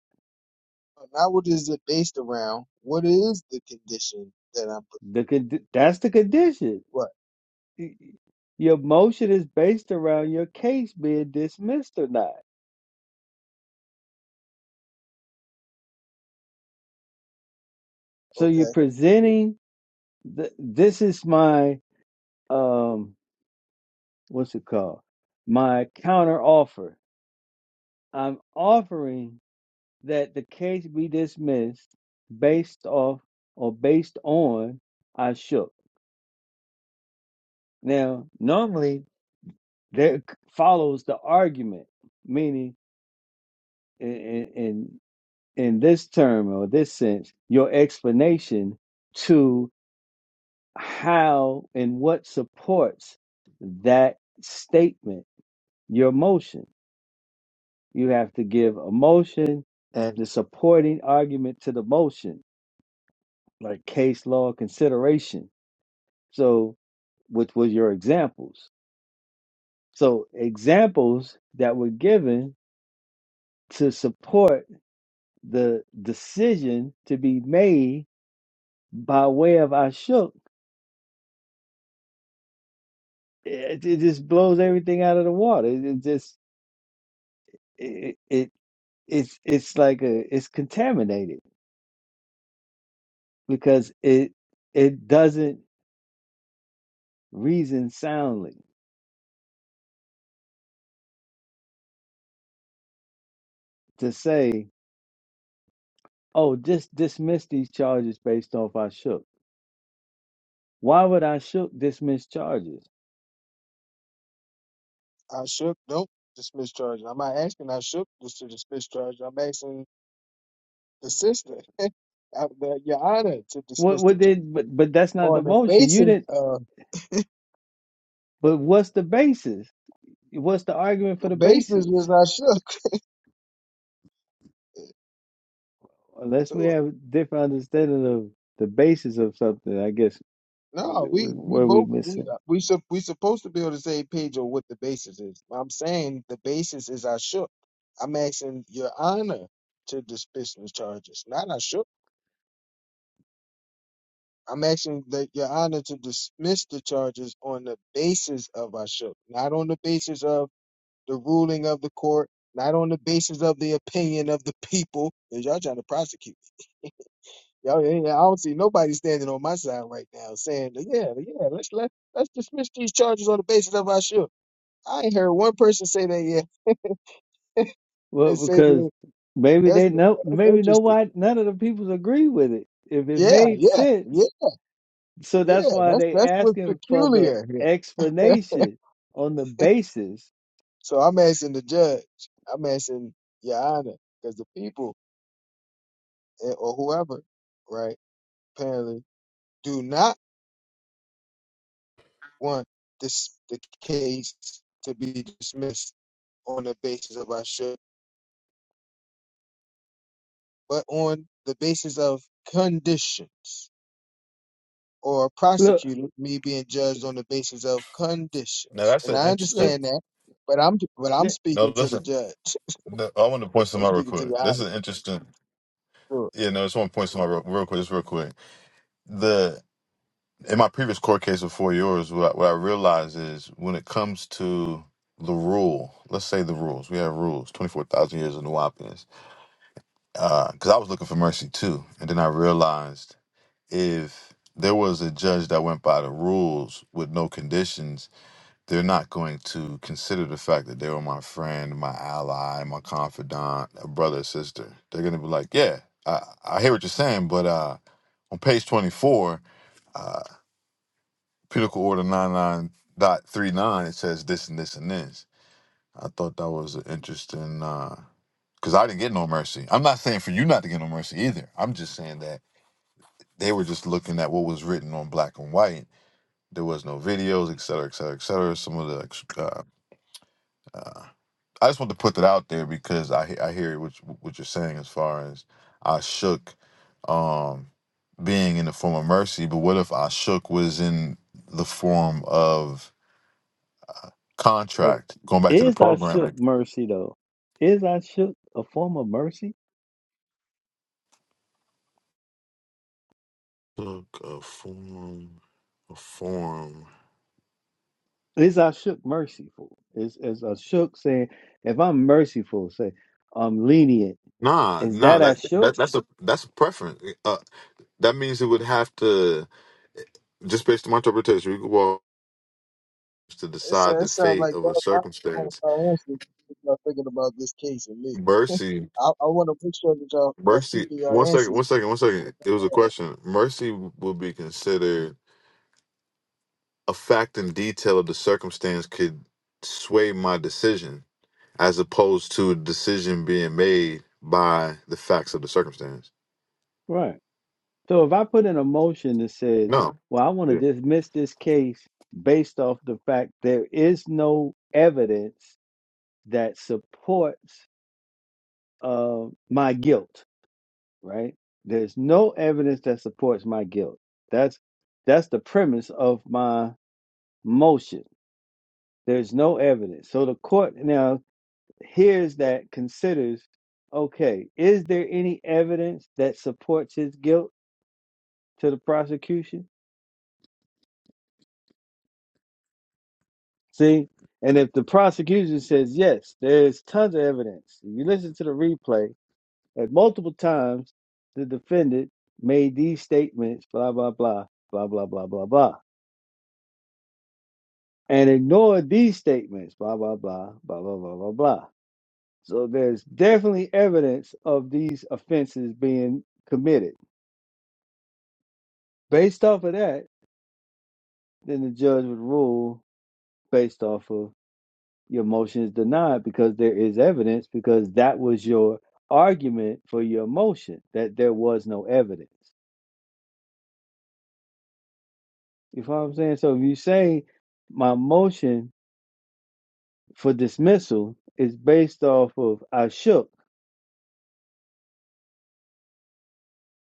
C: Not what is it based around? What is the condition that I'm put-
B: The condi- that's the condition
C: what?
B: y- y- your motion is based around your case being dismissed or not. So you're
C: Okay.
B: presenting the, this is my um what's it called? My counter offer. I'm offering that the case be dismissed based off or based on I shook. Now, normally there c- follows the argument, meaning in in in in this term or this sense, your explanation to how and what supports that statement, your motion. You have to give a motion and the supporting argument to the motion, like case law consideration. So, which was your examples. So, examples that were given to support the decision to be made by way of Ashok, it, it just blows everything out of the water. It it just. it, it it's it's like a it's contaminated because it it doesn't reason soundly to say oh just dismiss these charges based off I shook why would I shook dismiss charges
C: I shook. Nope. Dismiss charge. I'm not asking. I shook this to dismiss charge. I'm asking the sister, <laughs> uh, the- your honor, to
B: what
C: dismiss
B: what
C: the charge
B: did but but that's not the
C: on the
B: motion you
C: basis.
B: didn't
C: Uh,
B: but what's the basis what's the argument for
C: the
B: the
C: basis
B: basis
C: was I shook.
B: unless we
C: <laughs>
B: have a different understanding of the basis of something I guess wh-
C: No, we
B: wh-
C: we
B: where we
C: both we
B: missing
C: we sup we supposed to be on the same page on what the basis is. I'm saying the basis is I shook. I'm asking your honor to dismiss the charges, not I shook. I'm asking that your honor to dismiss the charges on the basis of I shook, not on the basis of the ruling of the court, not on the basis of the opinion of the people. you y'all trying to prosecute. me. Y'all, ain't. I don't see nobody standing on my side right now saying, yeah, yeah, let's let let's dismiss these charges on the basis of I shook. I ain't heard one person say that yet.
B: Well,
C: And say
B: because
C: that
B: maybe
C: that's
B: they know,
C: that's
B: maybe
C: interesting.
B: nobody, none of the people agree with it. If it
C: Yeah,
B: made
C: yeah,
B: sense,
C: yeah,
B: so
C: yeah.
B: that's why
C: That's
B: they
C: that's what's
B: asking for the
C: peculiar here.
B: explanation on the basis.
C: So I'm asking the judge. I'm asking Your Honor, because the people eh, or whoever, right? Apparently, do not want this the case to be dismissed on the basis of I should, but on the basis of conditions. or
B: Look,
C: prosecuted me being judged on the basis of
F: Now
C: conditions.
F: that's
C: And
F: an
C: I
B: let's,
F: interesting.
C: understand that, but I'm but I'm
B: let-
F: No,
C: speaking to the
F: listen.
C: judge.
F: no, I want to point
C: I'm
F: something out real
C: speaking to the
F: quick. This
C: audience.
F: is interesting.
C: Sure.
F: Yeah, no, I just want to point something out real, real quick. Just real quick. The in my previous court case before yours, what I, what I realized is when it comes to the rule, let's say the rules. We have rules. Twenty four thousand years of Nuwapians. Because I was looking for mercy too, and then I realized. if there was a judge that went by the rules with no conditions, they're not going to consider the fact that they were my friend, my ally, my confidant, a brother, sister. They're going to be like, yeah, I, I hear what you're saying, but uh, on page 24, uh, Pinnacle Order 99.39, it says this and this and this. I thought that was an interesting, because I didn't get no mercy. I'm not saying for you not to get no mercy either. I'm just saying that they were just looking at what was written on black and white There was no videos, et cetera, et cetera, et cetera. Some of the, ex- uh, uh, I just want to put that out there because I he- I hear what you- what you're saying as far as I shook, um, being in the form of mercy. But what if I shook was in the form of
B: but
F: contract? Going back to the
B: is our shook
F: programming,
B: mercy though? Is our shook a form of mercy?
F: took a form, a form.
B: Is our shook merciful? Is is our shook saying, if I'm merciful, say I'm lenient?
F: Nah,
B: Is
F: nah.
B: that our
F: That that
B: shook?
F: that's a that's a preference. Uh, that means it would have to just based on my interpretation. We could walk. to
C: It
F: decide
C: sounds it
F: the
C: sound
F: fate
C: like
F: of a
C: y'all my,
F: circumstance.
C: my answer if y'all thinking about this case and me. <laughs>
F: Mercy,
C: I, I want to make sure that y'all y'all
F: mercy.
C: keeping
F: One
C: your
F: second,
C: answers.
F: one second, one second. It was a question. Mercy will be considered a fact and detail of the circumstance could sway my decision, as opposed to a decision being made by the facts of the circumstance.
B: Right. So if I put in a motion that says,
F: No.
B: well, I want to
F: Yeah.
B: dismiss this case based off the fact there is no evidence that supports uh, my guilt, right? There's no evidence that supports my guilt. That's that's the premise of my motion. There's no evidence. So the court now hears that considers, okay, is there any evidence that supports his guilt to the prosecution? See? And if the prosecution says yes, there's tons of evidence. If you listen to the replay, at multiple times, the defendant made these statements, blah, blah, blah, blah, blah, blah, blah, blah, and ignored these statements, blah, blah, blah, blah, blah, blah, blah, blah. So there's definitely evidence of these offenses being committed. Based off of that, then the judge would rule based off of your motion is denied because there is evidence because that was your argument for your motion that there was no evidence you know what i'm saying so if you say my motion for dismissal is based off of i shook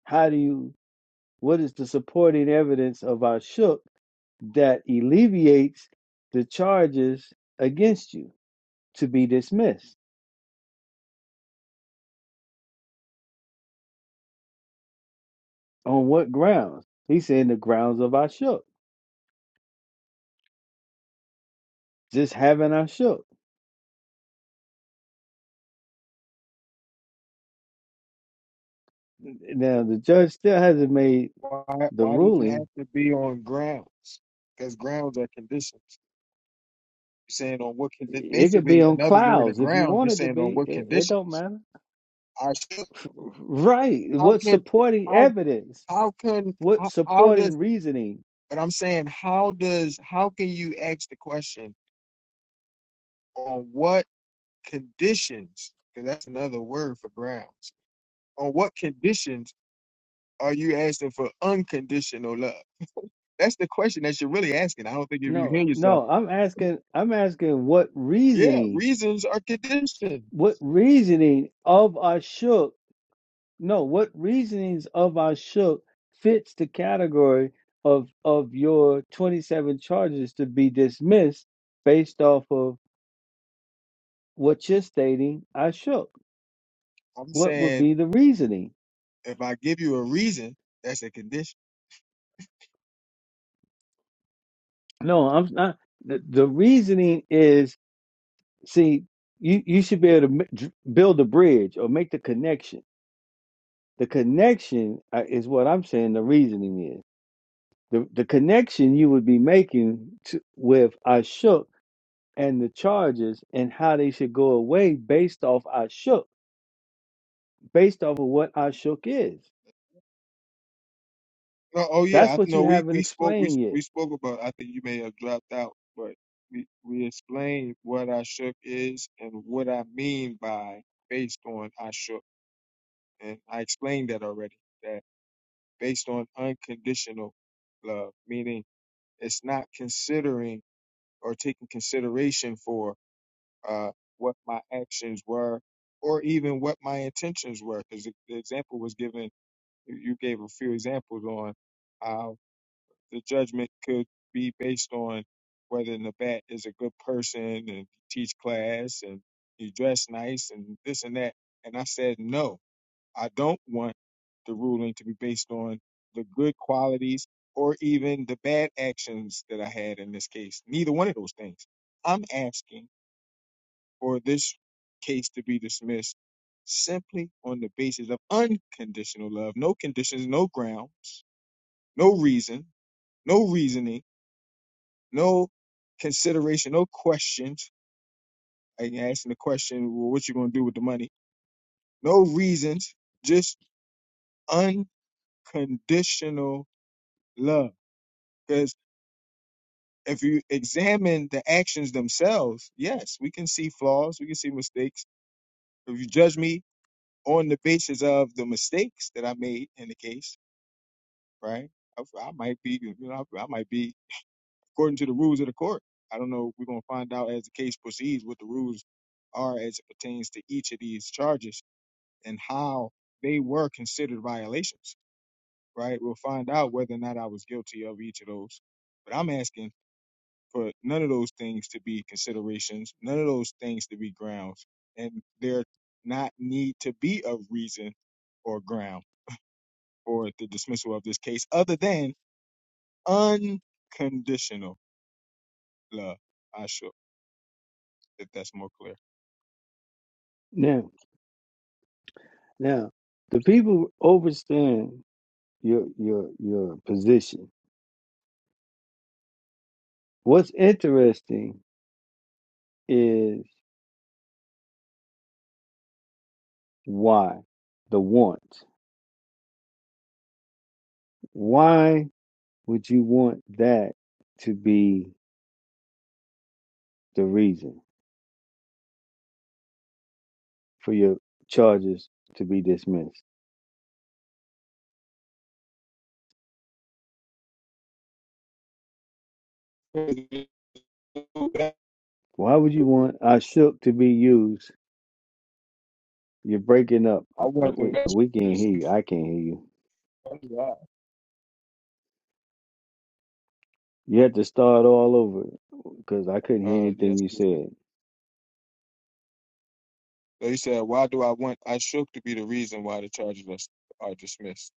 B: how do you what is the supporting evidence of i shook that alleviates the charges against you to be dismissed on what grounds he's saying the grounds of i shook just having I shook Now the judge still hasn't made
C: Why
B: the
C: why does it have
B: ruling.
C: to be on grounds? Because grounds are conditions. You're saying on what con-
B: It could be
C: basically
B: on
C: another word of
B: clouds if you
C: grounds.
B: want
C: You're
B: it to
C: saying on
B: be.
C: what
B: It, it don't
C: conditions?
B: matter,
C: I should,
B: <laughs> right?
C: how
B: What
C: can
B: supporting evidence?
C: how can
B: What
C: how, how does
B: supporting reasoning?
C: but i'm saying how does how can you ask the question on what conditions because that's another word for grounds on what conditions are you asking for unconditional love that's the question that you're really asking i don't think if you
B: No,
C: hear yourself
B: no. I'm asking. I'm asking what
C: yeah
B: reasoning?
C: reasons are conditioned
B: What reasoning of our shook? No, what reasonings of our shook fits the category of of your 27 charges to be dismissed based off of? what you're stating, I shook.
C: i'm
B: What would
C: saying
B: be the reasoning?
C: if i give you a reason that's a condition
B: No, I'm not. The, the reasoning is see, you, you should be able to m- dr- build a bridge or make the connection. The connection uh, is what I'm saying the reasoning is. The, the connection you would be making to, with Ashok and the charges and how they should go away based off Ashok, based off of what Ashok is.
C: No, oh yeah,
B: That's
C: I
B: what you
C: know we
B: haven't
C: we spoke we
B: explained yet.
C: we spoke about. I think you may have dropped out, but we we explained what Ashuk is and what I mean by based on Ashuk, and I explained that already. That based on unconditional love, meaning it's not considering or taking consideration for uh what my actions were or even what my intentions were. Because the, the example was given, you you gave a few examples on. how. the judgment could be based on whether Nabat is a good person and he teach class and he dress nice and this and that. And I said, no, I don't want the ruling to be based on the good qualities or even the bad actions that I had in this case. Neither one of those things. I'm asking for this case to be dismissed simply on the basis of unconditional love, no conditions, no grounds, no reason, no reasoning no consideration, no questions. Like asking the question, well, what you gonna do with the money? No reasons, just unconditional love. Because if you examine the actions themselves, yes, we can see flaws, we can see mistakes. If you judge me on the basis of the mistakes that I made in the case, right? I, I might be, you know, I, I might be according to the rules of the court. I don't know. We're gonna find out as the case proceeds what the rules are as it pertains to each of these charges and how they were considered violations. Right? We'll find out whether or not I was guilty of each of those. But I'm asking for none of those things to be considerations, none of those things to be grounds, and there not need to be a reason or ground for the dismissal of this case other than unconditional love. I sure if that's more clear.
B: No. Now, the people overstand your your your position. What's interesting is why the want. Why would you want that to be the reason for your charges to be dismissed?
C: I
B: Why would you want I shook to be used? You're breaking up. Uh, uh,
C: want the
B: we,
C: best.
B: we can't hear
C: reason.
B: you. I can't hear you. You
C: Uh,
B: have to start all over because I couldn't hear
C: uh,
B: anything
C: yes,
B: you
C: this is.
B: said.
C: They said, "Why do I want I shook to be the reason why the charges are, are dismissed?"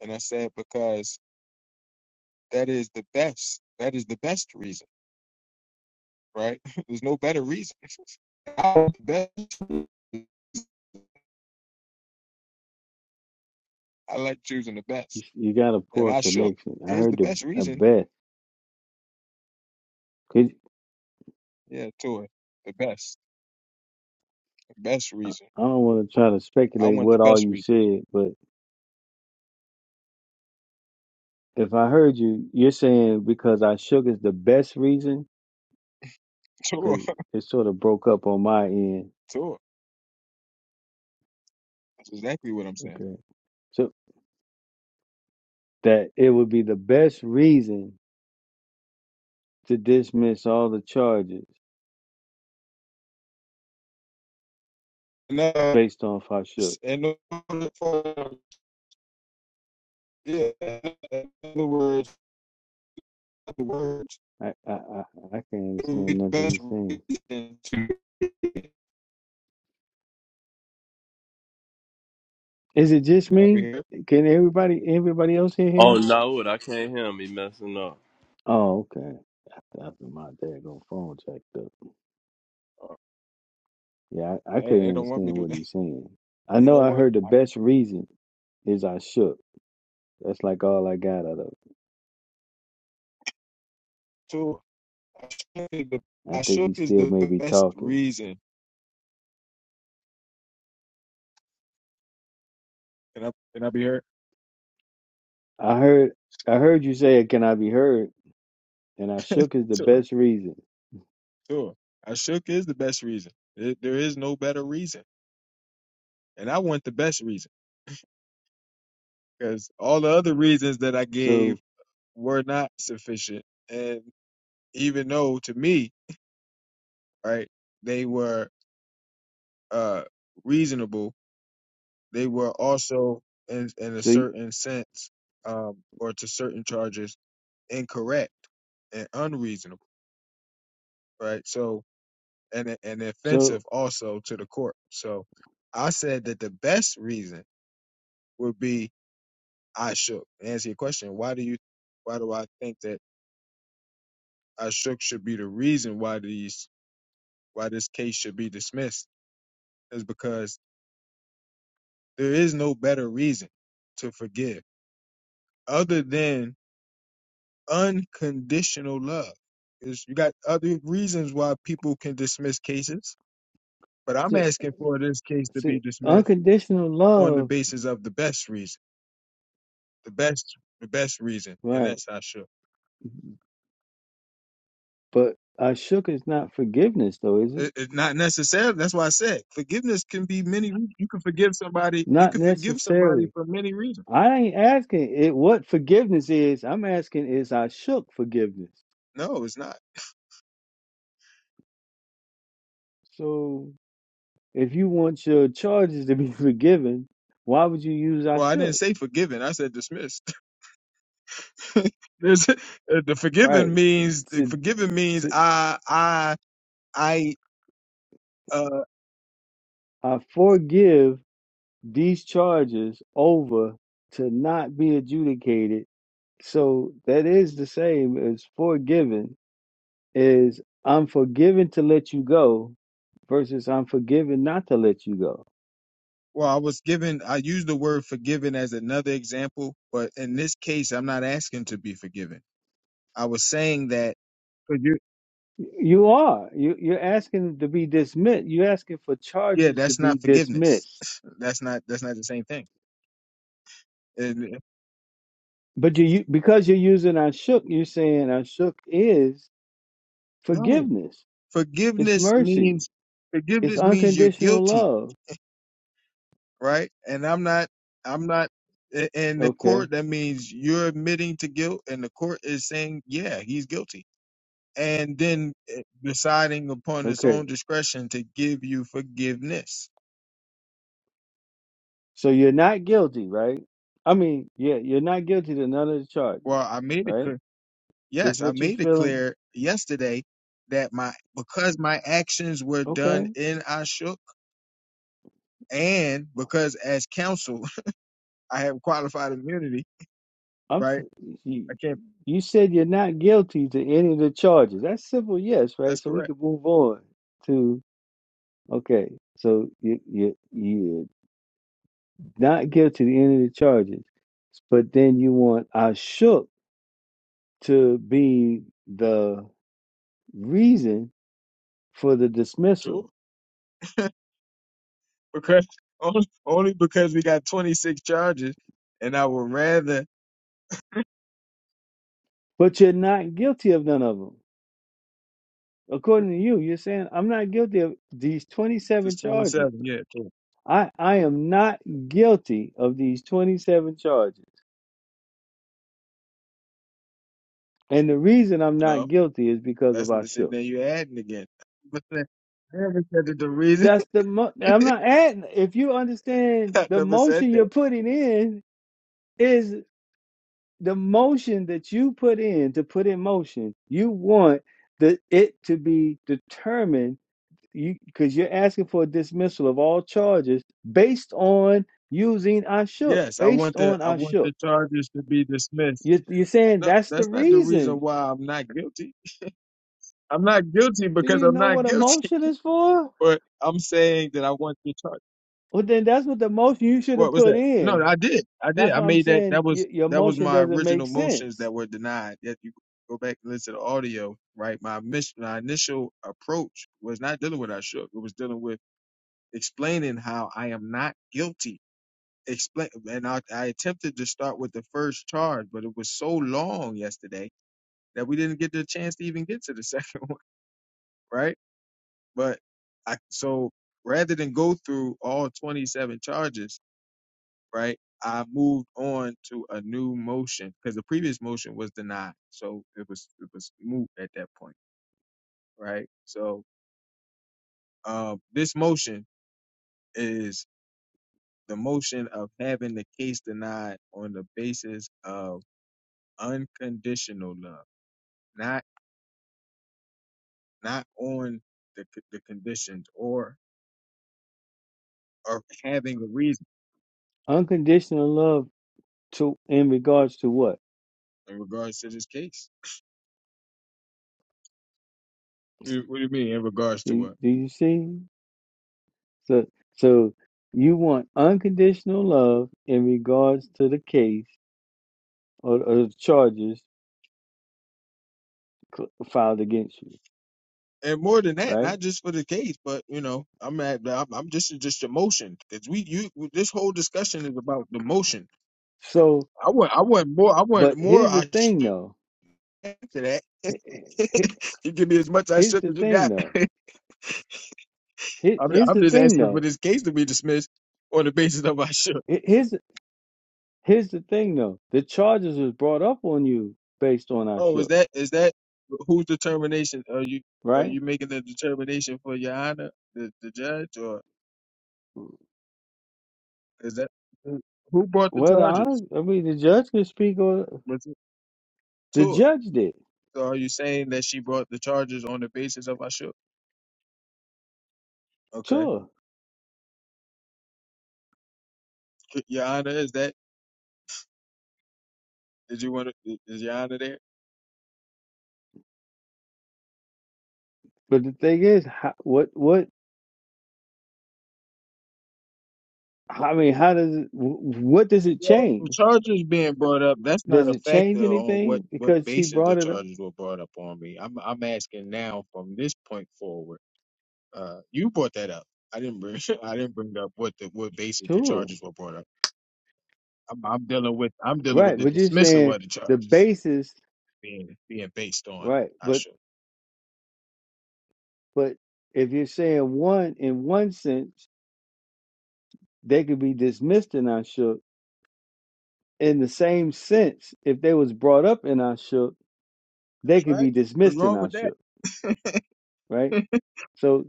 C: And I said, "Because that is the best. That is the best reason, right? <laughs> There's no better reason. <laughs> I want the best. I like choosing the
B: You,
C: best,
B: you got a
C: and
B: poor
C: I shook
B: connection. I
C: is
B: heard
C: the
B: the
C: best
B: a
C: reason.
B: bet. Could
C: Yeah, tour the best, the best
B: I
C: reason.
B: I don't want to try to
C: I
B: speculate
C: want the
B: what all
C: best
B: you
C: reason.
B: said, but if I heard you, you're saying because I shook is the best reason
C: <laughs> Tour,
B: because it sort of broke up on my end.
C: tour. That's exactly what I'm saying.
B: Okay, so that it would be the best reason to dismiss all the charges
C: And, uh,
B: based on Fashuk.
C: in order for Yeah, in other words, the words
B: I I I, I can't
C: it would be
B: understand
C: the
B: nothing
C: best
B: he's saying.
C: reason to.
B: Is it just
C: Can I be
B: me?
C: here?
B: Can everybody everybody else hear him?
D: Oh no, I can't hear him. He messing up.
B: Oh, okay. After, after my daggone phone jacked up.
C: Uh,
B: Yeah, I, I
C: Hey,
B: couldn't
C: they don't want
B: understand
C: me to.
B: what
C: <laughs>
B: he's saying. I
C: They
B: know
C: don't
B: I
C: want
B: heard the
C: I,
B: best reason is I shook. That's like all I got out of it.
C: to. I shook, is the,
B: I
C: I
B: think
C: shook
B: he
C: is
B: still
C: the
B: may be
C: best
B: talking.
C: reason. Can I? Can I be here?
B: I heard I heard you say can I be heard? And I shook is the
C: Sure.
B: best reason.
C: Sure. I shook is the best reason. There there is no better reason, and I want the best reason because all the other reasons that I
B: So
C: gave were not sufficient. And even though to me, right, they were uh reasonable They were also, in, in a
B: see
C: certain sense, um, or to certain charges, incorrect and unreasonable, right? So, and and
B: so
C: offensive also to the court. So, I said that the best reason would be I shook. To answer your question, why do you, why do I think that I shook should be the reason why these, why this case should be dismissed? Is because there is no better reason to forgive other than unconditional love. Is you got other reasons why people can dismiss cases, but I'm
B: see,
C: asking for this case to
B: see
C: be dismissed
B: unconditional
C: on the
B: love,
C: basis of the best reason, the best, the best reason, and
B: right.
C: that's not sure.
B: But I shook is not forgiveness though, is
C: It,
B: it?
C: it not necessarily. That's why I said forgiveness can be many. re- You can forgive somebody. You
B: Not
C: can forgive somebody
B: necessarily.
C: for many reasons.
B: I ain't asking it what forgiveness is. I'm asking is I shook forgiveness.
C: No, it's not.
B: So if you want your charges to be <laughs> forgiven, why would you use I
C: Well, I didn't
B: shook?
C: say forgiven. I said dismissed. <laughs> There's- the forgiven
B: Right.
C: means the
B: To,
C: forgiven means
B: to
C: I I I uh,
B: I forgive these charges over to not be adjudicated. So that is the same as forgiven is I'm forgiven to let you go versus I'm forgiven not to let you go.
C: Well, I was given, I used the word forgiven as another example, but in this case, I'm not asking to be forgiven. I was saying that, but you,
B: You are. You, you're asking to be dismissed. You're asking for
C: yeah,
B: charges to
C: that's
B: be
C: not forgiveness.
B: dismissed.
C: <laughs> That's not, that's not the same thing. And, uh,
B: But you, you because you're using Ashuk, you're saying Ashuk is
C: no,
B: forgiveness. It's
C: forgiveness
B: mercy.
C: means,
B: It's
C: forgiveness means you're
B: unconditional
C: guilty,
B: love.
C: right? And I'm not, I'm not, i- in the
B: Okay.
C: court, that means you're admitting to guilt and the court is saying, yeah, he's guilty. And then uh, deciding upon its
B: Okay.
C: own discretion to give you forgiveness
B: So you're not guilty, right? I mean, yeah, you're not guilty to none of the charges,
C: Well, I made it
B: right?
C: clear.
B: This
C: Yes, I
B: what you're
C: made it
B: feeling.
C: clear yesterday that my because my actions were done
B: Okay.
C: in Ashuk, and because as counsel <laughs> I have qualified immunity.
B: I'm.
C: Right?
B: s- You,
C: I can't.
B: you said you're not guilty to any of the charges. That's simple, yes, right?
C: That's
B: So we
C: correct.
B: can move on Okay, so you you you're not guilty of any of the charges, but then you want Ashok to be the reason for the
C: Sure.
B: dismissal,
C: Because <laughs> only, only because we got twenty six charges, and I would rather
B: but you're not guilty of none of them. According to you, you're saying I'm not guilty of these 27
C: just twenty
B: charges.
C: seven. Yeah. True.
B: I I am not guilty of these 27 charges, and the reason I'm not
C: No,
B: guilty is because of
C: that's the thing
B: Ashok.
C: that you're adding again. But then- I never said that the reason
B: That's the mo- I'm not adding. If you
C: <laughs>
B: understand
C: I
B: the
C: never said
B: motion you're
C: that.
B: putting in. is the motion that you put in to put in motion you want the it to be determined you because you're asking for a dismissal of all charges based on using our shook
C: Yes, I
B: based
C: want the
B: on
C: I
B: our
C: want the
B: shook
C: charges to be dismissed.
B: you, you're saying
C: no,
B: that's the
C: that's not the reason
B: reason
C: why I'm not guilty. I'm not guilty
B: do
C: because
B: you
C: I'm
B: know
C: not
B: what a
C: guilty,
B: motion is for
C: <laughs> but I'm saying that I want to be charged.
B: well then that's what the motion you should have
C: What was
B: put
C: that? No,
B: in
C: I did. I did.
B: that's
C: I
B: what i'm
C: made that.
B: saying
C: That
B: y-
C: was
B: your
C: that was
B: motion
C: my
B: doesn't make
C: original motions
B: sense
C: that were denied. If you go back and listen to the audio, right? My mission, my initial approach was not dealing with I shook. It was dealing with explaining how I am not guilty. Explain, and I, I attempted to start with the first charge, but it was so long yesterday that we didn't get the chance to even get to the <laughs> second one, right? But I so rather than go through all 27 charges, right? I moved on to a new motion because the previous motion was denied, so it was it was moot at that point, right? So uh, this motion is the motion of having the case denied on the basis of unconditional love, not not on the c- the conditions or or having a reason
B: unconditional love to in regards to what
C: in regards to this case. What do you mean in regards to
B: do,
C: what?
B: do you see So, so you want unconditional love in regards to the case or, or the charges cl- filed against you,
C: and more than that,
B: right?
C: not just for the case, but you know, I'm at, I'm, I'm just just emotion because we you this whole discussion is about the motion.
B: So,
C: I want I want more I want
B: but
C: more.
B: here's the
C: I
B: thing,
C: should
B: though.
C: answer that.
B: H- h-
C: <laughs> you give me as much I
B: Here's
C: should
B: the
C: as you
B: thing,
C: got.
B: though.
C: <laughs>
B: He-
C: I'm
B: Here's
C: I'm
B: the
C: just
B: thing,
C: asking for
B: though.
C: this case to be dismissed on the basis of I should.
B: He- Here's here's the thing, though. The charges was brought up on you based on our
C: Oh, is
B: shook,
C: that is that whose determination are you are
B: right?
C: you making the determination for your honor the, the judge or is that who who brought the
B: Well, the honor,
C: charges?
B: I mean, the judge could speak on
C: Was it
B: the
C: Tua?
B: judge did,
C: So are you saying that she brought the charges on the basis of Ashok? Okay.
B: sure.
C: C- Your Honor, is that? Did you want to? Is Your Honor there?
B: But the thing is, how, what what I mean, how does it, wh- what does it
C: Well, the
B: change?
C: charges being brought up, that's not
B: Does
C: a
B: it change
C: factor on what
B: anything
C: what
B: because she
C: basis the
B: brought it up?
C: charges were brought up on me. I'm I'm asking now from this point forward. Uh, you brought that up. I didn't bring <laughs> I didn't bring up what the what basis the
B: Sure.
C: charges were brought up. I'm, I'm dealing with I'm dealing with
B: Right.
C: the
B: But you're
C: dismissal
B: saying
C: of the
B: the
C: charges
B: basis,
C: being being based on
B: right. But,
C: Ashok.
B: but if you're saying one in one sense, they could be dismissed in our shook. In the same sense, if they was brought up in our shook, they
C: That's
B: could
C: right.
B: be
C: What's
B: dismissed in
C: wrong
B: our
C: with that?
B: shook. Right. So.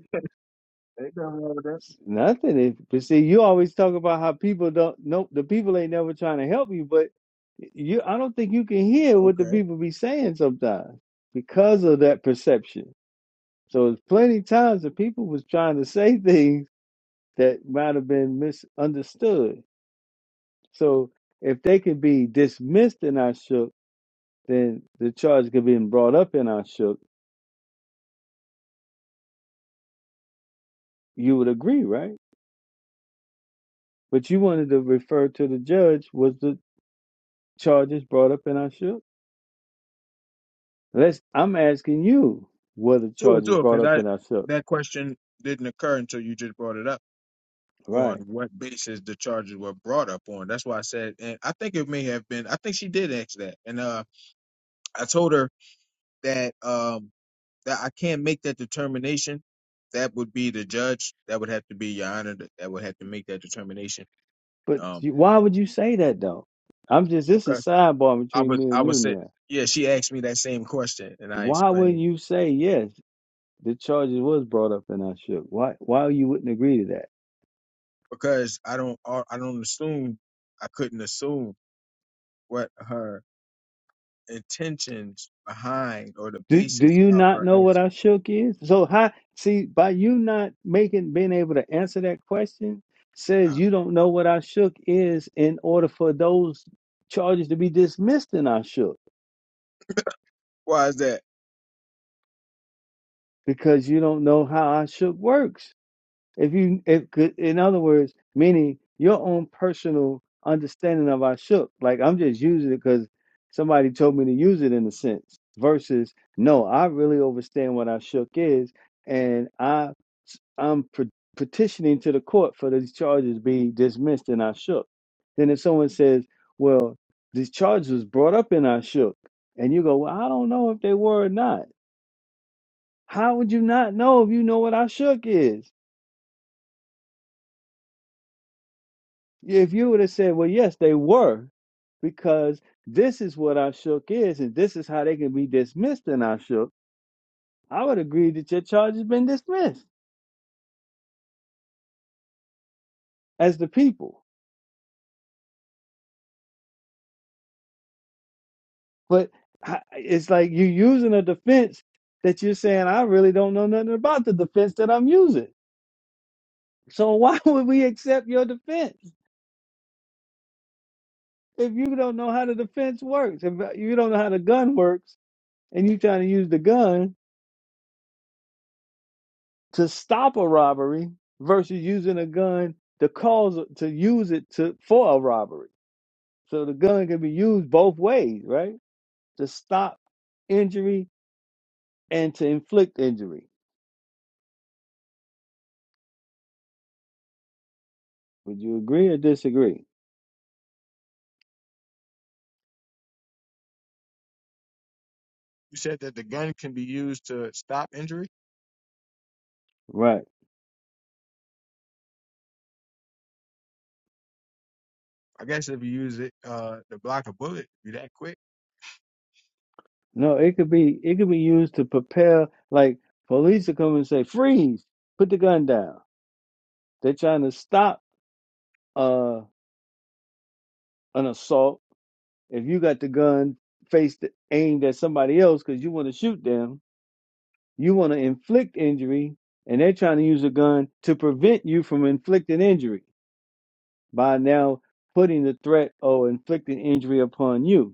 C: Ain't nothing wrong with that.
B: It's Nothing. If, but see, you always talk about how people don't. know the people ain't never trying to help you. But you, I don't think you can hear what
C: Okay.
B: the people be saying sometimes because of that perception. So there's plenty times the people was trying to say things that might have been misunderstood. So if they can be dismissed in our shook, then the charge could be brought up in our shook. You would agree, right? But you wanted to refer to the judge was the charges brought up in our shook. Let's. I'm asking you whether
C: Sure,
B: charges
C: sure,
B: brought
C: because
B: up
C: I
B: in our shook.
C: that question didn't occur until you just brought it up on
B: Right.
C: what basis the charges were brought up on. That's why I said, and I think it may have been. I think she did ask that, and uh, I told her that um that I can't make that determination. That would be the judge. That would have to be your honor. That that would have to make that determination.
B: But
C: Um,
B: you, why would you say that though? I'm just. This is
C: because
B: sidebar
C: I
B: between me
C: was I
B: and you
C: was said,
B: now.
C: yeah. She asked me that same question, and I
B: Why would
C: explained
B: you say yes? The charges was brought up in our shook. Why? Why you wouldn't agree to that?
C: because I don't I don't assume I couldn't assume what her intentions behind or the
B: Do Do
C: basis
B: you
C: of
B: not
C: her
B: know what
C: action.
B: our shook is? So how? See, by you not making being able to answer that question says
C: Uh,
B: you don't know what our shook is in order for those charges to be dismissed in our shook.
C: why is that?
B: because you don't know how I shook works. If you, if could, in other words, meaning your own personal understanding of I shook. Like I'm just using it because somebody told me to use it in a sense. Versus, no, I really understand what I shook is, and I, I'm pe- petitioning to the court for these charges be dismissed in I shook. Then if someone says, well, these charges was brought up in I shook, and you go, well, I don't know if they were or not how would you not know if you know what I shook is? Yeah, If you would have said, well, yes, they were, because this is what I shook is, and this is how they can be dismissed in our shook, I would agree that your charge has been dismissed as the people. But I- it's like you using a defense that you're saying, I really don't know nothing about the defense that I'm using. So why <laughs> would we accept your defense if you don't know how the defense works? If you don't know how the gun works and you're trying to use the gun to stop a robbery versus using a gun to cause to use it to for a robbery. So the gun can be used both ways, right? To stop injury and to inflict injury. Would you agree or disagree?
C: You said that the gun can be used to stop injury.
B: Right.
C: I guess if you use it uh, to block a bullet, be that quick.
B: No, it could be it could be used to prepare like police to come and say, Freeze, put the gun down. They're trying to stop uh an assault. If you got the gun faced aimed at somebody else because you want to shoot them, You want to inflict injury, and they're trying to use a gun to prevent you from inflicting injury by now putting the threat or inflicting injury upon you.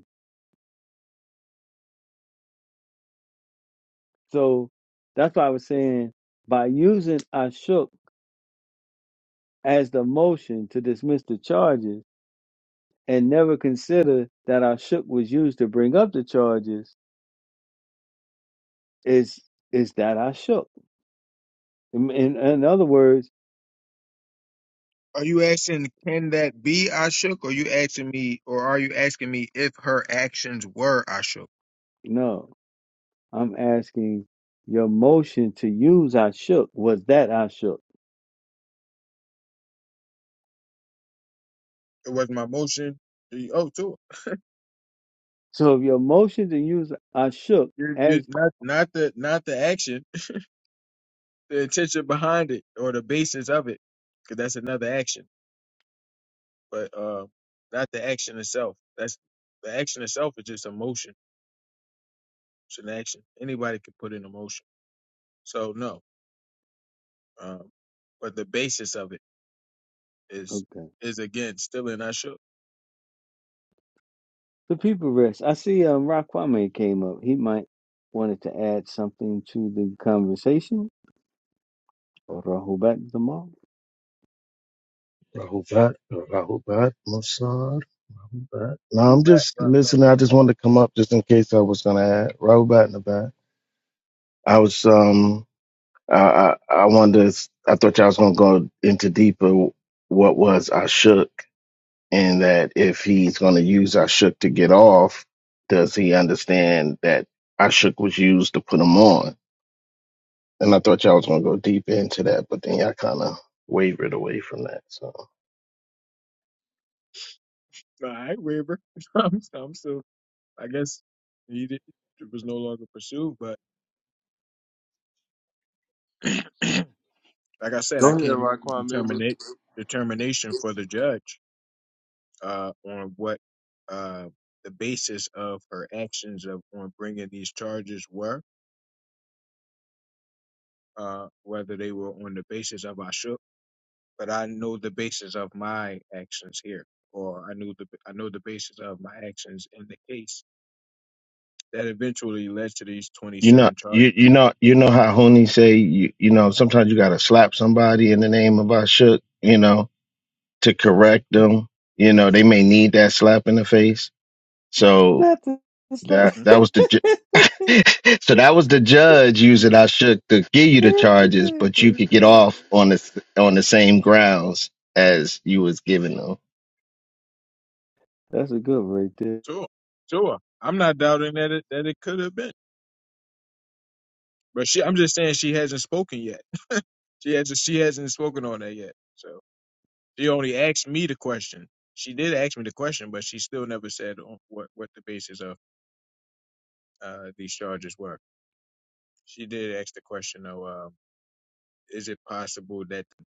B: So that's why I was saying by using Ashok as the motion to dismiss the charges and never consider that Ashok was used to bring up the charges is is that Ashok. In, in, in other words,
C: Are you asking can that be Ashok? or you asking me, or are you asking me if her actions were Ashok?
B: no, I'm asking your motion to use I shook was that I shook.
C: It was my motion. You owe to it.
B: So if your emotions and you are shook
C: You, you,
B: as
C: not, not the not the action, <laughs> the intention behind it or the basis of it, because that's another action. but uh, not the action itself. That's the action itself is just emotion. It's an action. Anybody can put in emotion. So no, um, but the basis of it is
B: okay.
C: is again still in our show.
B: The people rest. I see um Rock Kwame came up. He might wanted to add something to the conversation or Rahubat Zamal.
H: Rahubat, Rahubat, Musar, Rahubat. Now
C: I'm
H: I'm
C: back,
H: just listening.
C: brother.
H: I just wanted to come up just in case I was going to add Rahubat in the back. I was, um, I, I, I wanted to, s- I thought y'all was going to go into deeper what was Ashuk and that if he's going to use Ashuk to get off, does he understand that Ashuk was used to put him on? And I thought y'all was going to go deep into that, but then y'all kind of wavered away from that. So.
C: All right, Weber. <laughs> I'm, I'm still. I guess he did, it was no longer pursued, but <clears throat> like I said,
D: Go
C: I
D: ahead,
C: can't
D: Raquan Maywood.
C: terminate determination for the judge uh, on what uh, the basis of her actions of on bringing these charges were uh, whether they were on the basis of Ashuk, but I know the basis of my actions here, or I knew the I know the basis of my actions in the case that eventually led to these
H: You know,
C: twenty-seven charges.
H: you you know, you know how Hooney say you you know sometimes you gotta slap somebody in the name of our shook, you know, to correct them. You know, they may need that slap in the face. So
B: Not the the slap.
H: that
C: hmm
H: that was the ju-
B: <laughs>
H: <laughs> so that was the judge using I shook to give you
B: He
H: the charges,
B: said
H: but you
B: the
H: could get
B: slap.
H: off on the on the same grounds as you was giving them.
B: <laughs> That's a good one right there.
C: Sure, sure. I'm not doubting that it that it could have been, but she. I'm just saying she hasn't spoken yet. She hasn't she hasn't spoken on that yet. So she only asked me the question. She did ask me the question, but she still never said on what what the basis of uh, these charges were. She did ask the question though. is it possible that the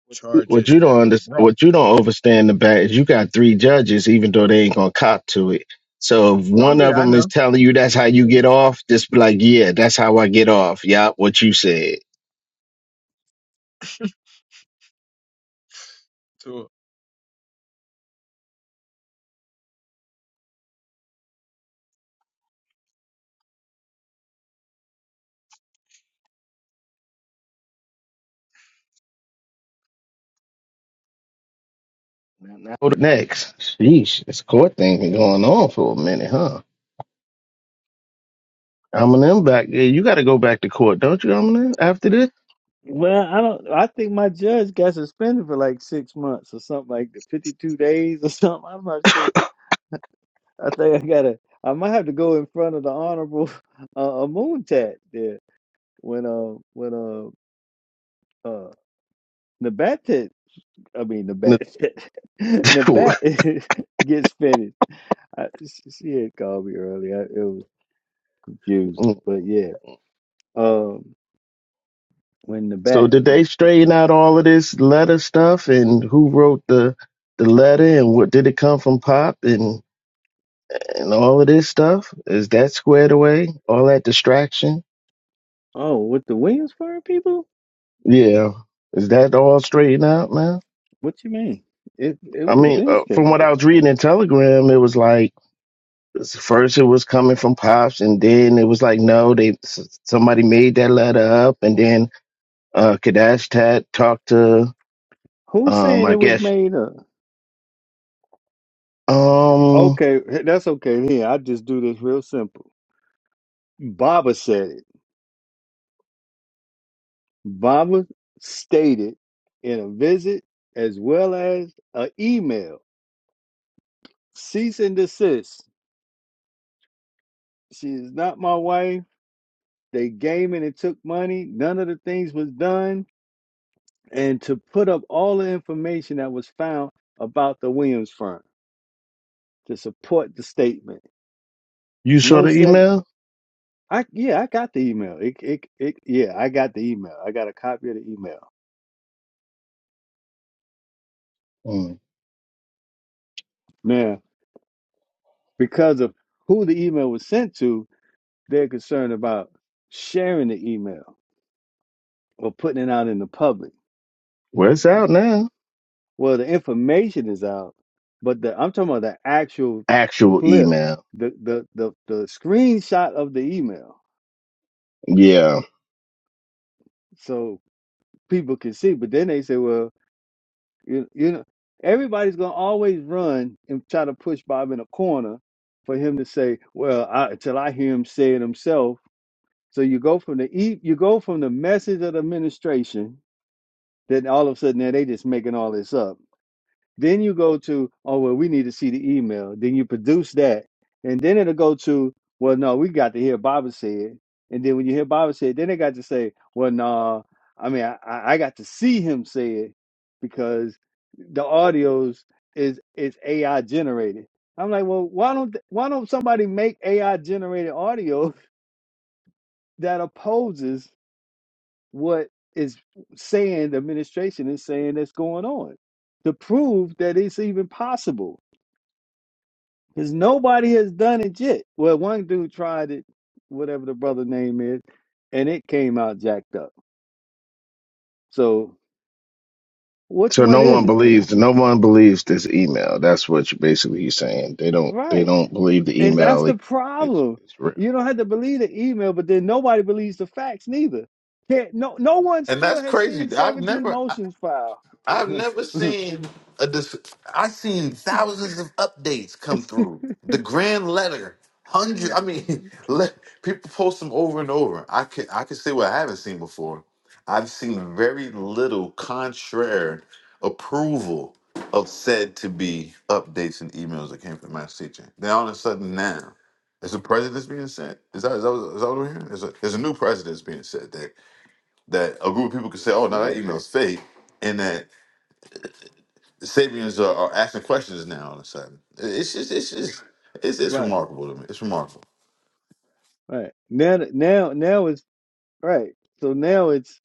H: What
C: charges
H: you don't
C: that were
H: under,
C: brought?
H: what you don't understand about is you got three judges, even though they ain't gonna cop to it. So if
C: Oh
H: one of
C: yeah, I
H: them is
C: know.
H: telling you that's how
C: Oh
H: you
C: yeah.
H: get off, just be like, yeah, that's how I get off. Yeah, what you said.
C: To
H: Now, now what next? Sheesh, this court thing been going on for a minute, huh? Eminem back. Yeah, you got to go back to court, don't you, Eminem? After this.
B: Well, I don't I think my judge got suspended for like six months or something like that, fifty two days or <laughs> something. I'm not sure. I think I gotta I might have to go in front of the honorable <laughs> uh, a moon tat there when uh when uh uh Nabatet I mean Nabatet <laughs>
H: <laughs>
B: Nabat <laughs> gets finished. I, she she had called me earlier. It was confusing, but yeah. Um, when
H: So
B: Nabat
H: did they straighten out all of this letter stuff and who wrote the the letter and what did it come from Pop and and all of this stuff is that squared away all that distraction
B: oh with the Williamsburg people,
H: yeah is that all straightened out man
B: what you mean? It it
H: i
B: was
H: mean uh,
B: ministry.
H: from what i was reading in telegram it was like first it was coming from pops and then it was like no they s- somebody made that letter up and then uh kadash tat talked to
B: Who's
H: um
B: saying
H: i
B: it was
H: guess
B: made up?
H: um
B: Okay, that's okay. Here, I just do this real simple. Baba said it. Baba stated in a visit as well as an email cease and desist. She is not my wife. They game and it took money. None of the things was done. And to put up all the information that was found about the Williams firm to support the statement.
H: you saw
B: No
H: the
B: seven.
H: email
B: I yeah, I got the email. It, it it yeah, I got the email. I got a copy of the email.
H: Hmm.
B: Now, because of who the email was sent to, they're concerned about sharing the email or putting it out in the public
H: well it's out now
B: Well, the information is out, but the I'm talking about the actual
H: actual
B: clip,
H: email
B: the the the, the screenshot of the email,
H: yeah
B: so people can see. But then they say, well, you you know, everybody's gonna always run and try to push Bob in a corner for him to say, well, I, until I hear him say it himself. So you go from the e- you go from the message of the administration, then all of a sudden now they just making all this up Then you go to, oh, well, we need to see the email. Then you produce that. And then it'll go to, well, no, we got to hear Baba said. And then when you hear Baba said, then they got to say, well, no, I mean, I, I I got to see him say it because the audios is is AI generated. I'm like, well, why don't why don't somebody make AI generated audio <laughs> that opposes what is saying the administration is saying that's going on to prove that it's even possible? Because nobody has done it yet. Well, one dude tried it, whatever the brother name is, and it came out jacked up. So which
H: So
B: one
H: no
B: is
H: one
B: it then?
H: believes
B: <laughs>
H: no one believes this email. That's what you basically he's saying. They don't they
B: Right.
H: don't believe the
B: And
H: email
B: that's the
H: like it's
B: problem.
H: it's real.
B: You don't have to believe the email, but then nobody believes the facts neither. Can't, no, no one
F: And
B: still
F: that's
B: has seen
F: crazy. I've
B: 17
F: never.
B: motions filed.
F: I've
B: <laughs>
F: never seen a dis- I've seen thousands of updates come through. The grand letter, hundred. I mean,
B: right,
F: <laughs> let, people post them over and over. I can I can say what I haven't seen before. I've seen very little contrary approval of said to be updates and emails that came from my teacher. Then all of a sudden now, there's a president's being set. Is that is that, is that what we're hearing? There's a, there's a new president's being said that that a group of people could say, oh, no, that email's fake, and that the Sabians are, are asking questions now all of a sudden. It's just, it's just, it's, it's
B: right,
F: remarkable to me. It's remarkable.
B: right. Now, now, now it's right. So now it's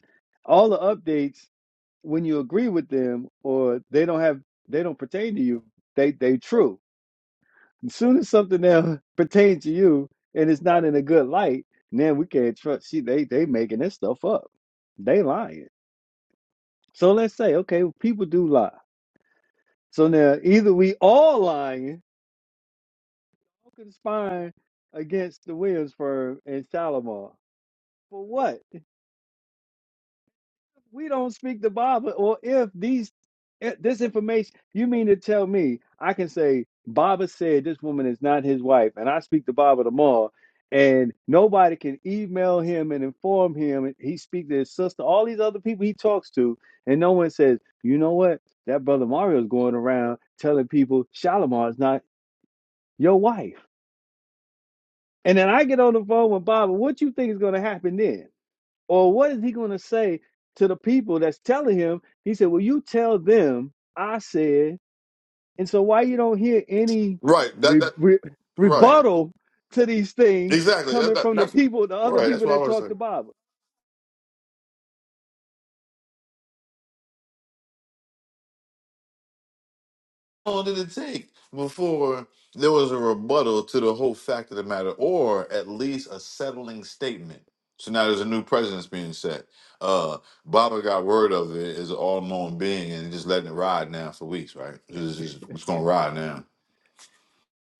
B: all the updates. when you agree with them or they don't have they don't pertain to you, they they true. As soon as something else <laughs> pertains to you and it's not in a good light, then we can't trust. See, they they making this stuff up. They lying. So let's say, okay, people do lie. So now either we all lying, or conspiring against the Williamsburg and Shalimar. For what? we don't speak the Bible, or if these eh, this information, you mean to tell me I can say Baba said this woman is not his wife, and I speak the Bible tomorrow, and nobody can email him and inform him. He speaks to his sister, all these other people he talks to, and no one says, you know what, that brother Mario's going around telling people Shalimar is not your wife, and then I get on the phone with Baba. What you think is going to happen then? Or what is he going to say to the people that's telling him? He said, "Well, you tell them I said." And so, why you don't hear any
F: Right. That,
B: re-
F: that,
B: re-
F: right.
B: rebuttal to these things
F: Exactly. That,
B: coming
F: that,
B: from the
F: that's
B: people, the other
F: right. That's
B: people
F: what I
B: that
F: was
B: talk the
F: saying.
B: Bible?
F: How long did it take before there was a rebuttal to the whole fact of the matter, or at least a settling statement? So now there's a new precedent's being set. Uh, Baba got word of it as an all-knowing being, and just letting it ride now for weeks, right? It's, it's, it's going to ride now.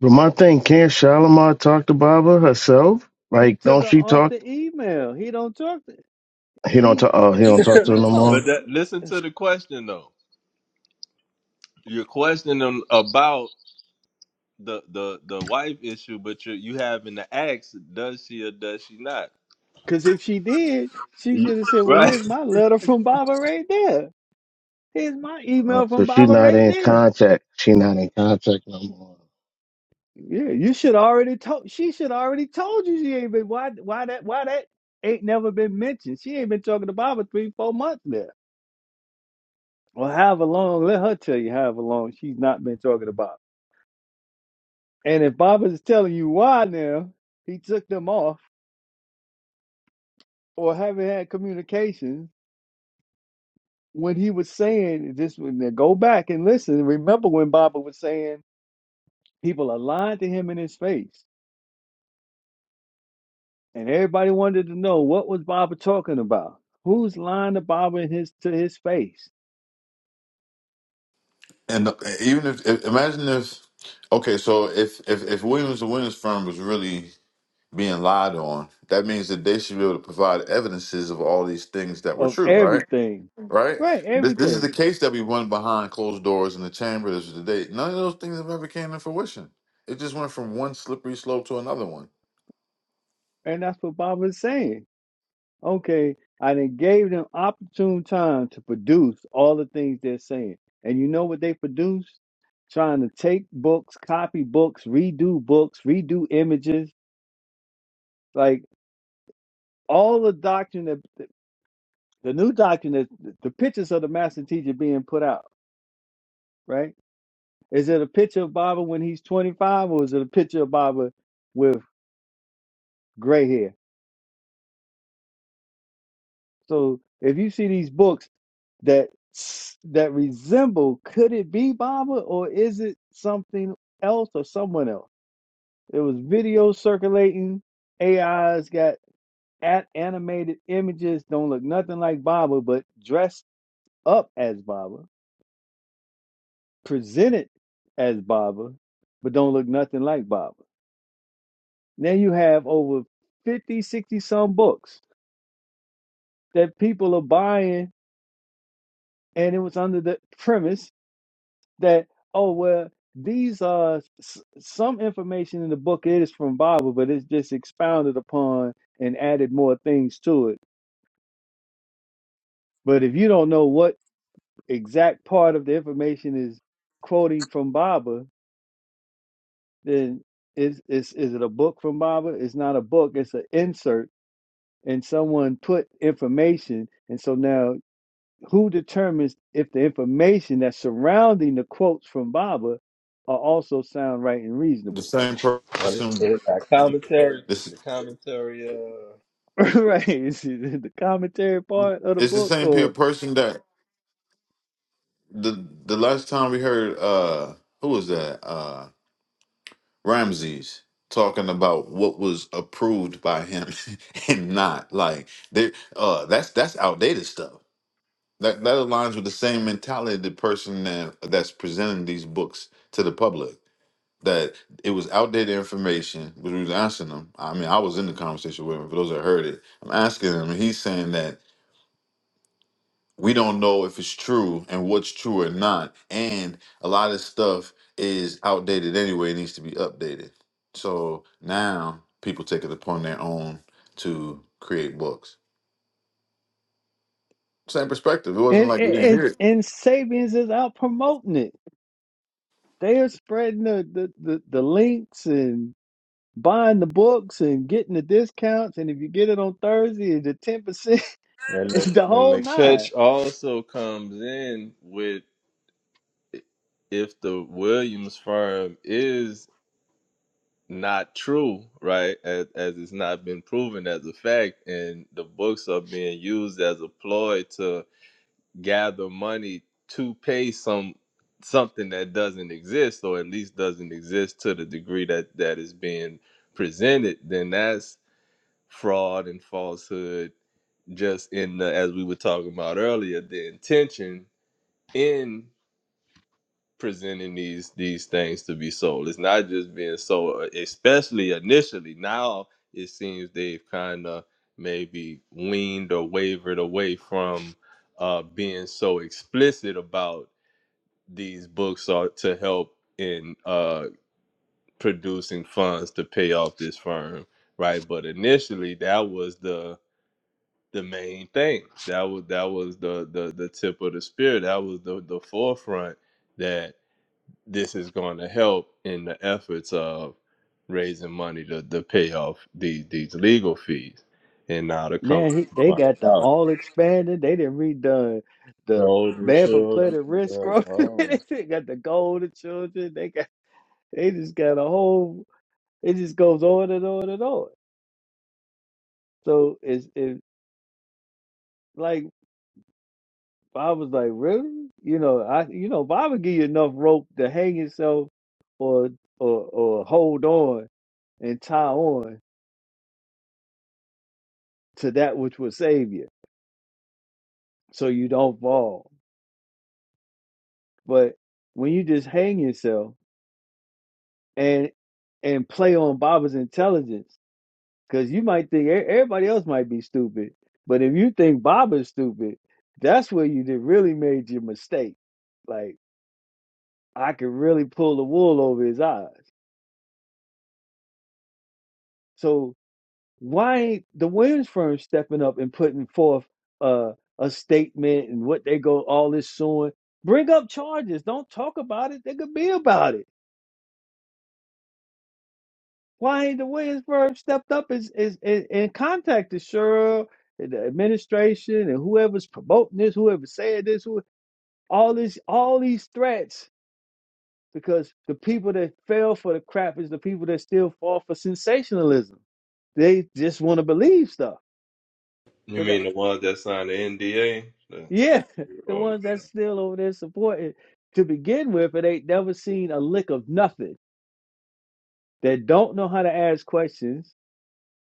H: But my thing, can't Shalimar talk to Baba herself?
B: He
H: Like
B: took
H: don't
B: her
H: she
B: off
H: talk
B: the email. He don't talk. To,
H: he don't
B: he
H: talk oh he don't
B: he
H: talk to her no
D: But
H: more?
B: no.
D: that listen to the question though. You're questioning him about the the the wife issue, but you you having to ask, does she or does she not?
B: Because if she did, she should have said, "Well,
D: Right.
B: here's my letter from Baba right there." Here's my
H: Uh,
B: email
H: so
B: from
H: she
B: Baba
H: not
B: right
H: in
B: now.
H: contact. She not in contact no more.
B: Yeah, you should already told. She should already told you she ain't been. Why? Why that? Why that ain't never been mentioned? She ain't been talking to Baba three, four months now, or however long. Let her tell you however long she's not been talking to Baba. And if Baba's telling you why now, he took them off or haven't had communication when he was saying this. When they go back and listen, remember when Baba was saying people are lying to him in his face. and everybody wanted to know what was Baba talking about. Who's lying to Baba in his to his face
F: And uh, even if, if imagine if okay, so if if if Williams and Williams firm was really being lied on, that means that they should be able to provide evidences of all these things that were
B: of
F: true, right?
B: everything,
F: Right.
B: right?
F: This this is the
B: Everything,
F: case that we won behind closed doors in the chamber. This was the date. None of those things have ever came to fruition. It just went from one slippery slope to another one.
B: and that's what Baba is saying. Okay, I then gave them opportune time to produce all the things they're saying, and you know what they produced? Trying to take books, copy books, redo books, redo images, like all the doctrine that the new doctrine that the pictures of the master teacher being put out, right? Is it a picture of Baba when he's 25 or is it a picture of Baba with gray hair? So if you see these books that s- that resemble, could it be Baba or is it something else or someone else? It was videos circulating. AI's got at animated images don't look nothing like Baba, but dressed up as Baba, presented as Baba, but don't look nothing like Baba. Then you have over 50, 60 some books that people are buying, and it was under the premise that oh well, these are s- some information in the book. It is from Bible, but it's just expounded upon and added more things to it. But if you don't know what exact part of the information is quoting from Bible, then is is is it a book from Bible? It's not a book. It's an insert, and someone put information, and so now who determines if the information that's surrounding the quotes from Baba are also sound, right, and
F: The
B: reasonable?
F: same
D: Well, it's
F: person.
D: it's that commentary. It's
F: This
D: the commentary. Uh,
B: <laughs> right? Is it the commentary part of the
F: it's the
B: book,
F: same pe-
B: or
F: person that the the last time we heard. uh Who was that? Uh, Ramses talking about what was approved by him <laughs> and not like there uh that's that's outdated stuff that that aligns with the same mentality of the person that that's presenting these books to the public that it was outdated information which we was asking them i mean i was in the conversation with him for those that heard it i'm asking him and he's saying that we don't know if it's true and what's true or not. And a lot of stuff is outdated anyway, it needs to be updated. So now people take it upon their own to create books. Same perspective. It wasn't
B: and
F: like
B: and
F: we didn't
B: and,
F: hear it.
B: and Sabians is out promoting it. They are spreading the, the the the links and buying the books and getting the discounts. And if you get it on Thursday, it's the ten percent.
D: and
B: <laughs> It's
D: the,
B: the
D: and
B: whole
D: the
B: nine.
D: catch also comes in with if the Williams firm is not true, right? As, as it's not been proven as a fact, and the books are being used as a ploy to gather money to pay some something that doesn't exist, or at least doesn't exist to the degree that that is being presented. Then that's fraud and falsehood. Just in the as we were talking about earlier, the intention in presenting these these things to be sold. It's not just being sold, uh, especially initially. Now it seems they've kind of maybe weaned or wavered away from uh, being so explicit about these books are to help in uh, producing funds to pay off this firm, right? But initially, that was the the main thing. That was that was the the the tip of the spear. That was the the forefront that this is going to help in the efforts of raising money to, to pay off these these legal fees. And now to come
B: Now he, they
D: find
B: got the
D: out,
B: all expanded. They didn't redone
D: the
B: the
D: older
B: bad for
D: children,
B: planet risk
D: Yeah,
B: scroll. <laughs>
D: um,
B: they got the golden children. They got they just got a whole. It just goes on and on and on. So it's it like I was like really, you know, I you know, if I would give you enough rope to hang yourself or or or hold on and tie on to that which will save you, so you don't fall. But when you just hang yourself and and play on Baba's intelligence because you might think e- everybody else might be stupid, but if you think Baba's stupid, that's where you did really made your mistake. Like I could really pull the wool over his eyes. So why ain't the Williams firm stepping up and putting forth uh, a statement and what they go all this suing? Bring up charges. Don't talk about it. They could be about it Why ain't the Williamsburg stepped up is is and and contacted Cheryl and the administration and whoever's promoting this, whoever said this, who all this all these threats because the people that fell for the crap is the people that still fall for sensationalism. They just want to believe stuff.
D: you
B: So that
D: mean the ones that signed the NDA? The,
B: yeah, <laughs> the
D: oh,
B: ones that's still over there supporting to begin with, it ain't never seen a lick of nothing. That don't know how to ask questions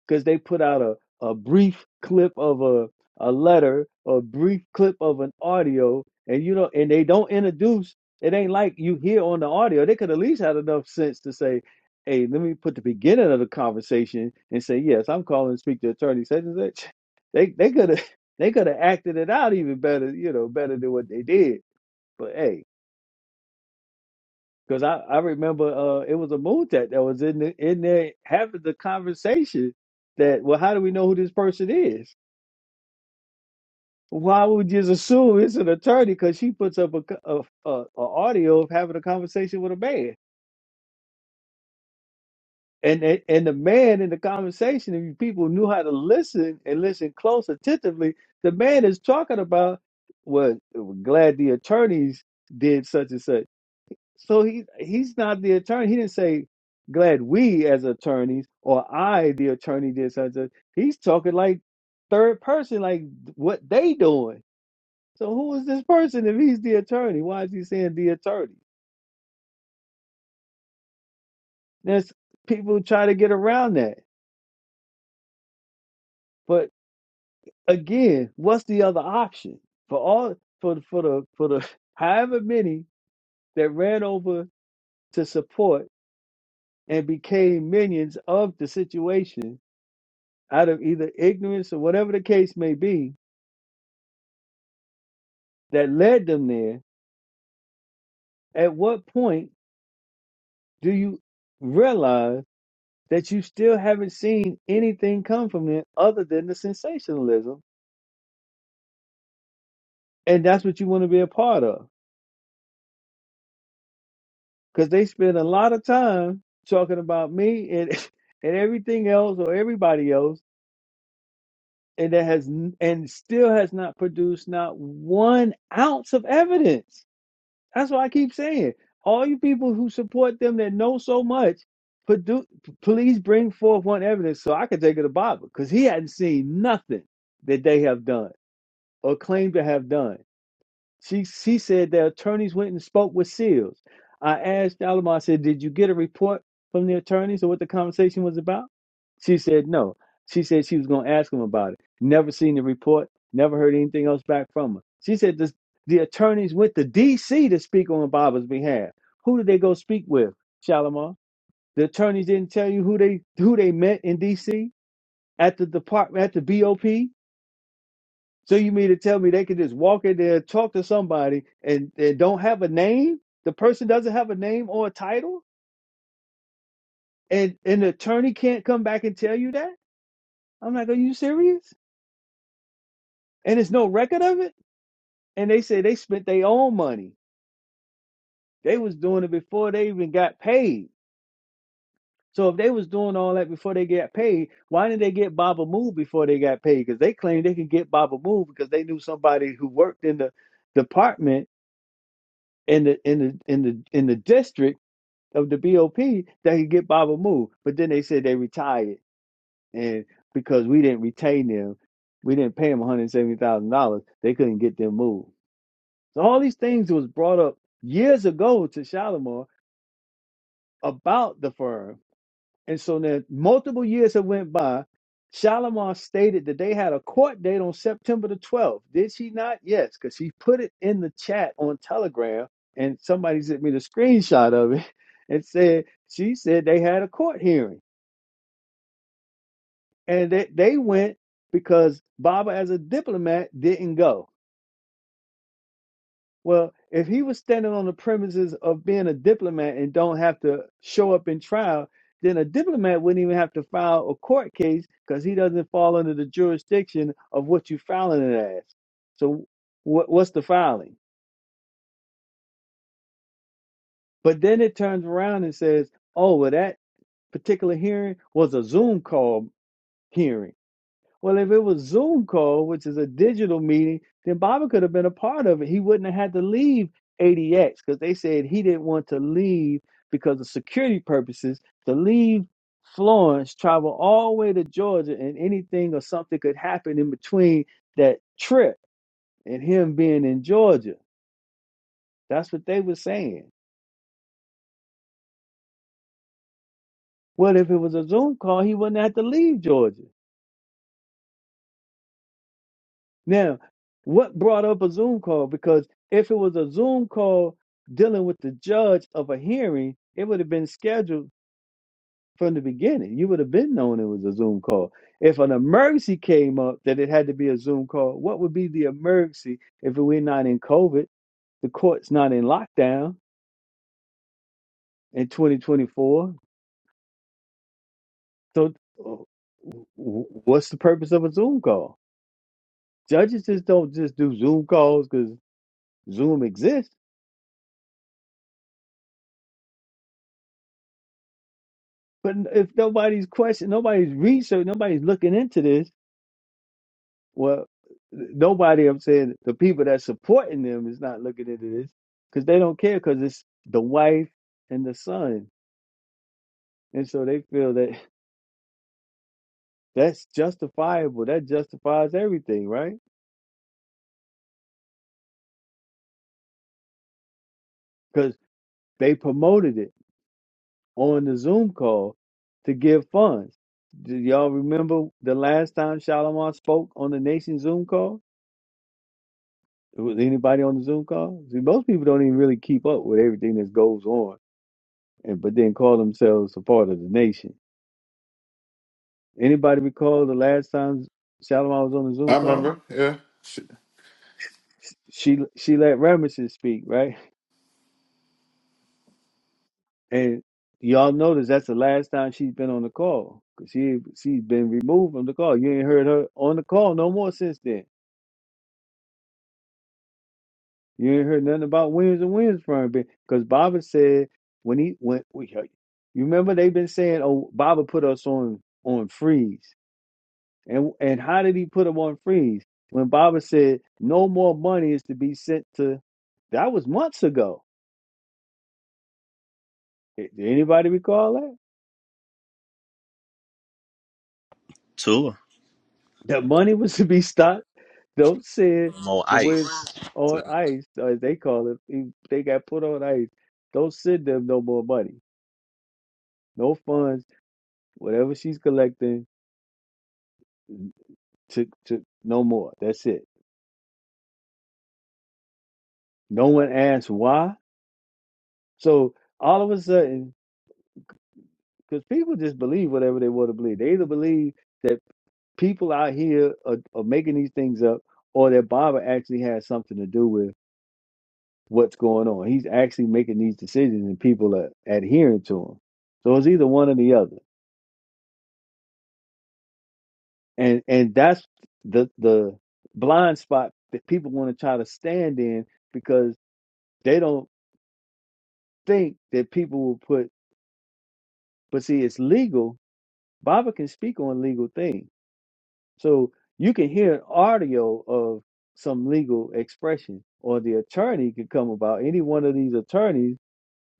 B: because they put out a, a brief clip of a, a letter, a brief clip of an audio, and you know, and they don't introduce. It ain't like you hear on the audio. They could at least had enough sense to say, "Hey, let me put the beginning of the conversation and say, yes, I'm calling to speak to attorney such and such." They they could have <laughs> they could have acted it out even better, you know, better than what they did. But hey, because I, I remember uh, it was a moon tech that was in the, in there having the conversation that, well, how do we know who this person is? Why would you just assume it's an attorney? Because she puts up a, co- a, a, a audio of having a conversation with a man. And, and and the man in the conversation, if people knew how to listen and listen close attentively, the man is talking about, well, glad the attorneys did such and such So he he's not the attorney. He didn't say, "Glad we as attorneys" or "I the attorney did such." A, he's talking like third person, like what they doing. So who is this person if he's the attorney? Why is he saying the attorney? There's people try to get around that, but again, what's the other option for all for the- for the for the <laughs> however many that ran over to support and became minions of the situation? out of either ignorance or whatever the case may be that led them there, at what point do you realize that you still haven't seen anything come from it other than the sensationalism? And that's what you want to be a part of. Because they spend a lot of time talking about me and <laughs> and everything else or everybody else, and that has n- and still has not produced not one ounce of evidence That's why I keep saying, all you people who support them that know so much, produ- please bring forth one evidence so I can take it to Bible, because he hadn't seen nothing that they have done or claim to have done. She she said the attorneys went and spoke with Seals. I asked Alamo, I said, Did you get a report from the attorneys or what the conversation was about? She said no. She said she was gonna ask him about it. Never seen the report, never heard anything else back from her. She said the, the attorneys went to DC to speak on Baba's behalf. Who did they go speak with, Shalimar? The attorneys didn't tell you who they who they met in DC at the department at the BOP? So you mean to tell me they can just walk in there, talk to somebody, and they don't have a name? The person doesn't have a name or a title, and an attorney can't come back and tell you that? I'm like, are you serious? And there's no record of it. And they say they spent their own money. They was doing it before they even got paid. So if they was doing all that before they got paid, why didn't they get Baba Move before they got paid? Because they claimed they could get Baba Move because they knew somebody who worked in the department in the in the in the in the district of the BOP that could get Baba Moo. But then they said they retired, and because we didn't retain them, we didn't pay them one hundred seventy thousand dollars. They couldn't get them moved. So all these things was brought up years ago to Shalimar about the firm and so then, multiple years have went by. Shalimar stated that they had a court date on September the 12th. Did she not? Yes, because she put it in the chat on Telegram and somebody sent me the screenshot of it <laughs> and said she said they had a court hearing. And they, they went because Baba as a diplomat didn't go. Well, if he was standing on the premises of being a diplomat and don't have to show up in trial, then a diplomat wouldn't even have to file a court case because he doesn't fall under the jurisdiction of what you filing it as. So, what, what's the filing? But then it turns around and says, "Oh, well, that particular hearing was a Zoom call hearing." Well, if it was Zoom call, which is a digital meeting, then Bobby could have been a part of it. He wouldn't have had to leave ADX because they said he didn't want to leave because of security purposes. To leave Florence, travel all the way to Georgia, and anything or something could happen in between that trip and him being in Georgia. That's what they were saying. Well, if it was a Zoom call, he wouldn't have to leave Georgia. Now, what brought up a Zoom call? Because if it was a Zoom call dealing with the judge of a hearing, it would have been scheduled from the beginning. You would have been known it was a Zoom call. If an emergency came up that it had to be a Zoom call, what would be the emergency if we're not in COVID, the court's not in lockdown in 2024? So, uh, w- w- what's the purpose of a Zoom call? Judges just don't just do Zoom calls because Zoom exists But if nobody's question, nobody's research, nobody's looking into this. Well, nobody. I'm saying the people that's supporting them is not looking into this because they don't care because it's the wife and the son, and so they feel that <laughs> that's justifiable. That justifies everything, right? Because they promoted it on the Zoom call to give funds. Do y'all remember the last time Shalomar spoke on the Nation Zoom call? Was anybody on the Zoom call? See, most people don't even really keep up with everything that goes on, and but then call themselves a part of the nation. Anybody recall the last time Salomon was on the
F: I
B: Zoom call?
F: remember, yeah. Sh- <clears throat>
B: She she let Ramesses speak, right? <laughs> And y'all notice that's the last time she's been on the call because she she's been removed from the call. You ain't heard her on the call no more since then. You ain't heard nothing about wins and wins from him because Baba said when he went, we, you remember they've been saying, "Oh, Baba put us on on freeze," and and how did he put them on freeze? When Baba said no more money is to be sent to, that was months ago. Did anybody recall that?
D: Tua.
B: That money was to be stopped. Don't
D: i
B: send the words
D: ice.
B: on
D: Tua.
B: ice, as they call it. he- They got put on ice. Don't send them no more money, no funds, whatever she's collecting to to no more. That's it. No one asks why. So all of a sudden, because people just believe whatever they want to believe. They either believe that people out here are, are making these things up, or that Baba actually has something to do with what's going on. He's actually making these decisions, and people are adhering to him. So it's either one or the other, and and that's the the blind spot that people want to try to stand in because they don't think that people will put. But see, it's legal Baba can speak on legal things. So you can hear an audio of some legal expression, or the attorney could come about. Any one of these attorneys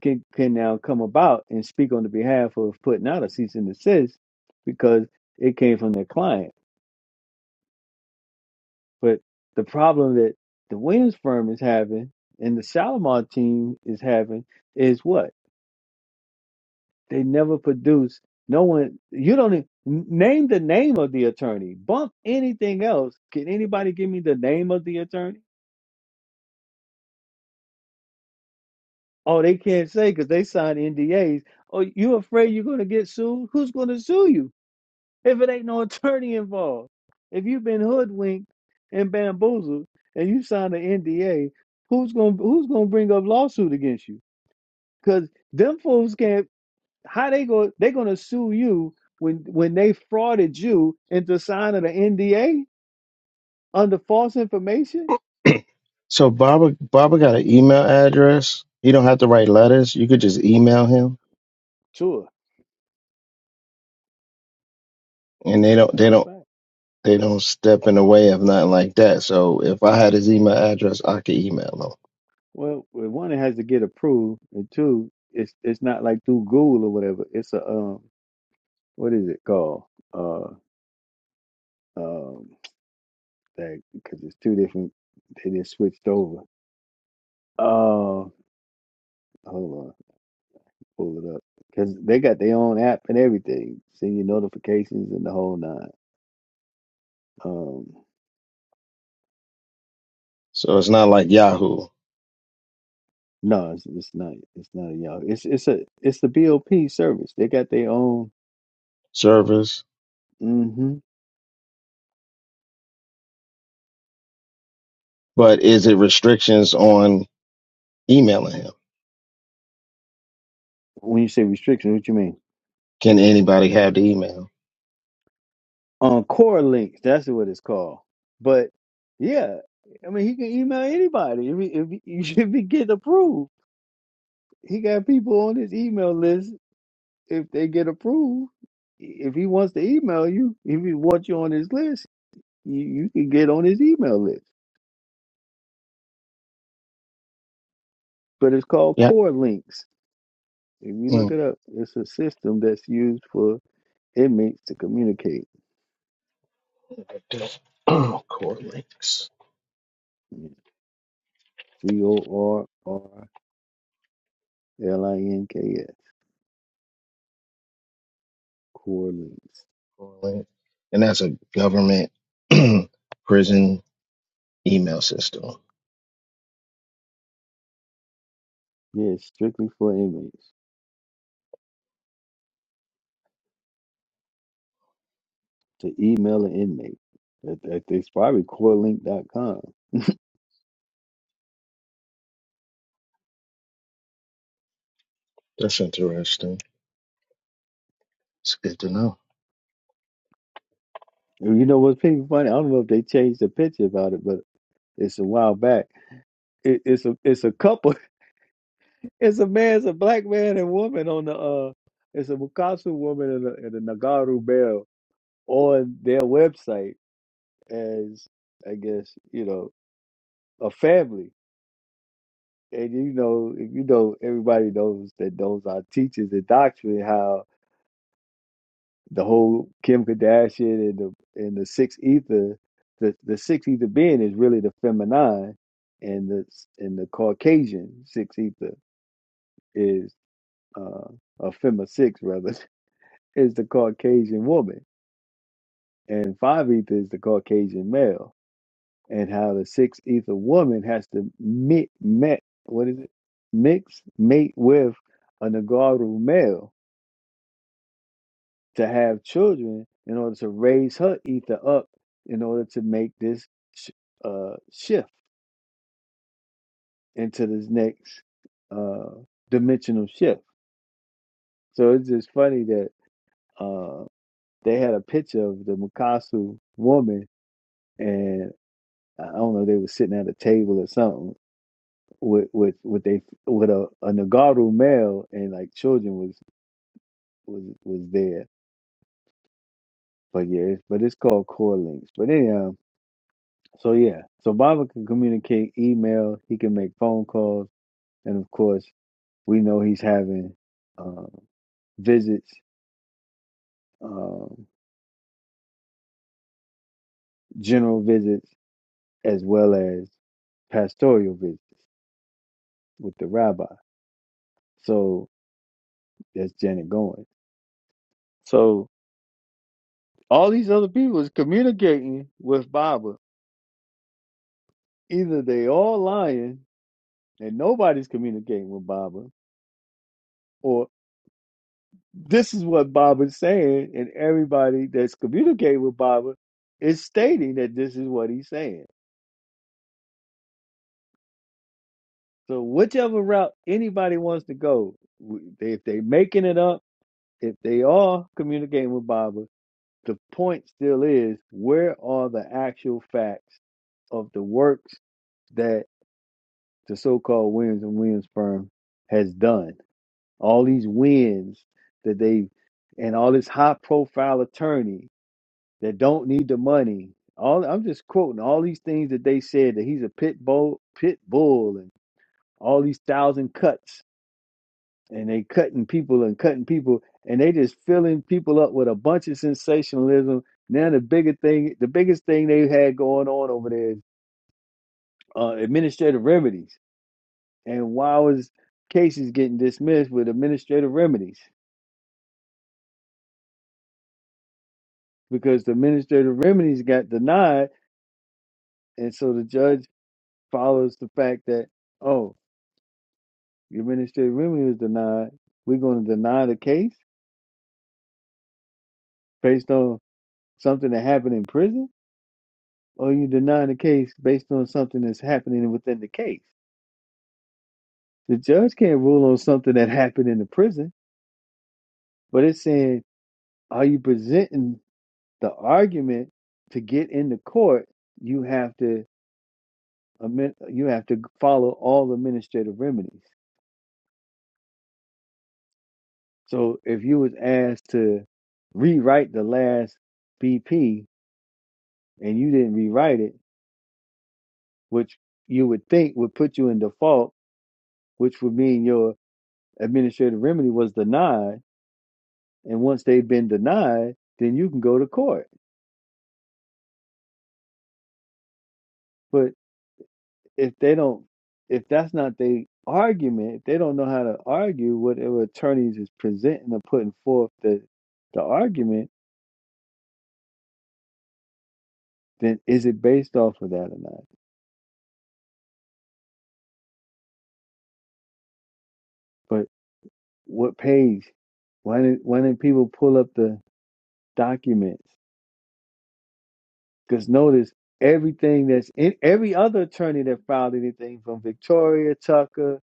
B: can, can now come about and speak on the behalf of putting out a cease and desist because it came from their client. But the problem that the Williams firm is having and the Shalimar team is having is what? They never produce. No one. You don't even, name the name of the attorney. Bump anything else. Can anybody give me the name of the attorney? Oh, they can't say because they signed NDAs. Oh, you afraid you're going to get sued? Who's going to sue you if it ain't no <laughs> attorney involved? If you've been hoodwinked and bamboozled and you signed an NDA, who's going to who's going to bring up lawsuit against you? Because them fools can't. how they go they're gonna sue you when when they frauded you into signing an NDA under false information?
H: <clears throat> So Baba Baba got an email address. He don't have to write letters. You could just email him
B: Sure,
H: and they don't
B: that's
H: they
B: a
H: don't
B: fact.
H: They don't step in the way of nothing like that. So if I had his email address, I could email him.
B: Well, well, one it has to get approved, and two, it's it's not like through Google or whatever. It's a um, what is it called? Uh, um, that because it's two different. They just switched over. Uh, hold on, pull it up because they got their own app and everything, send you notifications and the whole nine. Um.
H: So it's not like Yahoo
B: No, it's, it's not. It's not a Yahoo. It's it's a it's the BOP service. They got their own.
H: servers,
B: hmm
H: but is it restrictions on emailing him?
B: When you say restriction, what you mean?
H: Can anybody have the email?
B: On core links, that's what it's called. But yeah, I mean, he can email anybody if he, if he, <laughs> if he get approved. He got people on his email list. If they get approved, if he wants to email you, if he wants you on his list, you, you can get on his email list. But it's called
H: Yeah.
B: core links. If you look
H: Mm.
B: it up, it's a system that's used for It means to communicate.
H: <clears throat> Core links.
B: Yeah. C O R R L I N K S. Core links.
H: Core link. And that's a government <clears throat> prison email system.
B: Yeah, it's strictly for inmates. To email an inmate. That, that, it's probably corelink.com.
H: That's interesting. It's good to know.
B: And you know what's pretty funny? I don't know if they changed the picture about it, but it's a while back. It, it's a it's a couple. <laughs> It's a man, it's a black man and woman on the uh it's a Mukasu woman and a, and a Nagaru bell on their website as I guess, you know, a family. and you know, you know, everybody knows that those are teachers and doctrine. How the whole Kim Kardashian and the and the six ether, the the six ether being is really the feminine, and the and the Caucasian six ether is uh, a fema six rather <laughs> is the Caucasian woman, and five ether is the Caucasian male, and how the six ether woman has to mix, mix what is it, mix mate with a Nagaru male to have children in order to raise her ether up in order to make this sh- uh, shift into this next uh, dimensional shift. So it's just funny that uh, they had a picture of the Mukasu woman, and I don't know, they were sitting at a table or something with with with they with a, a Nagaru male, and like children was was was there. But yeah, it's, but it's called core links. But anyhow, So yeah, so Baba can communicate, email, he can make phone calls, and of course, we know he's having uh, visits, um, general visits, as well as pastoral visits with the rabbi. So that's Janet going. So all these other people is communicating with Baba. Either they all lying and nobody's communicating with Baba, or this is what Baba's saying, and everybody that's communicating with Baba is stating that this is what he's saying. So whichever route anybody wants to go, if they making it up, if they are communicating with Baba, the point still is where are the actual facts of the works that the so-called Williams and Williams firm has done? All these wins that they and all this high-profile attorney that don't need the money. All I'm just quoting all these things that they said that he's a pit bull, pit bull, and all these thousand cuts, and they cutting people and cutting people, and they just filling people up with a bunch of sensationalism. Now the bigger thing, the biggest thing they had going on over there is uh, administrative remedies, and why was cases getting dismissed with administrative remedies? Because the administrative remedies got denied, and so the judge follows the fact that oh Your ministerial remedy was denied. We're going to deny the case based on something that happened in prison, or you deny the case based on something that's happening within the case. The judge can't rule on something that happened in the prison, but it's saying, are you presenting the argument to get in the court? You have to amend- you have to follow all administrative remedies. So if you was asked to rewrite the last BP and you didn't rewrite it which you would think would put you in default, which would mean your administrative remedy was denied. And once they've been denied, then you can go to court. But if they don't, if that's not their argument, if they don't know how to argue whatever attorneys is presenting or putting forth the, the argument, then is it based off of that or not? But what page? Why did why didn't people pull up the documents? Because notice everything that's in every other attorney that filed anything from Victoria, Tucker,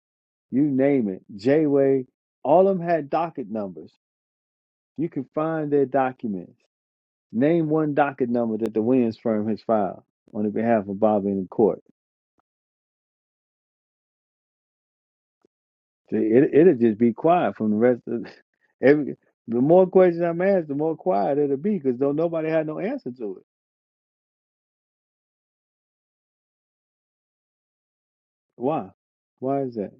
B: you name it, Jayway, all of them had docket numbers. You can find their documents. Name one docket number that the Williams firm has filed on behalf of Bobby in the court. See, It, it'll just be quiet from the rest of <laughs> every. The more questions I'm asked, the more quiet it'll be because don't nobody had no answer to it. Why? Why is that?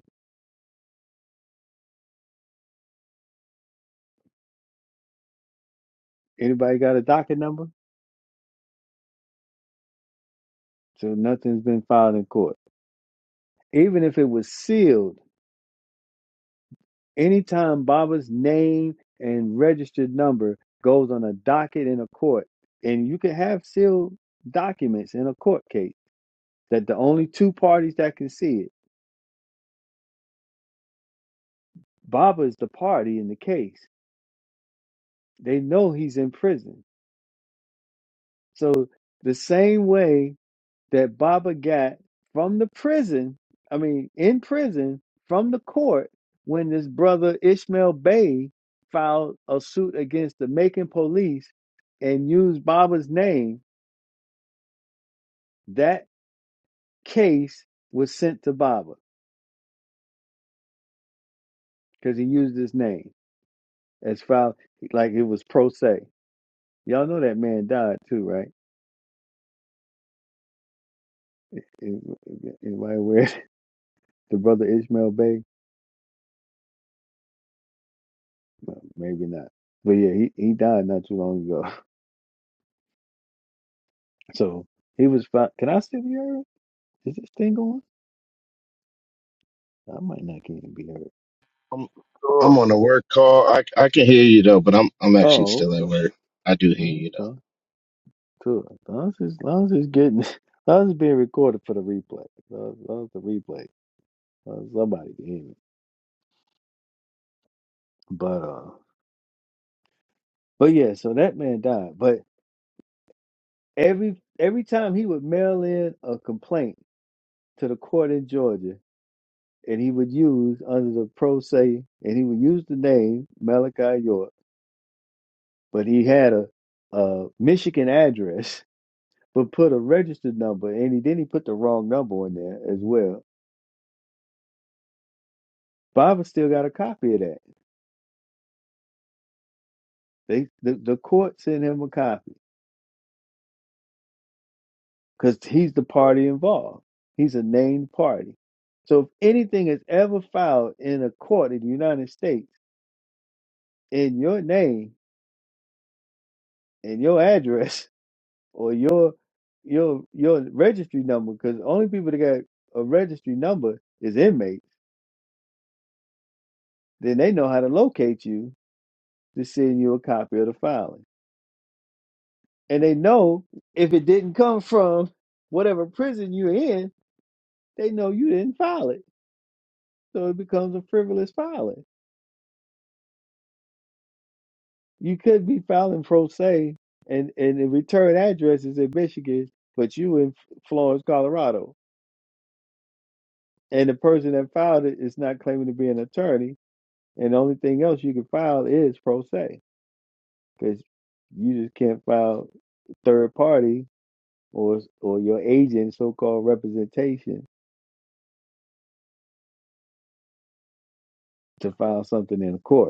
B: Anybody got a docket number? So nothing's been filed in court. even if it was sealed, anytime Baba's name and registered number goes on a docket in a court, and you can have sealed documents in a court case that the only two parties that can see it, Baba is the party in the case. They know he's in prison. So the same way that Baba got from the prison, I mean, in prison from the court when this brother Ishmael Bey filed a suit against the Macon police and used Baba's name. That case was sent to Baba because he used his name as filed, like it was pro se. Y'all know that man died too, right? Anybody aware? <laughs> The brother Ishmael Bey? Well, maybe not. But yeah, he, he died not too long ago. <laughs> So he was fine. Can I still be heard? Is this thing going? I might not get to be heard.
H: I'm I'm
D: sure.
H: on a work call. I I can hear you though, but I'm I'm actually
B: Oh,
H: still at
B: okay.
H: work. I do hear
B: Well, that's
H: you though.
B: fine. Cool. As long as it's, as long as it's getting, <laughs> as long as it's being recorded for the replay. As long as, as long as the replay, as long as somebody can hear it. But uh, but yeah. So that man died. But every every time he would mail in a complaint to the court in Georgia, and he would use under the pro se, and he would use the name Malachi York, but he had a a Michigan address but put a registered number, and he then he put the wrong number in there as well. Baba still got a copy of that. They the, the court sent him a copy because he's the party involved. He's a named party. So if anything is ever filed in a court in the United States in your name and your address <laughs> or your your your registry number, because the only people that got a registry number is inmates, then they know how to locate you to send you a copy of the filing. And they know if it didn't come from whatever prison you're in, they know you didn't file it. So it becomes a frivolous filing. You could be filing pro se and, and the return address is in Michigan, but you in Florence, Colorado. And the person that filed it is not claiming to be an attorney. And the only thing else you can file is pro se because you just can't file third party or or your agent so called representation to file something in court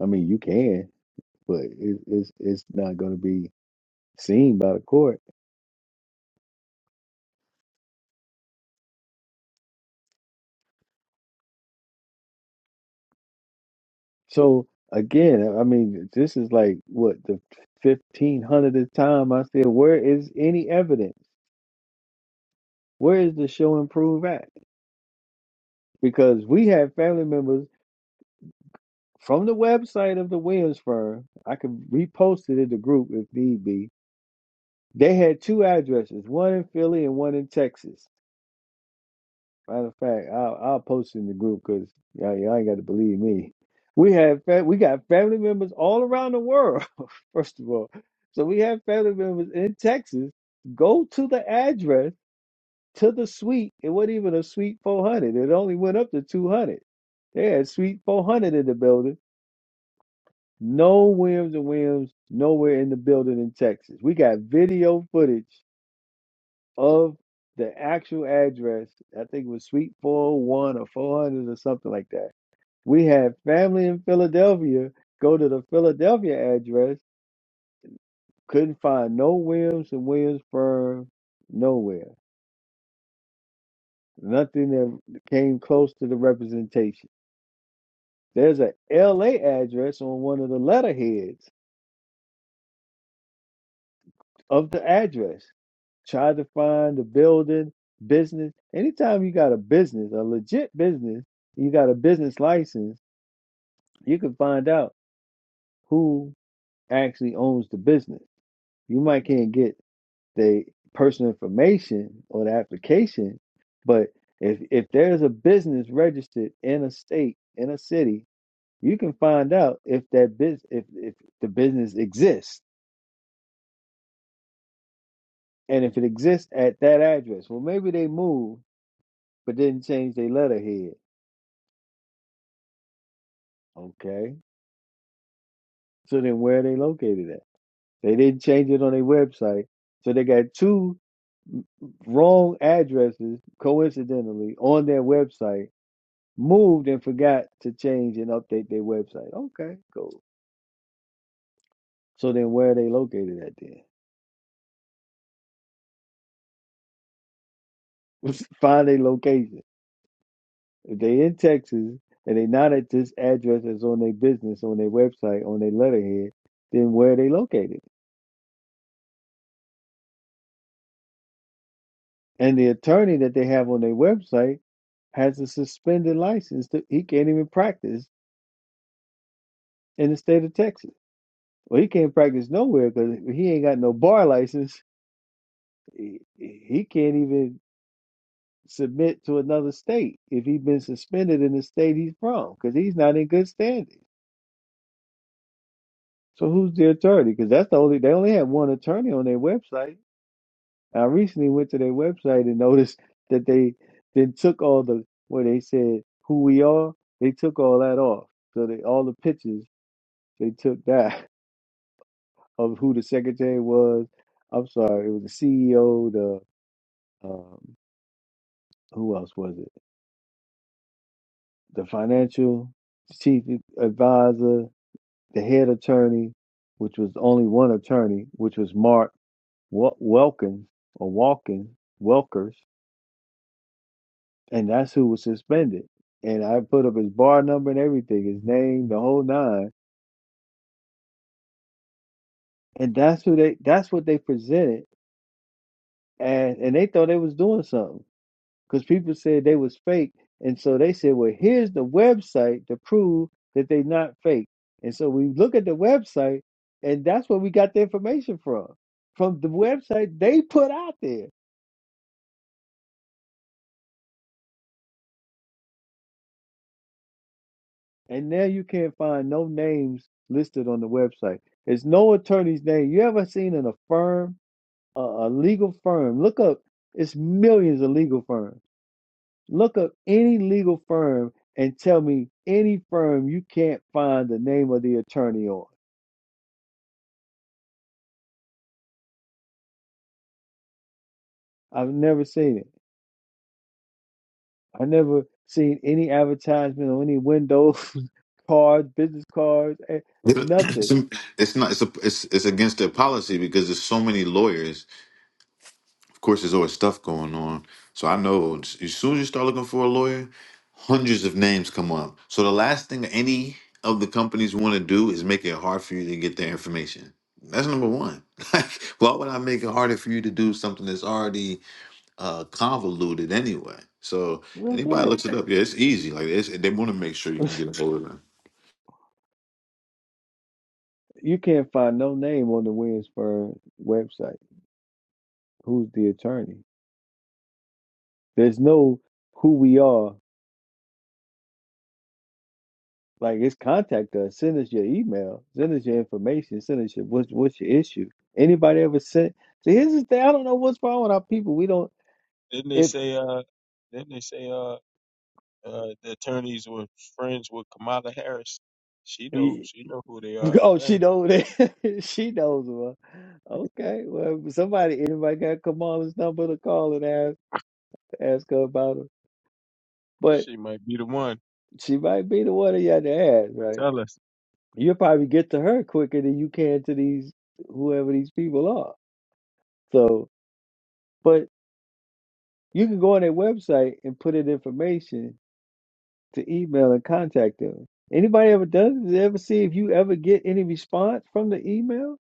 B: I mean, you can, but it, it's it's not going to be seen by the court. So again, I mean, this is like what the fifteen hundredth time I said, where is any evidence? Where is the show and prove at? Because we have family members from the website of the Williams firm. I could repost it in the group if need be. They had two addresses, one in Philly and one in Texas Matter of fact, I'll, I'll post in the group because y'all, y'all ain't got to believe me. We have fa- we got family members all around the world. <laughs> First of all, so we have family members in Texas. Go to the address to the suite. It wasn't even a suite four hundred. It only went up to two hundred. They had suite four hundred in the building. No Williams and Williams nowhere in the building in Texas. We got video footage of the actual address. I think it was Suite 401 or 400 or something like that. We had family in Philadelphia go to the Philadelphia address, couldn't find no Williams and Williams firm, nowhere. Nothing that came close to the representation. There's a LA address on one of the letterheads of the address. Try to find the building, business. Anytime you got a business, a legit business, you got a business license you can find out who actually owns the business. You might can't get the personal information or the application, but if if there's a business registered in a state, in a city, you can find out if that business if, if the business exists and if it exists at that address. Well maybe they moved but didn't change their letterhead. Okay. So then where are they located at? They didn't change it on their website. So they got two wrong addresses coincidentally on their website moved and forgot to change and update their website. Okay, cool. So then where are they located at then? <laughs> Find a location. If they in Texas and they not at this address that's on their business, on their website, on their letterhead, then where are they located? And the attorney that they have on their website has a suspended license. To, he can't even practice in the state of Texas. Well, he can't practice nowhere because he ain't got no bar license he he can't even submit to another state if he's been suspended in the state he's from because he's not in good standing. So who's the attorney? Because that's the only they only have one attorney on their website. I recently went to their website and <laughs> noticed that they then took all the where they said who we are. They took all that off. So they all the pictures they took that <laughs> of who the secretary was. I'm sorry, it was the CEO. The um, who else was it? the financial chief advisor, the head attorney, which was only one attorney, which was Mark Wel- Welkins or Walken Welkers, and that's who was suspended. And I put up his bar number and everything, his name, the whole nine, and that's who they that's what they presented, and and they thought they was doing something because people said they was fake, and so they said, "Well, here's the website to prove that they not fake." And so we look at the website, and that's where we got the information from, from the website they put out there. And now you can't find no names listed on the website. There's no attorney's name. You ever seen in a firm, a, a legal firm? Look up. It's millions of legal firms. Look up any legal firm and tell me any firm you can't find the name of the attorney on I've never seen it. I never seen any advertisement on any windows, <laughs> cards, business cards, eh,
F: It's,
B: nothing.
F: it's not. It's a, it's it's against their policy because there's so many lawyers Of course, there's always stuff going on. So I know as as soon as you start looking for a lawyer, hundreds of names come up. So the last thing any of the companies want to do is make it hard for you to get their information. That's number one. <laughs> Like, why would I make it harder for you to do something that's already uh, convoluted anyway? So
B: Well,
F: anybody
B: That's
F: looks it up, yeah, it's easy. Like it's, they want to make sure you can
B: right.
F: get
B: <laughs>
F: a hold of them.
B: You can't find no name on the Williamsburg website. Who's the attorney? There's no who we are. Like it's contact us. Send us your email. Send us your information. Send us your what's what's your issue. Anybody ever sent? See, here's the thing. I don't know what's wrong with our people. We don't
C: didn't they
B: if.
C: say? Uh, didn't they say? Uh, uh, the attorneys were friends with Kamala Harris. She know. She know who they are.
B: <laughs> Oh, she
C: Apparently,
B: knows that. <laughs> she knows well. Okay. Well, somebody, anybody got Kamala's number to call and ask ask her about her. But
C: she might be the one
B: she might be the one that you had to ask,
C: to
B: right?
C: tell us.
B: You'll probably get to her quicker than you can to these whoever these people are. So, but you can go on their website and put in information to email and contact them. Anybody ever does it? Ever see if you ever get any response from the email?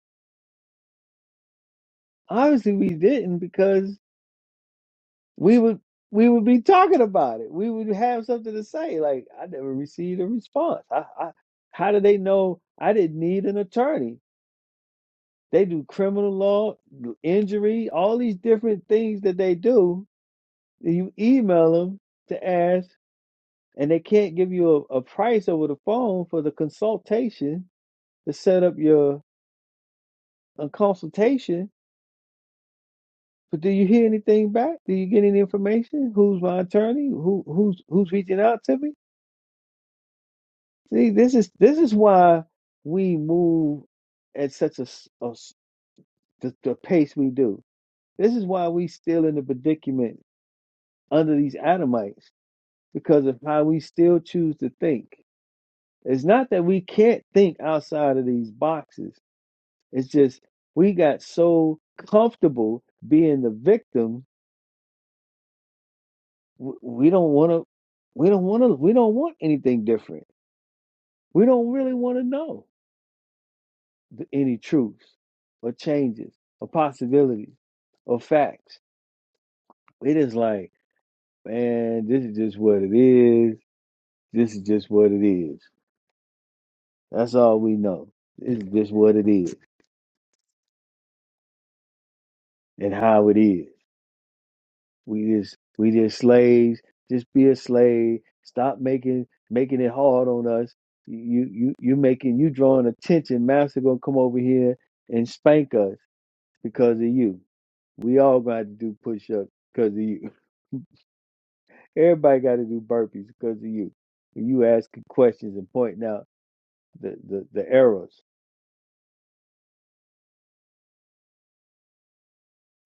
B: Obviously, we didn't because we would we would be talking about it. We would have something to say. Like I never received a response. I, I, how do they know I didn't need an attorney? They do criminal law, injury, all these different things that they do. You email them to ask, and they can't give you a, a price over the phone for the consultation to set up your a consultation. But do you hear anything back? Do you get any information? Who's my attorney? Who who's who's reaching out to me? See, this is this is why we move at such a, s- a s- the, the pace we do. This is why we still in the predicament under these Adamites because of how we still choose to think. It's not that we can't think outside of these boxes. It's just we got so comfortable being the victim. w- We don't want to. We don't want to. We don't want anything different. We don't really want to know. th- any truths or changes or possibilities or facts. It is like, man, this is just what it is. This is just what it is. That's all we know. This is just what it is and how it is. We just we just slaves. Just be a slave. Stop making making it hard on us. You you you making you drawing attention. Master gonna come over here and spank us because of you. We all got to do push ups because of you Everybody got to do burpees because of you. You asking questions and pointing out the, the, the errors.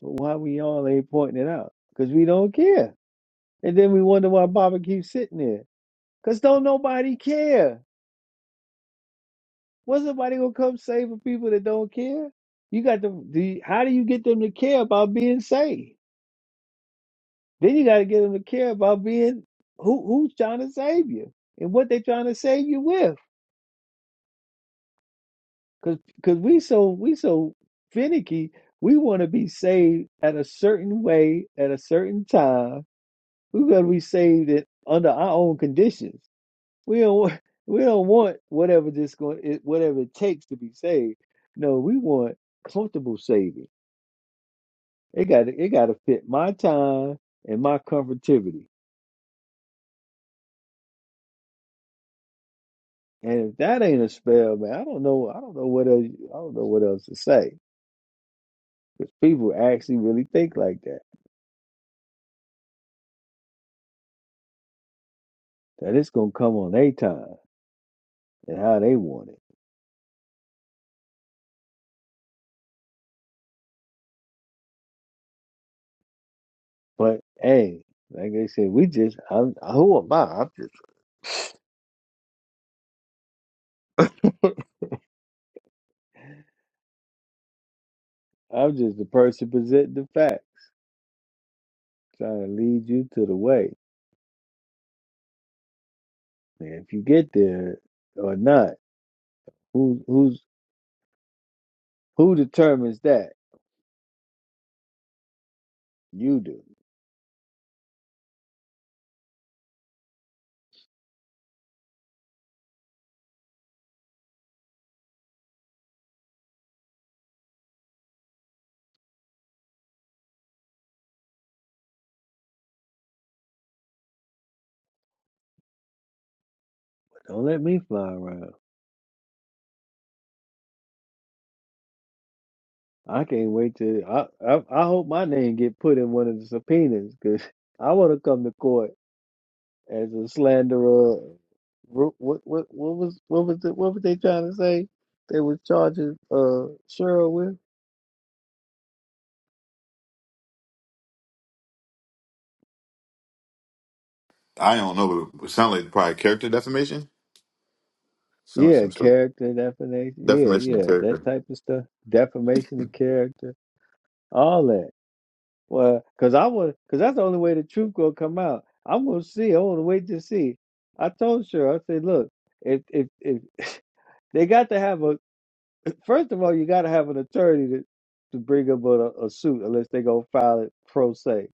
B: But why we all ain't pointing it out? Because we don't care. And then we wonder why Baba keeps sitting there. Because don't nobody care. What's somebody going to come save for people that don't care? You got to, the. how do you get them to care about being saved? Then you got to get them to care about being who, who's trying to save you and what they're trying to save you with. Cause, cause we so we so finicky. We want to be saved at a certain way at a certain time. We got to be saved it under our own conditions. We don't want, <laughs> we don't want whatever this going it, whatever it takes to be saved. No, we want comfortable saving. It got it got to fit my time and my comfortability. And if that ain't a spell, man, I don't know. I don't know what else. I don't know what else to say. Because people actually really think like that. That it's gonna come on a time. and how they want it. But hey, like I said, we just I'm who am I? I'm just I'm just the person presenting the facts, trying to lead you to the way. And if you get there or not, who who's who determines that? You do. Don't let me fly around. I can't wait to. I I, I hope my name get put in one of the subpoenas because <laughs> I want to come to court as a slanderer. What what what what was what was it? What were they trying to say? They was charging uh Cheryl with
F: I don't know, but it sounds like probably character defamation. Sounds like
B: yeah
F: some sort of
B: character defamation. Yeah,
F: defamation of
B: yeah, that
F: character.
B: type of stuff. Defamation of character, all that. Well, cause I want, cause that's the only way the truth gonna come out. I'm gonna see. I want to wait to see. I told Cheryl, I said, look, if if if <laughs> they got to have a first of all, you got to have an attorney to to bring up a, a suit unless they gonna file it pro se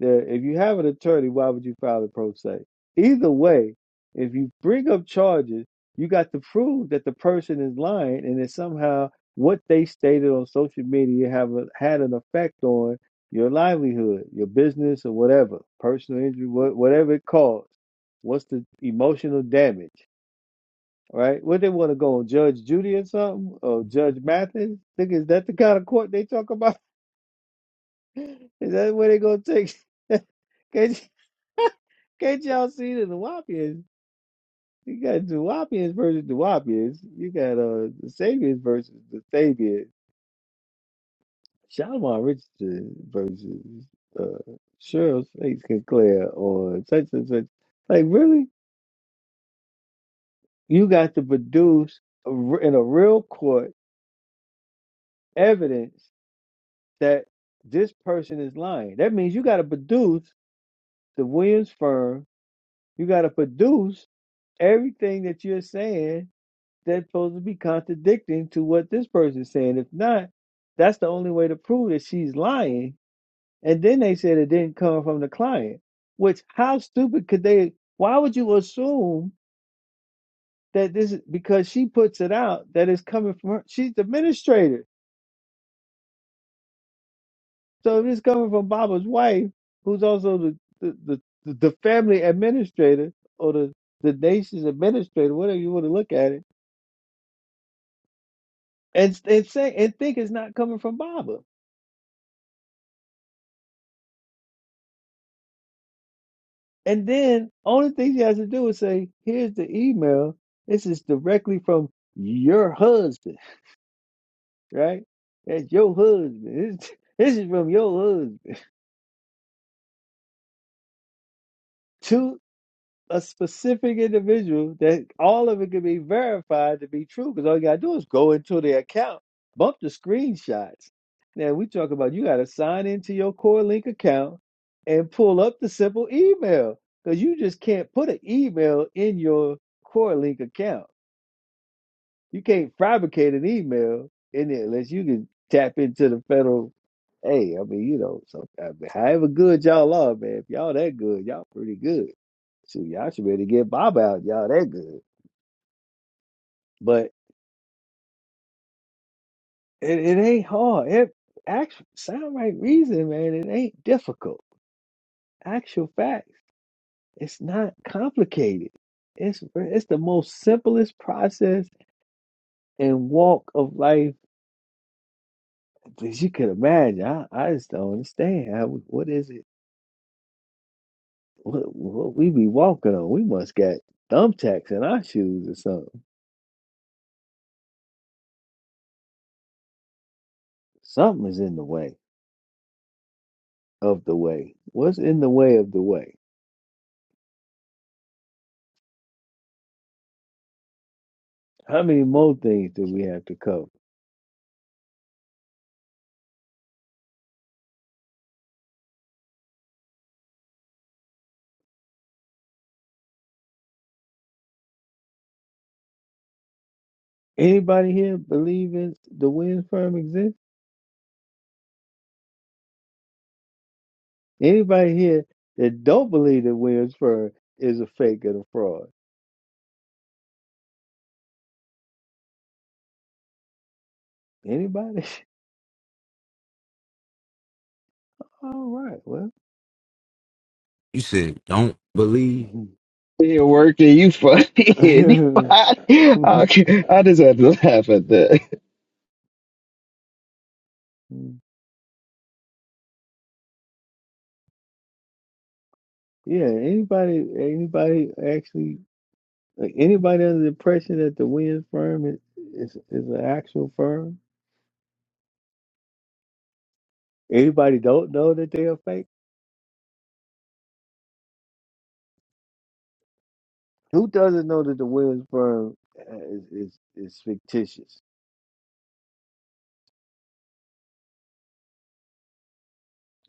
B: That if you have an attorney, why would you file a pro se? Either way, if you bring up charges, you got to prove that the person is lying and that somehow what they stated on social media have a, had an effect on your livelihood, your business, or whatever, personal injury, wha- whatever it caused. What's the emotional damage, right? What they want to go on Judge Judy or something, or Judge Mathis? Think is that the kind of court they talk about? Is that what they gonna take? <laughs> can't, y- <laughs> can't y'all see the Nuwapians? You got Nuwapians versus Nuwapians. You got uh the Sabians versus the Sabians. Shalomar Richardson versus uh Cheryl Snakes Sinclair or such and such. Like really, you got to produce a r in a real court evidence that this person is lying. That means you got to produce the Williams firm. You got to produce everything that you're saying that's supposed to be contradicting to what this person's saying. If not, that's the only way to prove that she's lying. And then they said it didn't come from the client. Which how stupid could they why would you assume that this is because she puts it out that it's coming from her she's the administrator. So if it's coming from Baba's wife, who's also the the, the, the the family administrator or the, the nation's administrator, whatever you want to look at it and and say and think it's not coming from Baba. And then only thing she has to do is say, "Here's the email. This is directly from your husband, right? That's your husband. This, this is from your husband to a specific individual that all of it can be verified to be true because all you gotta do is go into the account, bump the screenshots. Now we talk about you gotta sign into your CoreLink account and pull up the simple email because you just can't put an email in your CoreLink account. You can't fabricate an email in it unless you can tap into the federal. Hey, I mean, you know, so I mean, however good y'all are, man, if y'all that good, y'all pretty good. So y'all should be able to get Bob out. Y'all that good, but it, it ain't hard. It actual sound right reason, man. It ain't difficult. Actual facts. It's not complicated. It's it's the most simplest process and walk of life that you could imagine. I, I just don't understand. How, what is it? What, what we be walking on? We must got thumbtacks in our shoes or something. Something is in the way of the way. What's in the way of the way? How many more things do we have to cover? Anybody here believe in the Williams firm exists? Anybody here that don't believe that Williams firm is a fake and a fraud? Anybody? <laughs> All right. Well.
G: You said don't believe.
B: <laughs>
H: It worked and you funny. <laughs> Anybody? Okay, I just had to laugh at that.
B: yeah. Anybody? Anybody actually? Like anybody under the impression that the Williams firm is, is is an actual firm? Anybody don't know that they are fake? Who doesn't know that the Williams firm uh, is is, is fictitious?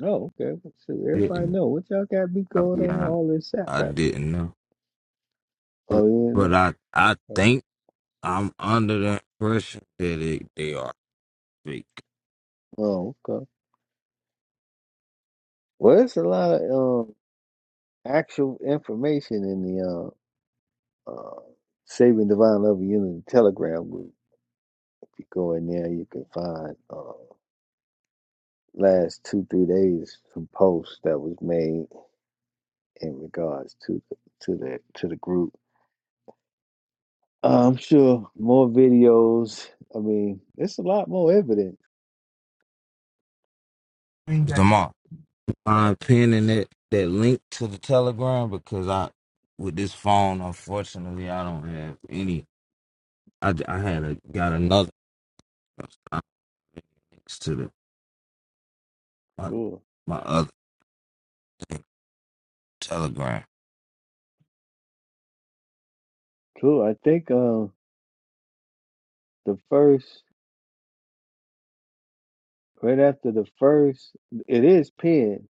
B: Oh, okay. So everybody
G: Didn't
B: know what y'all got be
G: I
B: going
G: be
B: on
G: honest?
B: all this sap
G: I
B: rap.
G: didn't know,
B: Oh,
G: but,
B: you
G: but
B: know.
G: I I
B: Oh,
G: think I'm under the impression that it, they are fake.
B: oh, okay. Well, it's a lot of um, actual information in the uh, uh, Saving Divine Love and Unity Telegram group. If you go in there, you can find. uh, last two three days some posts that was made in regards to to the to the group. Uh, I'm sure more videos. I mean, it's a lot more evidence.
G: Them I'm pinning that that link to the Telegram because I with this phone, unfortunately, I don't have any. I, I had a got another I don't have links to the my,
B: True,
G: my other thing, Telegram.
B: true. I think uh, the first right after the first, it is pinned.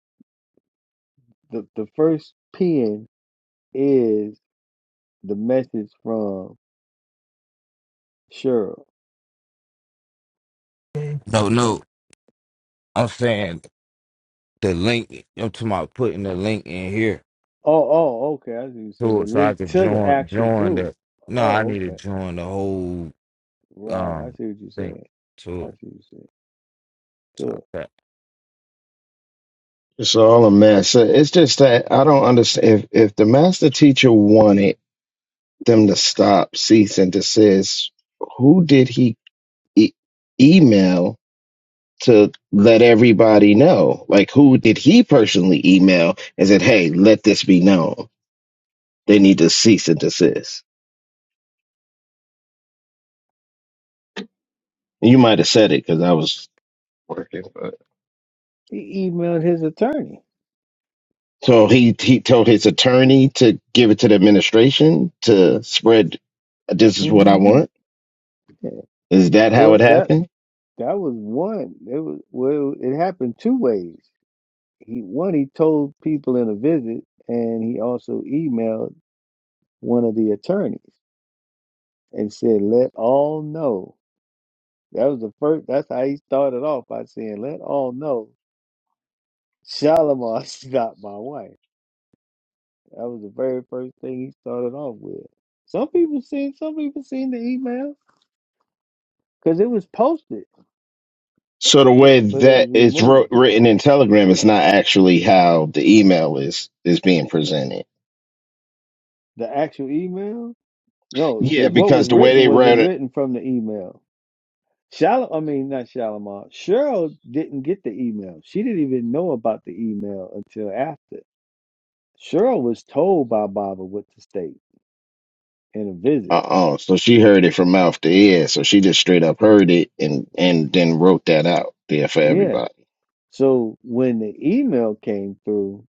B: The the first pin is the message from Cheryl.
G: No,
B: And,
G: no. I'm saying the link. I'm talking about putting the link in here
B: oh, oh, okay. I see what you saying.
G: to
B: The
G: it so I
B: link
G: could
B: to the
G: join
B: actual
G: join
B: group.
G: the. No, I
B: Oh,
G: need to
B: okay.
G: join the whole
B: Right. I
G: um
B: see what you're
G: thing
B: saying.
G: to
B: I
G: it.
B: see what you're saying.
G: So
B: So
G: that
H: It's all a mess. So It's just that I don't understand. If, if the master teacher wanted them to stop, cease, and desist, who did he e- email to let everybody know? Like, who did he personally email and said, hey, let this be known? They need to cease and desist. You might have said it because I was working.
B: he emailed his attorney.
H: So he he told his attorney to give it to the administration to spread. This is what I
B: hmm
H: want. Is that how it
B: Well, that
H: happened?
B: that was one. It was well. It happened two ways. He one he told people in a visit, and he also emailed one of the attorneys and said, "Let all know." That was the first. That's how he started off by saying, "Let all know." Shalimar <laughs> got my wife. That was the very first thing he started off with. Some people seen, some people seen the email because it was posted,
H: So the
B: but
H: way
B: but it
H: that
B: was
H: it's
B: removed
H: wrote, written in Telegram is not actually how the email is is being presented.
B: The actual email? No,
H: Yeah,
B: because what was
H: because the way
B: written
H: they
B: wasn't
H: read it.
B: written from the email. Shalom, I mean, not Shalimar. Cheryl didn't get the email. She didn't even know about the email until after. Cheryl was told by Baba what to state in a
H: Uh
B: visit.
H: oh. So she heard it from mouth to ear. So she just straight up heard it and and then wrote that out there for
B: Yeah.
H: everybody.
B: So when the email came through,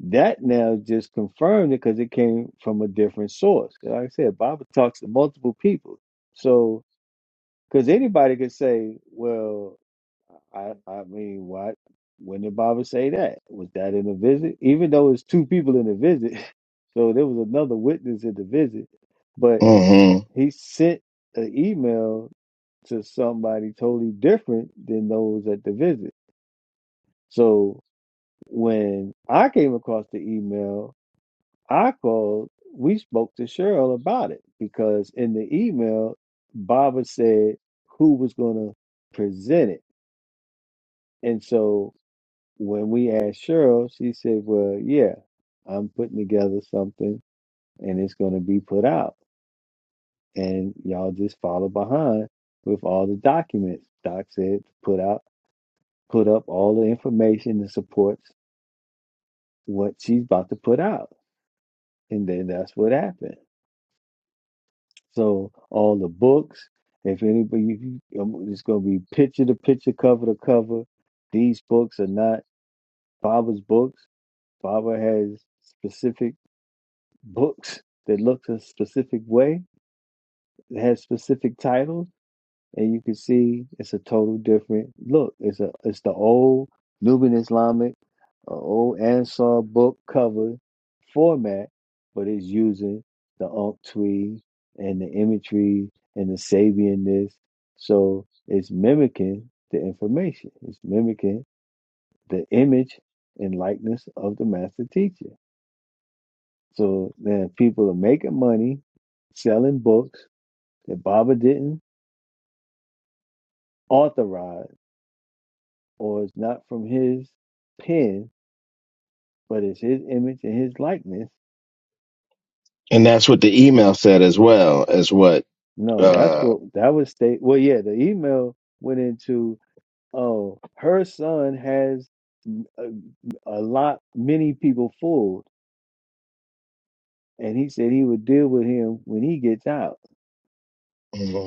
B: that now just confirmed it because it came from a different source. 'Cause Like I said, Baba talks to multiple people. So, because anybody could say, well, I I mean, what? When did Baba say that? Was that in the visit? Even though it's two people in the visit, <laughs> so there was another witness in the visit, but
H: hmm
B: he sent an email to somebody totally different than those at the visit. So when I came across the email, I called. We spoke to Cheryl about it because in the email, Baba said who was going to present it, and so. when we asked Cheryl, she said, Well, yeah, I'm putting together something and it's going to be put out. And y'all just follow behind with all the documents. Doc said to put out, put up all the information that supports what she's about to put out. And then that's what happened. So all the books, if anybody, if you, um, it's going to be picture to picture, cover to cover. These books are not Baba's books. Baba has specific books that look a specific way, that has specific titles, and you can see it's a total different look. It's a it's the old Nubian Islamic, uh, old Ansar book cover format, but it's using the unctwe and the imagery and the Sabianness. So it's mimicking the information. It's mimicking the image and likeness of the master teacher. So then people are making money selling books that Baba didn't authorize or it's not from his pen, but it's his image and his likeness.
H: And that's what the email said as well as what.
B: No, that's
H: uh
B: what that was state. Well, yeah, the email went into oh, her son has a, a lot, many people fooled, and he said he would deal with him when he gets out.
H: mm-hmm.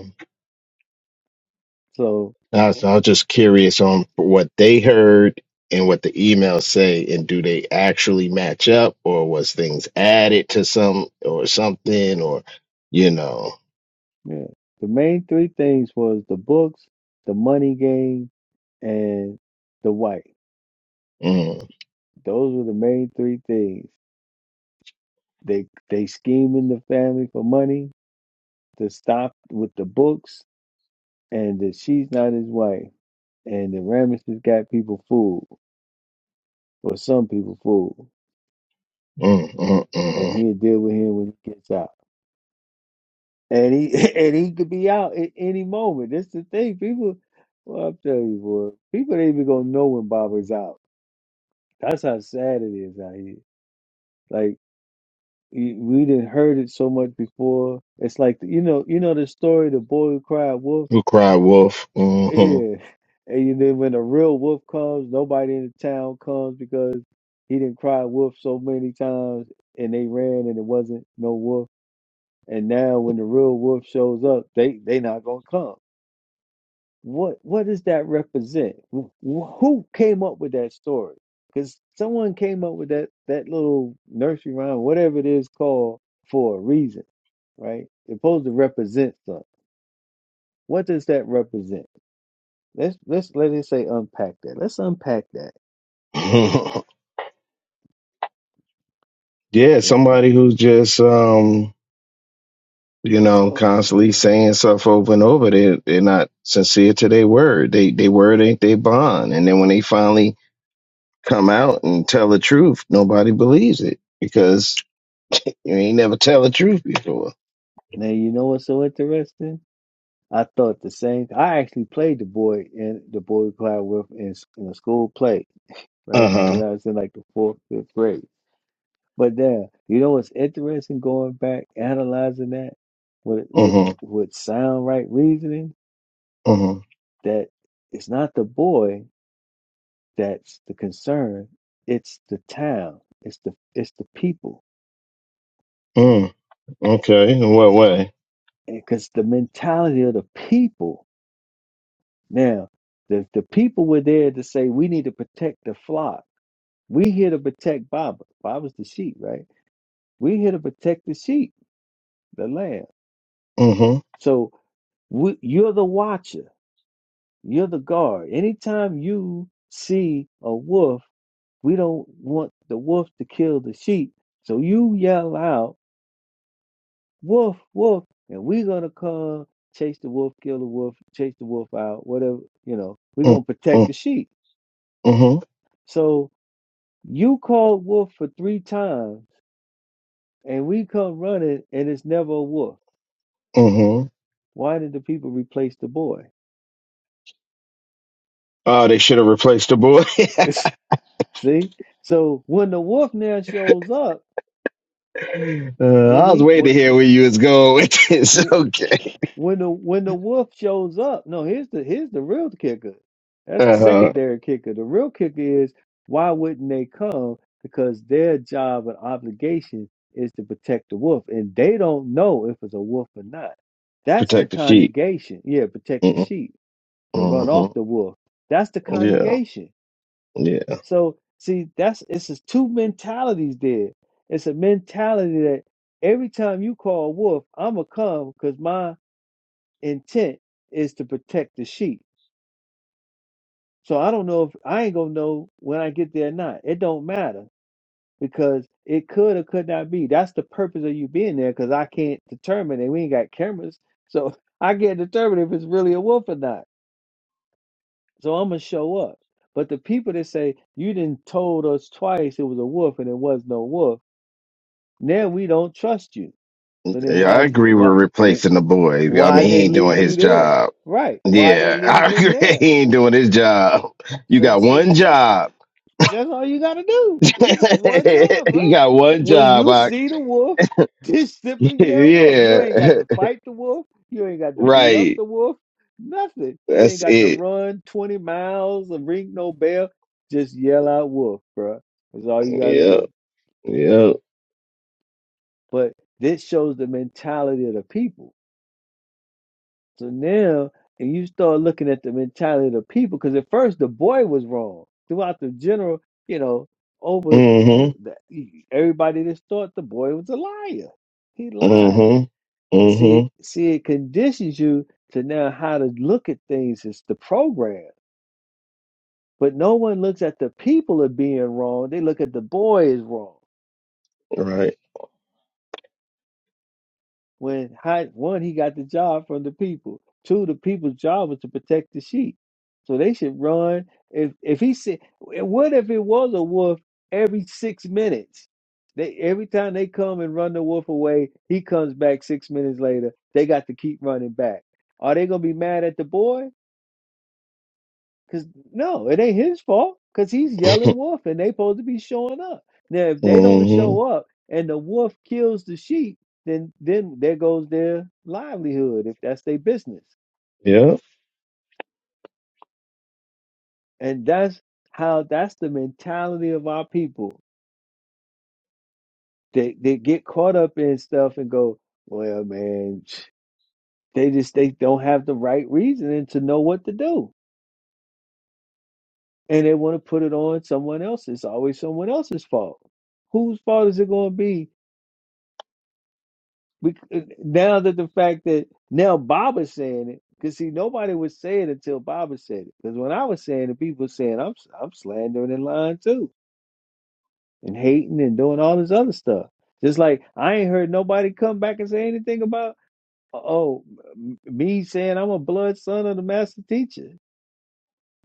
B: So,
H: I was, I was just curious on what they heard and what the emails say, and do they actually match up, or was things added to some or something, or you know,
B: yeah, the main three things was the books, the money game, and the wife.
H: mm,
B: Those were the main three things. They they scheming the family for money to stop with the books and that she's not his wife. And the Ramesses got people fooled. Or some people fooled.
H: mm, mm,
B: And
H: mm.
B: he'll deal with him when he gets out. And he <laughs> and he could be out at any moment. That's the thing. People well, I'm telling you, boy, people ain't even gonna know when Bob is out. That's how sad it is out here. Like. Y- We didn't heard it so much before. It's like you know, you know the story, the boy who cried wolf.
H: who cried wolf? hmm
B: Yeah, <laughs> and then when a real wolf comes, nobody in the town comes because he didn't cry wolf so many times, and they ran, and it wasn't no wolf. And now when the real wolf shows up, they they not gonna come what what does that represent Wh- who came up with that story because someone came up with that that little nursery rhyme whatever it is called for a reason right it's supposed to represent something what does that represent let's let's let it say unpack that let's unpack that
H: <laughs> yeah, somebody who's just um, you know, constantly saying stuff over and over. They they're not sincere to their word. They they word ain't their bond, and then when they finally come out and tell the truth, nobody believes it because You ain't never tell the truth before.
B: now you know what's so interesting i thought the same i actually played the boy in the boy cloud with in, in a school play
H: Uh
B: right and
H: huh.
B: i was in like the fourth fifth grade But now, you know what's interesting going back, analyzing that with
H: Uh
B: with
H: huh.
B: with sound right reasoning,
H: Uh huh.
B: that it's not the boy that's the concern, it's the town, it's the it's the people.
H: Mm. Okay. In what way?
B: Because the mentality of the people now, the, the people were there to say we need to protect the flock. We here to protect Baba. Baba's the sheep, right? We here to protect the sheep, the lamb.
H: Uh huh.
B: So we, you're the watcher You're the guard. Anytime you see a wolf, we don't want the wolf to kill the sheep. So you yell out, wolf, wolf, and we're going to come chase the wolf, kill the wolf, chase the wolf out, whatever, you know, we're
H: Uh
B: going to protect
H: huh.
B: the sheep.
H: Uh huh.
B: So you called wolf for three times and we come running and it's never a wolf.
H: Uh huh.
B: Why did the people replace the boy?
H: Oh, they should have replaced the boy. <laughs>
B: <laughs> See? So when the wolf now shows up,
H: uh,
B: when
H: I was
B: he,
H: waiting to
B: when,
H: hear where you was going with this. <laughs> Okay.
B: When the when the wolf shows up, no, here's the here's the real kicker. That's the
H: Uh huh.
B: secondary kicker. The real kicker is why wouldn't they come? Because their job and obligation is to protect the wolf, and they don't know if it's a wolf or not. That's the
H: Protect the sheep.
B: congregation. Yeah, protect the
H: Uh
B: sheep to run
H: huh.
B: off the wolf. That's the
H: Yeah.
B: congregation.
H: Yeah.
B: So see, that's it's just two mentalities there. It's a mentality that every time you call wolf, I'ma come because my intent is to protect the sheep. So I don't know if I ain't gonna know when I get there or not. It don't matter because it could or could not be. That's the purpose of you being there because I can't determine it. We ain't got cameras. So <laughs> I can't determine if it's really a wolf or not. So I'm gonna show up. But the people that say you didn't told us twice it was a wolf and it was no wolf, now we don't trust you. So then
H: Yeah.
B: why
H: I agree with
B: why
H: replacing the boy. I
B: why
H: mean,
B: they
H: he ain't doing
B: leave
H: his
B: you there?
H: job.
B: Right. Why they
H: Yeah, <laughs>
B: leave
H: I
B: him
H: agree.
B: there?
H: He ain't doing his job. You
B: So
H: got
B: see,
H: one job.
B: That's all you gotta do. You got one job,
H: <laughs> you
B: bro.
H: got one
B: When
H: job.
B: you
H: I,
B: see the wolf, <laughs> just
H: <laughs>
B: simply yell wolf. You
H: yeah,
B: ain't
H: <laughs>
B: got to fight the wolf. You ain't got to beat up
H: right.
B: the wolf. Nothing. You ain't
H: That's
B: got to
H: it.
B: run 20 miles or ring no bell. Just yell out wolf, bro. That's all you gotta
H: Yeah,
B: do.
H: yeah.
B: But this shows the mentality of the people So now, and you start looking at the mentality of the people, because at first the boy was wrong. Throughout the general, you know, over the,
H: Mm-hmm.
B: the, e, everybody just thought the boy was a liar. He lied.
H: Mm-hmm.
B: See,
H: Mm-hmm.
B: see, it conditions you to now how to look at things. It's the program, but no one looks at the people as being wrong. They look at the boy as wrong.
H: Right.
B: when Hot one, he got the job from the people. Two, the people's job was to protect the sheep. So they should run. If if he said, what if it was a wolf every six minutes? They every time they come and run the wolf away, he comes back six minutes later. They got to keep running back. Are they gonna be mad at the boy? Cause no, it ain't his fault. Cause he's
H: <laughs>
B: yelling wolf, and they supposed to be showing up. Now, if they don't
H: mm-hmm.
B: show up, and the wolf kills the sheep, then then there goes their livelihood. If that's their business,
H: Yeah.
B: and that's how that's the mentality of our people. They they get caught up in stuff and go, well, man, <sniffs> <tsk> they just they don't have the right reasoning to know what to do, and they want to put it on someone else. It's always someone else's fault. Whose fault is it going to be We, uh, now that the fact that now Bob is saying it, because see, nobody would say it until Bob had said it. Because when I was saying it, people were saying I'm I'm slandering and lying too, and hating and doing all this other stuff. Just like I ain't heard nobody come back and say anything about "Uh, oh me saying I'm a blood son of the master teacher.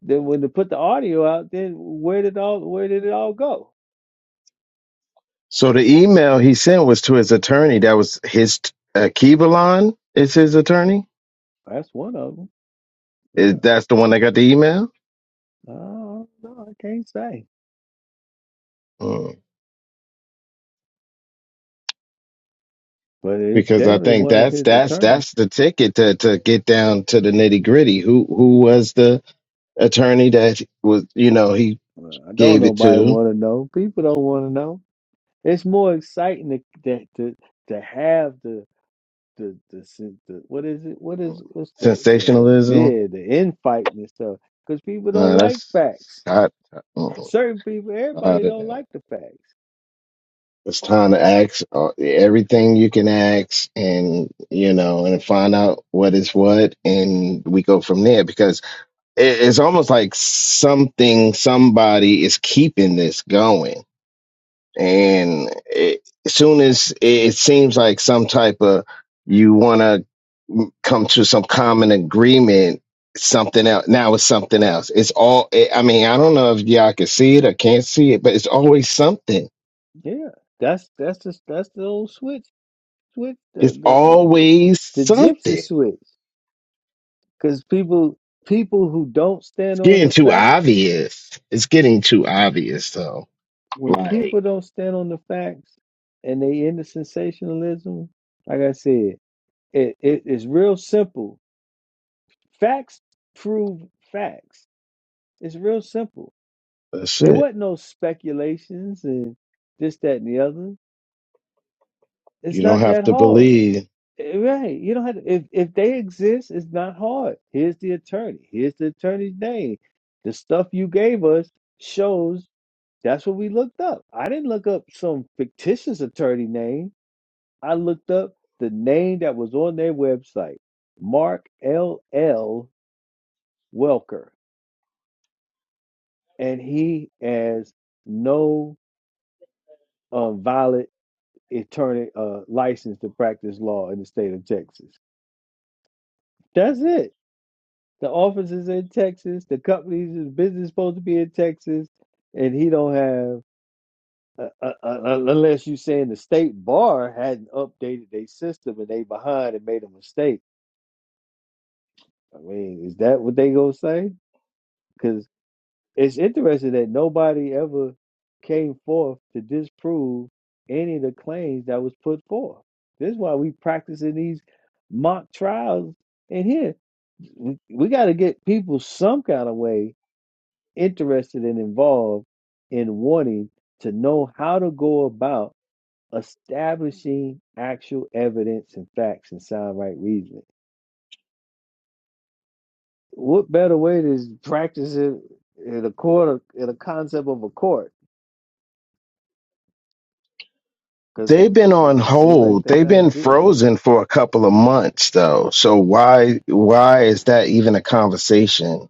B: Then when they put the audio out, then where did all where did it all go?
H: So the email he sent was to his attorney. That was his uh, Kivalon is his attorney.
B: That's one of them. Yeah,
H: Is that's the one that got the email?
B: I don't know. I can't say,
H: Mm.
B: but it's
H: Because I
B: definitely
H: think
B: one of
H: that's
B: his
H: that's
B: attorneys.
H: that's the ticket to, to get down to the nitty gritty. Who who was the attorney that was you know he
B: Well, I don't
H: gave it
B: nobody
H: to
B: want to know. People don't want to know. It's more exciting to to to, to have the the, the sen- the what is it? What is what's the the
H: sensationalism.
B: yeah the infighting and stuff because people don't
H: Nah,
B: like
H: that's, that's
B: facts.
H: tired, mm,
B: Certain people, everybody
H: tired of
B: don't
H: that.
B: like the facts.
H: It's time to ask uh, everything you can ask, and you know, and find out what is what, and we go from there. Because it, it's almost like something, somebody is keeping this going, and it, as soon as it, it seems like some type of you want to come to some common agreement something else now it's something else it's all eh, i mean i don't know if y'all can see it or can't see it but it's always something
B: Yeah, that's that's the that's the old switch switch the
H: it's
B: the the,
H: always
B: the gypsy
H: something
B: switch because people people who don't
H: it's
B: stand on
H: getting
B: the
H: too
B: facts.
H: obvious it's getting too obvious so
B: when
H: like
B: people don't stand on the facts and they into sensationalism, like I said, it, it it's real simple. Facts prove facts. It's real simple.
H: that's
B: It
H: it
B: wasn't no speculations and this, that, and the other.
H: you
B: It's
H: don't
B: not
H: have
B: that
H: to
B: hard.
H: believe
B: Eh, Right. You don't have to if, if they exist, it's not hard. Here's the attorney. Here's the attorney's name. The stuff you gave us shows that's what we looked up. I didn't look up some fictitious attorney name. I looked up the name that was on their website, Mark L. L. Welker, and he has no uh, valid attorney uh, license to practice law in the state of Texas. That's it. The office is in Texas. The company's business is supposed to be in Texas, and he don't have. Uh, uh, uh, uh, unless you're saying the state bar hadn't updated their system and they behind and made a mistake. I mean, is that what they gonna say? Because It's interesting that nobody ever came forth to disprove any of the claims that was put forth. This is why we practicing these mock trials in here. We, we got to get people some kind of way interested and involved in wanting to know how to go about establishing actual evidence and facts and sound right reasoning. What better way to practice it in a court, in a concept of a court? Cause
H: They've been
B: it
H: on
B: it seems like
H: hold.
B: they
H: They've been
B: not get
H: frozen for a couple of months though. So why why is that even a conversation?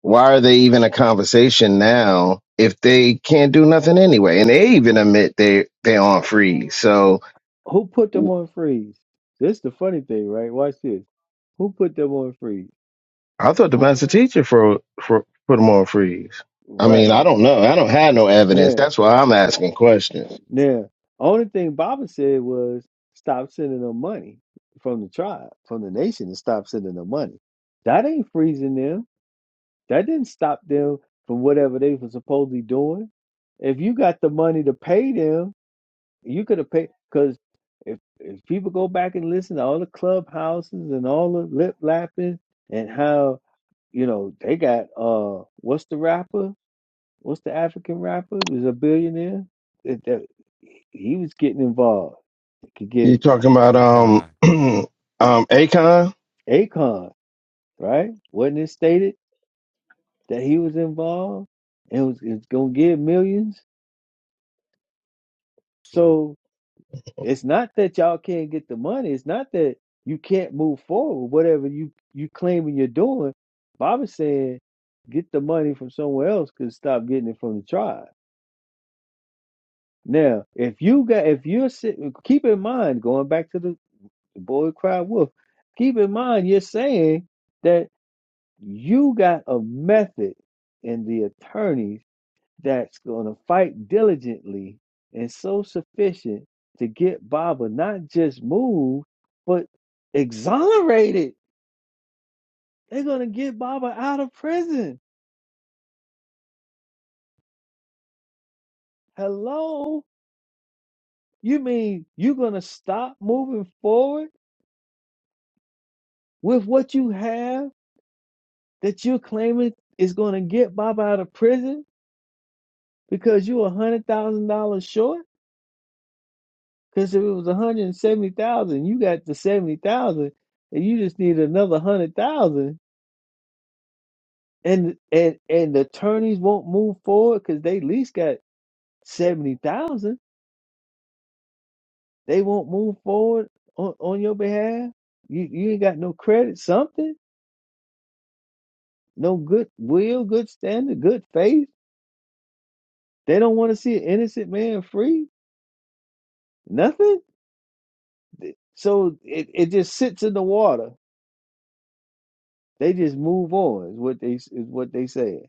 H: Why are they even a conversation now if they can't do nothing anyway? And they even admit they they're on freeze. So
B: <laughs> who put them on freeze. This the funny thing, right? Watch this. Who put them on freeze?
H: I thought the master teacher for for put them on freeze. I mean,
B: Right
H: I don't know. I don't have no evidence.
B: now,
H: That's why I'm asking questions.
B: now. Only thing Baba said was stop sending them money from the tribe, from the nation, and stop sending them money. That ain't freezing them. That didn't stop them from whatever they were supposedly doing. If you got the money to pay them, You could have paid because if if people go back and listen to all the clubhouses and all the lip lapping and how you know they got uh what's the rapper? What's the African rapper? Who's a billionaire? That- that- he was getting involved. It could
H: You
B: get
H: talking about
G: we
H: um
G: trying
H: <clears throat> um Akon?
B: Akon right. Wasn't it stated that he was involved and was, was going to get millions?
G: to.
B: So It's not that y'all can't get the money. It's not that you can't move forward. Whatever you you claiming you're doing, Bob is saying get the money from somewhere else. Cause stop getting it from the tribe. Now, if you got, if you're sitting, keep in mind going back to the, the boy cried wolf. Keep in mind you're saying that you got a method in the attorney that's going to fight diligently and so sufficient to get Baba not just moved, but exonerated. They're going to get Baba out of prison. Hello? You mean you're going to stop moving forward with what you have that you're claiming is going to get Baba out of prison because you're $100,000 short? Because if it was 170000 you got the 70000 and you just need another 100000 and and and the attorneys won't move forward because they at least got seventy thousand. They won't move forward on, on your behalf. You you ain't got no credit, something, no good will, good standard, good faith. They don't want to see an innocent man free. Nothing. Th- So it, it just sits in the water. They just move on. Is what they is what they say.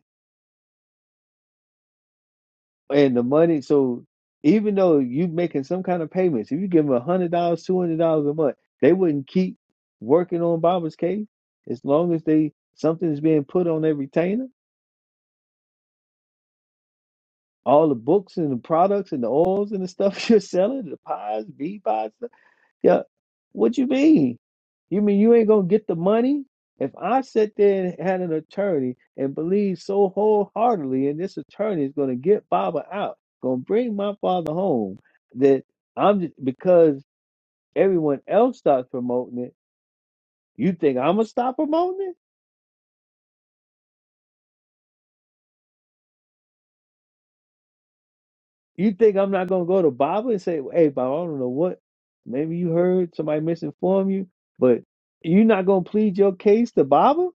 B: and the money. So even though you making some kind of payments, if you give them a hundred dollars, two hundred dollars a month, they wouldn't keep working on Baba's case as long as they something is being put on their retainer. All the books and the products and the oils and the stuff <laughs> you're selling, the pies, bee pies, Yeah. What you mean? You mean you ain't gonna get the money? If I sit there and had an attorney and believe so wholeheartedly and this attorney is gonna get Baba out, gonna bring my father home, that I'm just, because everyone else starts promoting it, you think I'm gonna stop promoting it? You think I'm not gonna go to Baba and say, Hey Baba, I don't know what maybe you heard somebody misinform you, but you're not gonna plead your case to Baba?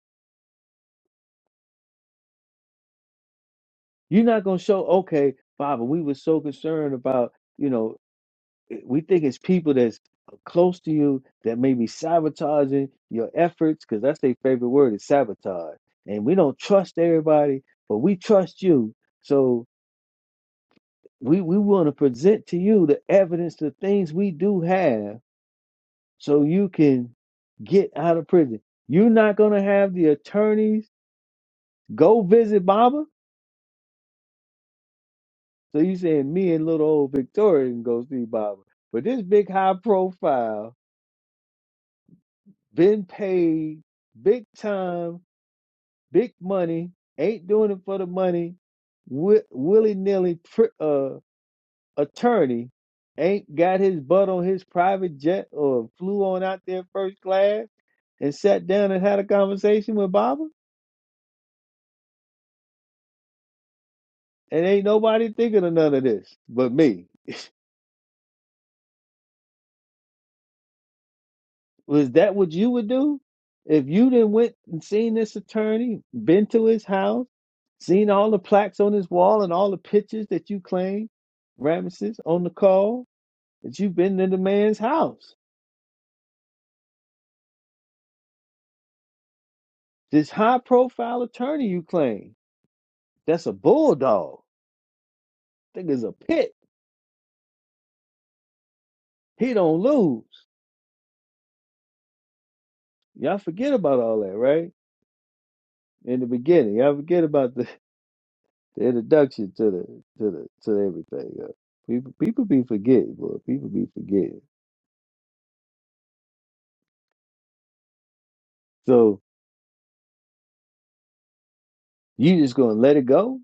B: You're not gonna show, okay, Baba, we were so concerned about, you know, eh, we think it's people that's close to you that may be sabotaging your efforts, because that's their favorite word is sabotage. And we don't trust everybody, but we trust you. So we, we want to present to you the evidence, the things we do have, so you can get out of prison. You're not gonna have the attorneys go visit Baba So you saying me and little old Victoria can go see Baba. But this big high profile, been paid big time, big money, ain't doing it for the money, wi- willy nilly pr- uh, attorney, ain't got his butt on his private jet or flew on out there first class and sat down and had a conversation with Baba. And ain't nobody thinking of none of this but me. Was that what you would do if you did not went and seen this attorney, been to his house, seen all the plaques on his wall and all the pictures that you claim, Ramesses, on the call that you've been in the man's house? This high-profile attorney you claim, that's a bulldog. Nigga's a pit. He don't lose. Y'all forget about all that, right? In the beginning, y'all forget about the, <laughs> the introduction to the to the to everything. uh, People people be forgetting, boy. People be forgetting. So you just gonna let it go?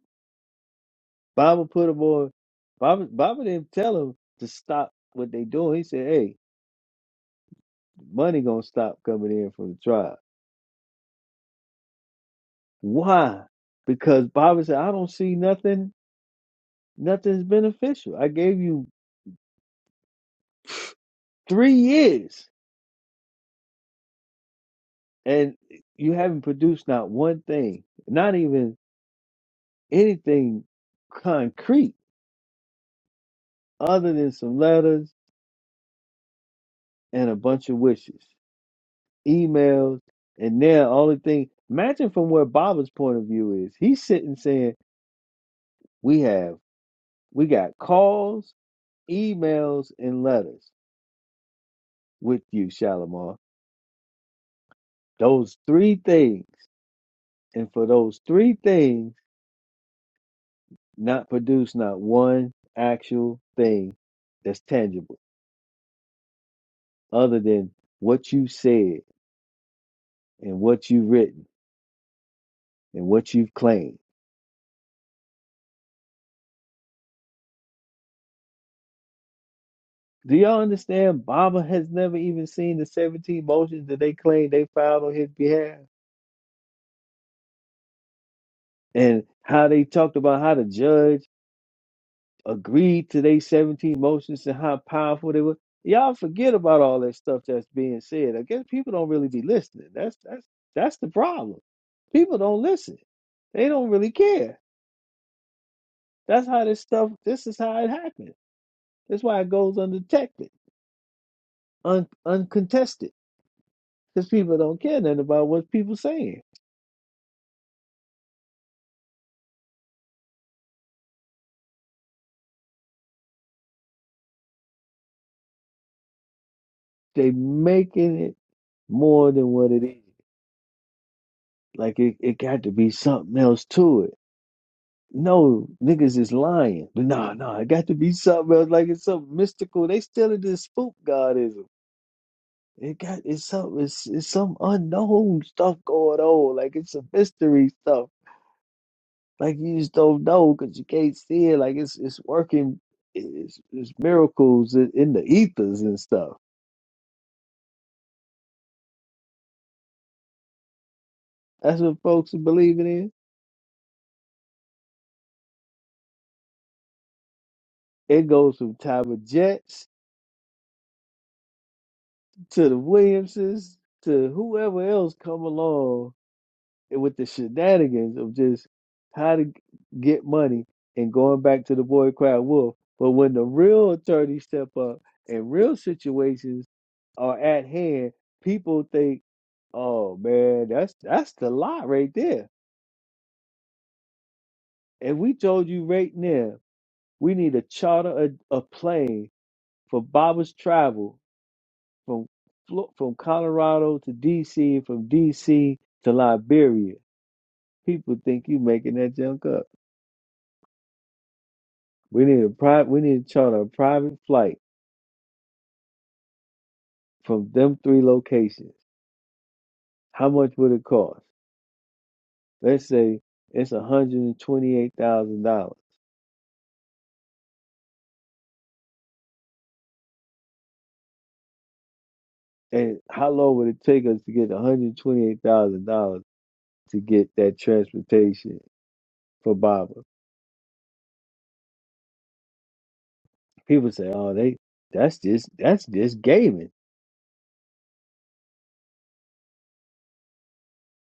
B: Bible put him on. Bible, Bible didn't tell him to stop what they doing. He said, "Hey, money gonna stop coming in from the tribe." Why? Because Bible said, "I don't see nothing. Nothing's beneficial. I gave you three years, and you haven't produced not one thing, not even anything concrete, other than some letters and a bunch of wishes." emails, and now only thing imagine from where Baba's point of view is. He's sitting saying, We have we got calls, emails, and letters with you, Shalimar. Those three things. And for those three things, not produce not one actual thing that's tangible, other than what you said and what you've written and what you've claimed. Do y'all understand? Baba has never even seen the 17 motions that they claim they filed on his behalf and how they talked about how the judge agreed to their 17 motions and how powerful they were. Y'all forget about all that stuff that's being said. I guess people don't really be listening. That's that's that's the problem. People don't listen. They don't really care. That's how this stuff this is how it happens. That's why it goes undetected, un, uncontested. Because people don't care nothing about what people saying. They making it more than what it is. Like it, it got to be something else to it. No, niggas is lying. But nah, nah, it got to be something else. Like it's something mystical. They still in this spook godism. It got it's some it's, it's some unknown stuff going on. Like it's a mystery stuff. Like you just don't know because you can't see it. Like it's it's working. It's, it's miracles in in the ethers and stuff. That's what folks are believing in. It goes from Time of Jet to the Williamses, to whoever else come along and with the shenanigans of just how to get money and going back to the boy cried wolf. But when the real attorneys step up and real situations are at hand, people think, "Oh man, that's that's the lot right there." And we told you right now, we need a charter a, a plane for Baba's travel from from Colorado to D.C. from D.C. to Liberia. People think you making that junk up. We need a private. We need to charter a private flight from them three locations. How much would it cost? Let's say it's one hundred and twenty-eight thousand dollars. And how long would it take us to get one hundred twenty-eight thousand dollars to get that transportation for Baba? People say, "Oh, they that's just that's just gaming."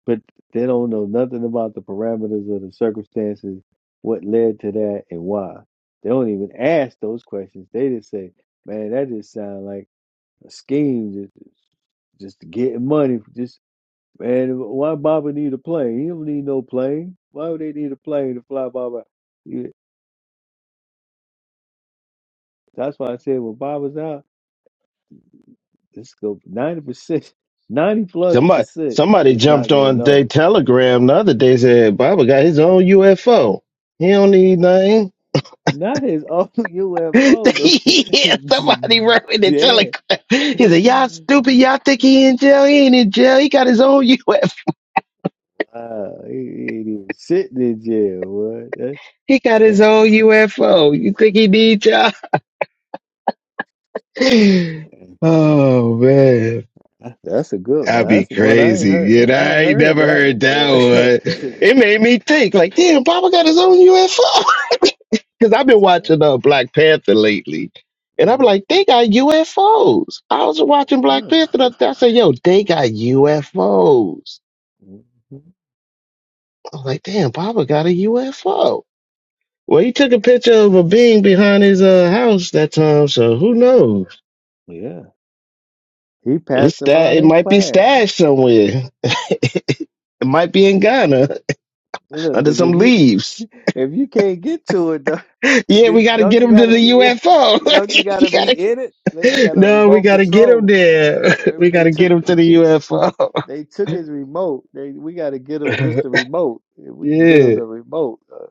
B: but they don't know nothing about the parameters or the circumstances, what led to that and why. They don't even ask those questions. They just say, "Man, that just sounds like a scheme, just just to get money. Just man, why Baba need a plane? He don't need no plane. Why would they need a plane to fly Baba? You- That's why I said when Baba's out, this go ninety percent, <laughs> ninety plus
H: Somebody
B: percent
H: somebody
B: is
H: jumped
B: not gonna
H: on their
B: know.
H: telegram the other day said Bible got his own UFO. He don't need nothing.
B: Not his own <laughs>
H: <laughs>
B: UFO,
H: yeah,
B: though.
H: somebody wrote in
B: <laughs>
H: the
B: yeah.
H: telegram.
B: <laughs>
H: He said, Y'all stupid, y'all think he in jail? He ain't in jail. He got his own <laughs> UFO.
B: Wow, he, he ain't even sitting in jail. What? That,
H: He got
B: eh,
H: his own UFO. You think he need y'all? <sighs> <laughs>
B: eh,
H: Oh man.
B: that's a good one.
H: That'd
B: Now,
H: be
B: that's the one I ain't
H: crazy.
B: heard.
H: You know,
B: I ain't
H: I ain't
B: heard
H: never
B: that
H: heard
B: one,
H: that
B: boy. <laughs> like,
H: one. It made
B: dang.
H: me think, like, damn, Papa got his own UFO. <laughs> Because I've been watching uh, Black Panther lately. And I'm
B: Mm,
H: like, they got UFOs. I was
B: well,
H: watching Black
B: Yeah,
H: Panther the other day. I said, yo, they got UFOs.
B: Mhm.
H: I was like, damn, Papa got a UFO. Well, he took a picture of a being behind his uh, house that time, so who knows?
B: yeah. He passed
H: It's
B: them
H: that
B: out
H: it
B: in
H: might be
B: class.
H: stashed somewhere. <laughs> it might be in Ghana.
B: Look, but
H: under some
B: if you
H: leaves.
B: <laughs> if you can't get to it, though,
H: Yeah,
B: do
H: we
B: you-
H: got to
B: don't
H: get
B: you
H: him to
B: gotta
H: the
B: be in? <laughs>
H: UFO.
B: Don't you
H: <laughs> You
B: gotta be
H: gotta,
B: in it? Unless you got a
H: no, we
B: remote
H: got to get him
B: control.
H: there. <laughs>
B: Remember
H: we got
B: they
H: to get
B: took
H: him to the UFO.
B: They took his remote. They we got to get him
H: <laughs>
B: just the remote. If we can get him
H: yeah.
B: the remote, uh,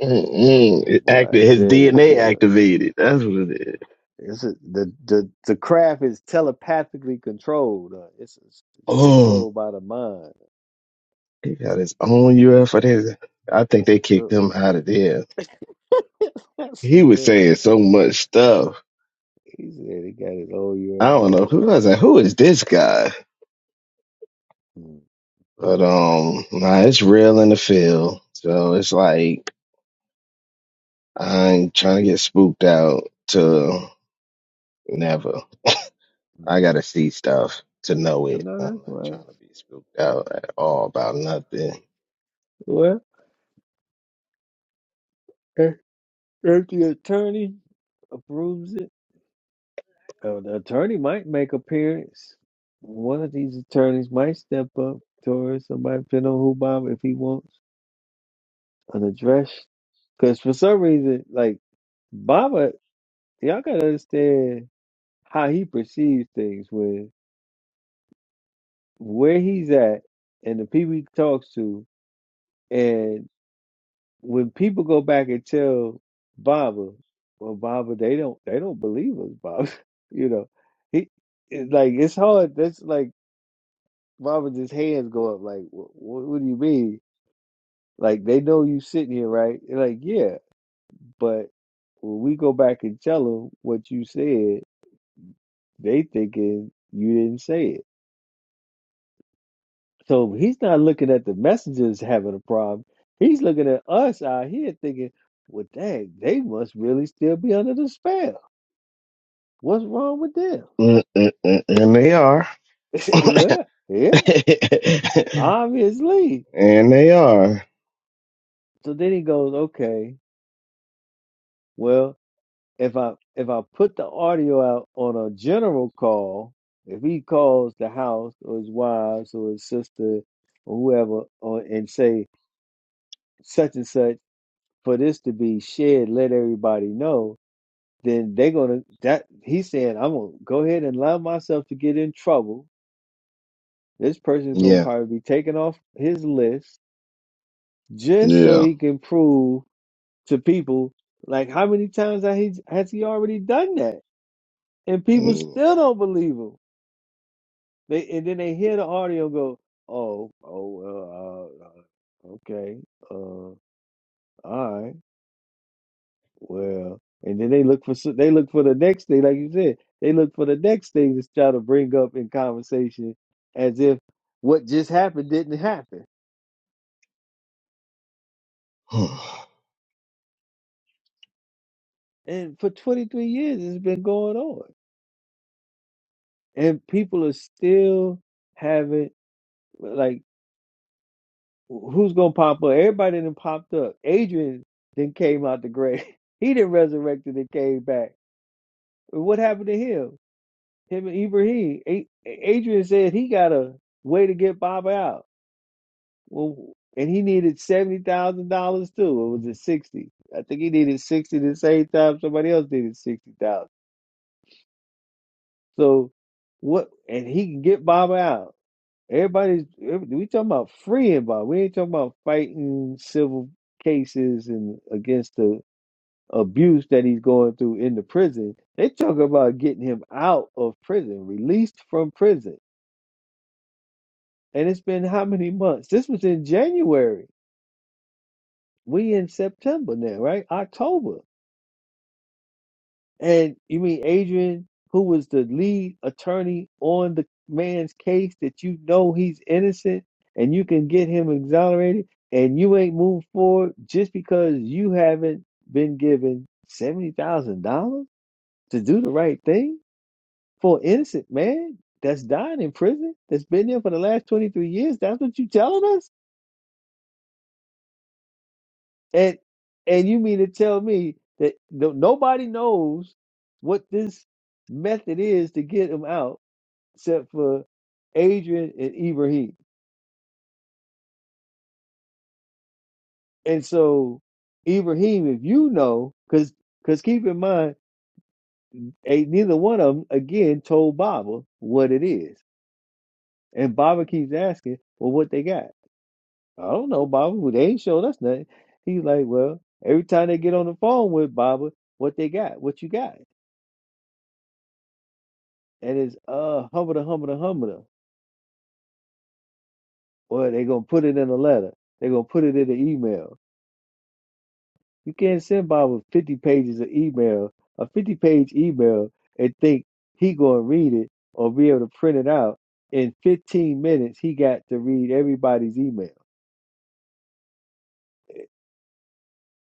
H: Mm-mm.
B: oh
H: It
B: boy, I
H: acti- his
B: tell you,
H: DNA
B: boy,
H: activated. That's what it is.
B: it's a, the the the craft is telepathically controlled. Uh, it's, it's it's
H: Oh,
B: controlled by the mind.
H: he got his own
B: That's
H: UFO. There's- I think
B: that's
H: they
B: a
H: kicked
B: good
H: him
B: one.
H: out of there.
B: <laughs> That's a
H: He was
B: good. one.
H: saying so much stuff.
B: He said he got his old
H: I don't know
B: UFO.
H: who was like, who is this guy?
B: mm
H: But um, nah, it's real in the field. So it's like I ain't trying to get spooked out to never.
B: mm.
H: I gotta see stuff to know
B: I
H: it.
B: know
H: I'm
B: that's
H: not
B: right.
H: trying to be spooked out at all about nothing.
B: Well, if if the attorney approves it. Uh, the attorney might make appearance. One of these attorneys might step up towards somebody, depending on who Bob, if he wants an address. Because for some reason, like Baba, y'all gotta understand how he perceives things with where he's at and the people he talks to. And when people go back and tell Baba, well, Baba, they don't they don't believe us, Baba. <laughs> you know, he it's like it's hard. That's like Why would his hands go up? Like, what, what do you mean? Like, they know you sitting here, right? They're like, yeah, but when we go back and tell them what you said, they thinking you didn't say it. So he's not looking at the messengers having a problem. He's looking at us out here thinking, well, dang, they must really still be under the spell. What's wrong with them?
H: Mm, mm, mm, And they are.
B: <laughs> well, yeah,
H: <laughs>
B: obviously.
H: and they are.
B: So then he goes, okay, well. if I if I put the audio out on a general call, if he calls the house or his wives or his sister or whoever or, and say such and such for this to be shared, let everybody know, then they're gonna that he's saying I'm gonna go ahead and allow myself to get in trouble. This person's gonna
H: Yeah.
B: probably be taken off his list just so
H: Yeah.
B: he can prove to people like how many times has he has he already done that? And people
H: Mm.
B: still don't believe him They and then they hear the audio and go, oh, oh, well, uh, uh, okay, uh, all right, well, and then they look for so- they look for the next thing, like you said, they look for the next thing to try to bring up in conversation, as if what just happened didn't happen.
H: <sighs>
B: And for 23 years, it's been going on, and people are still having like, who's gonna pop up? Everybody that popped up. Adrian then came out the grave. <laughs> He didn't resurrected and came back What happened to him? Him and Ibrahim. A- Adrian said he got a way to get Bob out. Well, and he needed seventy thousand dollars too. Or was it sixty? I think he needed sixty the same time somebody else needed sixty thousand. So what? And he can get Bob out. Everybody's every- we talking about freeing Bob. We ain't talking about fighting civil cases and against the abuse that he's going through in the prison. They talk about getting him out of prison, released from prison. And it's been how many months? This was in January. We in September now, right? October. And you mean Adrian, who was the lead attorney on the man's case that you know he's innocent and you can get him exonerated and you ain't moved forward just because you haven't been given seventy thousand dollars to do the right thing for an innocent man that's dying in prison, that's been there for the last twenty three years. That's what you telling us? And and you mean to tell me that no, nobody knows what this method is to get him out except for Adrian and Ibrahim. And so Ibrahim, if you know, because because keep in mind, eh, neither one of them again told Baba what it is, and Baba keeps asking, "Well, what they got?" I don't know, Baba. Well, They ain't showed us nothing. He's like, "Well, every time they get on the phone with Baba, what they got? What you got?" and it's uh humble humble humble or they gonna put it in a letter they gonna put it in an email you can't send bob with 50 pages of email a 50 page email and think he gonna read it or be able to print it out in 15 minutes he got to read everybody's email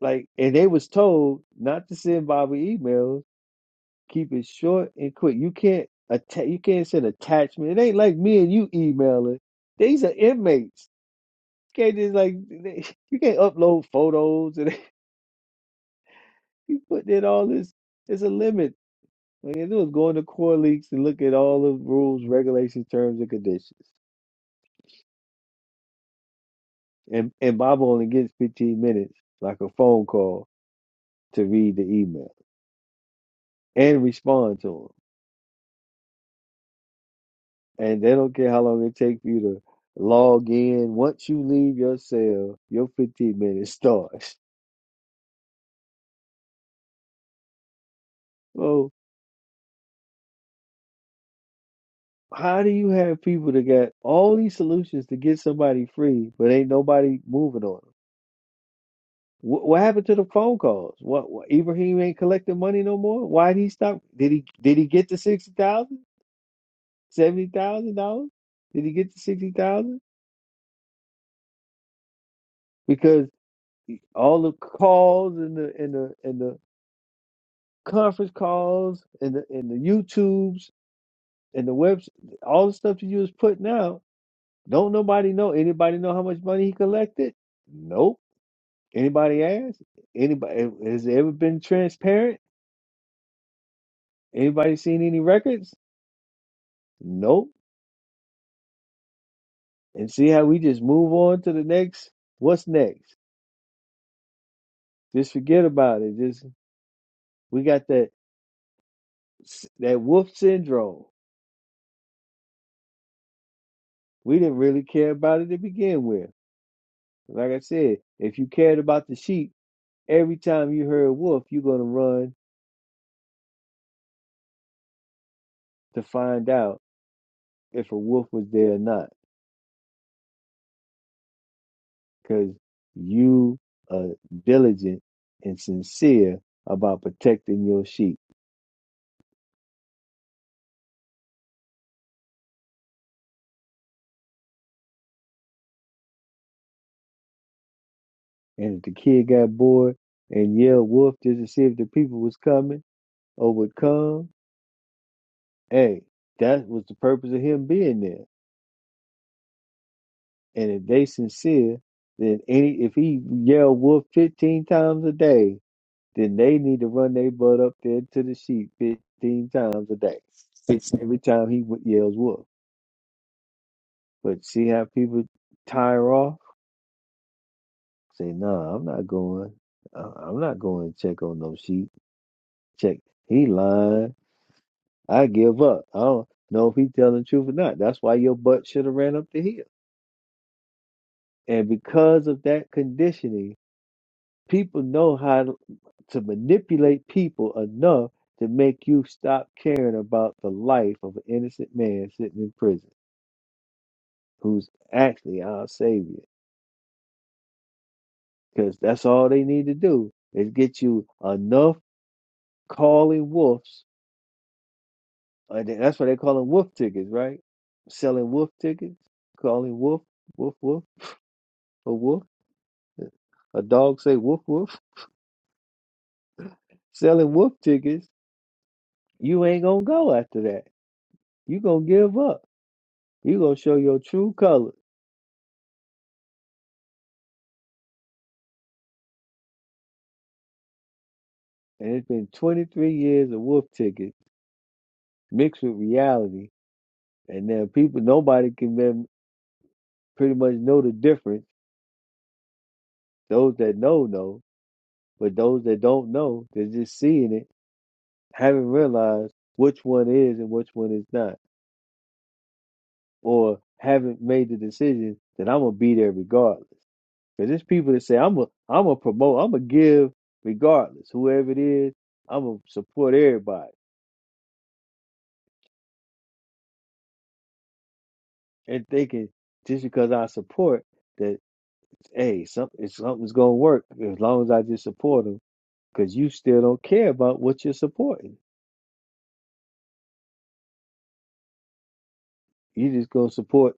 B: like and they was told not to send bob emails keep it short and quick you can't atta- you can't send attachment it ain't like me and you emailing these are inmates can't just like they- you can't upload photos and <laughs> you putting in all this. It's a limit. All you do is go into Core Leaks and look at all the rules, regulations, terms, and conditions. And and Bob only gets 15 minutes, like a phone call, to read the email and respond to them. And they don't care how long it takes for you to log in. Once you leave your cell, your 15 minutes <laughs> starts. So how do you have people that got all these solutions to get somebody free, but ain't nobody moving on them? What, what happened to the phone calls? What, what Ibrahim ain't collecting money no more? Why did he stop? Did he did he get the sixty thousand, seventy thousand dollars? Did he get the sixty thousand? Because all the calls and the and the and the conference calls and the and the YouTubes and the webs, all the stuff that you was putting out. Don't nobody know. Anybody know how much money he collected? Nope. Anybody ask? Anybody has it ever been transparent? Anybody seen any records? Nope. and see how we just move on to the next. What's next? Just forget about it. Just we got that that wolf syndrome. We didn't really care about it to begin with. Like I said, if you cared about the sheep, every time you heard wolf, you're gonna run to find out if a wolf was there or not, because you are diligent and sincere about protecting your sheep. And if the kid got bored and yelled wolf just to see if the people was coming or would come, Hey, that was the purpose of him being there. And if they sincere, then any if he yell wolf fifteen times a day, then they need to run their butt up there to the sheep fifteen times a day. It's every time he yells wolf. But see how people tire off? Say, no, nah, I'm not going. Uh, I'm not going to check on no sheep. Check. He lying. I give up. I don't know if he's telling the truth or not. That's why your butt should have ran up the hill. And because of that conditioning, People know how to manipulate people enough to make you stop caring about the life of an innocent man sitting in prison who's actually our savior. Because that's all they need to do is get you enough calling wolves. And then that's why they call them wolf tickets, right? Selling wolf tickets, calling wolf, wolf, wolf, a wolf. A dog say woof woof. <laughs> Selling wolf tickets, you ain't gonna go after that. You gonna give up. You gonna show your true colors and it's been 23 years of wolf ticket mixed with reality and then people nobody can then pretty much know the difference those that know know but those that don't know they're just seeing it haven't realized which one is and which one is not or haven't made the decision that i'm gonna be there regardless because there's people that say i'm gonna I'm gonna promote i'm gonna give regardless whoever it is i'm gonna support everybody and thinking just because i support that. hey, something something's gonna work as long as I just support them. Because you still don't care about what you're supporting. You just gonna support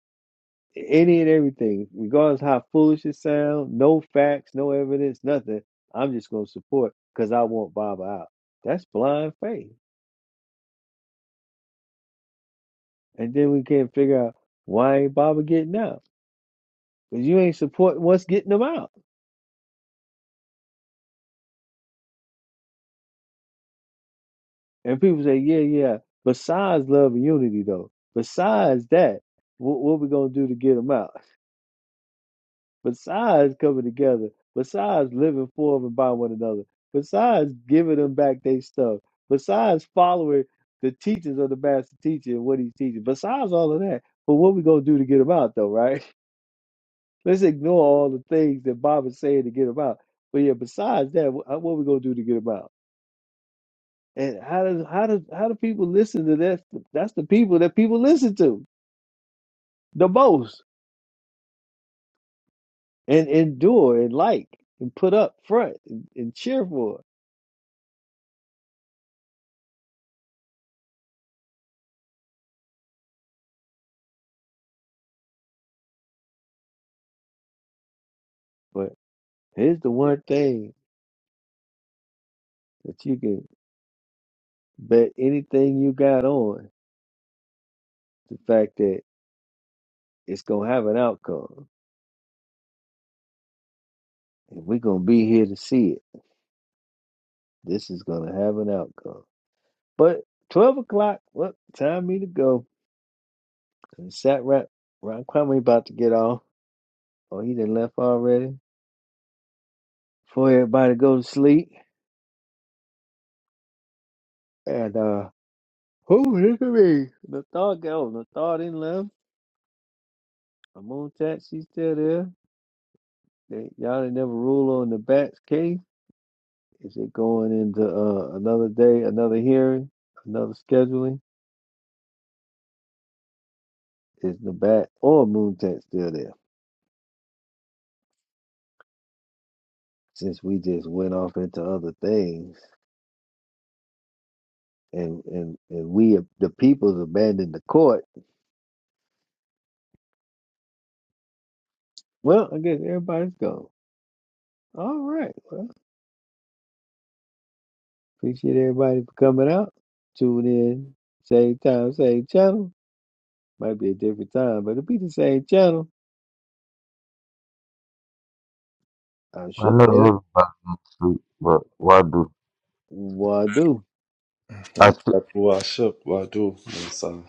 B: any and everything, regardless how foolish it sounds. No facts, no evidence, nothing. I'm just gonna support because I want Baba out. That's blind faith. And then we can't figure out why ain't Baba getting out because you ain't supporting what's getting them out. And people say, yeah, yeah. Besides love and unity, though, besides that, what, what we gonna do to get them out? besides coming together, besides living for them and by one another, besides giving them back their stuff, besides following the teachings of the master teacher and what he's teaching, besides all of that, but what we gonna do to get them out though, right? <laughs> Let's ignore all the things that Bob is saying to get them out. But yeah, besides that, wh- uh, what we gonna do to get them out? And how does how does how do people listen to that? That's the people that people listen to the most and endure and like and put up front and, and cheer for. Here's the one thing that you can bet anything you got on the fact that it's going to have an outcome. And we're going to be here to see it. This is going to have an outcome. But 12 o'clock, well, time me to go. And Sat Ron, Ron Kwame about to get off. Oh, he done left already. Before everybody go to sleep. And, uh, who is it me? Nathar go. Nathar didn't left. I'm on tax. She's still there. They, y'all didn't never rule on the bats case. Is it going into uh, another day, another hearing, another scheduling? Is the bat or moon tent still there? Since we just went off into other things, and and and we the people's abandoned the court. Well, I guess everybody's gone. All right. Well, appreciate everybody for coming out. Tune in, same time, same channel. Might be a different time, but it'll be the same channel. I
G: I
B: shook
G: know
B: it.
G: everybody's asleep, but why do
B: Why do?
G: I?
D: that's who I shook, what I do. It's, uh,